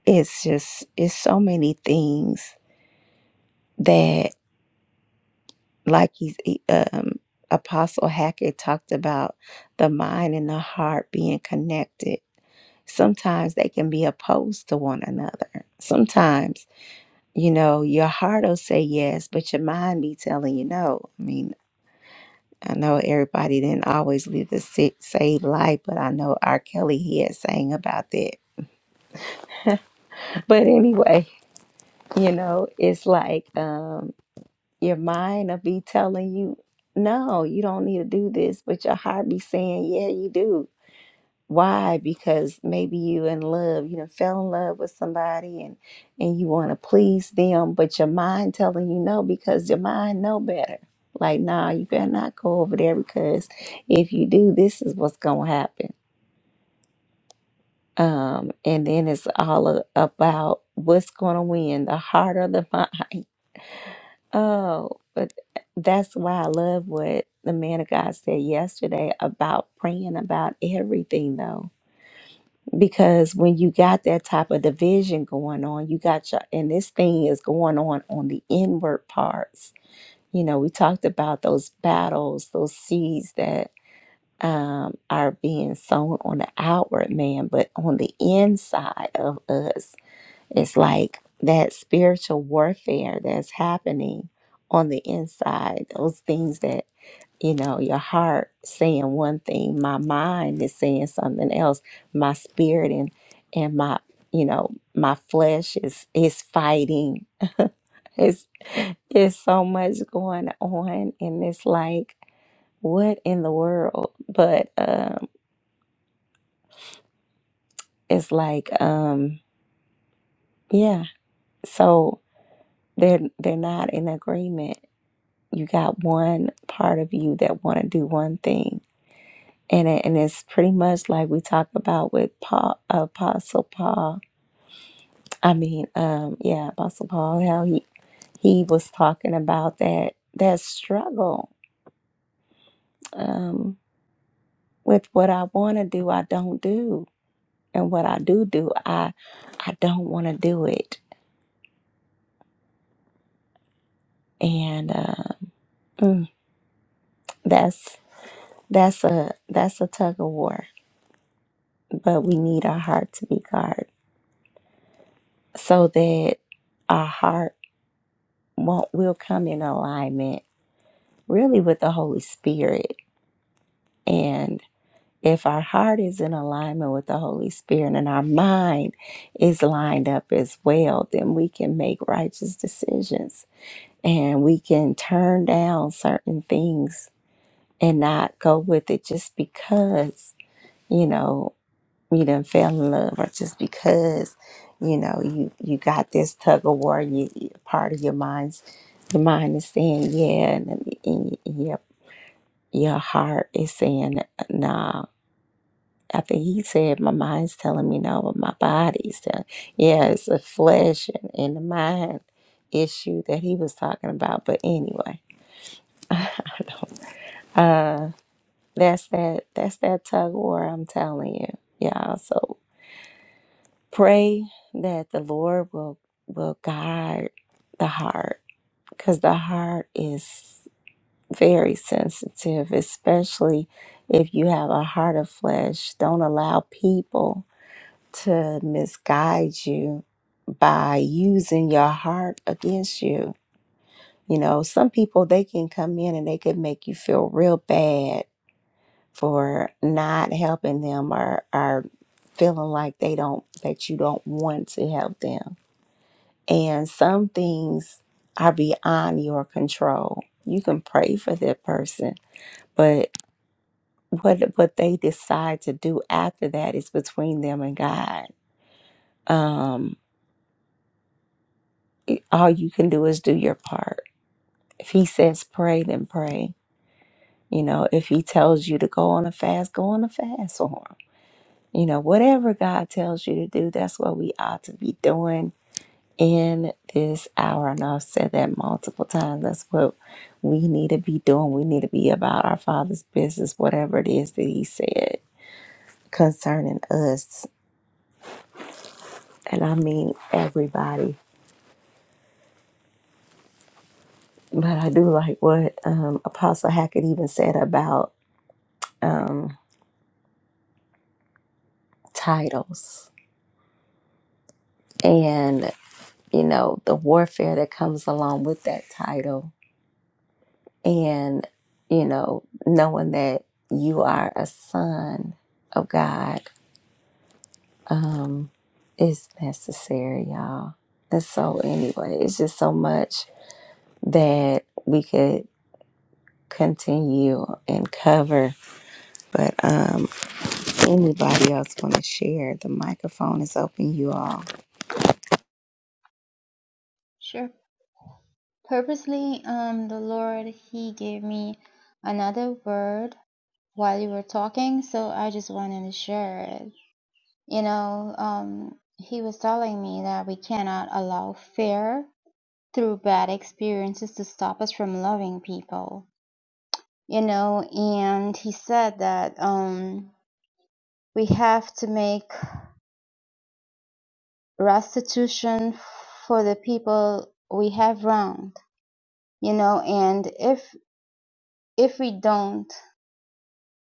A: it's just it's so many things that. like he's e, um, apostle hackett talked about the mind and the heart being connected sometimes they can be opposed to one another sometimes you know your heart will say yes but your mind be telling you no i mean i know everybody didn't always live the sa- saved life but i know r kelly he had sang about that but anyway you know it's like um, Your mind will be telling you, no, you don't need to do this, but your heart be saying, yeah, you do. Why? Because maybe you in love, you know, fell in love with somebody and and you want to please them, but your mind telling you no because your mind know better. Like, nah, you better not go over there because if you do, this is what's gonna happen. Um, and then it's all a- about what's going to win, the heart or the mind. Oh, but eh, that's why I love what the man of God said yesterday about praying about everything, though. Because when you got that type of division going on, you got your, and this thing is going on on the inward parts. You know, we talked about those battles, those seeds that um, are being sown on the outward man, but on the inside of us it's like that spiritual warfare that's happening on the inside, those things that, you know, your heart saying one thing, my mind is saying something else, my spirit and and my, you know, my flesh is is fighting. It's it's so much going on and it's like what in the world? But um it's like um yeah, so they're they're not in agreement you got one part of you that want to do one thing and it, and it's pretty much like we talk about with Paul, apostle paul i mean um yeah apostle paul how he he was talking about that that struggle um with what i want to do i don't do and what i do do i i don't want to do it and uh, mm, that's that's a that's a tug of war but we need our heart to be guarded so that our heart won't will come in alignment really with the Holy Spirit. And if our heart is in alignment with the Holy Spirit and our mind is lined up as well, then we can make righteous decisions and we can turn down certain things and not go with it just because, you know. you done fell in love or just because you know you you got this tug of war you you- part of your mind's your mind is saying yeah and, then- and your your heart is saying no I think he said my mind's telling me no but my body's telling yeah it's the flesh and, and the mind issue that he was talking about but anyway I don't, uh that's that that's that tug of war I'm telling you y'all so Pray that the Lord will will guide the heart because the heart is very sensitive, especially if you have a heart of flesh. Don't allow people to misguide you by using your heart against you. You know, some people they can come in and they could make you feel real bad for not helping them or, or feeling like they don't that you don't want to help them And some things are beyond your control. You can pray for that person, but what what they decide to do after that is between them and God. Um, all you can do is do your part. If He says pray, then pray. You know, if He tells you to go on a fast, go on a fast for Him. You know, whatever God tells you to do, that's what we ought to be doing in this hour. And I've said that multiple times. That's what we need to be doing. We need to be about our Father's business, whatever it is that He said concerning us. And I mean everybody. But I do like what um, Apostle Hackett even said about um, titles and, you know, the warfare that comes along with that title. And, you know, knowing that you are a son of God Um, it's necessary, y'all. That's so anyway. It's just so much that we could continue and cover. But um anybody else wanna share? The microphone is open, you all.
F: Sure. Purposely, um, the Lord He gave me another word while you were talking, so I just wanted to share it. You know, um, He was telling me that we cannot allow fear through bad experiences to stop us from loving people. You know, and He said that. Um, We have to make restitution for the people we have wronged, you know, and if if we don't,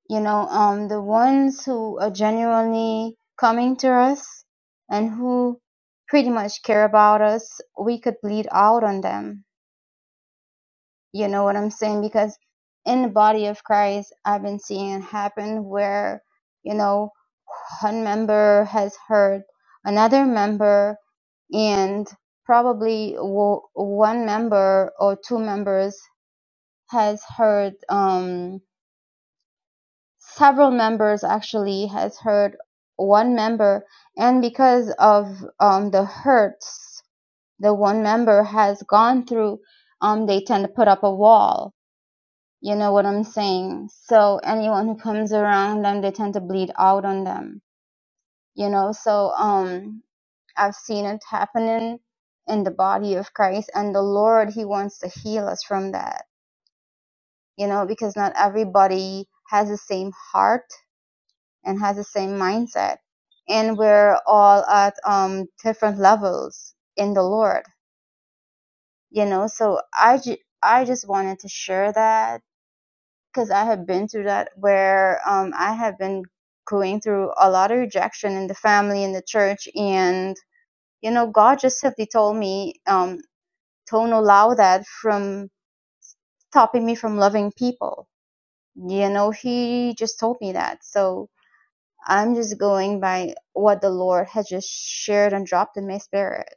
F: you know, um the ones who are genuinely coming to us and who pretty much care about us, we could bleed out on them You know what I'm saying? Because in the body of Christ, I've been seeing it happen where, you know, one member has hurt another member, and probably w- one member or two members has hurt, um, several members actually has hurt one member. And because of um, the hurts the one member has gone through, um, they tend to put up a wall you know what I'm saying? So anyone who comes around them, they tend to bleed out on them. You know, so um, I've seen it happening in the body of Christ, and the Lord, He wants to heal us from that. You know, because not everybody has the same heart and has the same mindset, and we're all at um different levels in the Lord. You know, so I ju- I just wanted to share that because I have been through that where um, I have been going through a lot of rejection in the family, in the church, and you know, God just simply told me, um, don't allow that from stopping me from loving people. You know, He just told me that. So I'm just going by what the Lord has just shared and dropped in my spirit,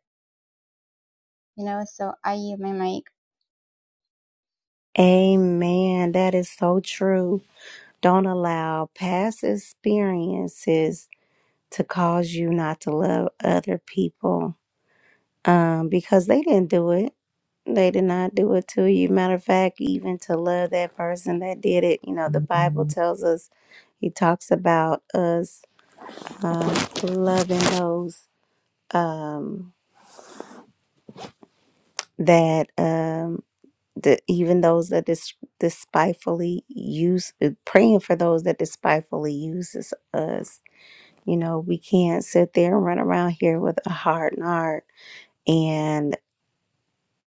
F: you know, so I use my mic.
A: Amen. That is so true. Don't allow past experiences to cause you not to love other people. um, because they didn't do it. They did not do it to you. Matter of fact, even to love that person that did it, you know, the Bible tells us, he talks about us um, loving those um, that, um, the, even those that dis- despitefully use, uh, praying for those that despitefully uses us. You know, we can't sit there and run around here with a hardened heart. And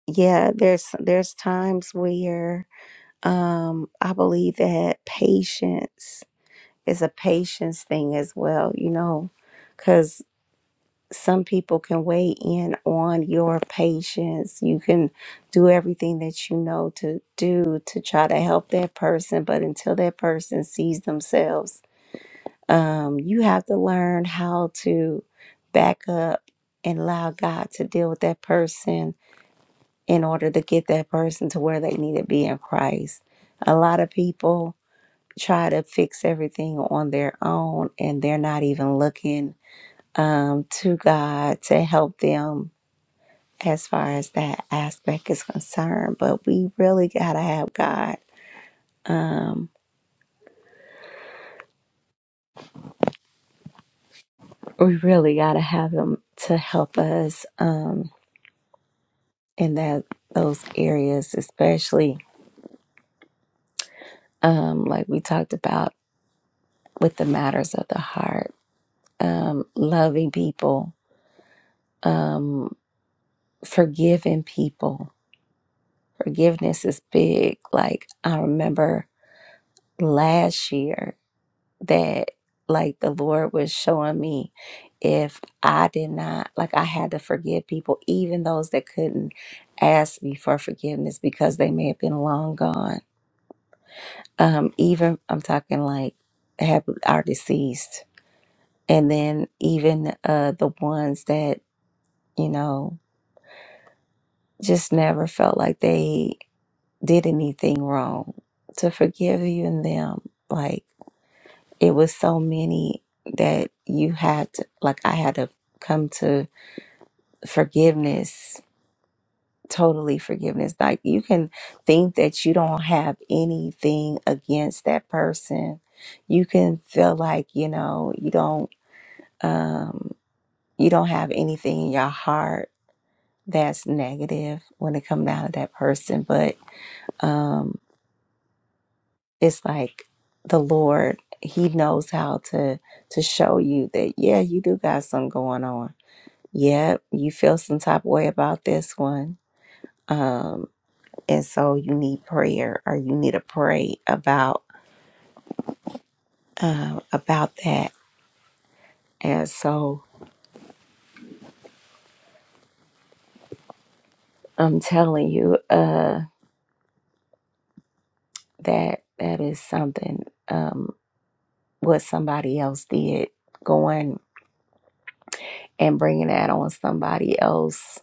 A: yeah, there's there's times where Um, I believe that patience is a patience thing as well, you know, because some people can weigh in on your patience. You can do everything that you know to do to try to help that person, but until that person sees themselves, um, you have to learn how to back up and allow God to deal with that person in order to get that person to where they need to be in Christ. A lot of people try to fix everything on their own and they're not even looking um, to God to help them as far as that aspect is concerned. But we really got to have God. Um, we really got to have Him to help us um, in that those areas, especially um, like we talked about with the matters of the heart, um, loving people, um, forgiving people Forgiveness is big. Like I remember last year that like the Lord was showing me if I did not like I had to forgive people, even those that couldn't ask me for forgiveness because they may have been long gone. Um, even I'm talking like have are deceased. And then even uh the ones that, you know, just never felt like they did anything wrong to forgive even them. Like it was so many that you had to, like I had to come to forgiveness, totally forgiveness. Like you can think that you don't have anything against that person. You can feel like, you know, you don't um you don't have anything in your heart that's negative when it comes down to that person, but um it's like the Lord, he knows how to to show you that yeah, you do got something going on Yep, you feel some type of way about this one. Um, and so you need prayer or you need to pray about uh, about that. And so I'm telling you, uh, that that is something um what somebody else did going and bringing that on somebody else.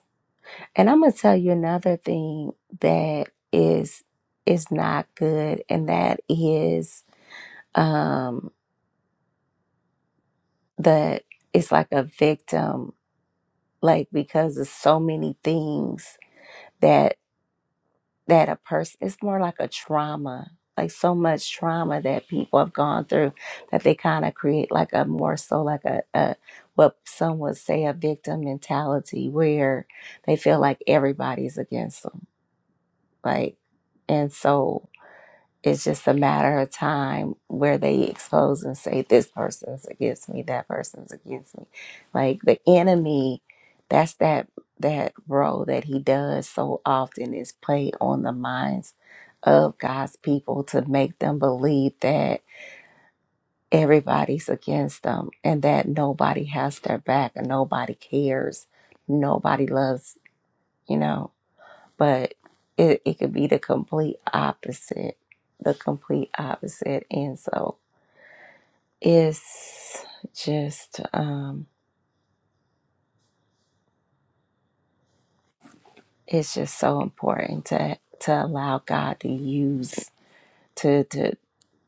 A: And I'm gonna tell you another thing that is is not good, and that is um the it's like a victim like because there's so many things that that a person it's more like a trauma like so much trauma that people have gone through that they kind of create like a more so like a, a what some would say a victim mentality where they feel like everybody's against them like and so it's just a matter of time where they expose and say, this person's against me, that person's against me. Like the enemy, that's that that role that he does so often is play on the minds of God's people to make them believe that everybody's against them and that nobody has their back and nobody cares. Nobody loves, you know but it, it could be the complete opposite the complete opposite and so it's just um it's just so important to to allow god to use to to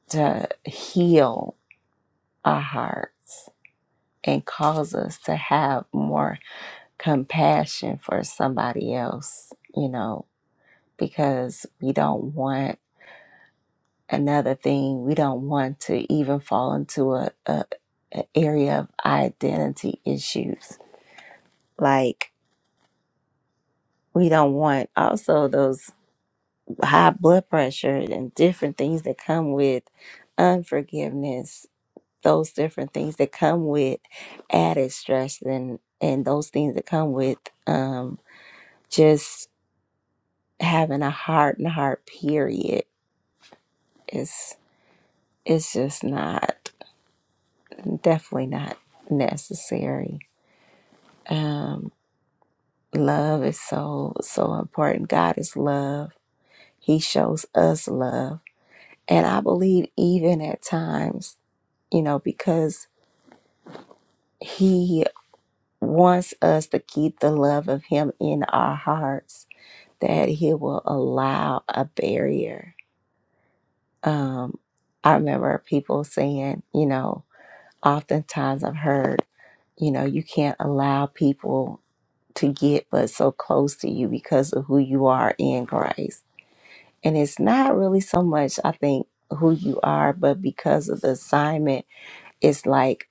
A: to heal our hearts and cause us to have more compassion for somebody else you know because we don't want another thing we don't want to even fall into a, a, a area of identity issues like we don't want also those high blood pressure and different things that come with unforgiveness those different things that come with added stress and and those things that come with um just having a heart and heart period It's it's just not definitely not necessary Um, love is so, so important. God is love. He shows us love. And I believe even at times, you know, because He wants us to keep the love of Him in our hearts, that He will allow a barrier. Um, I remember people saying, you know, oftentimes I've heard, you know, you can't allow people to get but so close to you because of who you are in Christ And it's not really so much, I think, who you are, but because of the assignment, it's like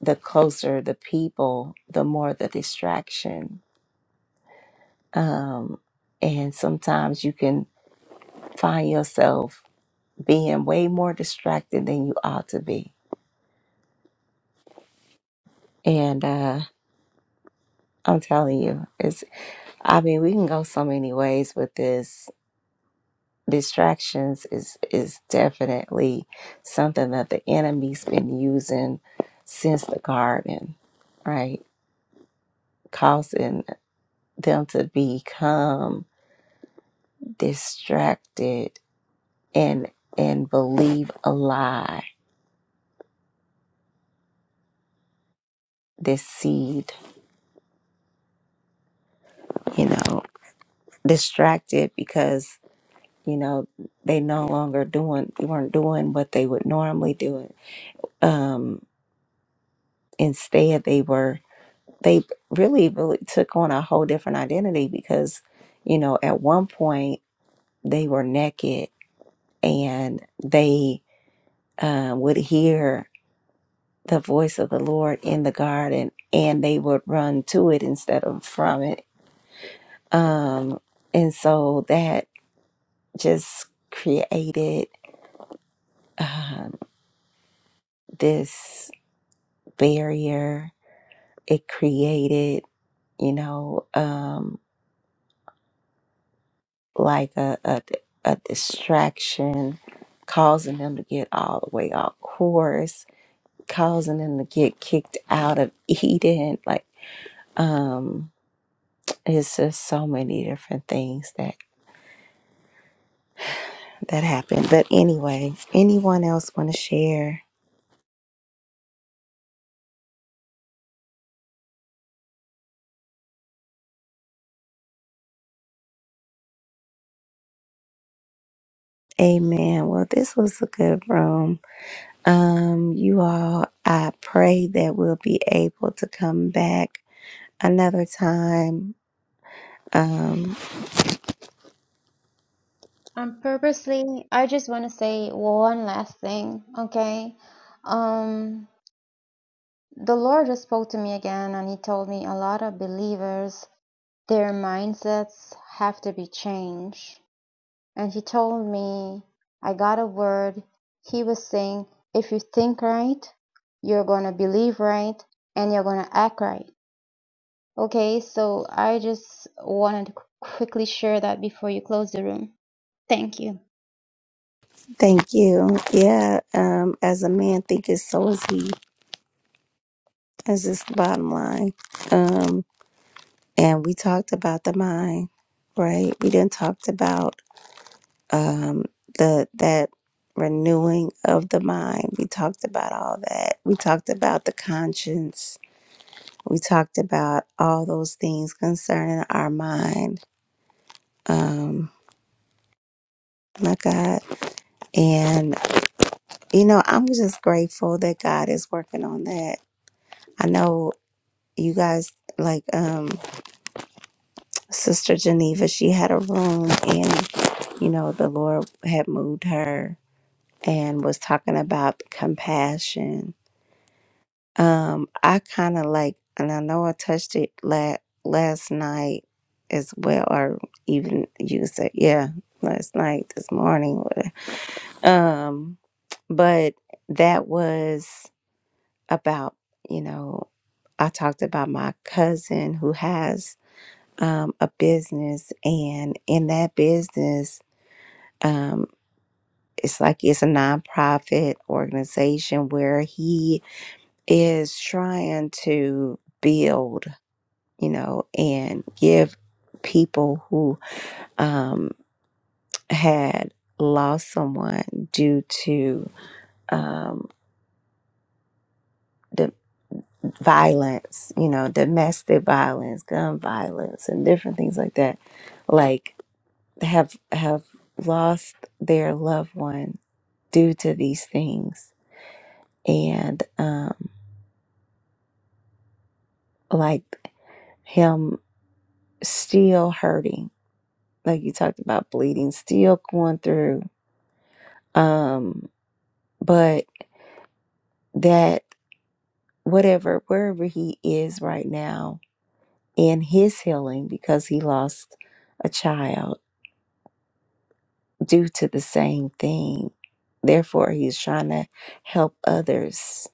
A: the closer the people, the more the distraction. Um, and sometimes you can find yourself being way more distracted than you ought to be. And uh, I'm telling you, it's, I mean, we can go so many ways with this distractions is is definitely something that the enemy's been using since the garden, right? Causing them to become distracted and and believe a lie, this seed, you know, distracted because you know they no longer doing weren't doing what they would normally do. Um, instead, they were they really really took on a whole different identity because you know at one point they were naked and they uh, would hear the voice of the lord in the garden and they would run to it instead of from it um, and so that just created um, this barrier it created you know um, like a, a, a distraction, causing them to get all the way off course, causing them to get kicked out of Eden. Like, um, it's just so many different things that that happened. But anyway, anyone else want to share? Amen. Well, this was a good room. Um, you all, I pray that we'll be able to come back another time Um,
F: Um, purposely, I just want to say one last thing, okay? Um, The Lord just spoke to me again and He told me a lot of believers, their mindsets have to be changed. And He told me, I got a word. He was saying, if you think right, you're going to believe right and you're going to act right. Okay, so I just wanted to quickly share that before you close the room. Thank you.
A: Thank you. Yeah, um, as a man thinketh, so is he. That's just the bottom line. Um, and we talked about the mind, right? We didn't talked about um the that renewing of the mind. We talked about all that. We talked about the conscience. We talked about all those things concerning our mind. Um, my God. And you know, I'm just grateful that God is working on that. I know you guys like um sister geneva she had a room and you know the lord had moved her and was talking about compassion um i kind of like and i know i touched it la- last night as well or even you said yeah last night this morning whatever. um but that was about you know i talked about my cousin who has um, a business, and in that business, um, it's like it's a nonprofit organization where he is trying to build, you know, and give people who um, had lost someone due to um, the violence, you know, domestic violence, gun violence, and different things like that, like have have lost their loved one due to these things and um like him still hurting like you talked about bleeding still going through um but that whatever wherever he is right now in his healing because he lost a child due to the same thing therefore he's trying to help others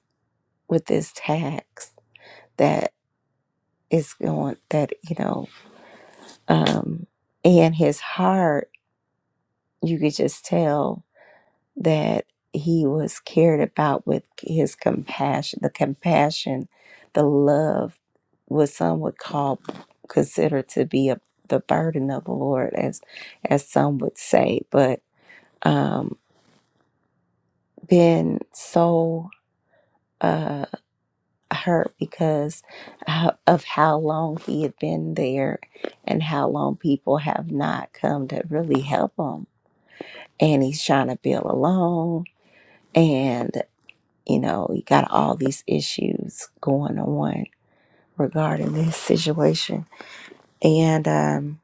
A: with this tax that is going that you know Um, and his heart, you could just tell that he was cared about with his compassion, the compassion, the love, what some would call consider to be a, the burden of the Lord, as as some would say. But um, been so uh, hurt because ho- of how long he had been there and how long people have not come to really help him and he's trying to build alone and you know he got all these issues going on regarding this situation and um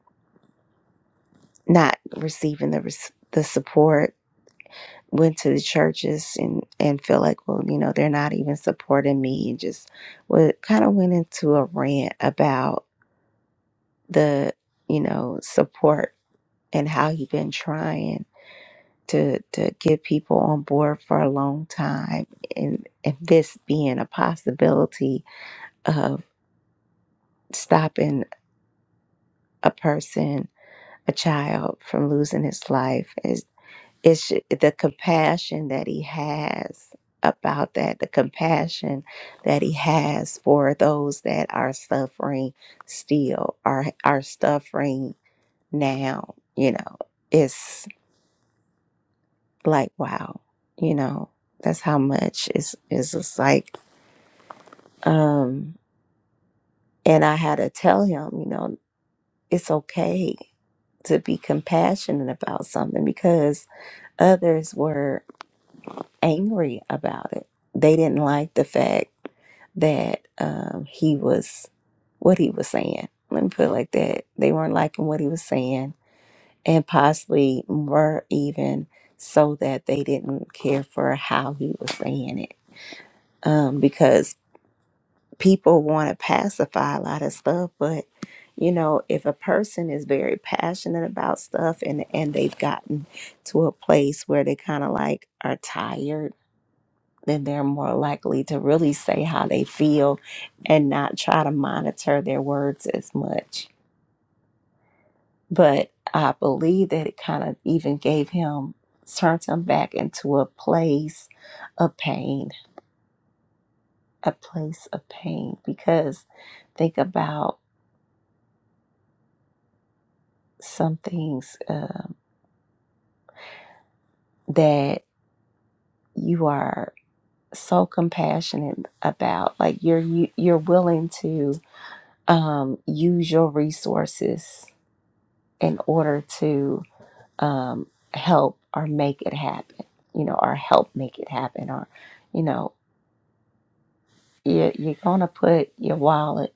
A: not receiving the res- the support went to the churches and and feel like well you know they're not even supporting me and just well kind of went into a rant about the you know support and how he been trying to to get people on board for a long time and and this being a possibility of stopping a person a child from losing his life is it's the compassion that he has about that the compassion that he has for those that are suffering still are are suffering now you know it's like wow you know that's how much is is just like Um, and I had to tell him, you know, it's okay to be compassionate about something because others were angry about it. They didn't like the fact that um, he was what he was saying. Let me put it like that. They weren't liking what he was saying, and possibly were even so that they didn't care for how he was saying it. Um, because people want to pacify a lot of stuff but you know if a person is very passionate about stuff and and they've gotten to a place where they kind of like are tired then they're more likely to really say how they feel and not try to monitor their words as much but i believe that it kind of even gave him turned him back into a place of pain a place of pain because think about some things uh, that you are so compassionate about like you're you, you're willing to um use your resources in order to um help or make it happen you know or help make it happen or you know you're, you're gonna put your wallet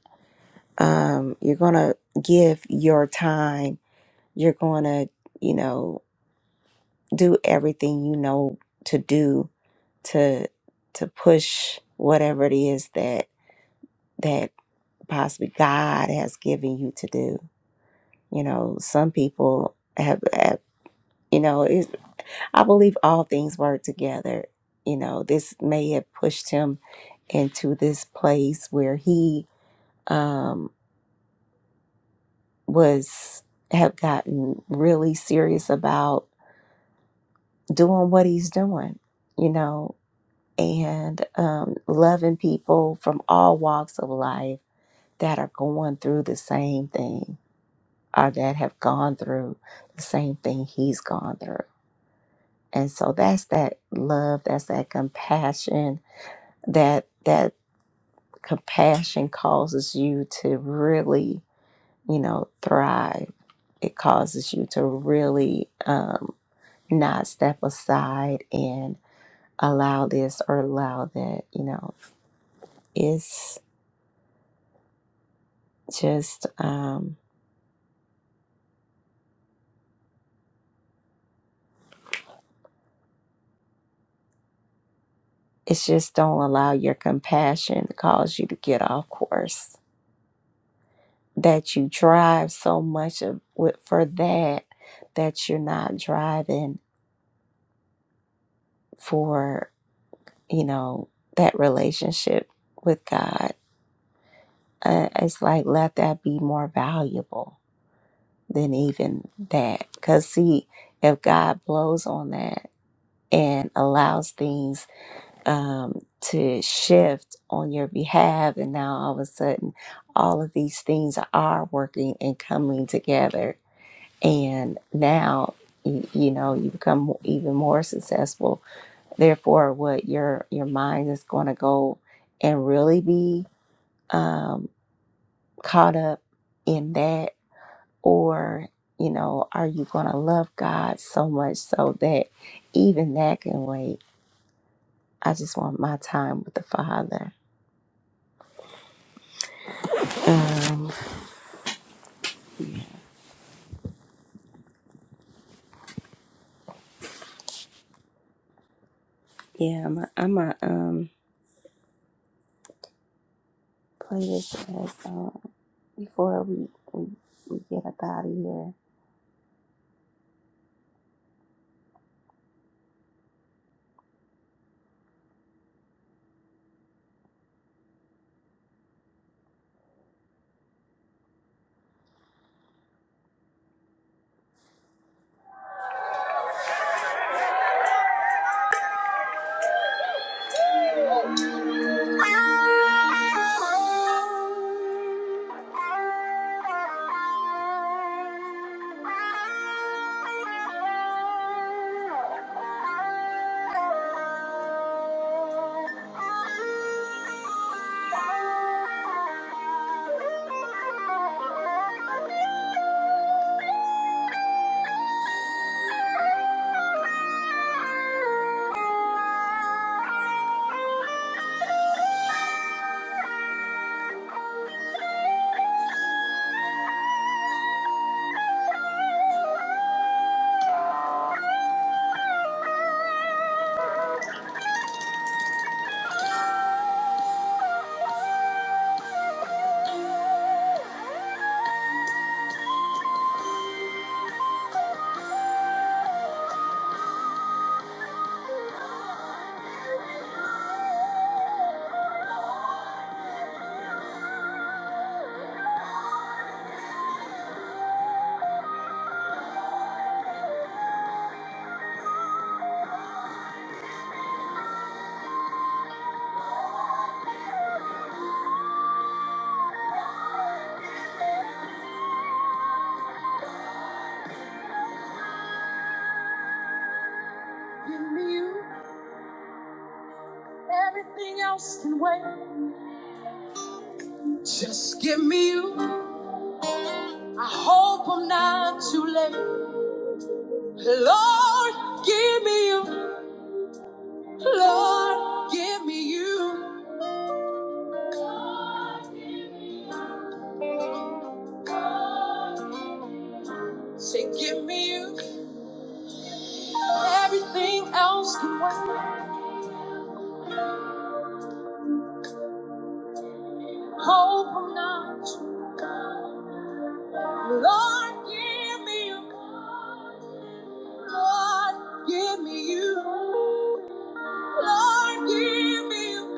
A: um you're gonna give your time you're gonna you know do everything you know to do to to push whatever it is that that possibly God has given you to do. You know, some people have, have you know, it's, I believe all things work together. You know, this may have pushed him into this place where he um, was have gotten really serious about doing what he's doing. You know, and um, loving people from all walks of life that are going through the same thing are that have gone through the same thing he's gone through. And so that's that love, that's that compassion, that that compassion causes you to really, you know, thrive. It causes you to really um, not step aside and allow this or allow that, you know. It's just um it's just don't allow your compassion to cause you to get off course that you drive so much of, with, for that that you're not driving for you know that relationship with god uh, it's like let that be more valuable than even that because see if god blows on that and allows things um, to shift on your behalf and now all of a sudden all of these things are working and coming together and now you, you know you become even more successful therefore what your your mind is going to go and really be um, caught up in that or you know are you going to love god so much so that even that can wait i just want my time with the father um yeah i'm a, I'm a um play this as, uh, before we, we we get up out of here Everything else can wait. Just give me you. I hope I'm not too late. Lord, give me you. Lord, give me you. Say, give me you. Everything else can wait. Hope I'm not too late. Lord, give me you. Lord, give me you. Lord, give me you.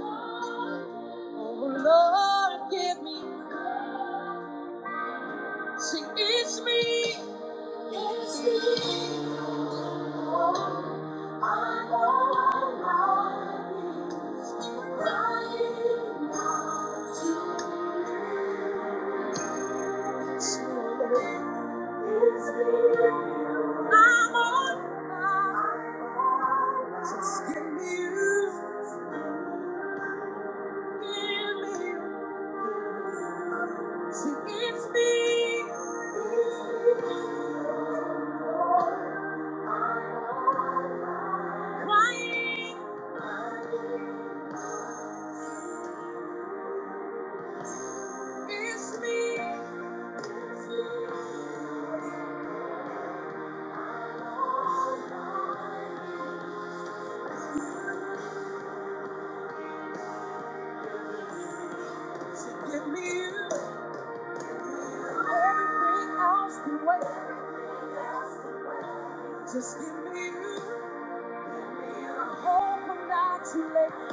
A: Oh, Lord, give me you. Say it's me. It's me. It's me. Crying is me. So give me you. Everything else can wait. Just give me you. I hope I'm not too late.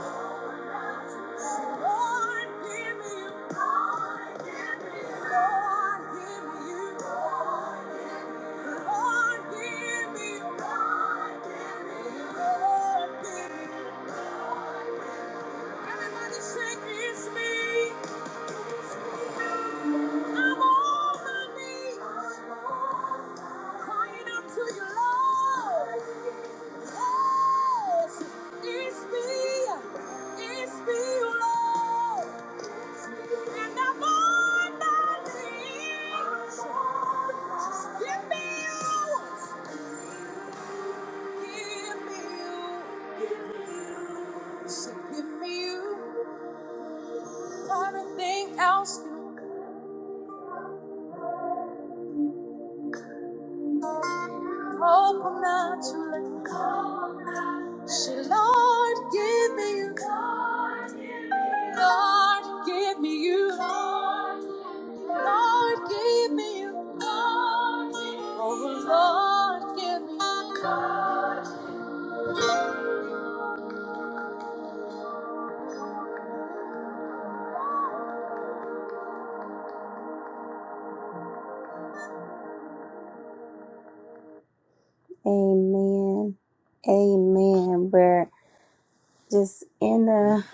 A: So Lord, give me you. Lord, give me you. Lord, give me you. Lord, give me you. Lord, give me you. Lord, give me you. Everybody say, it's me. I'm on my knees, crying out to you, Lord. Yes, it's me, it's me, Lord. And I'm on my knees. Just give me you, give me you. So give me you, not a thing else. you Hope I'm not too late. Say, Lord, give me you. Lord, give me you. Lord, give me you. Oh, Lord, give me you. Amen. Amen. We're just in a,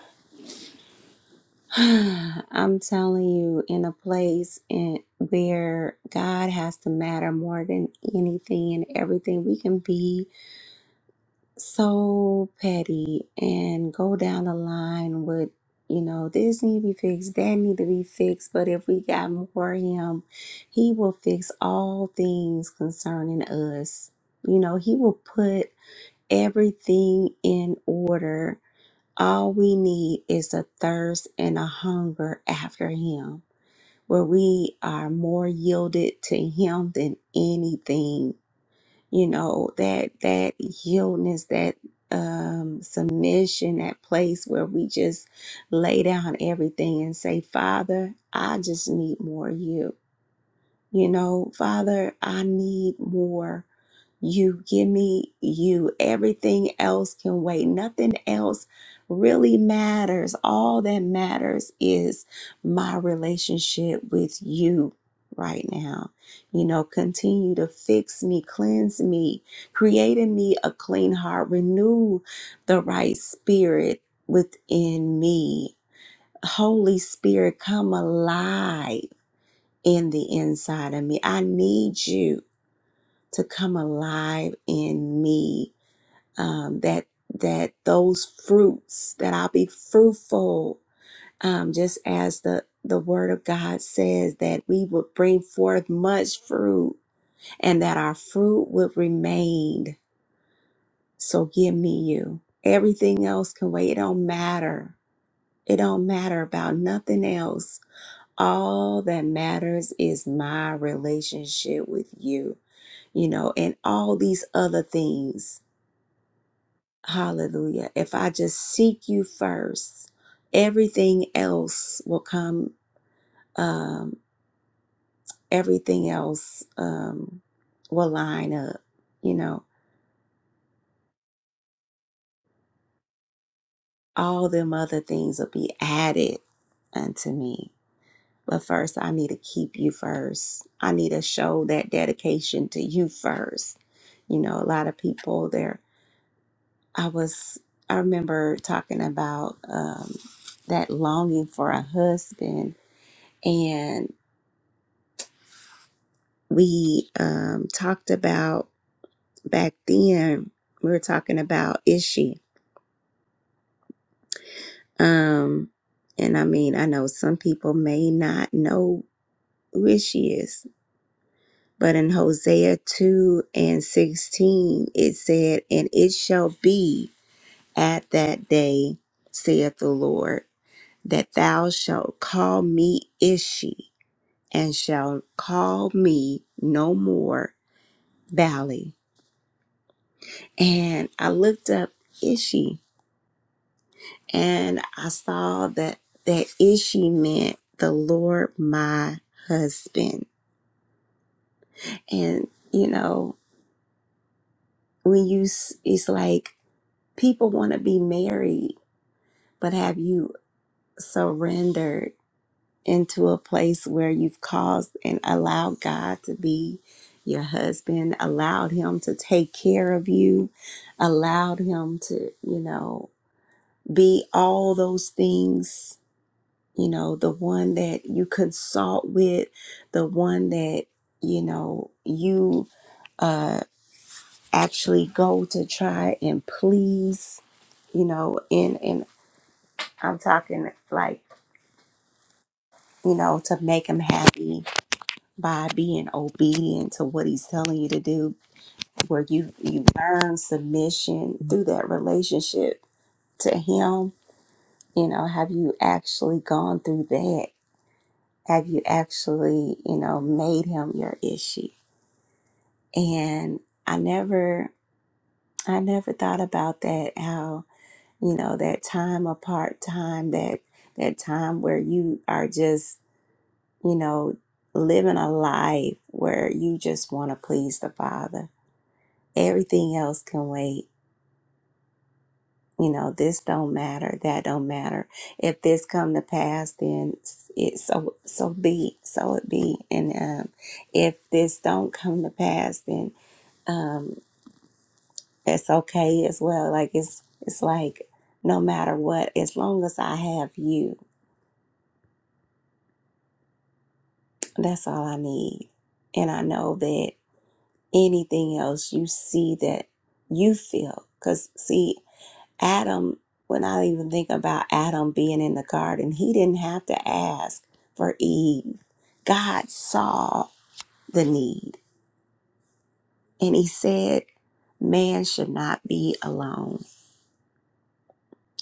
A: I'm telling you, in a place in, where God has to matter more than anything and everything. We can be so petty and go down the line with you know this need to be fixed that need to be fixed but if we got more of him he will fix all things concerning us you know he will put everything in order all we need is a thirst and a hunger after him where we are more yielded to him than anything you know that that yieldness that um submission that place where we just lay down everything and say father i just need more of you you know father i need more you give me you. Everything else can wait. Nothing else really matters. All that matters is my relationship with you right now. You know, continue to fix me, cleanse me, create in me a clean heart, renew the right spirit within me. Holy Spirit, come alive in the inside of me. I need you to come alive in me um, that that those fruits that i'll be fruitful um, just as the the word of god says that we would bring forth much fruit and that our fruit would remain so give me you everything else can wait it don't matter it don't matter about nothing else all that matters is my relationship with you you know and all these other things Hallelujah. If I just seek you first, everything else will come, um, everything else um, will line up. You know, all them other things will be added unto me. But first, I need to keep you first. I need to show that dedication to you first. You know, a lot of people there, I was, I remember talking about um, that longing for a husband and. we um, talked about back then. We were talking about Ishi, um, and I mean, I know some people may not know who Ishi is, but in Hosea two and sixteen, it said, "And it shall be at that day, saith the Lord, that thou shalt call me Ishi." And shalt call me no more Valley. And I looked up Ishi and I saw that that Ishi meant the Lord my husband. And you know, when you s- it's like people want to be married, but have you surrendered into a place where you've caused and allowed God to be your husband, allowed him to take care of you, allowed him to, you know, be all those things you know, the one that you consult with, the one that, you know, you uh actually go to try and please, you know, and and I'm talking like, you know, to make him happy by being obedient to what he's telling you to do, where you you learn submission through that relationship to him, you know, have you actually gone through that? Have you actually, you know, made him your issue? and i never i never thought about that how you know that time apart time that that time where you are just you know living a life where you just want to please the father everything else can wait you know this don't matter that don't matter if this come to pass then it so so be so it be and um if this don't come to pass then um, that's okay as well. Like it's it's like no matter what, as long as I have you, that's all I need. And I know that anything else you see that you feel, because see, Adam, when I even think about Adam being in the garden, he didn't have to ask for Eve. God saw the need, and He said, "Man should not be alone."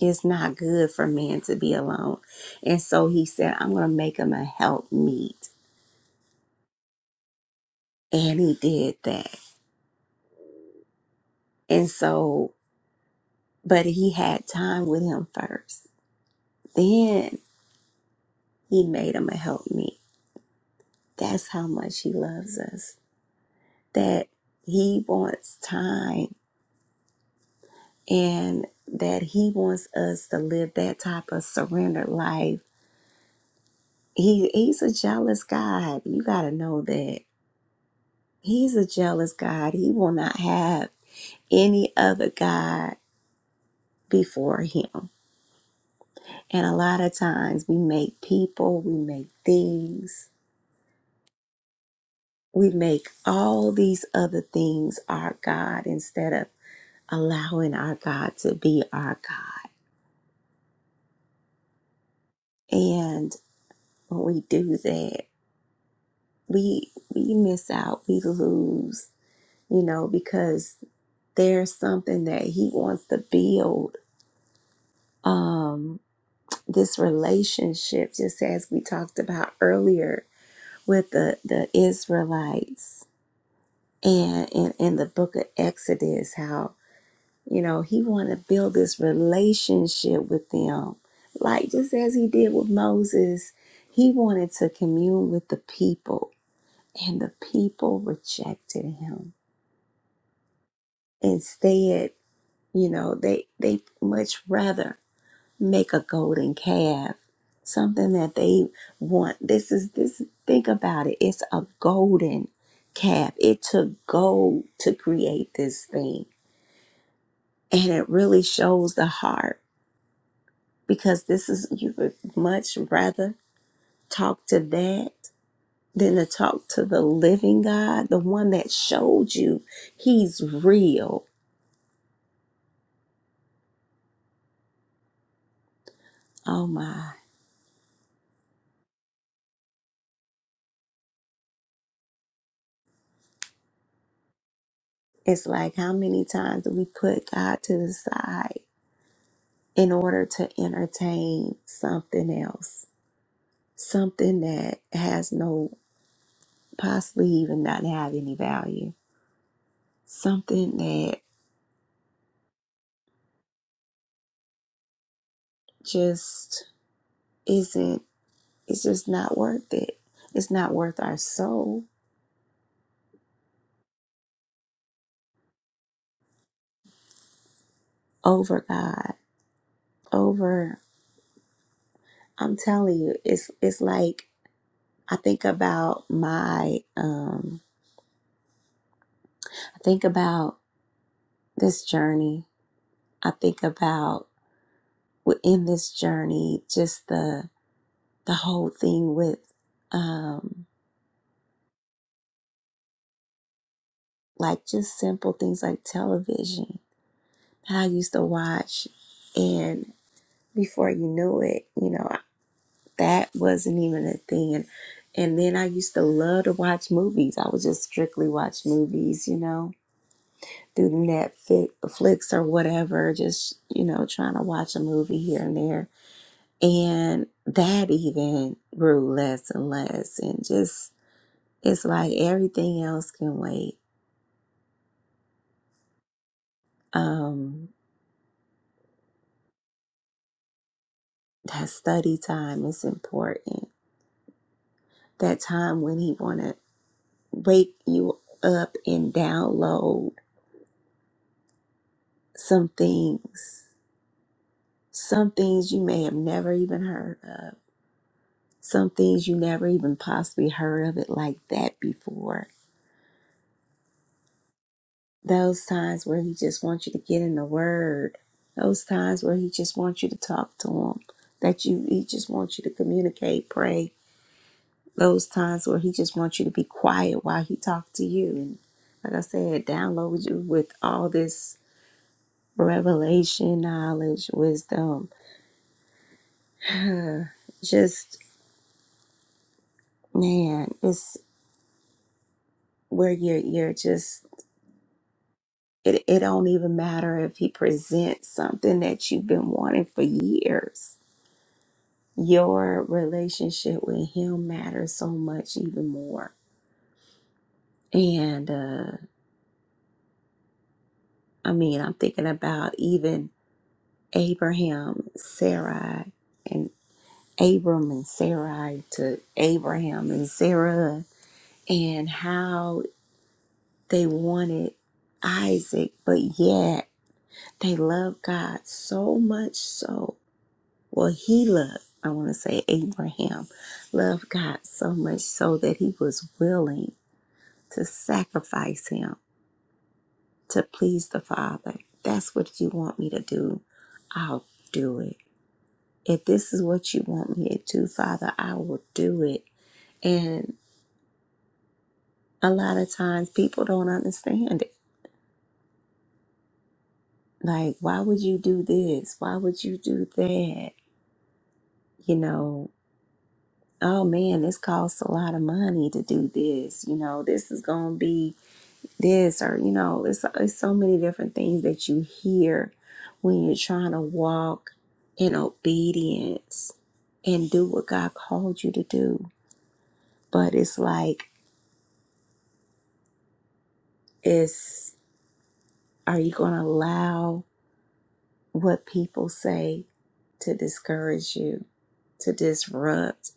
A: It's not good for man to be alone. And so he said, I'm going to make him a helpmeet," And he did that. And so, but he had time with him first. Then he made him a helpmeet. That's how much he loves us. That he wants time and that he wants us to live that type of surrendered life. He, he's a jealous God. You got to know that. He's a jealous God. He will not have any other God before Him. And a lot of times we make people, we make things, we make all these other things our God instead of allowing our God to be our God. And when we do that, we we miss out, we lose, you know, because there's something that He wants to build. Um, this relationship, just as we talked about earlier, with the, the Israelites and in, in the book of Exodus, how, you know, he wanted to build this relationship with them. Like just as he did with Moses, he wanted to commune with the people, and the people rejected him. Instead, you know, they they much rather make a golden calf something that they want this is this think about it it's a golden calf it took gold to create this thing and it really shows the heart because this is you would much rather talk to that than to talk to the living god the one that showed you he's real oh my it's like how many times do we put god to the side in order to entertain something else, something that has no, possibly even not have any value, something that just isn't, it's just not worth it. It's not worth our soul over God, over, I'm telling you, it's, it's like, I think about my, um, I think about this journey. I think about within this journey, just the, the whole thing with um, like just simple things like television that I used to watch. And before you knew it, you know, that wasn't even a thing. And, and then I used to love to watch movies. I would just strictly watch movies, you know, through Netflix or whatever, just, you know, trying to watch a movie here and there. And that even grew less and less. And just, it's like everything else can wait um that study time is important that time when he want to wake you up and download some things some things you may have never even heard of some things you never even possibly heard of it like that before those times where he just wants you to get in the word those times where he just wants you to talk to him that you he just wants you to communicate pray Those times where he just wants you to be quiet while he talks to you. And like I said, download you with all this revelation, knowledge, wisdom. Just man, it's where you're you're just it, it don't even matter if he presents something that you've been wanting for years. Your relationship with him matters so much even more. And uh I mean, I'm thinking about even Abraham, Sarai, and Abram and Sarai to Abraham and Sarah and how they wanted Isaac, but yet they loved God so much so. Well, he loved, I want to say Abraham loved God so much so that he was willing to sacrifice him to please the Father. That's what you want me to do. I'll do it. If this is what you want me to do, Father, I will do it. And a lot of times people don't understand it. Like, why would you do this? Why would you do that? You know, oh man, this costs a lot of money to do this. You know, this is going to be this, or, you know, it's, it's so many different things that you hear when you're trying to walk in obedience and do what God called you to do. But it's like, it's, are you going to allow what people say to discourage you? to disrupt,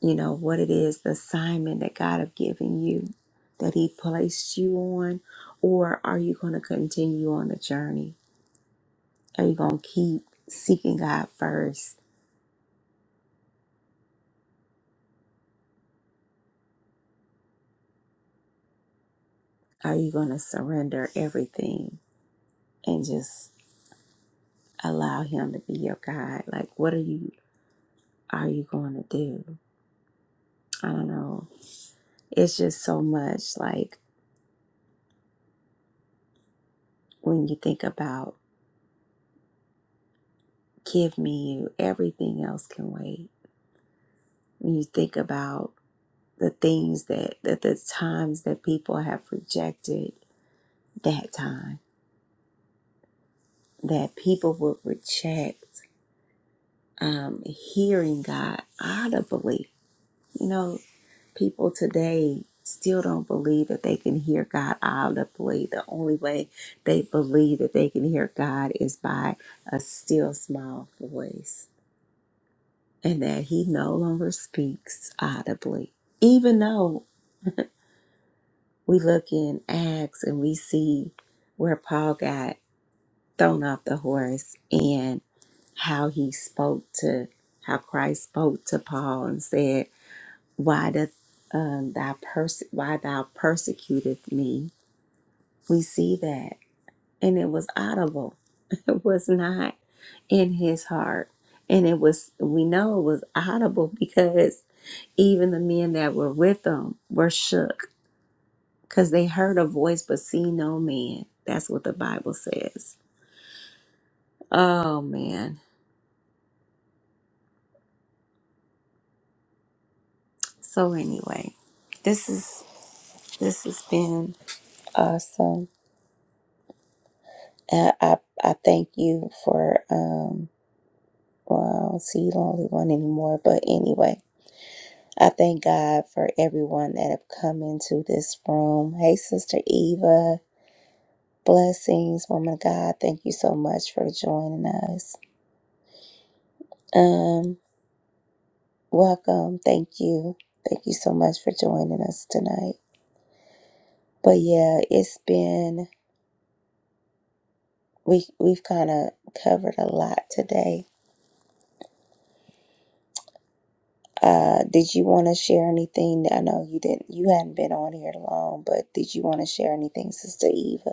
A: you know, what it is, the assignment that God have given you, that He placed you on, or are you going to continue on the journey? Are you going to keep seeking God first? Are you going to surrender everything and just allow Him to be your guide? Like, what are you are you going to do? I don't know. It's just so much. Like when you think about, give me you. Everything else can wait. When you think about the things that, that the times that people have rejected that time, that people would reject um, hearing God audibly. You know, people today still don't believe that they can hear God audibly. The only way they believe that they can hear God is by a still small voice and that He no longer speaks audibly. Even though we look in Acts and we see where Paul got thrown off the horse and how he spoke to how Christ spoke to Paul and said, "Why doth um, thou perse- why thou persecutest me?" We see that, and it was audible. It was not in his heart, and it was we know it was audible because even the men that were with him were shook because they heard a voice but see no man. That's what the Bible says. Oh man So anyway, this is this has been awesome. Uh, I I thank you for um. Well, I don't see you don't only one anymore, but anyway, I thank God for everyone that have come into this room. Hey, Sister Eva, blessings, woman of God. Thank you so much for joining us. Um, welcome. Thank you. Thank you so much for joining us tonight. But yeah, it's been we we've kind of covered a lot today Uh, did you want to share anything? I know you didn't, you hadn't been on here long, but did you want to share anything, Sister Eva?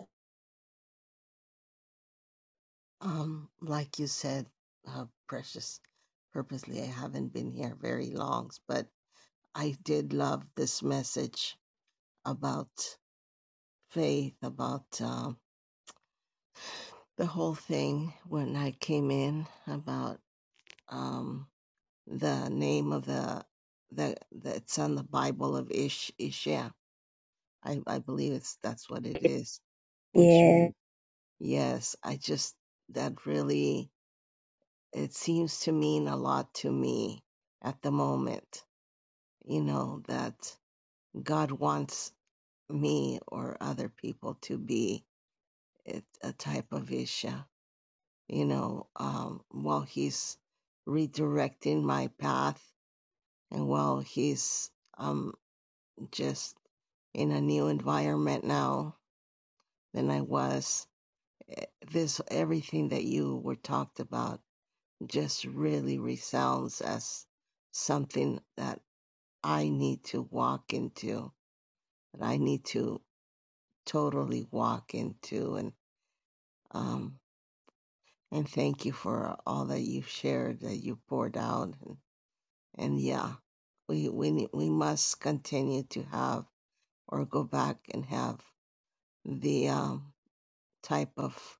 O: Um, like you said, uh, precious, purposely, I haven't been here very long, but I did love this message about faith, about um, the whole thing when I came in about um, the name of the the that's on the Bible of Ish Ishia. I, I believe it's that's what it is, which
A: Yeah.
O: means yes. I just that really it seems to mean a lot to me at the moment, you know, that God wants me or other people to be it, a type of Isha, you know, um, while He's redirecting my path and while He's um, just in a new environment now than I was. This, everything that you were talked about, just really resounds as something that I need to walk into, that I need to totally walk into. And um, and thank you for all that you've shared, that you poured out. And, and yeah, we we need, we must continue to have or go back and have the um, type of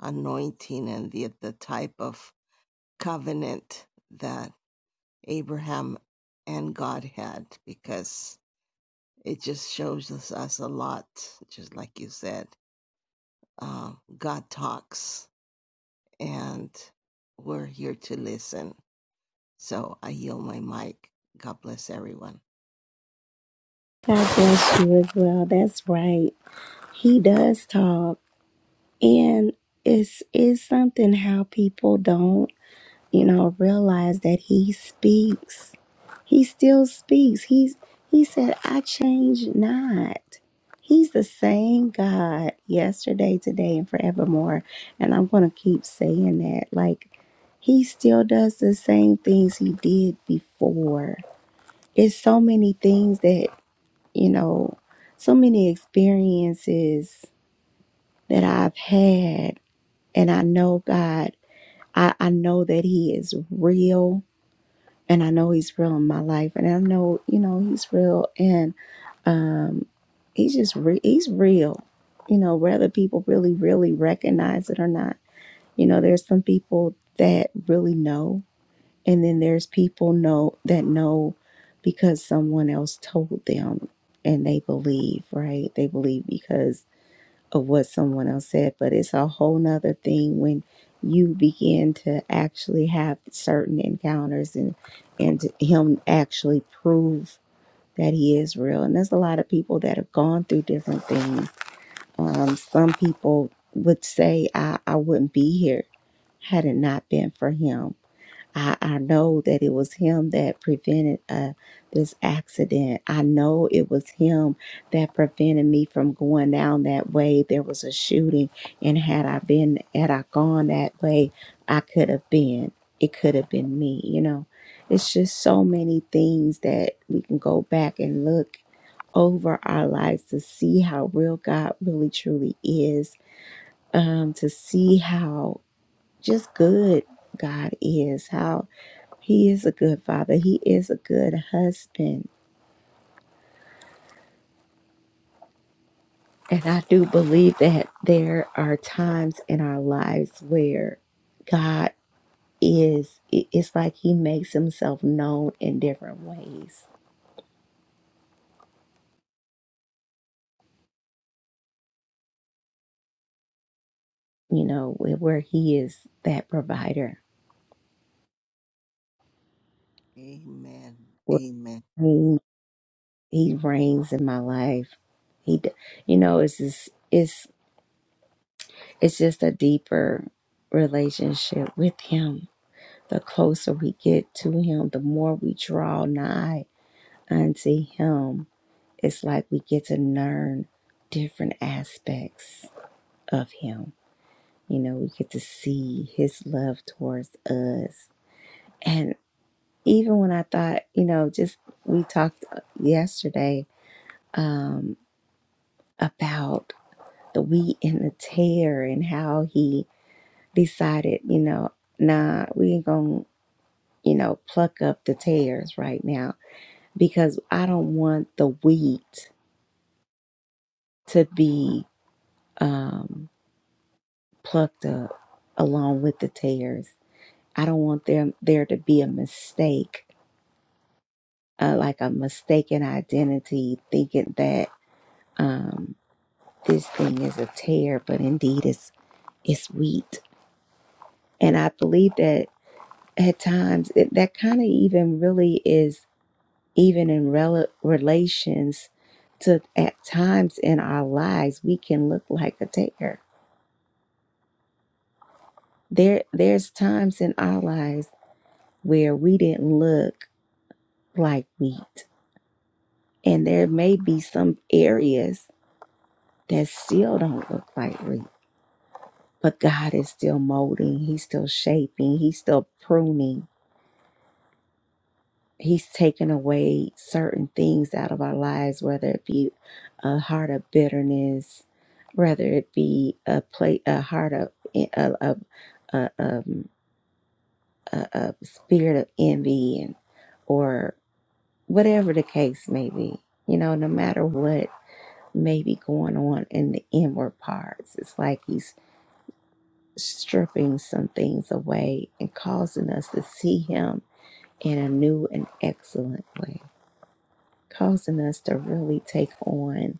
O: anointing and the the type of covenant that Abraham and God had, because it just shows us, us a lot, just like you said uh, God talks, and we're here to listen. So I yield my mic. God bless everyone.
A: God bless you as well. That's right. He does talk. And it's it's something how people don't, you know, realize that he speaks. He still speaks. He's he said, I change not. He's the same God yesterday, today, and forevermore. And I'm gonna keep saying that. Like he still does the same things he did before. It's so many things that, you know, so many experiences that I've had. And I know God, I, I know that He is real. And I know He's real in my life. And I know, you know, He's real. Um, he's just re- he's real, you know, whether people really really recognize it or not. You know, there's some people that really know, and then there's people know that know because someone else told them, and they believe, right? They believe because of what someone else said. But it's a whole nother thing when you begin to actually have certain encounters and and him actually prove that he is real. And there's a lot of people that have gone through different things. Um, some people would say, I, I wouldn't be here had it not been for him. I, I know that it was him that prevented uh, this accident. I know it was him that prevented me from going down that way. There was a shooting, and had I been, had I gone that way, I could have been. It could have been me, you know. It's just so many things that we can go back and look over our lives to see how real God really truly is, um, to see how just good God is, how He is a good father, He is a good husband. And I do believe that there are times in our lives where God is, it- it's like He makes Himself known in different ways, you know, where where He is that provider.
O: Amen.
A: where
O: Amen.
A: He He reigns in my life. He, d- you know, it's just, it's it's just a deeper relationship with Him. The closer we get to Him, the more we draw nigh unto Him. It's like we get to learn different aspects of Him. You know, we get to see His love towards us. And even when I thought, you know, just we talked uh, yesterday um, about the wheat and the tear and how he decided, you know, nah, we ain't gonna, you know, pluck up the tears right now because I don't want the wheat to be um, plucked up along with the tears. I don't want them there to be a mistake, uh, like a mistaken identity, thinking that um, this thing is a tear, but indeed it's it's wheat. And I believe that at times it, that kind of even really is even in rel- relations to at times in our lives we can look like a dare there there's times in our lives where we didn't look like wheat and there may be some areas that still don't look like wheat but god is still molding he's still shaping he's still pruning He's taken away certain things out of our lives, whether it be a heart of bitterness, whether it be a play, a heart of a, a, a, um, a, a spirit of envy, and or whatever the case may be. You know, no matter what may be going on in the inward parts, it's like he's stripping some things away and causing us to see him in a new and excellent way. causing us to really take on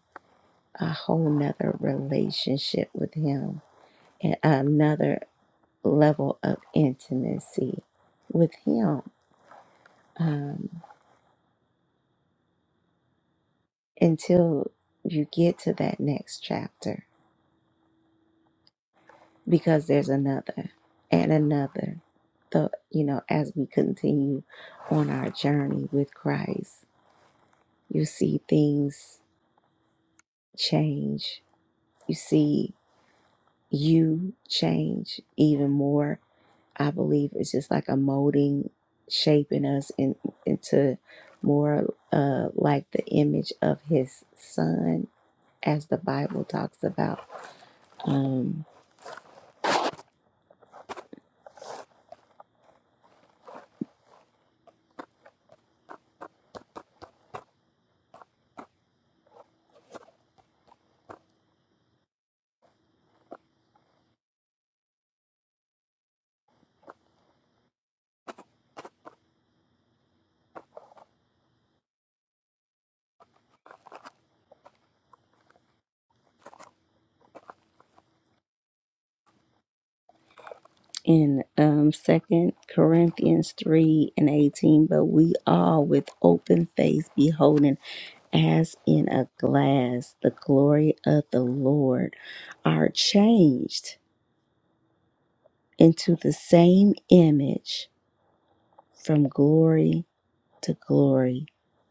A: a whole nother relationship with him and another level of intimacy with him um, until you get to that next chapter because there's another and another the you know as we continue on our journey with christ you see things change you see you change even more I believe it's just like a molding, shaping us in, into more uh, like the image of His Son, as the Bible talks about um, in um, Second Corinthians three and eighteen. But we all, with open face, beholding as in a glass the glory of the Lord, are changed into the same image from glory to glory,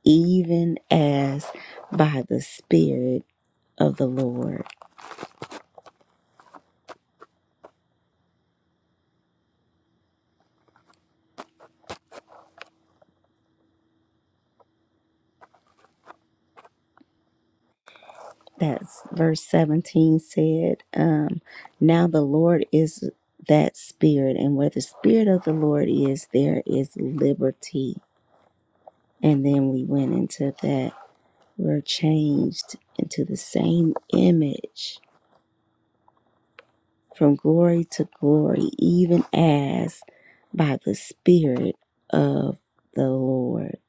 A: even as by the Spirit of the Lord. That's verse 17 said, um, Now the Lord is that Spirit, and where the Spirit of the Lord is, there is liberty. And then we went into that. We're changed into the same image from glory to glory, even as by the Spirit of the Lord.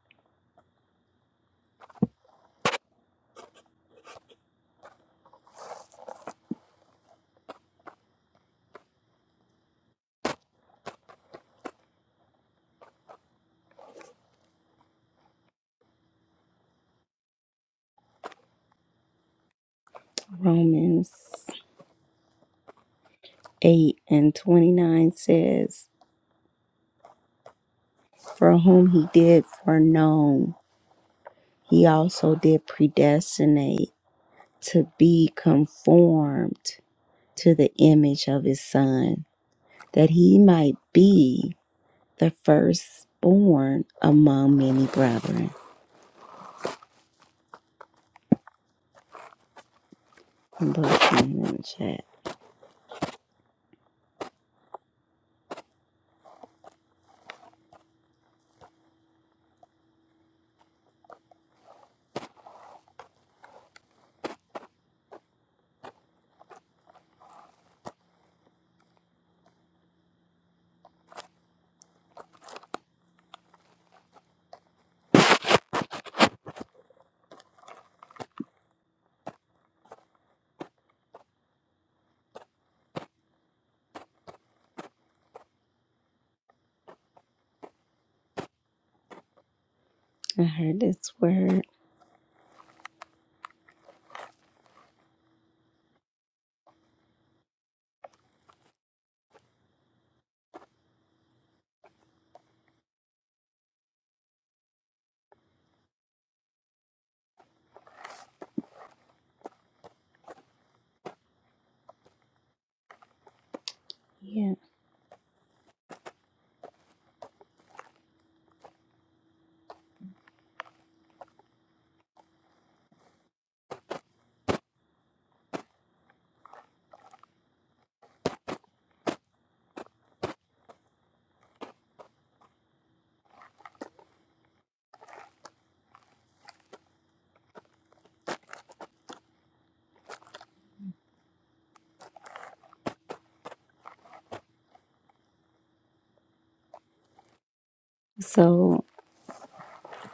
A: Romans 8 and 29 says, For whom he did foreknow, he also did predestinate to be conformed to the image of his son, that he might be the firstborn among many brethren. I'm posting in the chat. I heard this word. Yeah. So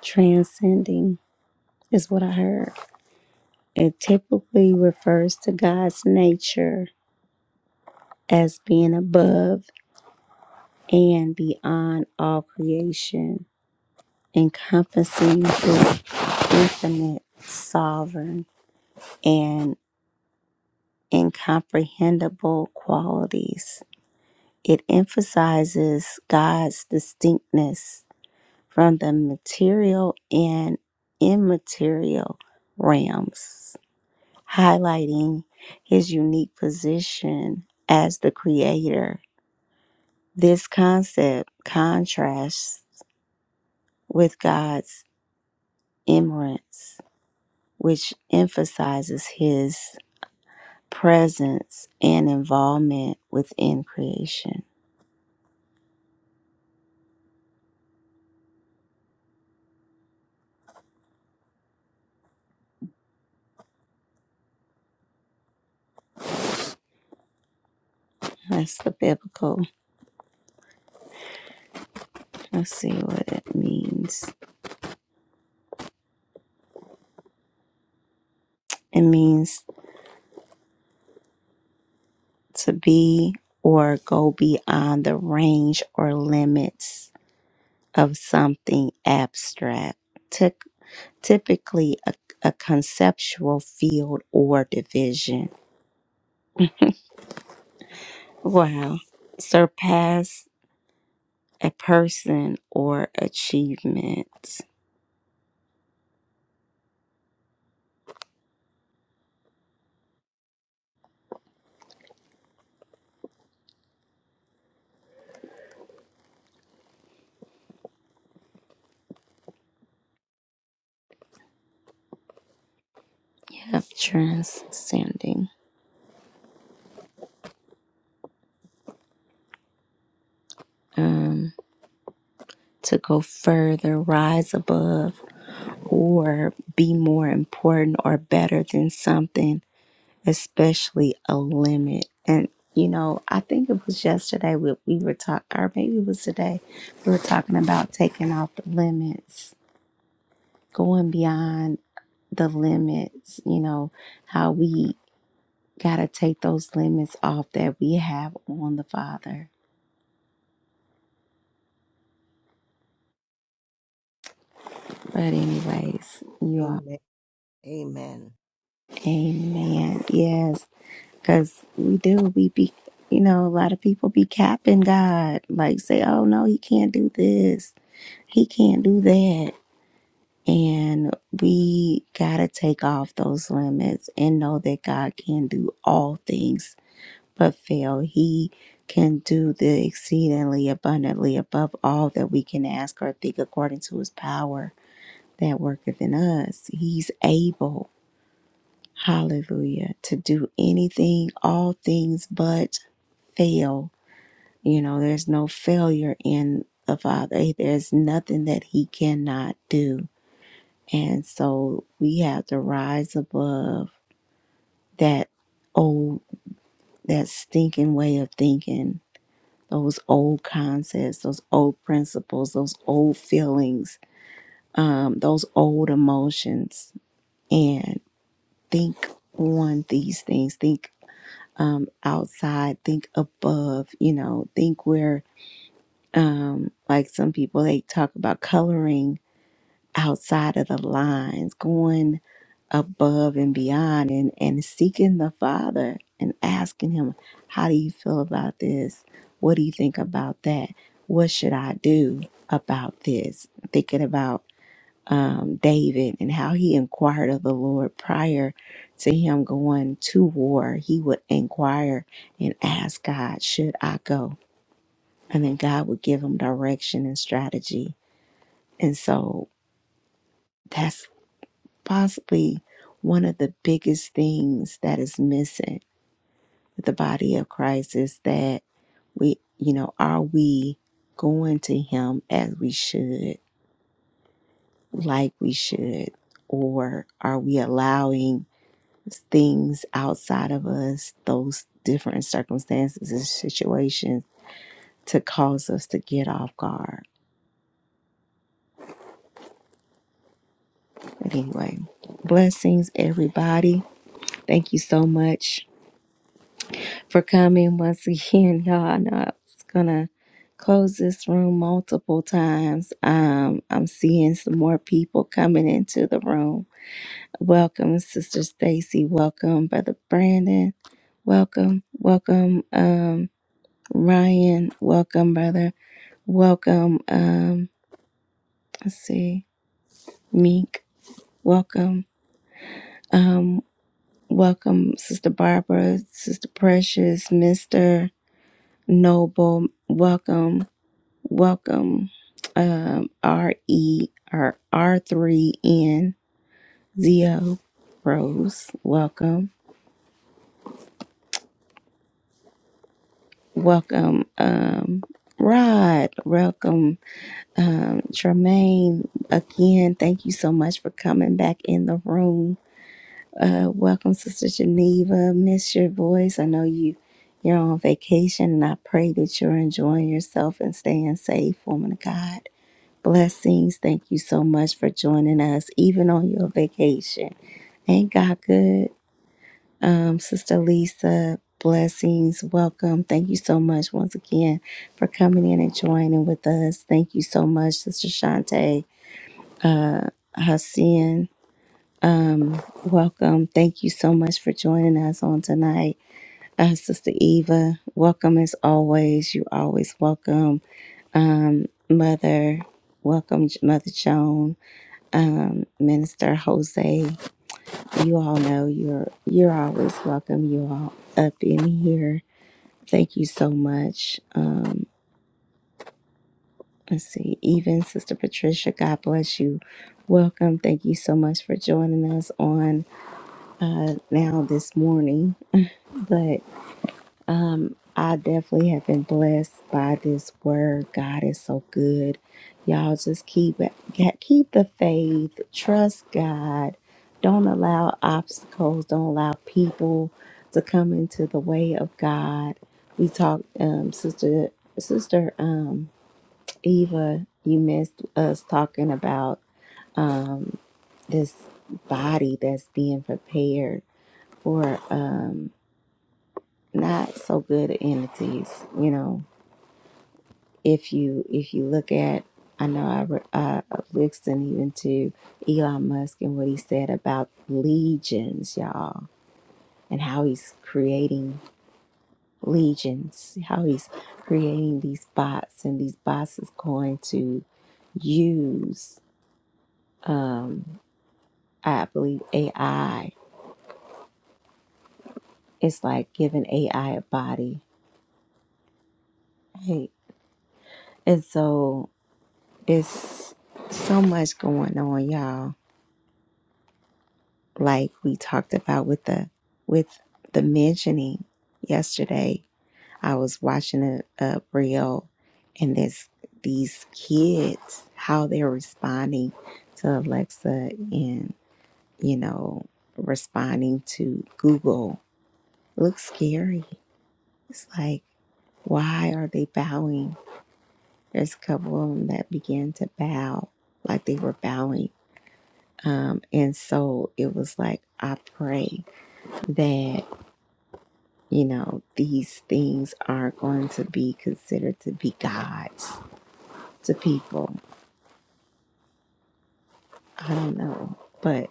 A: transcending is what I heard. It typically refers to God's nature as being above and beyond all creation, encompassing his infinite, sovereign, and incomprehensible qualities. It emphasizes God's distinctness from the material and immaterial realms, highlighting his unique position as the creator. This concept contrasts with God's Emirates, which emphasizes his presence and involvement within creation. That's the biblical. Let's see what it means. It means to be or go beyond the range or limits of something abstract, Ty- typically a, a conceptual field or division. Wow. Surpass a person or achievement. of transcending um, to go further, rise above, or be more important or better than something, especially a limit. And you know, I think it was yesterday we, we were talking, or maybe it was today, we were talking about taking off the limits, going beyond the limits, you know, how we got to take those limits off that we have on the Father. But, anyways, you all.
O: Amen. Amen.
A: Amen. Yes, because we do. We be, you know, a lot of people be capping God, like say, "Oh no, he can't do this. He can't do that." And we gotta take off those limits and know that God can do all things, but fail. He can do the exceedingly abundantly above all that we can ask or think, according to His power that worketh in us. He's able. Hallelujah. To do anything, all things but fail. You know, there's no failure in the Father. Hey, There's nothing that He cannot do. And so we have to rise above that old, that stinking way of thinking, those old concepts, those old principles, those old feelings, um, those old emotions, and think on these things. Think um, outside, think above, you know, think where, um, like some people, they talk about coloring outside of the lines, going above and beyond and, and seeking the Father and asking Him, How do you feel about this? What do you think about that? What should I do about this? Thinking about um, David and how he inquired of the Lord prior to him going to war. He would inquire and ask God, Should I go? And then God would give him direction and strategy. And so that's possibly one of the biggest things that is missing with the body of Christ is that we, you know, are we going to Him as we should, like we should, or are we allowing things outside of us, those different circumstances and situations to cause us to get off guard. But anyway, blessings, everybody. Thank you so much for coming once again, y'all. I know I was gonna close this room multiple times. Um, I'm seeing some more people coming into the room. Welcome, Sister Stacy. Welcome, Brother Brandon. Welcome, welcome, um, Ryan. Welcome, brother. Welcome, um, let's see, Meek. Welcome, um, welcome, Sister Barbara, Sister Precious, Mister Noble. Welcome, welcome, um, R E or R three N Zio Rose. Welcome, welcome, um, Rod. Welcome, um, Tremaine. Again, thank you so much for coming back in the room Uh, welcome, Sister Geneva. Miss your voice. I know you you're on vacation, and I pray that you're enjoying yourself and staying safe, woman of God. Blessings. Thank you so much for joining us, even on your vacation. Ain't God good? Um, Sister Lisa, blessings. Welcome. Thank you so much once again for coming in and joining with us. Thank you so much, Sister Shante Hassan. Welcome. Thank you so much for joining us on tonight. Uh, Sister Eva, welcome as always. You always welcome. Um, Mother, welcome, J- Mother Joan, um, Minister Jose. You all know you're you're always welcome. You all up in here. Thank you so much. Um, let's see, even Sister Patricia, God bless you. Welcome. Thank you so much for joining us on uh, now this morning. But I definitely have been blessed by this word. God is so good. Y'all just keep keep the faith. Trust God. Don't allow obstacles. Don't allow people to come into the way of God. We talked, um, sister, sister, um, Eva. You missed us talking about um, this body that's being prepared for um, not so good entities. You know, if you if you look at I know I, re- I I listened even to Elon Musk and what he said about legions, y'all, and how he's creating legions, how he's creating these bots, and these bots is going to use, um, I believe AI. It's like giving AI a body, right? And so it's so much going on, y'all like we talked about with the with the mentioning yesterday i was watching a, a reel and this these kids how they're responding to alexa and you know responding to google looks scary it's like why are they bowing there's a couple of them that began to bow like they were bowing um, and so it was like i pray that You know, these things are going to be considered to be gods to people. I don't know. But,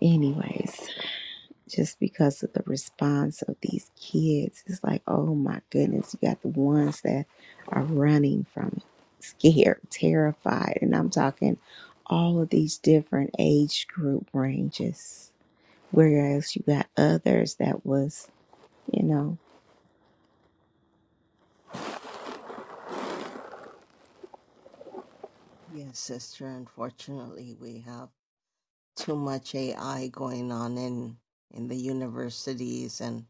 A: anyways, just because of the response of these kids, it's like, oh my goodness, you got the ones that are running from it, scared, terrified. And I'm talking all of these different age group ranges. Whereas you got others that was, you know,
O: Yes, sister. Unfortunately, we have too much AI going on in in the universities and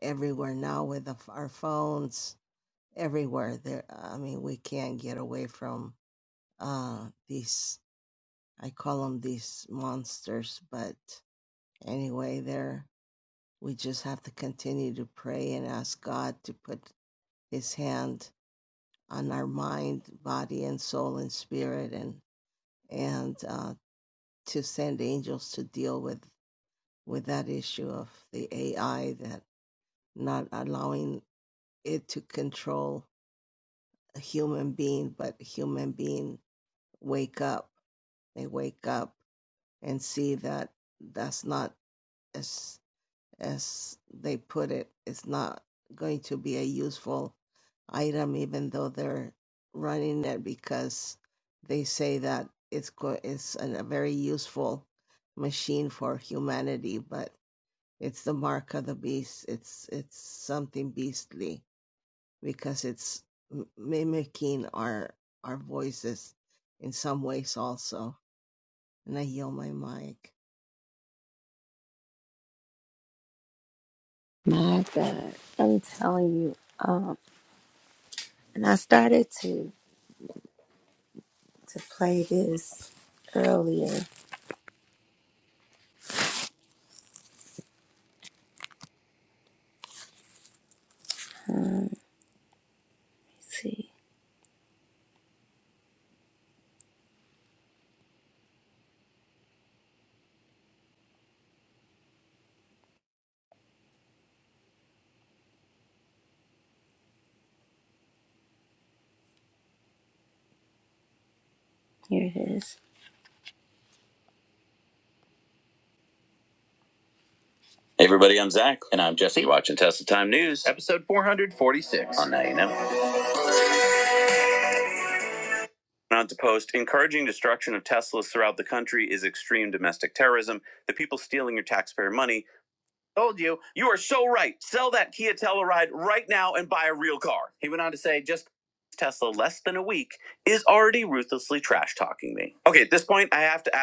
O: everywhere now with the, our phones. Everywhere there. I mean, we can't get away from uh, these. I call them these monsters, but anyway there we just have to continue to pray and ask god to put his hand on our mind body and soul and spirit and and uh, to send angels to deal with with that issue of the ai that not allowing it to control a human being but human being wake up they wake up and see that that's not as as they put it, it's not going to be a useful item, even though they're running it because they say that it's go- it's an, a very useful machine for humanity, but it's the mark of the beast. It's it's something beastly because it's m- mimicking our our voices in some ways also. And I yield my mic.
A: my God, I'm telling you. um. And I started to to play this earlier. Let's see, here it is. Hey everybody, I'm Zach. And I'm Jesse. You're watching Tesla Time News, episode 446 on Now You Know. On to post, encouraging destruction of Teslas throughout the country is extreme domestic terrorism. The people stealing your taxpayer money. Told you, you are so right. Sell that Kia Telluride right now and buy a real car. He went on to say, just Tesla less than a week is already ruthlessly trash talking me. Okay, at this point, I have to ask.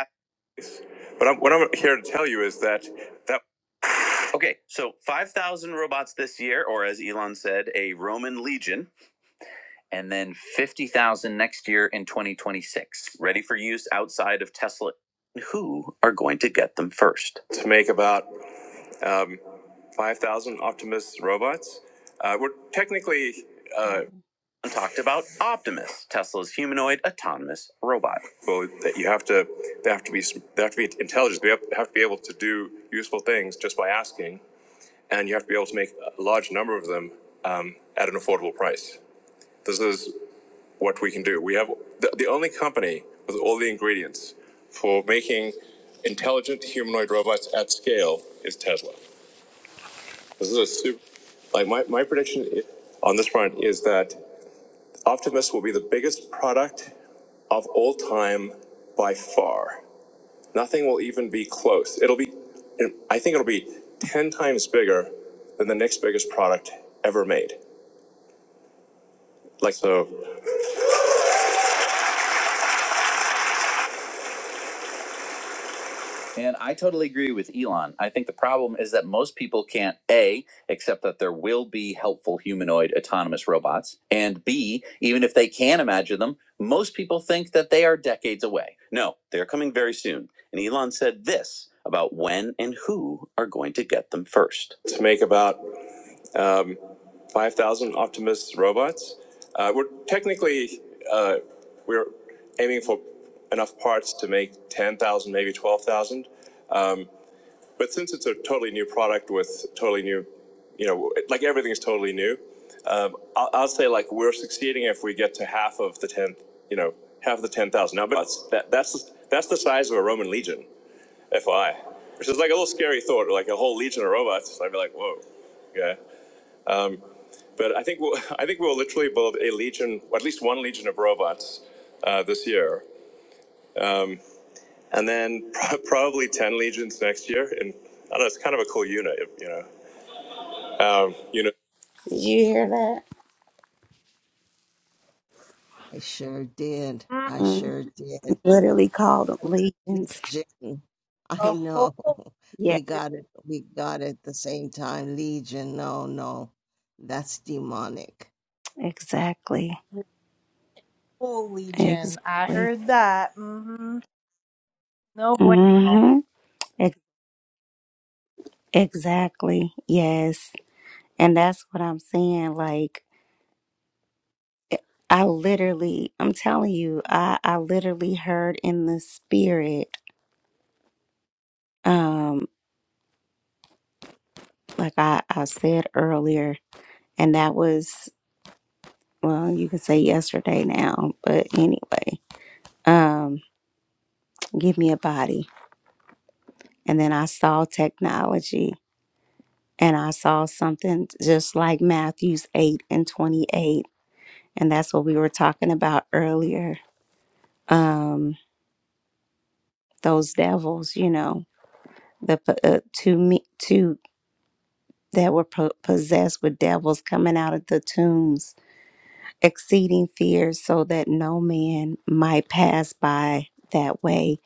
A: Okay, so 5,000 robots this year, or as Elon said, a Roman legion, and then 50,000 next year in 2026, ready for use outside of Tesla. Who are going to get them first? About um, 5,000 Optimus robots. Uh, we're technically. Uh, talked about Optimus, Tesla's humanoid autonomous robot. Well, that you have to, they have to be, they have to be intelligent. They have, have to be able to do useful things just by asking. and you have to be able to make a large number of them um, at an affordable price. This is what we can do. We have the, the only company with all the ingredients for making intelligent humanoid robots at scale is Tesla. This is a super, like my, my prediction on this front is that Optimus will be the biggest product of all time by far. Nothing will even be close. It'll be, I think it'll be 10 times bigger than the next biggest product ever made. Like so, And I totally agree with Elon. I think the problem is that most people can't A, accept that there will be helpful humanoid autonomous robots, and B, even if they can imagine them, most people think that they are decades away. No, they're coming very soon. And Elon said this about when and who are going to get them first. to make about um. 5,000 Optimus robots. Uh, we're technically uh, we're aiming for enough parts to make 10,000, maybe 12,000. Um, but since it's a totally new product with totally new, you know, like everything is totally new, um, I'll, I'll say like we're succeeding if we get to half of the 10, you know, half of the 10,000. Now, but that's, that, that's, that's the size of a Roman legion, FYI, which is like a little scary thought, like a whole legion of robots. I'd be like, whoa. Yeah. Um, but I think we'll, I think we'll literally build a legion, or at least one legion of robots uh, this year, um, and then pro- probably ten legions next year. And I don't know, it's kind of a cool unit, you know. Um, you know, You hear that?
O: I sure did.
L: Mm,
O: I
A: Mm.
O: sure did.
A: Literally called them legions.
O: Legion. I
L: A whole
O: know.
A: Yeah,
O: We
L: legion.
O: got it. We got it at the same time. Legion. No, no. That's demonic.
A: exactly.
L: a whole legion. I
A: Exactly.
L: heard that. hmm No bueno.
A: mm hmm exactly. Yes. And that's what I'm saying. Like, I literally, I'm telling you, I, I literally heard in the spirit um like I, I said earlier and that was well you can say yesterday now but anyway um give me a body and then i saw technology and i saw something just like matthews 8 and 28 and that's what we were talking about earlier um those devils you know the po- uh, two me two that were po- possessed with devils coming out of the tombs exceeding fear, so that no man might pass by that way.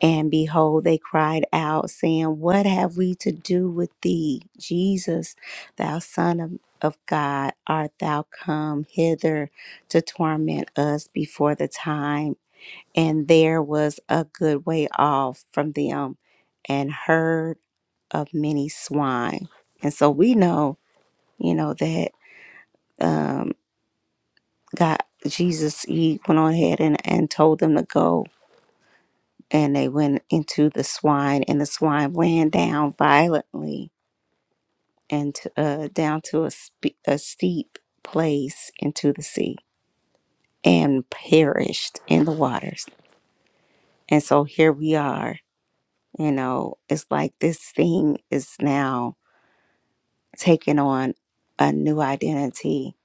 A: And behold, they cried out, saying, What have we to do with thee, Jesus, thou Son of, of God? Art thou come hither to torment us before the time? And there was a good way off from them, and herd of many swine. And so we know, you know, that. um, God, Jesus, he went on ahead and, and told them to go. And they went into the swine, and the swine ran down violently and to, uh, down to a, spe- a steep place into the sea and perished in the waters. And so here we are. You know, it's like this thing is now taking on a new identity,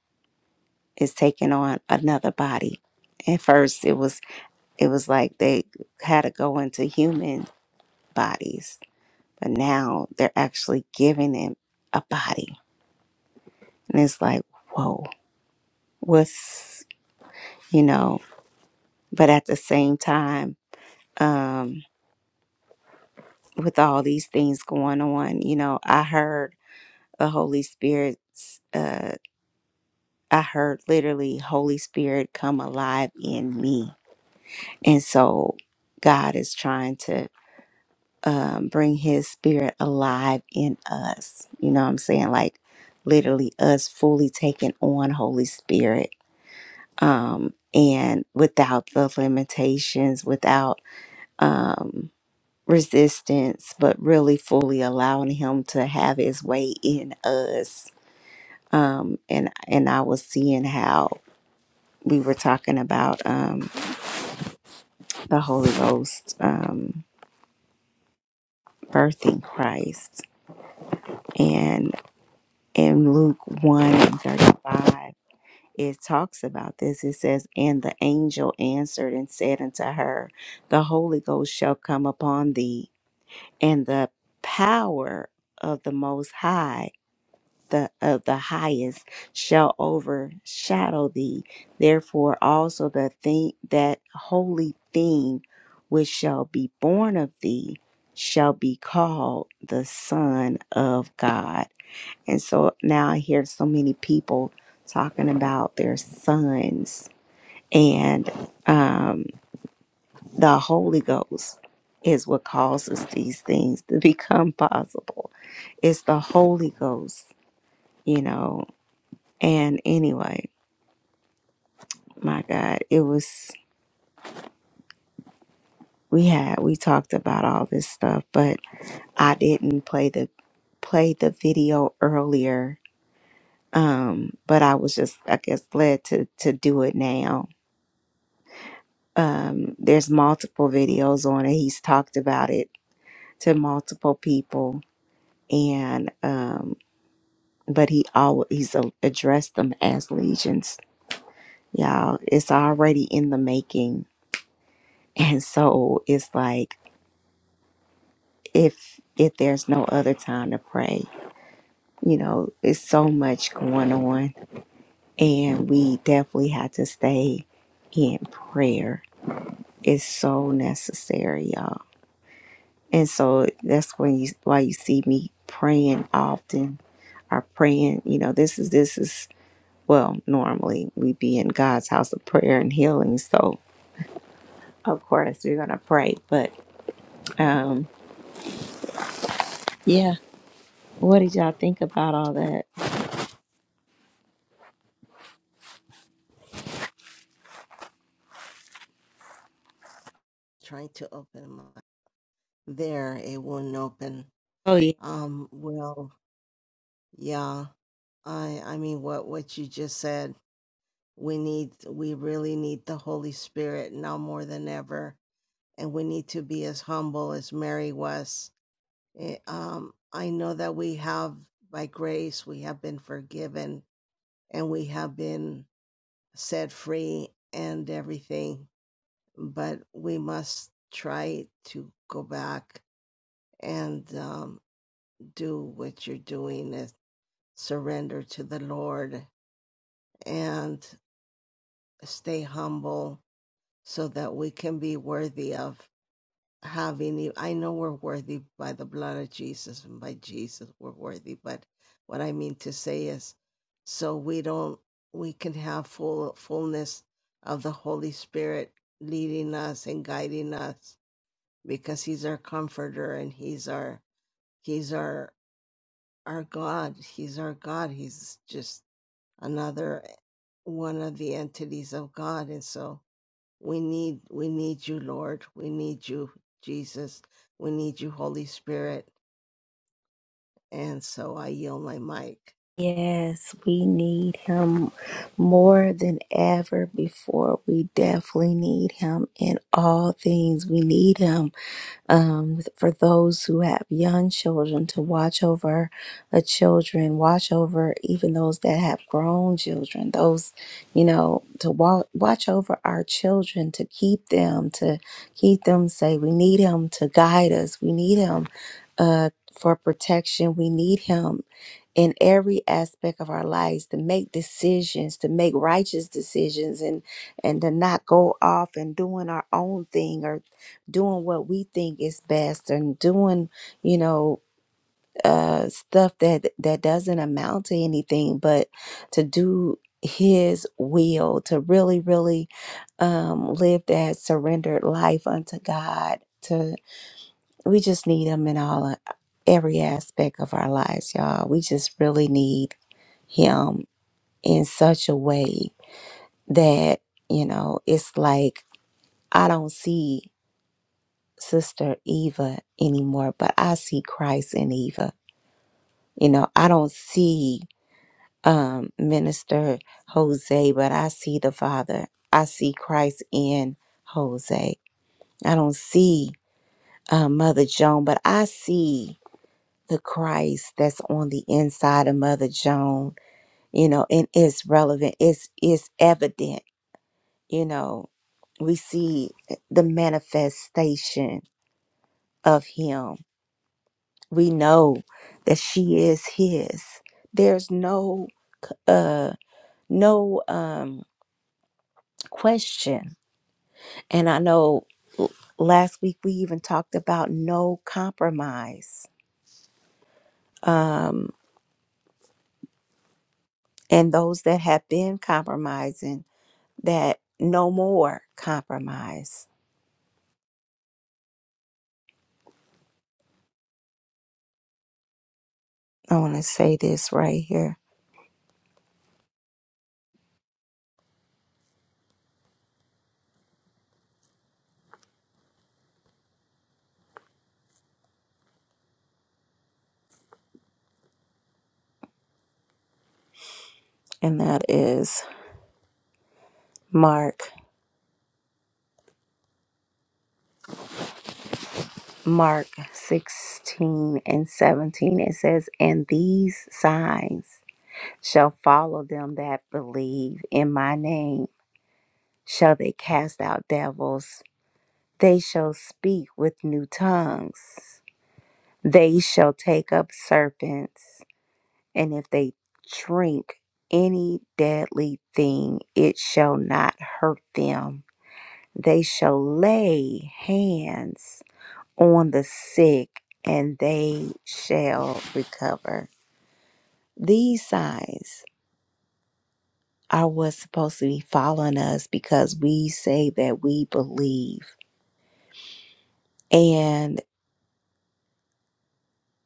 A: it's taking on another body. At first, it was it was like they had to go into human bodies, but now they're actually giving them a body. And it's like, whoa, what's, you know, but at the same time, um, with all these things going on, you know, I heard the Holy Spirit's, uh, I heard literally Holy Spirit come alive in me. And so God is trying to um, bring his spirit alive in us. You know what I'm saying? Like literally us fully taking on Holy Spirit. Um, and without the limitations, without um resistance, but really fully allowing him to have his way in us. Um, and and I was seeing how we were talking about um the Holy Ghost um birthing Christ and in Luke 1 and 35 it talks about this. It says, And the angel answered and said unto her, The Holy Ghost shall come upon thee, and the power of the Most High, the of the highest, shall overshadow thee. Therefore also the thing that holy thing which shall be born of thee shall be called the Son of God. And so now I hear so many people talking about their sons and um, the Holy Ghost is what causes these things to become possible. It's the Holy Ghost, you know. And anyway, my God, it was we had we talked about all this stuff, but I didn't play the play the video earlier, but I was just I guess led to to do it now There's multiple videos on it. He's talked about it to multiple people, and um, but he always he's a- addressed them as legions. Y'all, it's already in the making, and so it's like if if there's no other time to pray, you know, it's so much going on, and we definitely had to stay in prayer. It's so necessary, y'all. And so that's when you why you see me praying often are praying. You know, this is this is well, normally we be in God's house of prayer and healing, so of course we're gonna pray. But um yeah, what did y'all think about all that?
O: Trying to open my there, it wouldn't open.
A: Oh yeah.
O: Um, well, yeah. I I mean what what you just said. We need we really need the Holy Spirit now more than ever. And we need to be as humble as Mary was. Eh, um, I know that we have by grace we have been forgiven and we have been set free and everything. But we must try to go back and um, do what you're doing is surrender to the Lord and stay humble so that we can be worthy of have any i know we're worthy by the blood of jesus and by jesus we're worthy but what i mean to say is so we don't we can have full fullness of the holy spirit leading us and guiding us because he's our comforter and he's our he's our our god he's our god he's just another one of the entities of god and so we need we need you, Lord. We need you, Jesus. We need you, Holy Spirit. And so I yield my mic.
A: Yes, we need him more than ever before. We definitely need him in all things. We need him. um, for those who have young children to watch over the children, watch over even those that have grown children, those, you know, to wa- watch over our children, to keep them, to keep them safe. We need Him to guide us, we need Him uh, for protection, we need Him in every aspect of our lives to make decisions to make righteous decisions and and to not go off and doing our own thing doing what we think is best and doing you know uh stuff that that doesn't amount to anything but to do his will to really really um live that surrendered life unto god to we just need him in all every aspect of our lives y'all we just really need him in such a way that you know it's like i don't see Sister Eva anymore, but I see Christ in Eva. You know, I don't see um, Minister Jose, but I see the Father. I see Christ in Jose. I don't see uh, Mother Joan, but I see the Christ that's on the inside of Mother Joan. You know, and it's relevant. It's it's evident. You know, we see the manifestation of Him we know that she is his there's no uh no um question and i know last week we even talked about no compromise um and those that have been compromising that no more compromise i want to say this right here and that is mark mark 16 and 17 it says and these signs shall follow them that believe in my name. Shall they cast out devils? They shall speak with new tongues. They shall take up serpents. And if they drink any deadly thing, it shall not hurt them. They shall lay hands on the sick and they shall recover. These signs are what's supposed to be following us because we say that we believe. And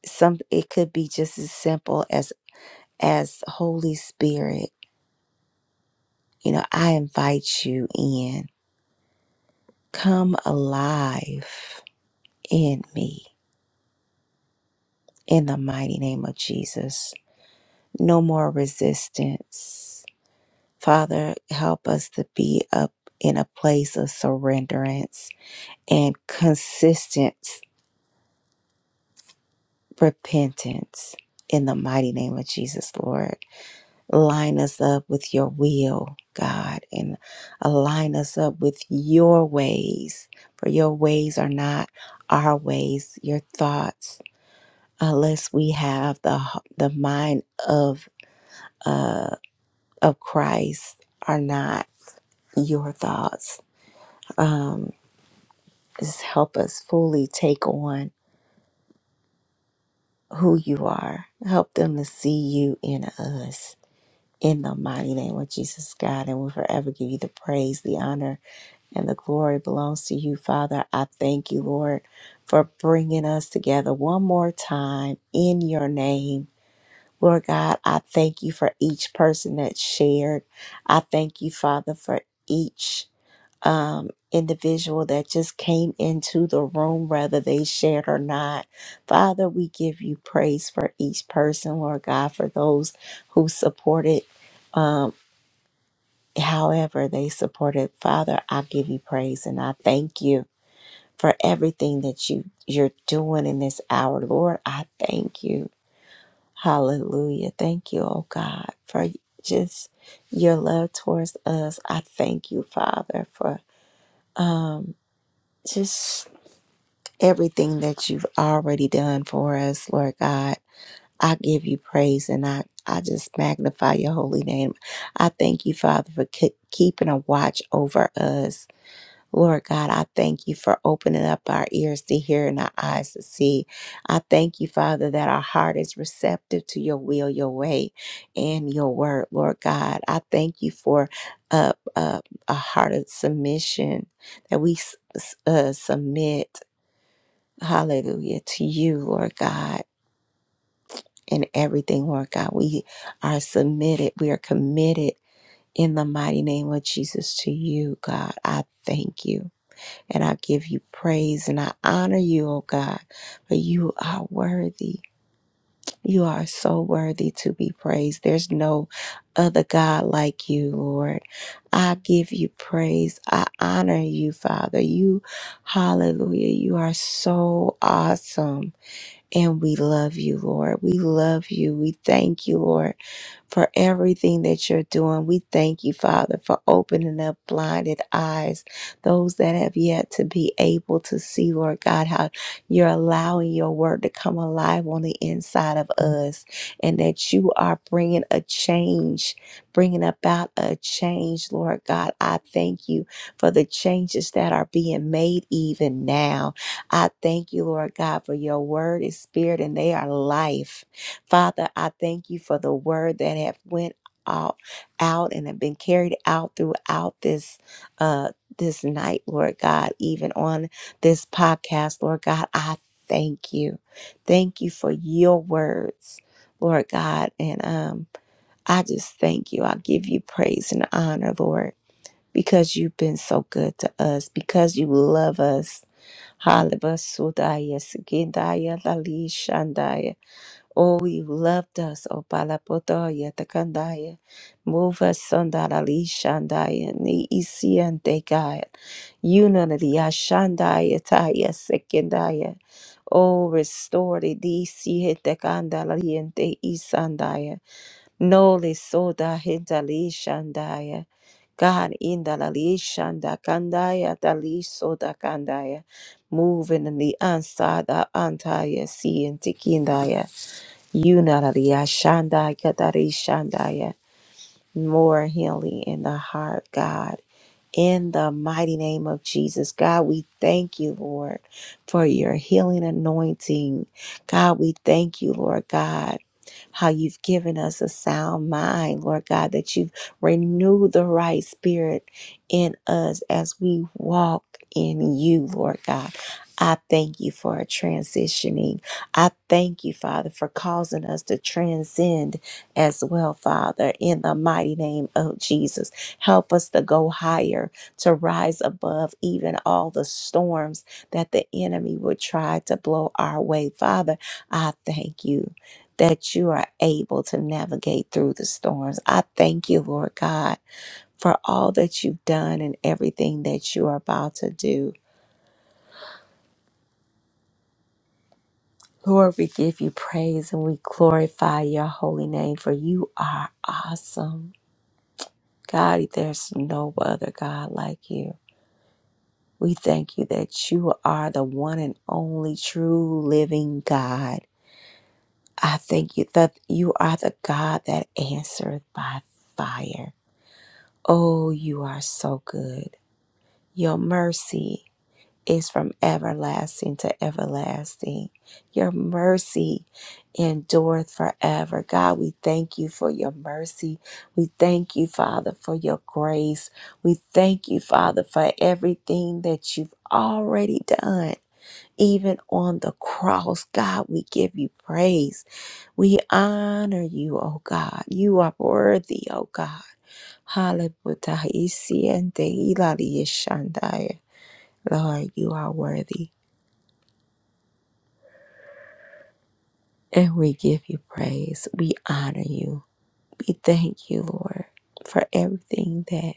A: some it could be just as simple as as Holy Spirit, you know, I invite you in. Come alive in me in the mighty name of Jesus. No more resistance. Father, help us to be up in a place of surrenderance and consistency repentance in the mighty name of Jesus, Lord. Line us up with your will, God, and align us up with your ways, for your ways are not our ways, your thoughts, unless we have the the mind of of Christ are not your thoughts. Just help us fully take on who you are. Help them to see you in us In the mighty name of Jesus, God, and we'll forever give you the praise, the honor, and the glory belongs to you, Father. I thank you, Lord, for bringing us together one more time in your name. Lord God, I thank you for each person that shared. I thank you, Father, for each um, individual that just came into the room, whether they shared or not. Father, we give you praise for each person, Lord God, for those who supported. um, however they supported father i give you praise and i thank you for everything that you you're doing in this hour lord i thank you hallelujah thank you oh god for just your love towards us i thank you father for um just everything that you've already done for us lord god i give you praise and i I just magnify your holy name. I thank you, Father, for ke- keeping a watch over us. Lord God, I thank you for opening up our ears to hear and our eyes to see. I thank you, Father, that our heart is receptive to your will, your way, and your word, Lord God. I thank you for uh, uh, a heart of submission that we s- s- uh, submit, hallelujah, to you, Lord God, in everything, Lord God. We are submitted, we are committed in the mighty name of Jesus to you, God. I thank you. And I give you praise and I honor you, oh God, for you are worthy. You are so worthy to be praised. There's no other God like you, Lord. I give you praise. I honor you, Father. You, hallelujah, you are so awesome. And we love you, Lord. We love you. We thank you, Lord for everything that you're doing. We thank you, Father, for opening up blinded eyes, those that have yet to be able to see, Lord God, how you're allowing your word to come alive on the inside of us and that you are bringing a change, bringing about a change, Lord God. I thank you for the changes that are being made even now. I thank you, Lord God, for your word is spirit and they are life. Father, I thank you for the word that have went out, out and have been carried out throughout this uh this night, Lord God, even on this podcast, Lord God, I thank you. Thank you for your words, Lord God. And um I just thank you. I give you praise and honor, Lord, because you've been so good to us, because you love us. Hallelujah. Oh, you loved us, O Palapotoya Takandaya. Move us, Sandarali Shandaya, Ni Isiante God. Unity, Ashandaya, Taya, Sekindaya. Oh, restore the DC Hitekandaliente Isandaya. Noli Soda Hintali Shandaya. God in the Shanda Kandaya Dali Soda Kandaya. Moving in the Ansada Antaya Siente Yunariyashandayakadariyashandaya. More healing in the heart, God. In the mighty name of Jesus, God, we thank you, Lord, for your healing anointing. God, we thank you, Lord God how you've given us a sound mind, Lord God, that you've renewed the right spirit in us as we walk in you, Lord God. I thank you for a transitioning. I thank you, Father, for causing us to transcend as well, Father, in the mighty name of Jesus. Help us to go higher, to rise above even all the storms that the enemy would try to blow our way. Father, I thank you that you are able to navigate through the storms. I thank you, Lord God, for all that you've done and everything that you are about to do. Lord, we give you praise and we glorify your holy name, for you are awesome. God, there's no other God like you. We thank you that you are the one and only true living God. I thank you that you are the God that answereth by fire. Oh, you are so good. Your mercy is from everlasting to everlasting. Your mercy endureth forever. God, we thank you for your mercy. We thank you, Father, for your grace. We thank you, Father, for everything that you've already done. Even on the cross, God, we give you praise. We honor you, oh God. You are worthy, oh God. Hallelujah. Lord, you are worthy. And we give you praise. We honor you. We thank you, Lord, for everything that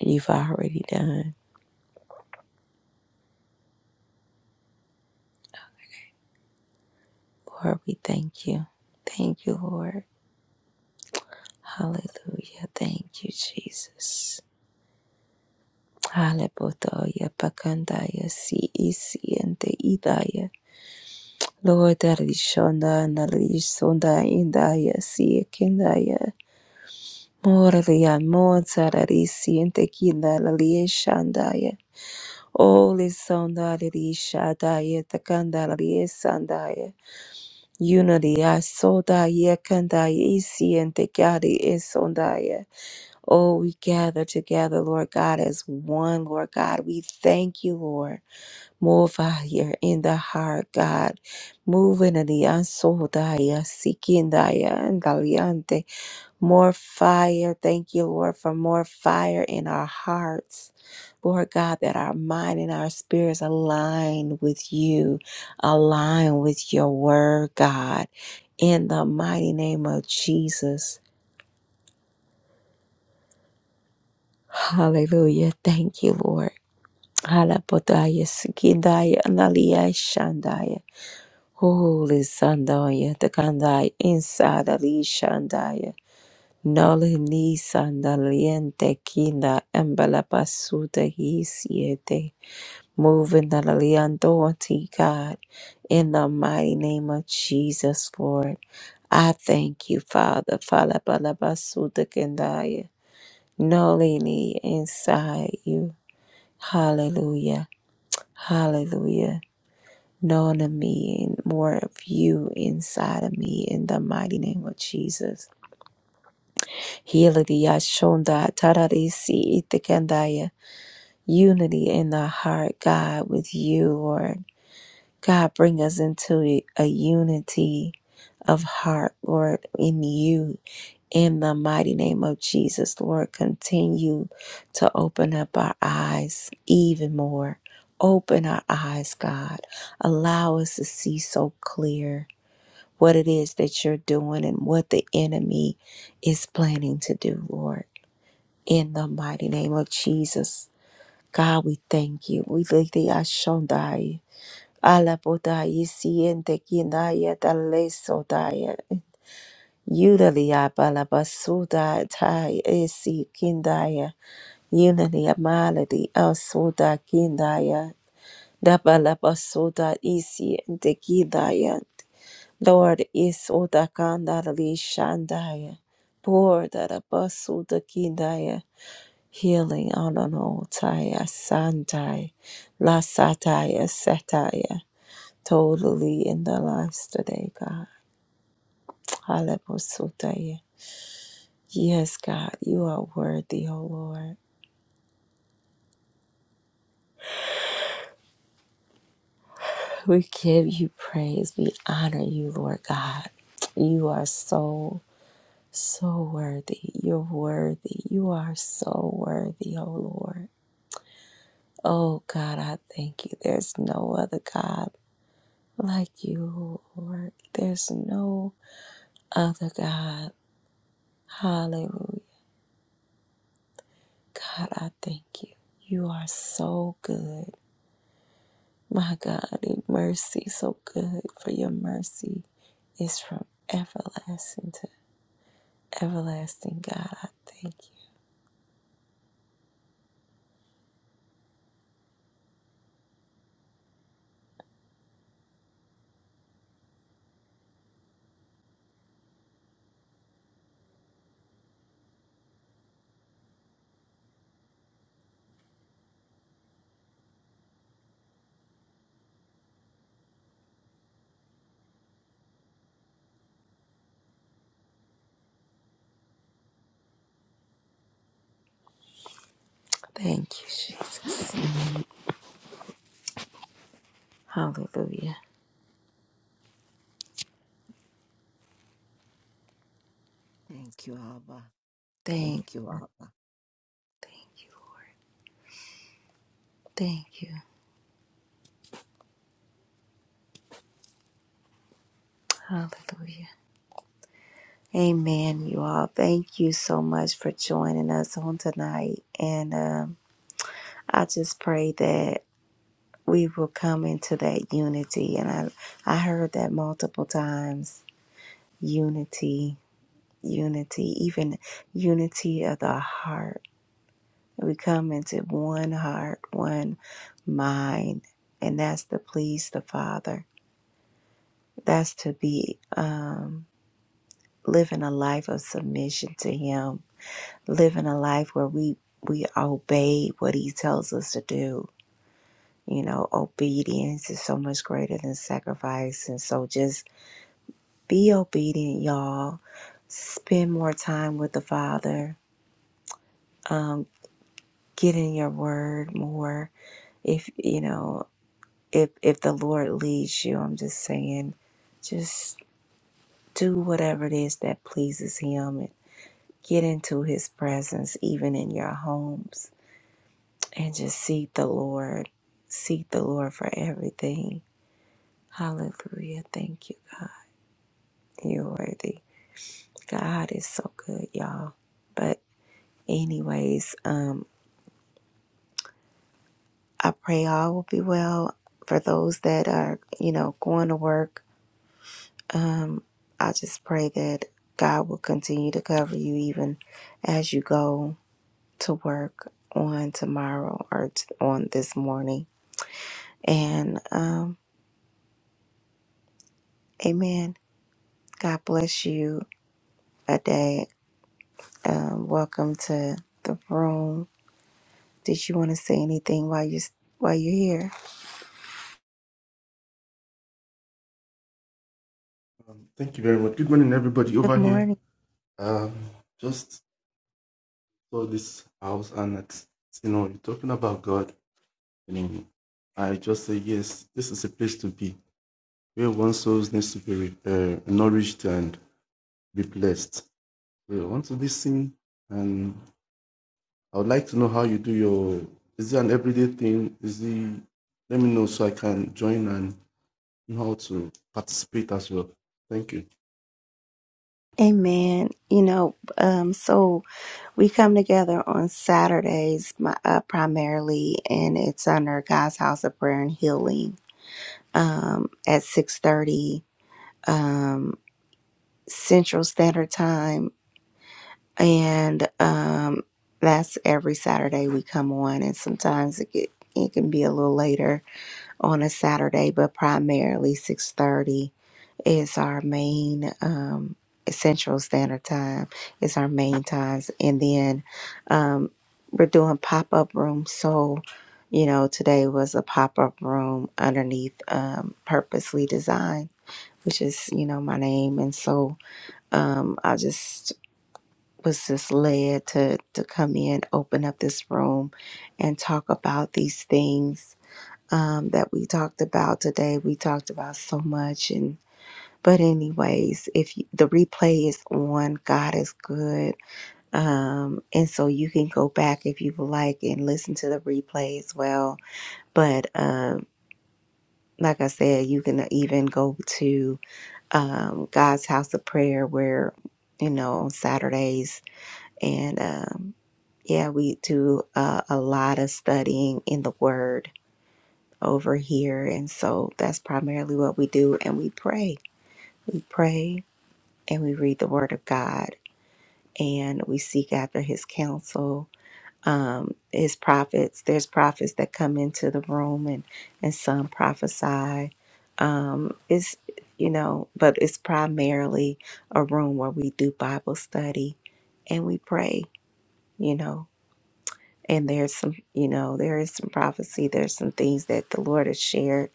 A: you've already done. Lord, we thank you. Thank you, Lord. Hallelujah. Thank you, Jesus. Hallelujah. Pakandaya si isi idaya. Lord, Arishonda, Narisonda, Indaya, si Kindaya. Moralia, Mozart, Arisi, and Tequila, Holy Sondari Shadaya Takandari Sandaya Unity Asodaya Kandaya Isi and Tekari Isondaya. Oh, we gather together, Lord God, as one, Lord God. We thank you, Lord. Move out here in the heart, God. Move in the ansodaya, sikindaya, and daliante. More fire. Thank you, Lord, for more fire in our hearts. Lord God, that our mind and our spirits align with you, align with your word, God. In the mighty name of Jesus. Hallelujah. Thank you, Lord. Halapodaya, sikindaya, analia, shandaya. Holy Sandaya, Tekandai, inside Alishandaya. Noli ni sandaliente kinda embala basuda he siete. Move in the liandority, God, in the mighty name of Jesus, Lord. I thank you, Father. Fala bala basuda kendaya. Noli ni inside you. Hallelujah. Hallelujah. known of me and more of you inside of me in the mighty name of Jesus. Healing Yashonda Tararisi Itikandaya. Unity in the heart, God, with you, Lord. God, bring us into a, a unity of heart, Lord, in you, in the mighty name of Jesus, Lord. Continue to open up our eyes even more. Open our eyes, God. Allow us to see so clear what it is that you're doing and what the enemy is planning to do, Lord. In the mighty name of Jesus. God, we thank you. We thank thee, Ashondai. Alabodaya siente kinaya dalesodaya. Yudalia balabasuda tai esi kindaya. Yunalia maladi asuda kindaya. Dabalabasuda isiente kindaya. Lord isoda kandali shandaya. Pour that abasuda kindaya. Healing on an old taya santai. La sataya sataya totally in their lives today, God. Hallelujah. Yes, God, you are worthy, O Lord. We give you praise. We honor you, Lord God. You are so, so worthy. You're worthy. You are so worthy, O Lord. Oh, God, I thank you. There's no other God like you, Lord. There's no other God. Hallelujah. God, I thank you. You are so good. My God, your mercy so good, for your mercy is from everlasting to everlasting. God, I thank you. Thank you, Jesus. Hallelujah.
O: Thank you, Abba.
A: Thank,
O: Thank you, Abba.
A: thank you. Hallelujah. Amen, you all. Thank you so much for joining us on tonight. And um, I just pray that we will come into that unity. And I, I heard that multiple times unity, unity, even unity of the heart We come into one heart, one mind, and that's to please the Father. That's to be um, living a life of submission to Him, living a life where we we obey what He tells us to do. You know, obedience is so much greater than sacrifice, and so just be obedient, y'all. Spend more time with the Father. Get in your Word more. If you know. if if the Lord leads you, I'm just saying, just do whatever it is that pleases Him and get into His presence, even in your homes, and just seek the Lord. Seek the Lord for everything. Hallelujah. Thank you, God. You're worthy. God is so good, y'all. But anyways, um, I pray all will be well for those that are, you know, going to work I just pray that God will continue to cover you even as you go to work on tomorrow or t- on this morning. And um, amen. God bless you a day. And welcome to the room. Did you want to say anything while you while you're here?
P: Um, thank you very much. Good morning, everybody
A: Good
P: over here.
A: morning.
P: Um, just saw this house, and it's, you know, you're talking about God. and I just say yes. This is a place to be where one's souls needs to be uh, nourished and be blessed. We want to be seen, and I would like to know how you do your. Is it an everyday thing? Is it? Let me know so I can join and know how to participate as well. Thank you.
A: Amen. You know, um, so we come together on Saturdays my- uh, primarily, and it's under God's House of Prayer and Healing um, at 6.30 um, central standard time and um, that's every saturday we come on and sometimes it, get, it can be a little later on a saturday but primarily 6.30 is our main um, central standard time is our main times and then we're doing pop-up rooms so you know today was a pop-up room underneath um, purposely designed which is you know my name and so um i just was just led to to come in open up this room and talk about these things um that we talked about today we talked about so much and but anyways if you, the replay is on god is good um and so you can go back if you would like and listen to the replay as well but um like i said you can even go to um, God's House of Prayer, where, you know, on Saturdays. And um, yeah, we do uh, a lot of studying in the Word over here. And so that's primarily what we do. And we pray. We pray and we read the Word of God and we seek after His counsel. Um, his prophets, there's prophets that come into the room and, and some prophesy Um, it's, you know, but it's primarily a room where we do Bible study and we pray, you know. And there's some, you know, there is some prophecy. There's some things that the Lord has shared,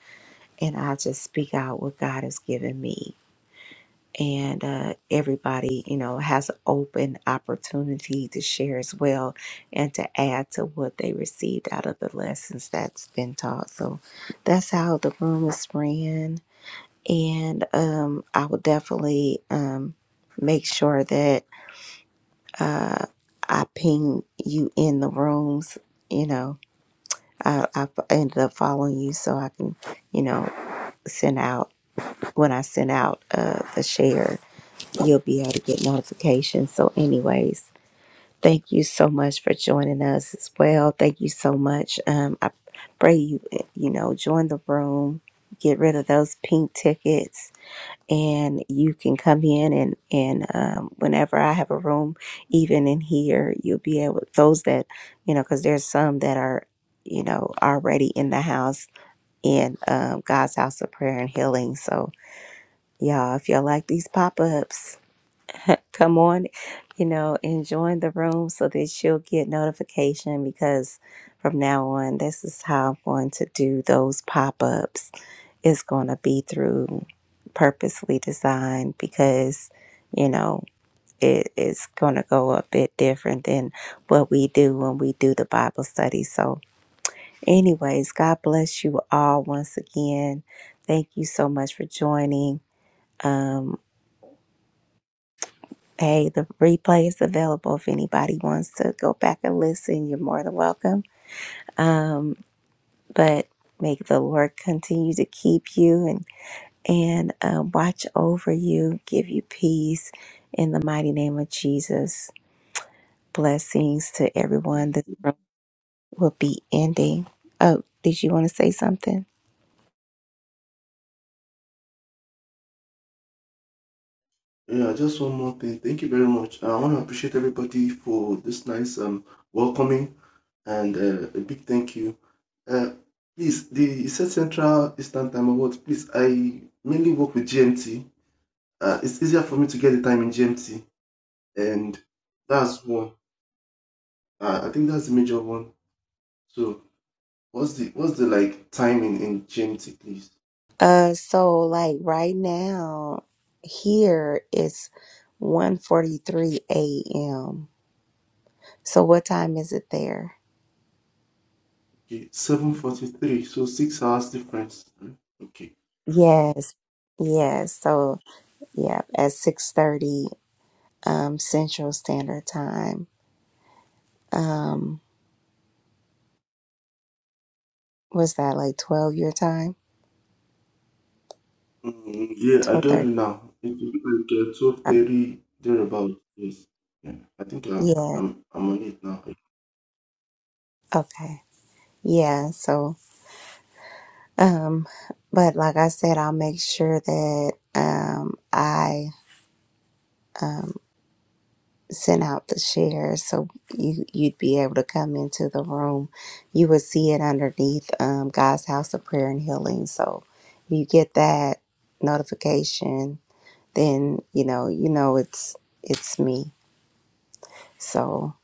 A: and I just speak out what God has given me. And uh, everybody, you know, has an open opportunity to share as well and to add to what they received out of the lessons that's been taught. So that's how the room is ran and um, I will definitely um, make sure that I ping you in the rooms. You know, I, I ended up following you so I can, you know, send out when I send out uh, the share, you'll be able to get notifications. So, anyways, thank you so much for joining us as well. Thank you so much. Um, I pray you, eh, you know, join the room, get rid of those pink tickets and you can come in and and um, whenever I have a room, even in here, you'll be able those that you know because there's some that are you know already in the house in um, God's house of prayer and healing. So y'all, if y'all like these pop ups, come on, you know, and join the room so that you'll get notification because from now on, this is how I'm going to do those pop ups is going to be through purposely designed because you know it is going to go a bit different than what we do when we do the bible study so anyways god bless you all once again thank you so much for joining um, hey the replay is available if anybody wants to go back and listen you're more than welcome um, but may the lord continue to keep you and. and uh, watch over you, give you peace in the mighty name of Jesus. Blessings to everyone. This room will be ending. Oh, did you want to say something?
P: Yeah, just one more thing. Thank you very much. I want to appreciate everybody for this nice um welcoming and uh, a big thank you. Uh, please, the set Central Eastern Time Awards. Please, I mainly work with GMT. Uh, it's easier for me to get the time in GMT, and that's one. Uh, I think that's the major one. So, what's the what's the like timing in GMT, please?
A: Uh, so like right now here it's 1:43 a.m. So what time is it there?
P: Okay, seven forty three. So six hours difference. Hmm, Okay.
A: Yes. Yes. So yeah, at 6:30 um Central Standard Time. Um, was that like 12 your time?
P: Mm, yeah, I
A: Twelve
P: got you
A: thirty.
P: now. It's like uh, twelve thirty thereabout. Yes. Yeah. I think I,
A: Yeah.
P: I'm I'm on it now.
A: Okay. Yeah. So, um, but like I said, I'll make sure that um I um send out the share so you you'd be able to come into the room. You would see it underneath um God's House of Prayer and Healing. So, if you get that notification, then you know you know it's it's me. So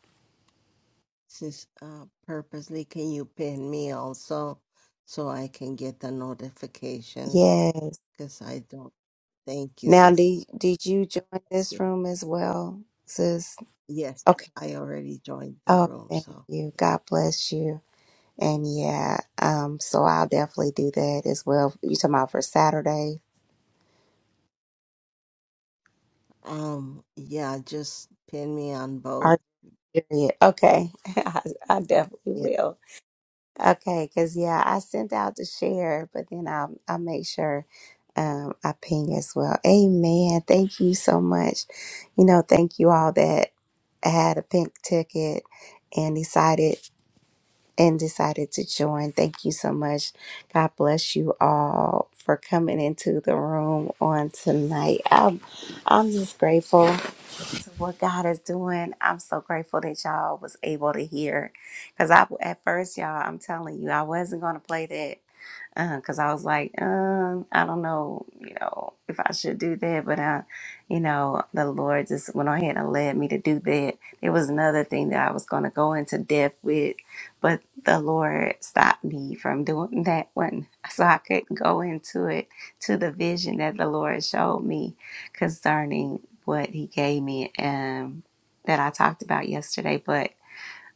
O: Sis, uh, purposely, can you pin me also so I can get the notifications?
A: yeah.
O: Because I don't. Thank you,
A: Now,
O: sis.
A: did did you
O: God
A: join
O: bless
A: this
O: you.
A: room as well, sis?
O: Yes,
A: Okay.
O: I already joined the
A: Oh,
O: room,
A: thank
O: so
A: you. God bless you. And yeah, um, so I'll definitely do that as well. You talking about for Saturday?
O: yeah. Um, yeah, just pin me on both.
A: Our period. Okay, I, I definitely will. Okay, because yeah, I sent out to share, but then I'll I'll make sure um I ping as well. Amen. Thank you so much. You know, thank you all that had a pink ticket and decided and decided to join. Thank you so much. God bless you all for coming into the room on tonight. I'm, I'm just grateful to what God is doing. I'm so grateful that y'all was able to hear. Cause I at first, y'all, I'm telling you, I wasn't gonna play that because I was like, um, I don't know, you know, if I should do that, but I, you know, the Lord just went ahead and led me to do that. There was another thing that I was going to go into depth with, but the Lord stopped me from doing that one, so I couldn't go into it to the vision that the Lord showed me concerning what He gave me, um, that I talked about yesterday. But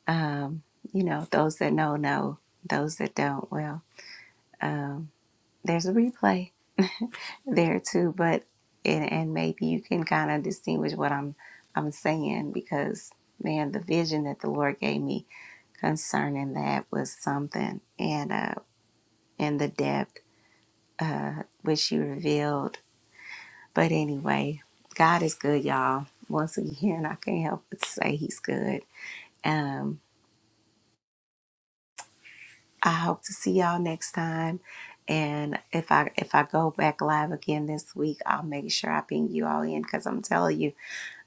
A: um, you know, those that know know, those that don't, well. Um, there's a replay there too, but and, and maybe you can kind of distinguish what I'm I'm saying because man, the vision that the Lord gave me concerning that was something, and uh, and the depth uh, which you revealed. But anyway, God is good, y'all. Once again, I can't help but say He's good. Um. I hope to see y'all next time. And if I if I go back live again this week, I'll make sure I ping you all in because I'm telling you,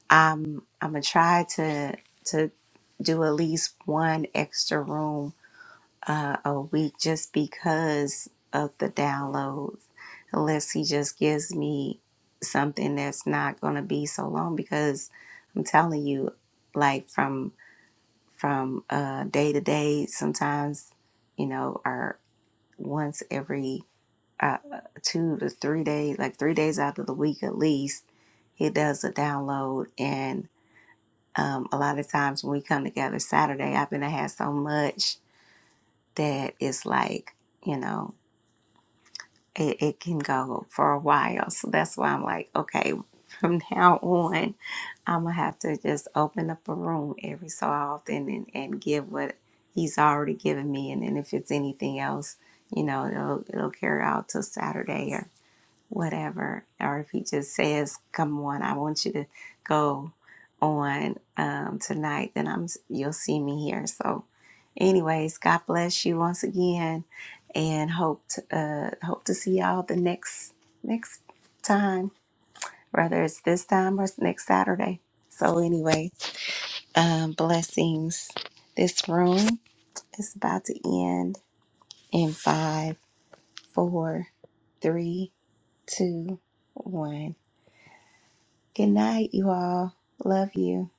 A: I'm I'm gonna try to to do at least one extra room uh, a week just because of the downloads. Unless he just gives me something that's not gonna be so long because I'm telling you, like from from uh, day to day, sometimes you know, are once every uh, two to three days, like three days out of the week at least, he does a download. And um, a lot of times when we come together Saturday, I've been to have so much that it's like, you know, it, it can go for a while. So that's why I'm like, okay, from now on, I'm gonna have to just open up a room every so often and, and give what he's already given me. And then if it's anything else, you know, it'll, it'll carry out till Saturday whatever, or if he just says, "Come on, I want you to go on um, tonight," then I'm you'll see me here. So, anyways, God bless you once again, and hope to, uh, hope to see y'all the next next time, whether it's this time or next Saturday. So, anyway, um, blessings. This room is about to end in five, four, three, two, one. Good night, you all. Love you.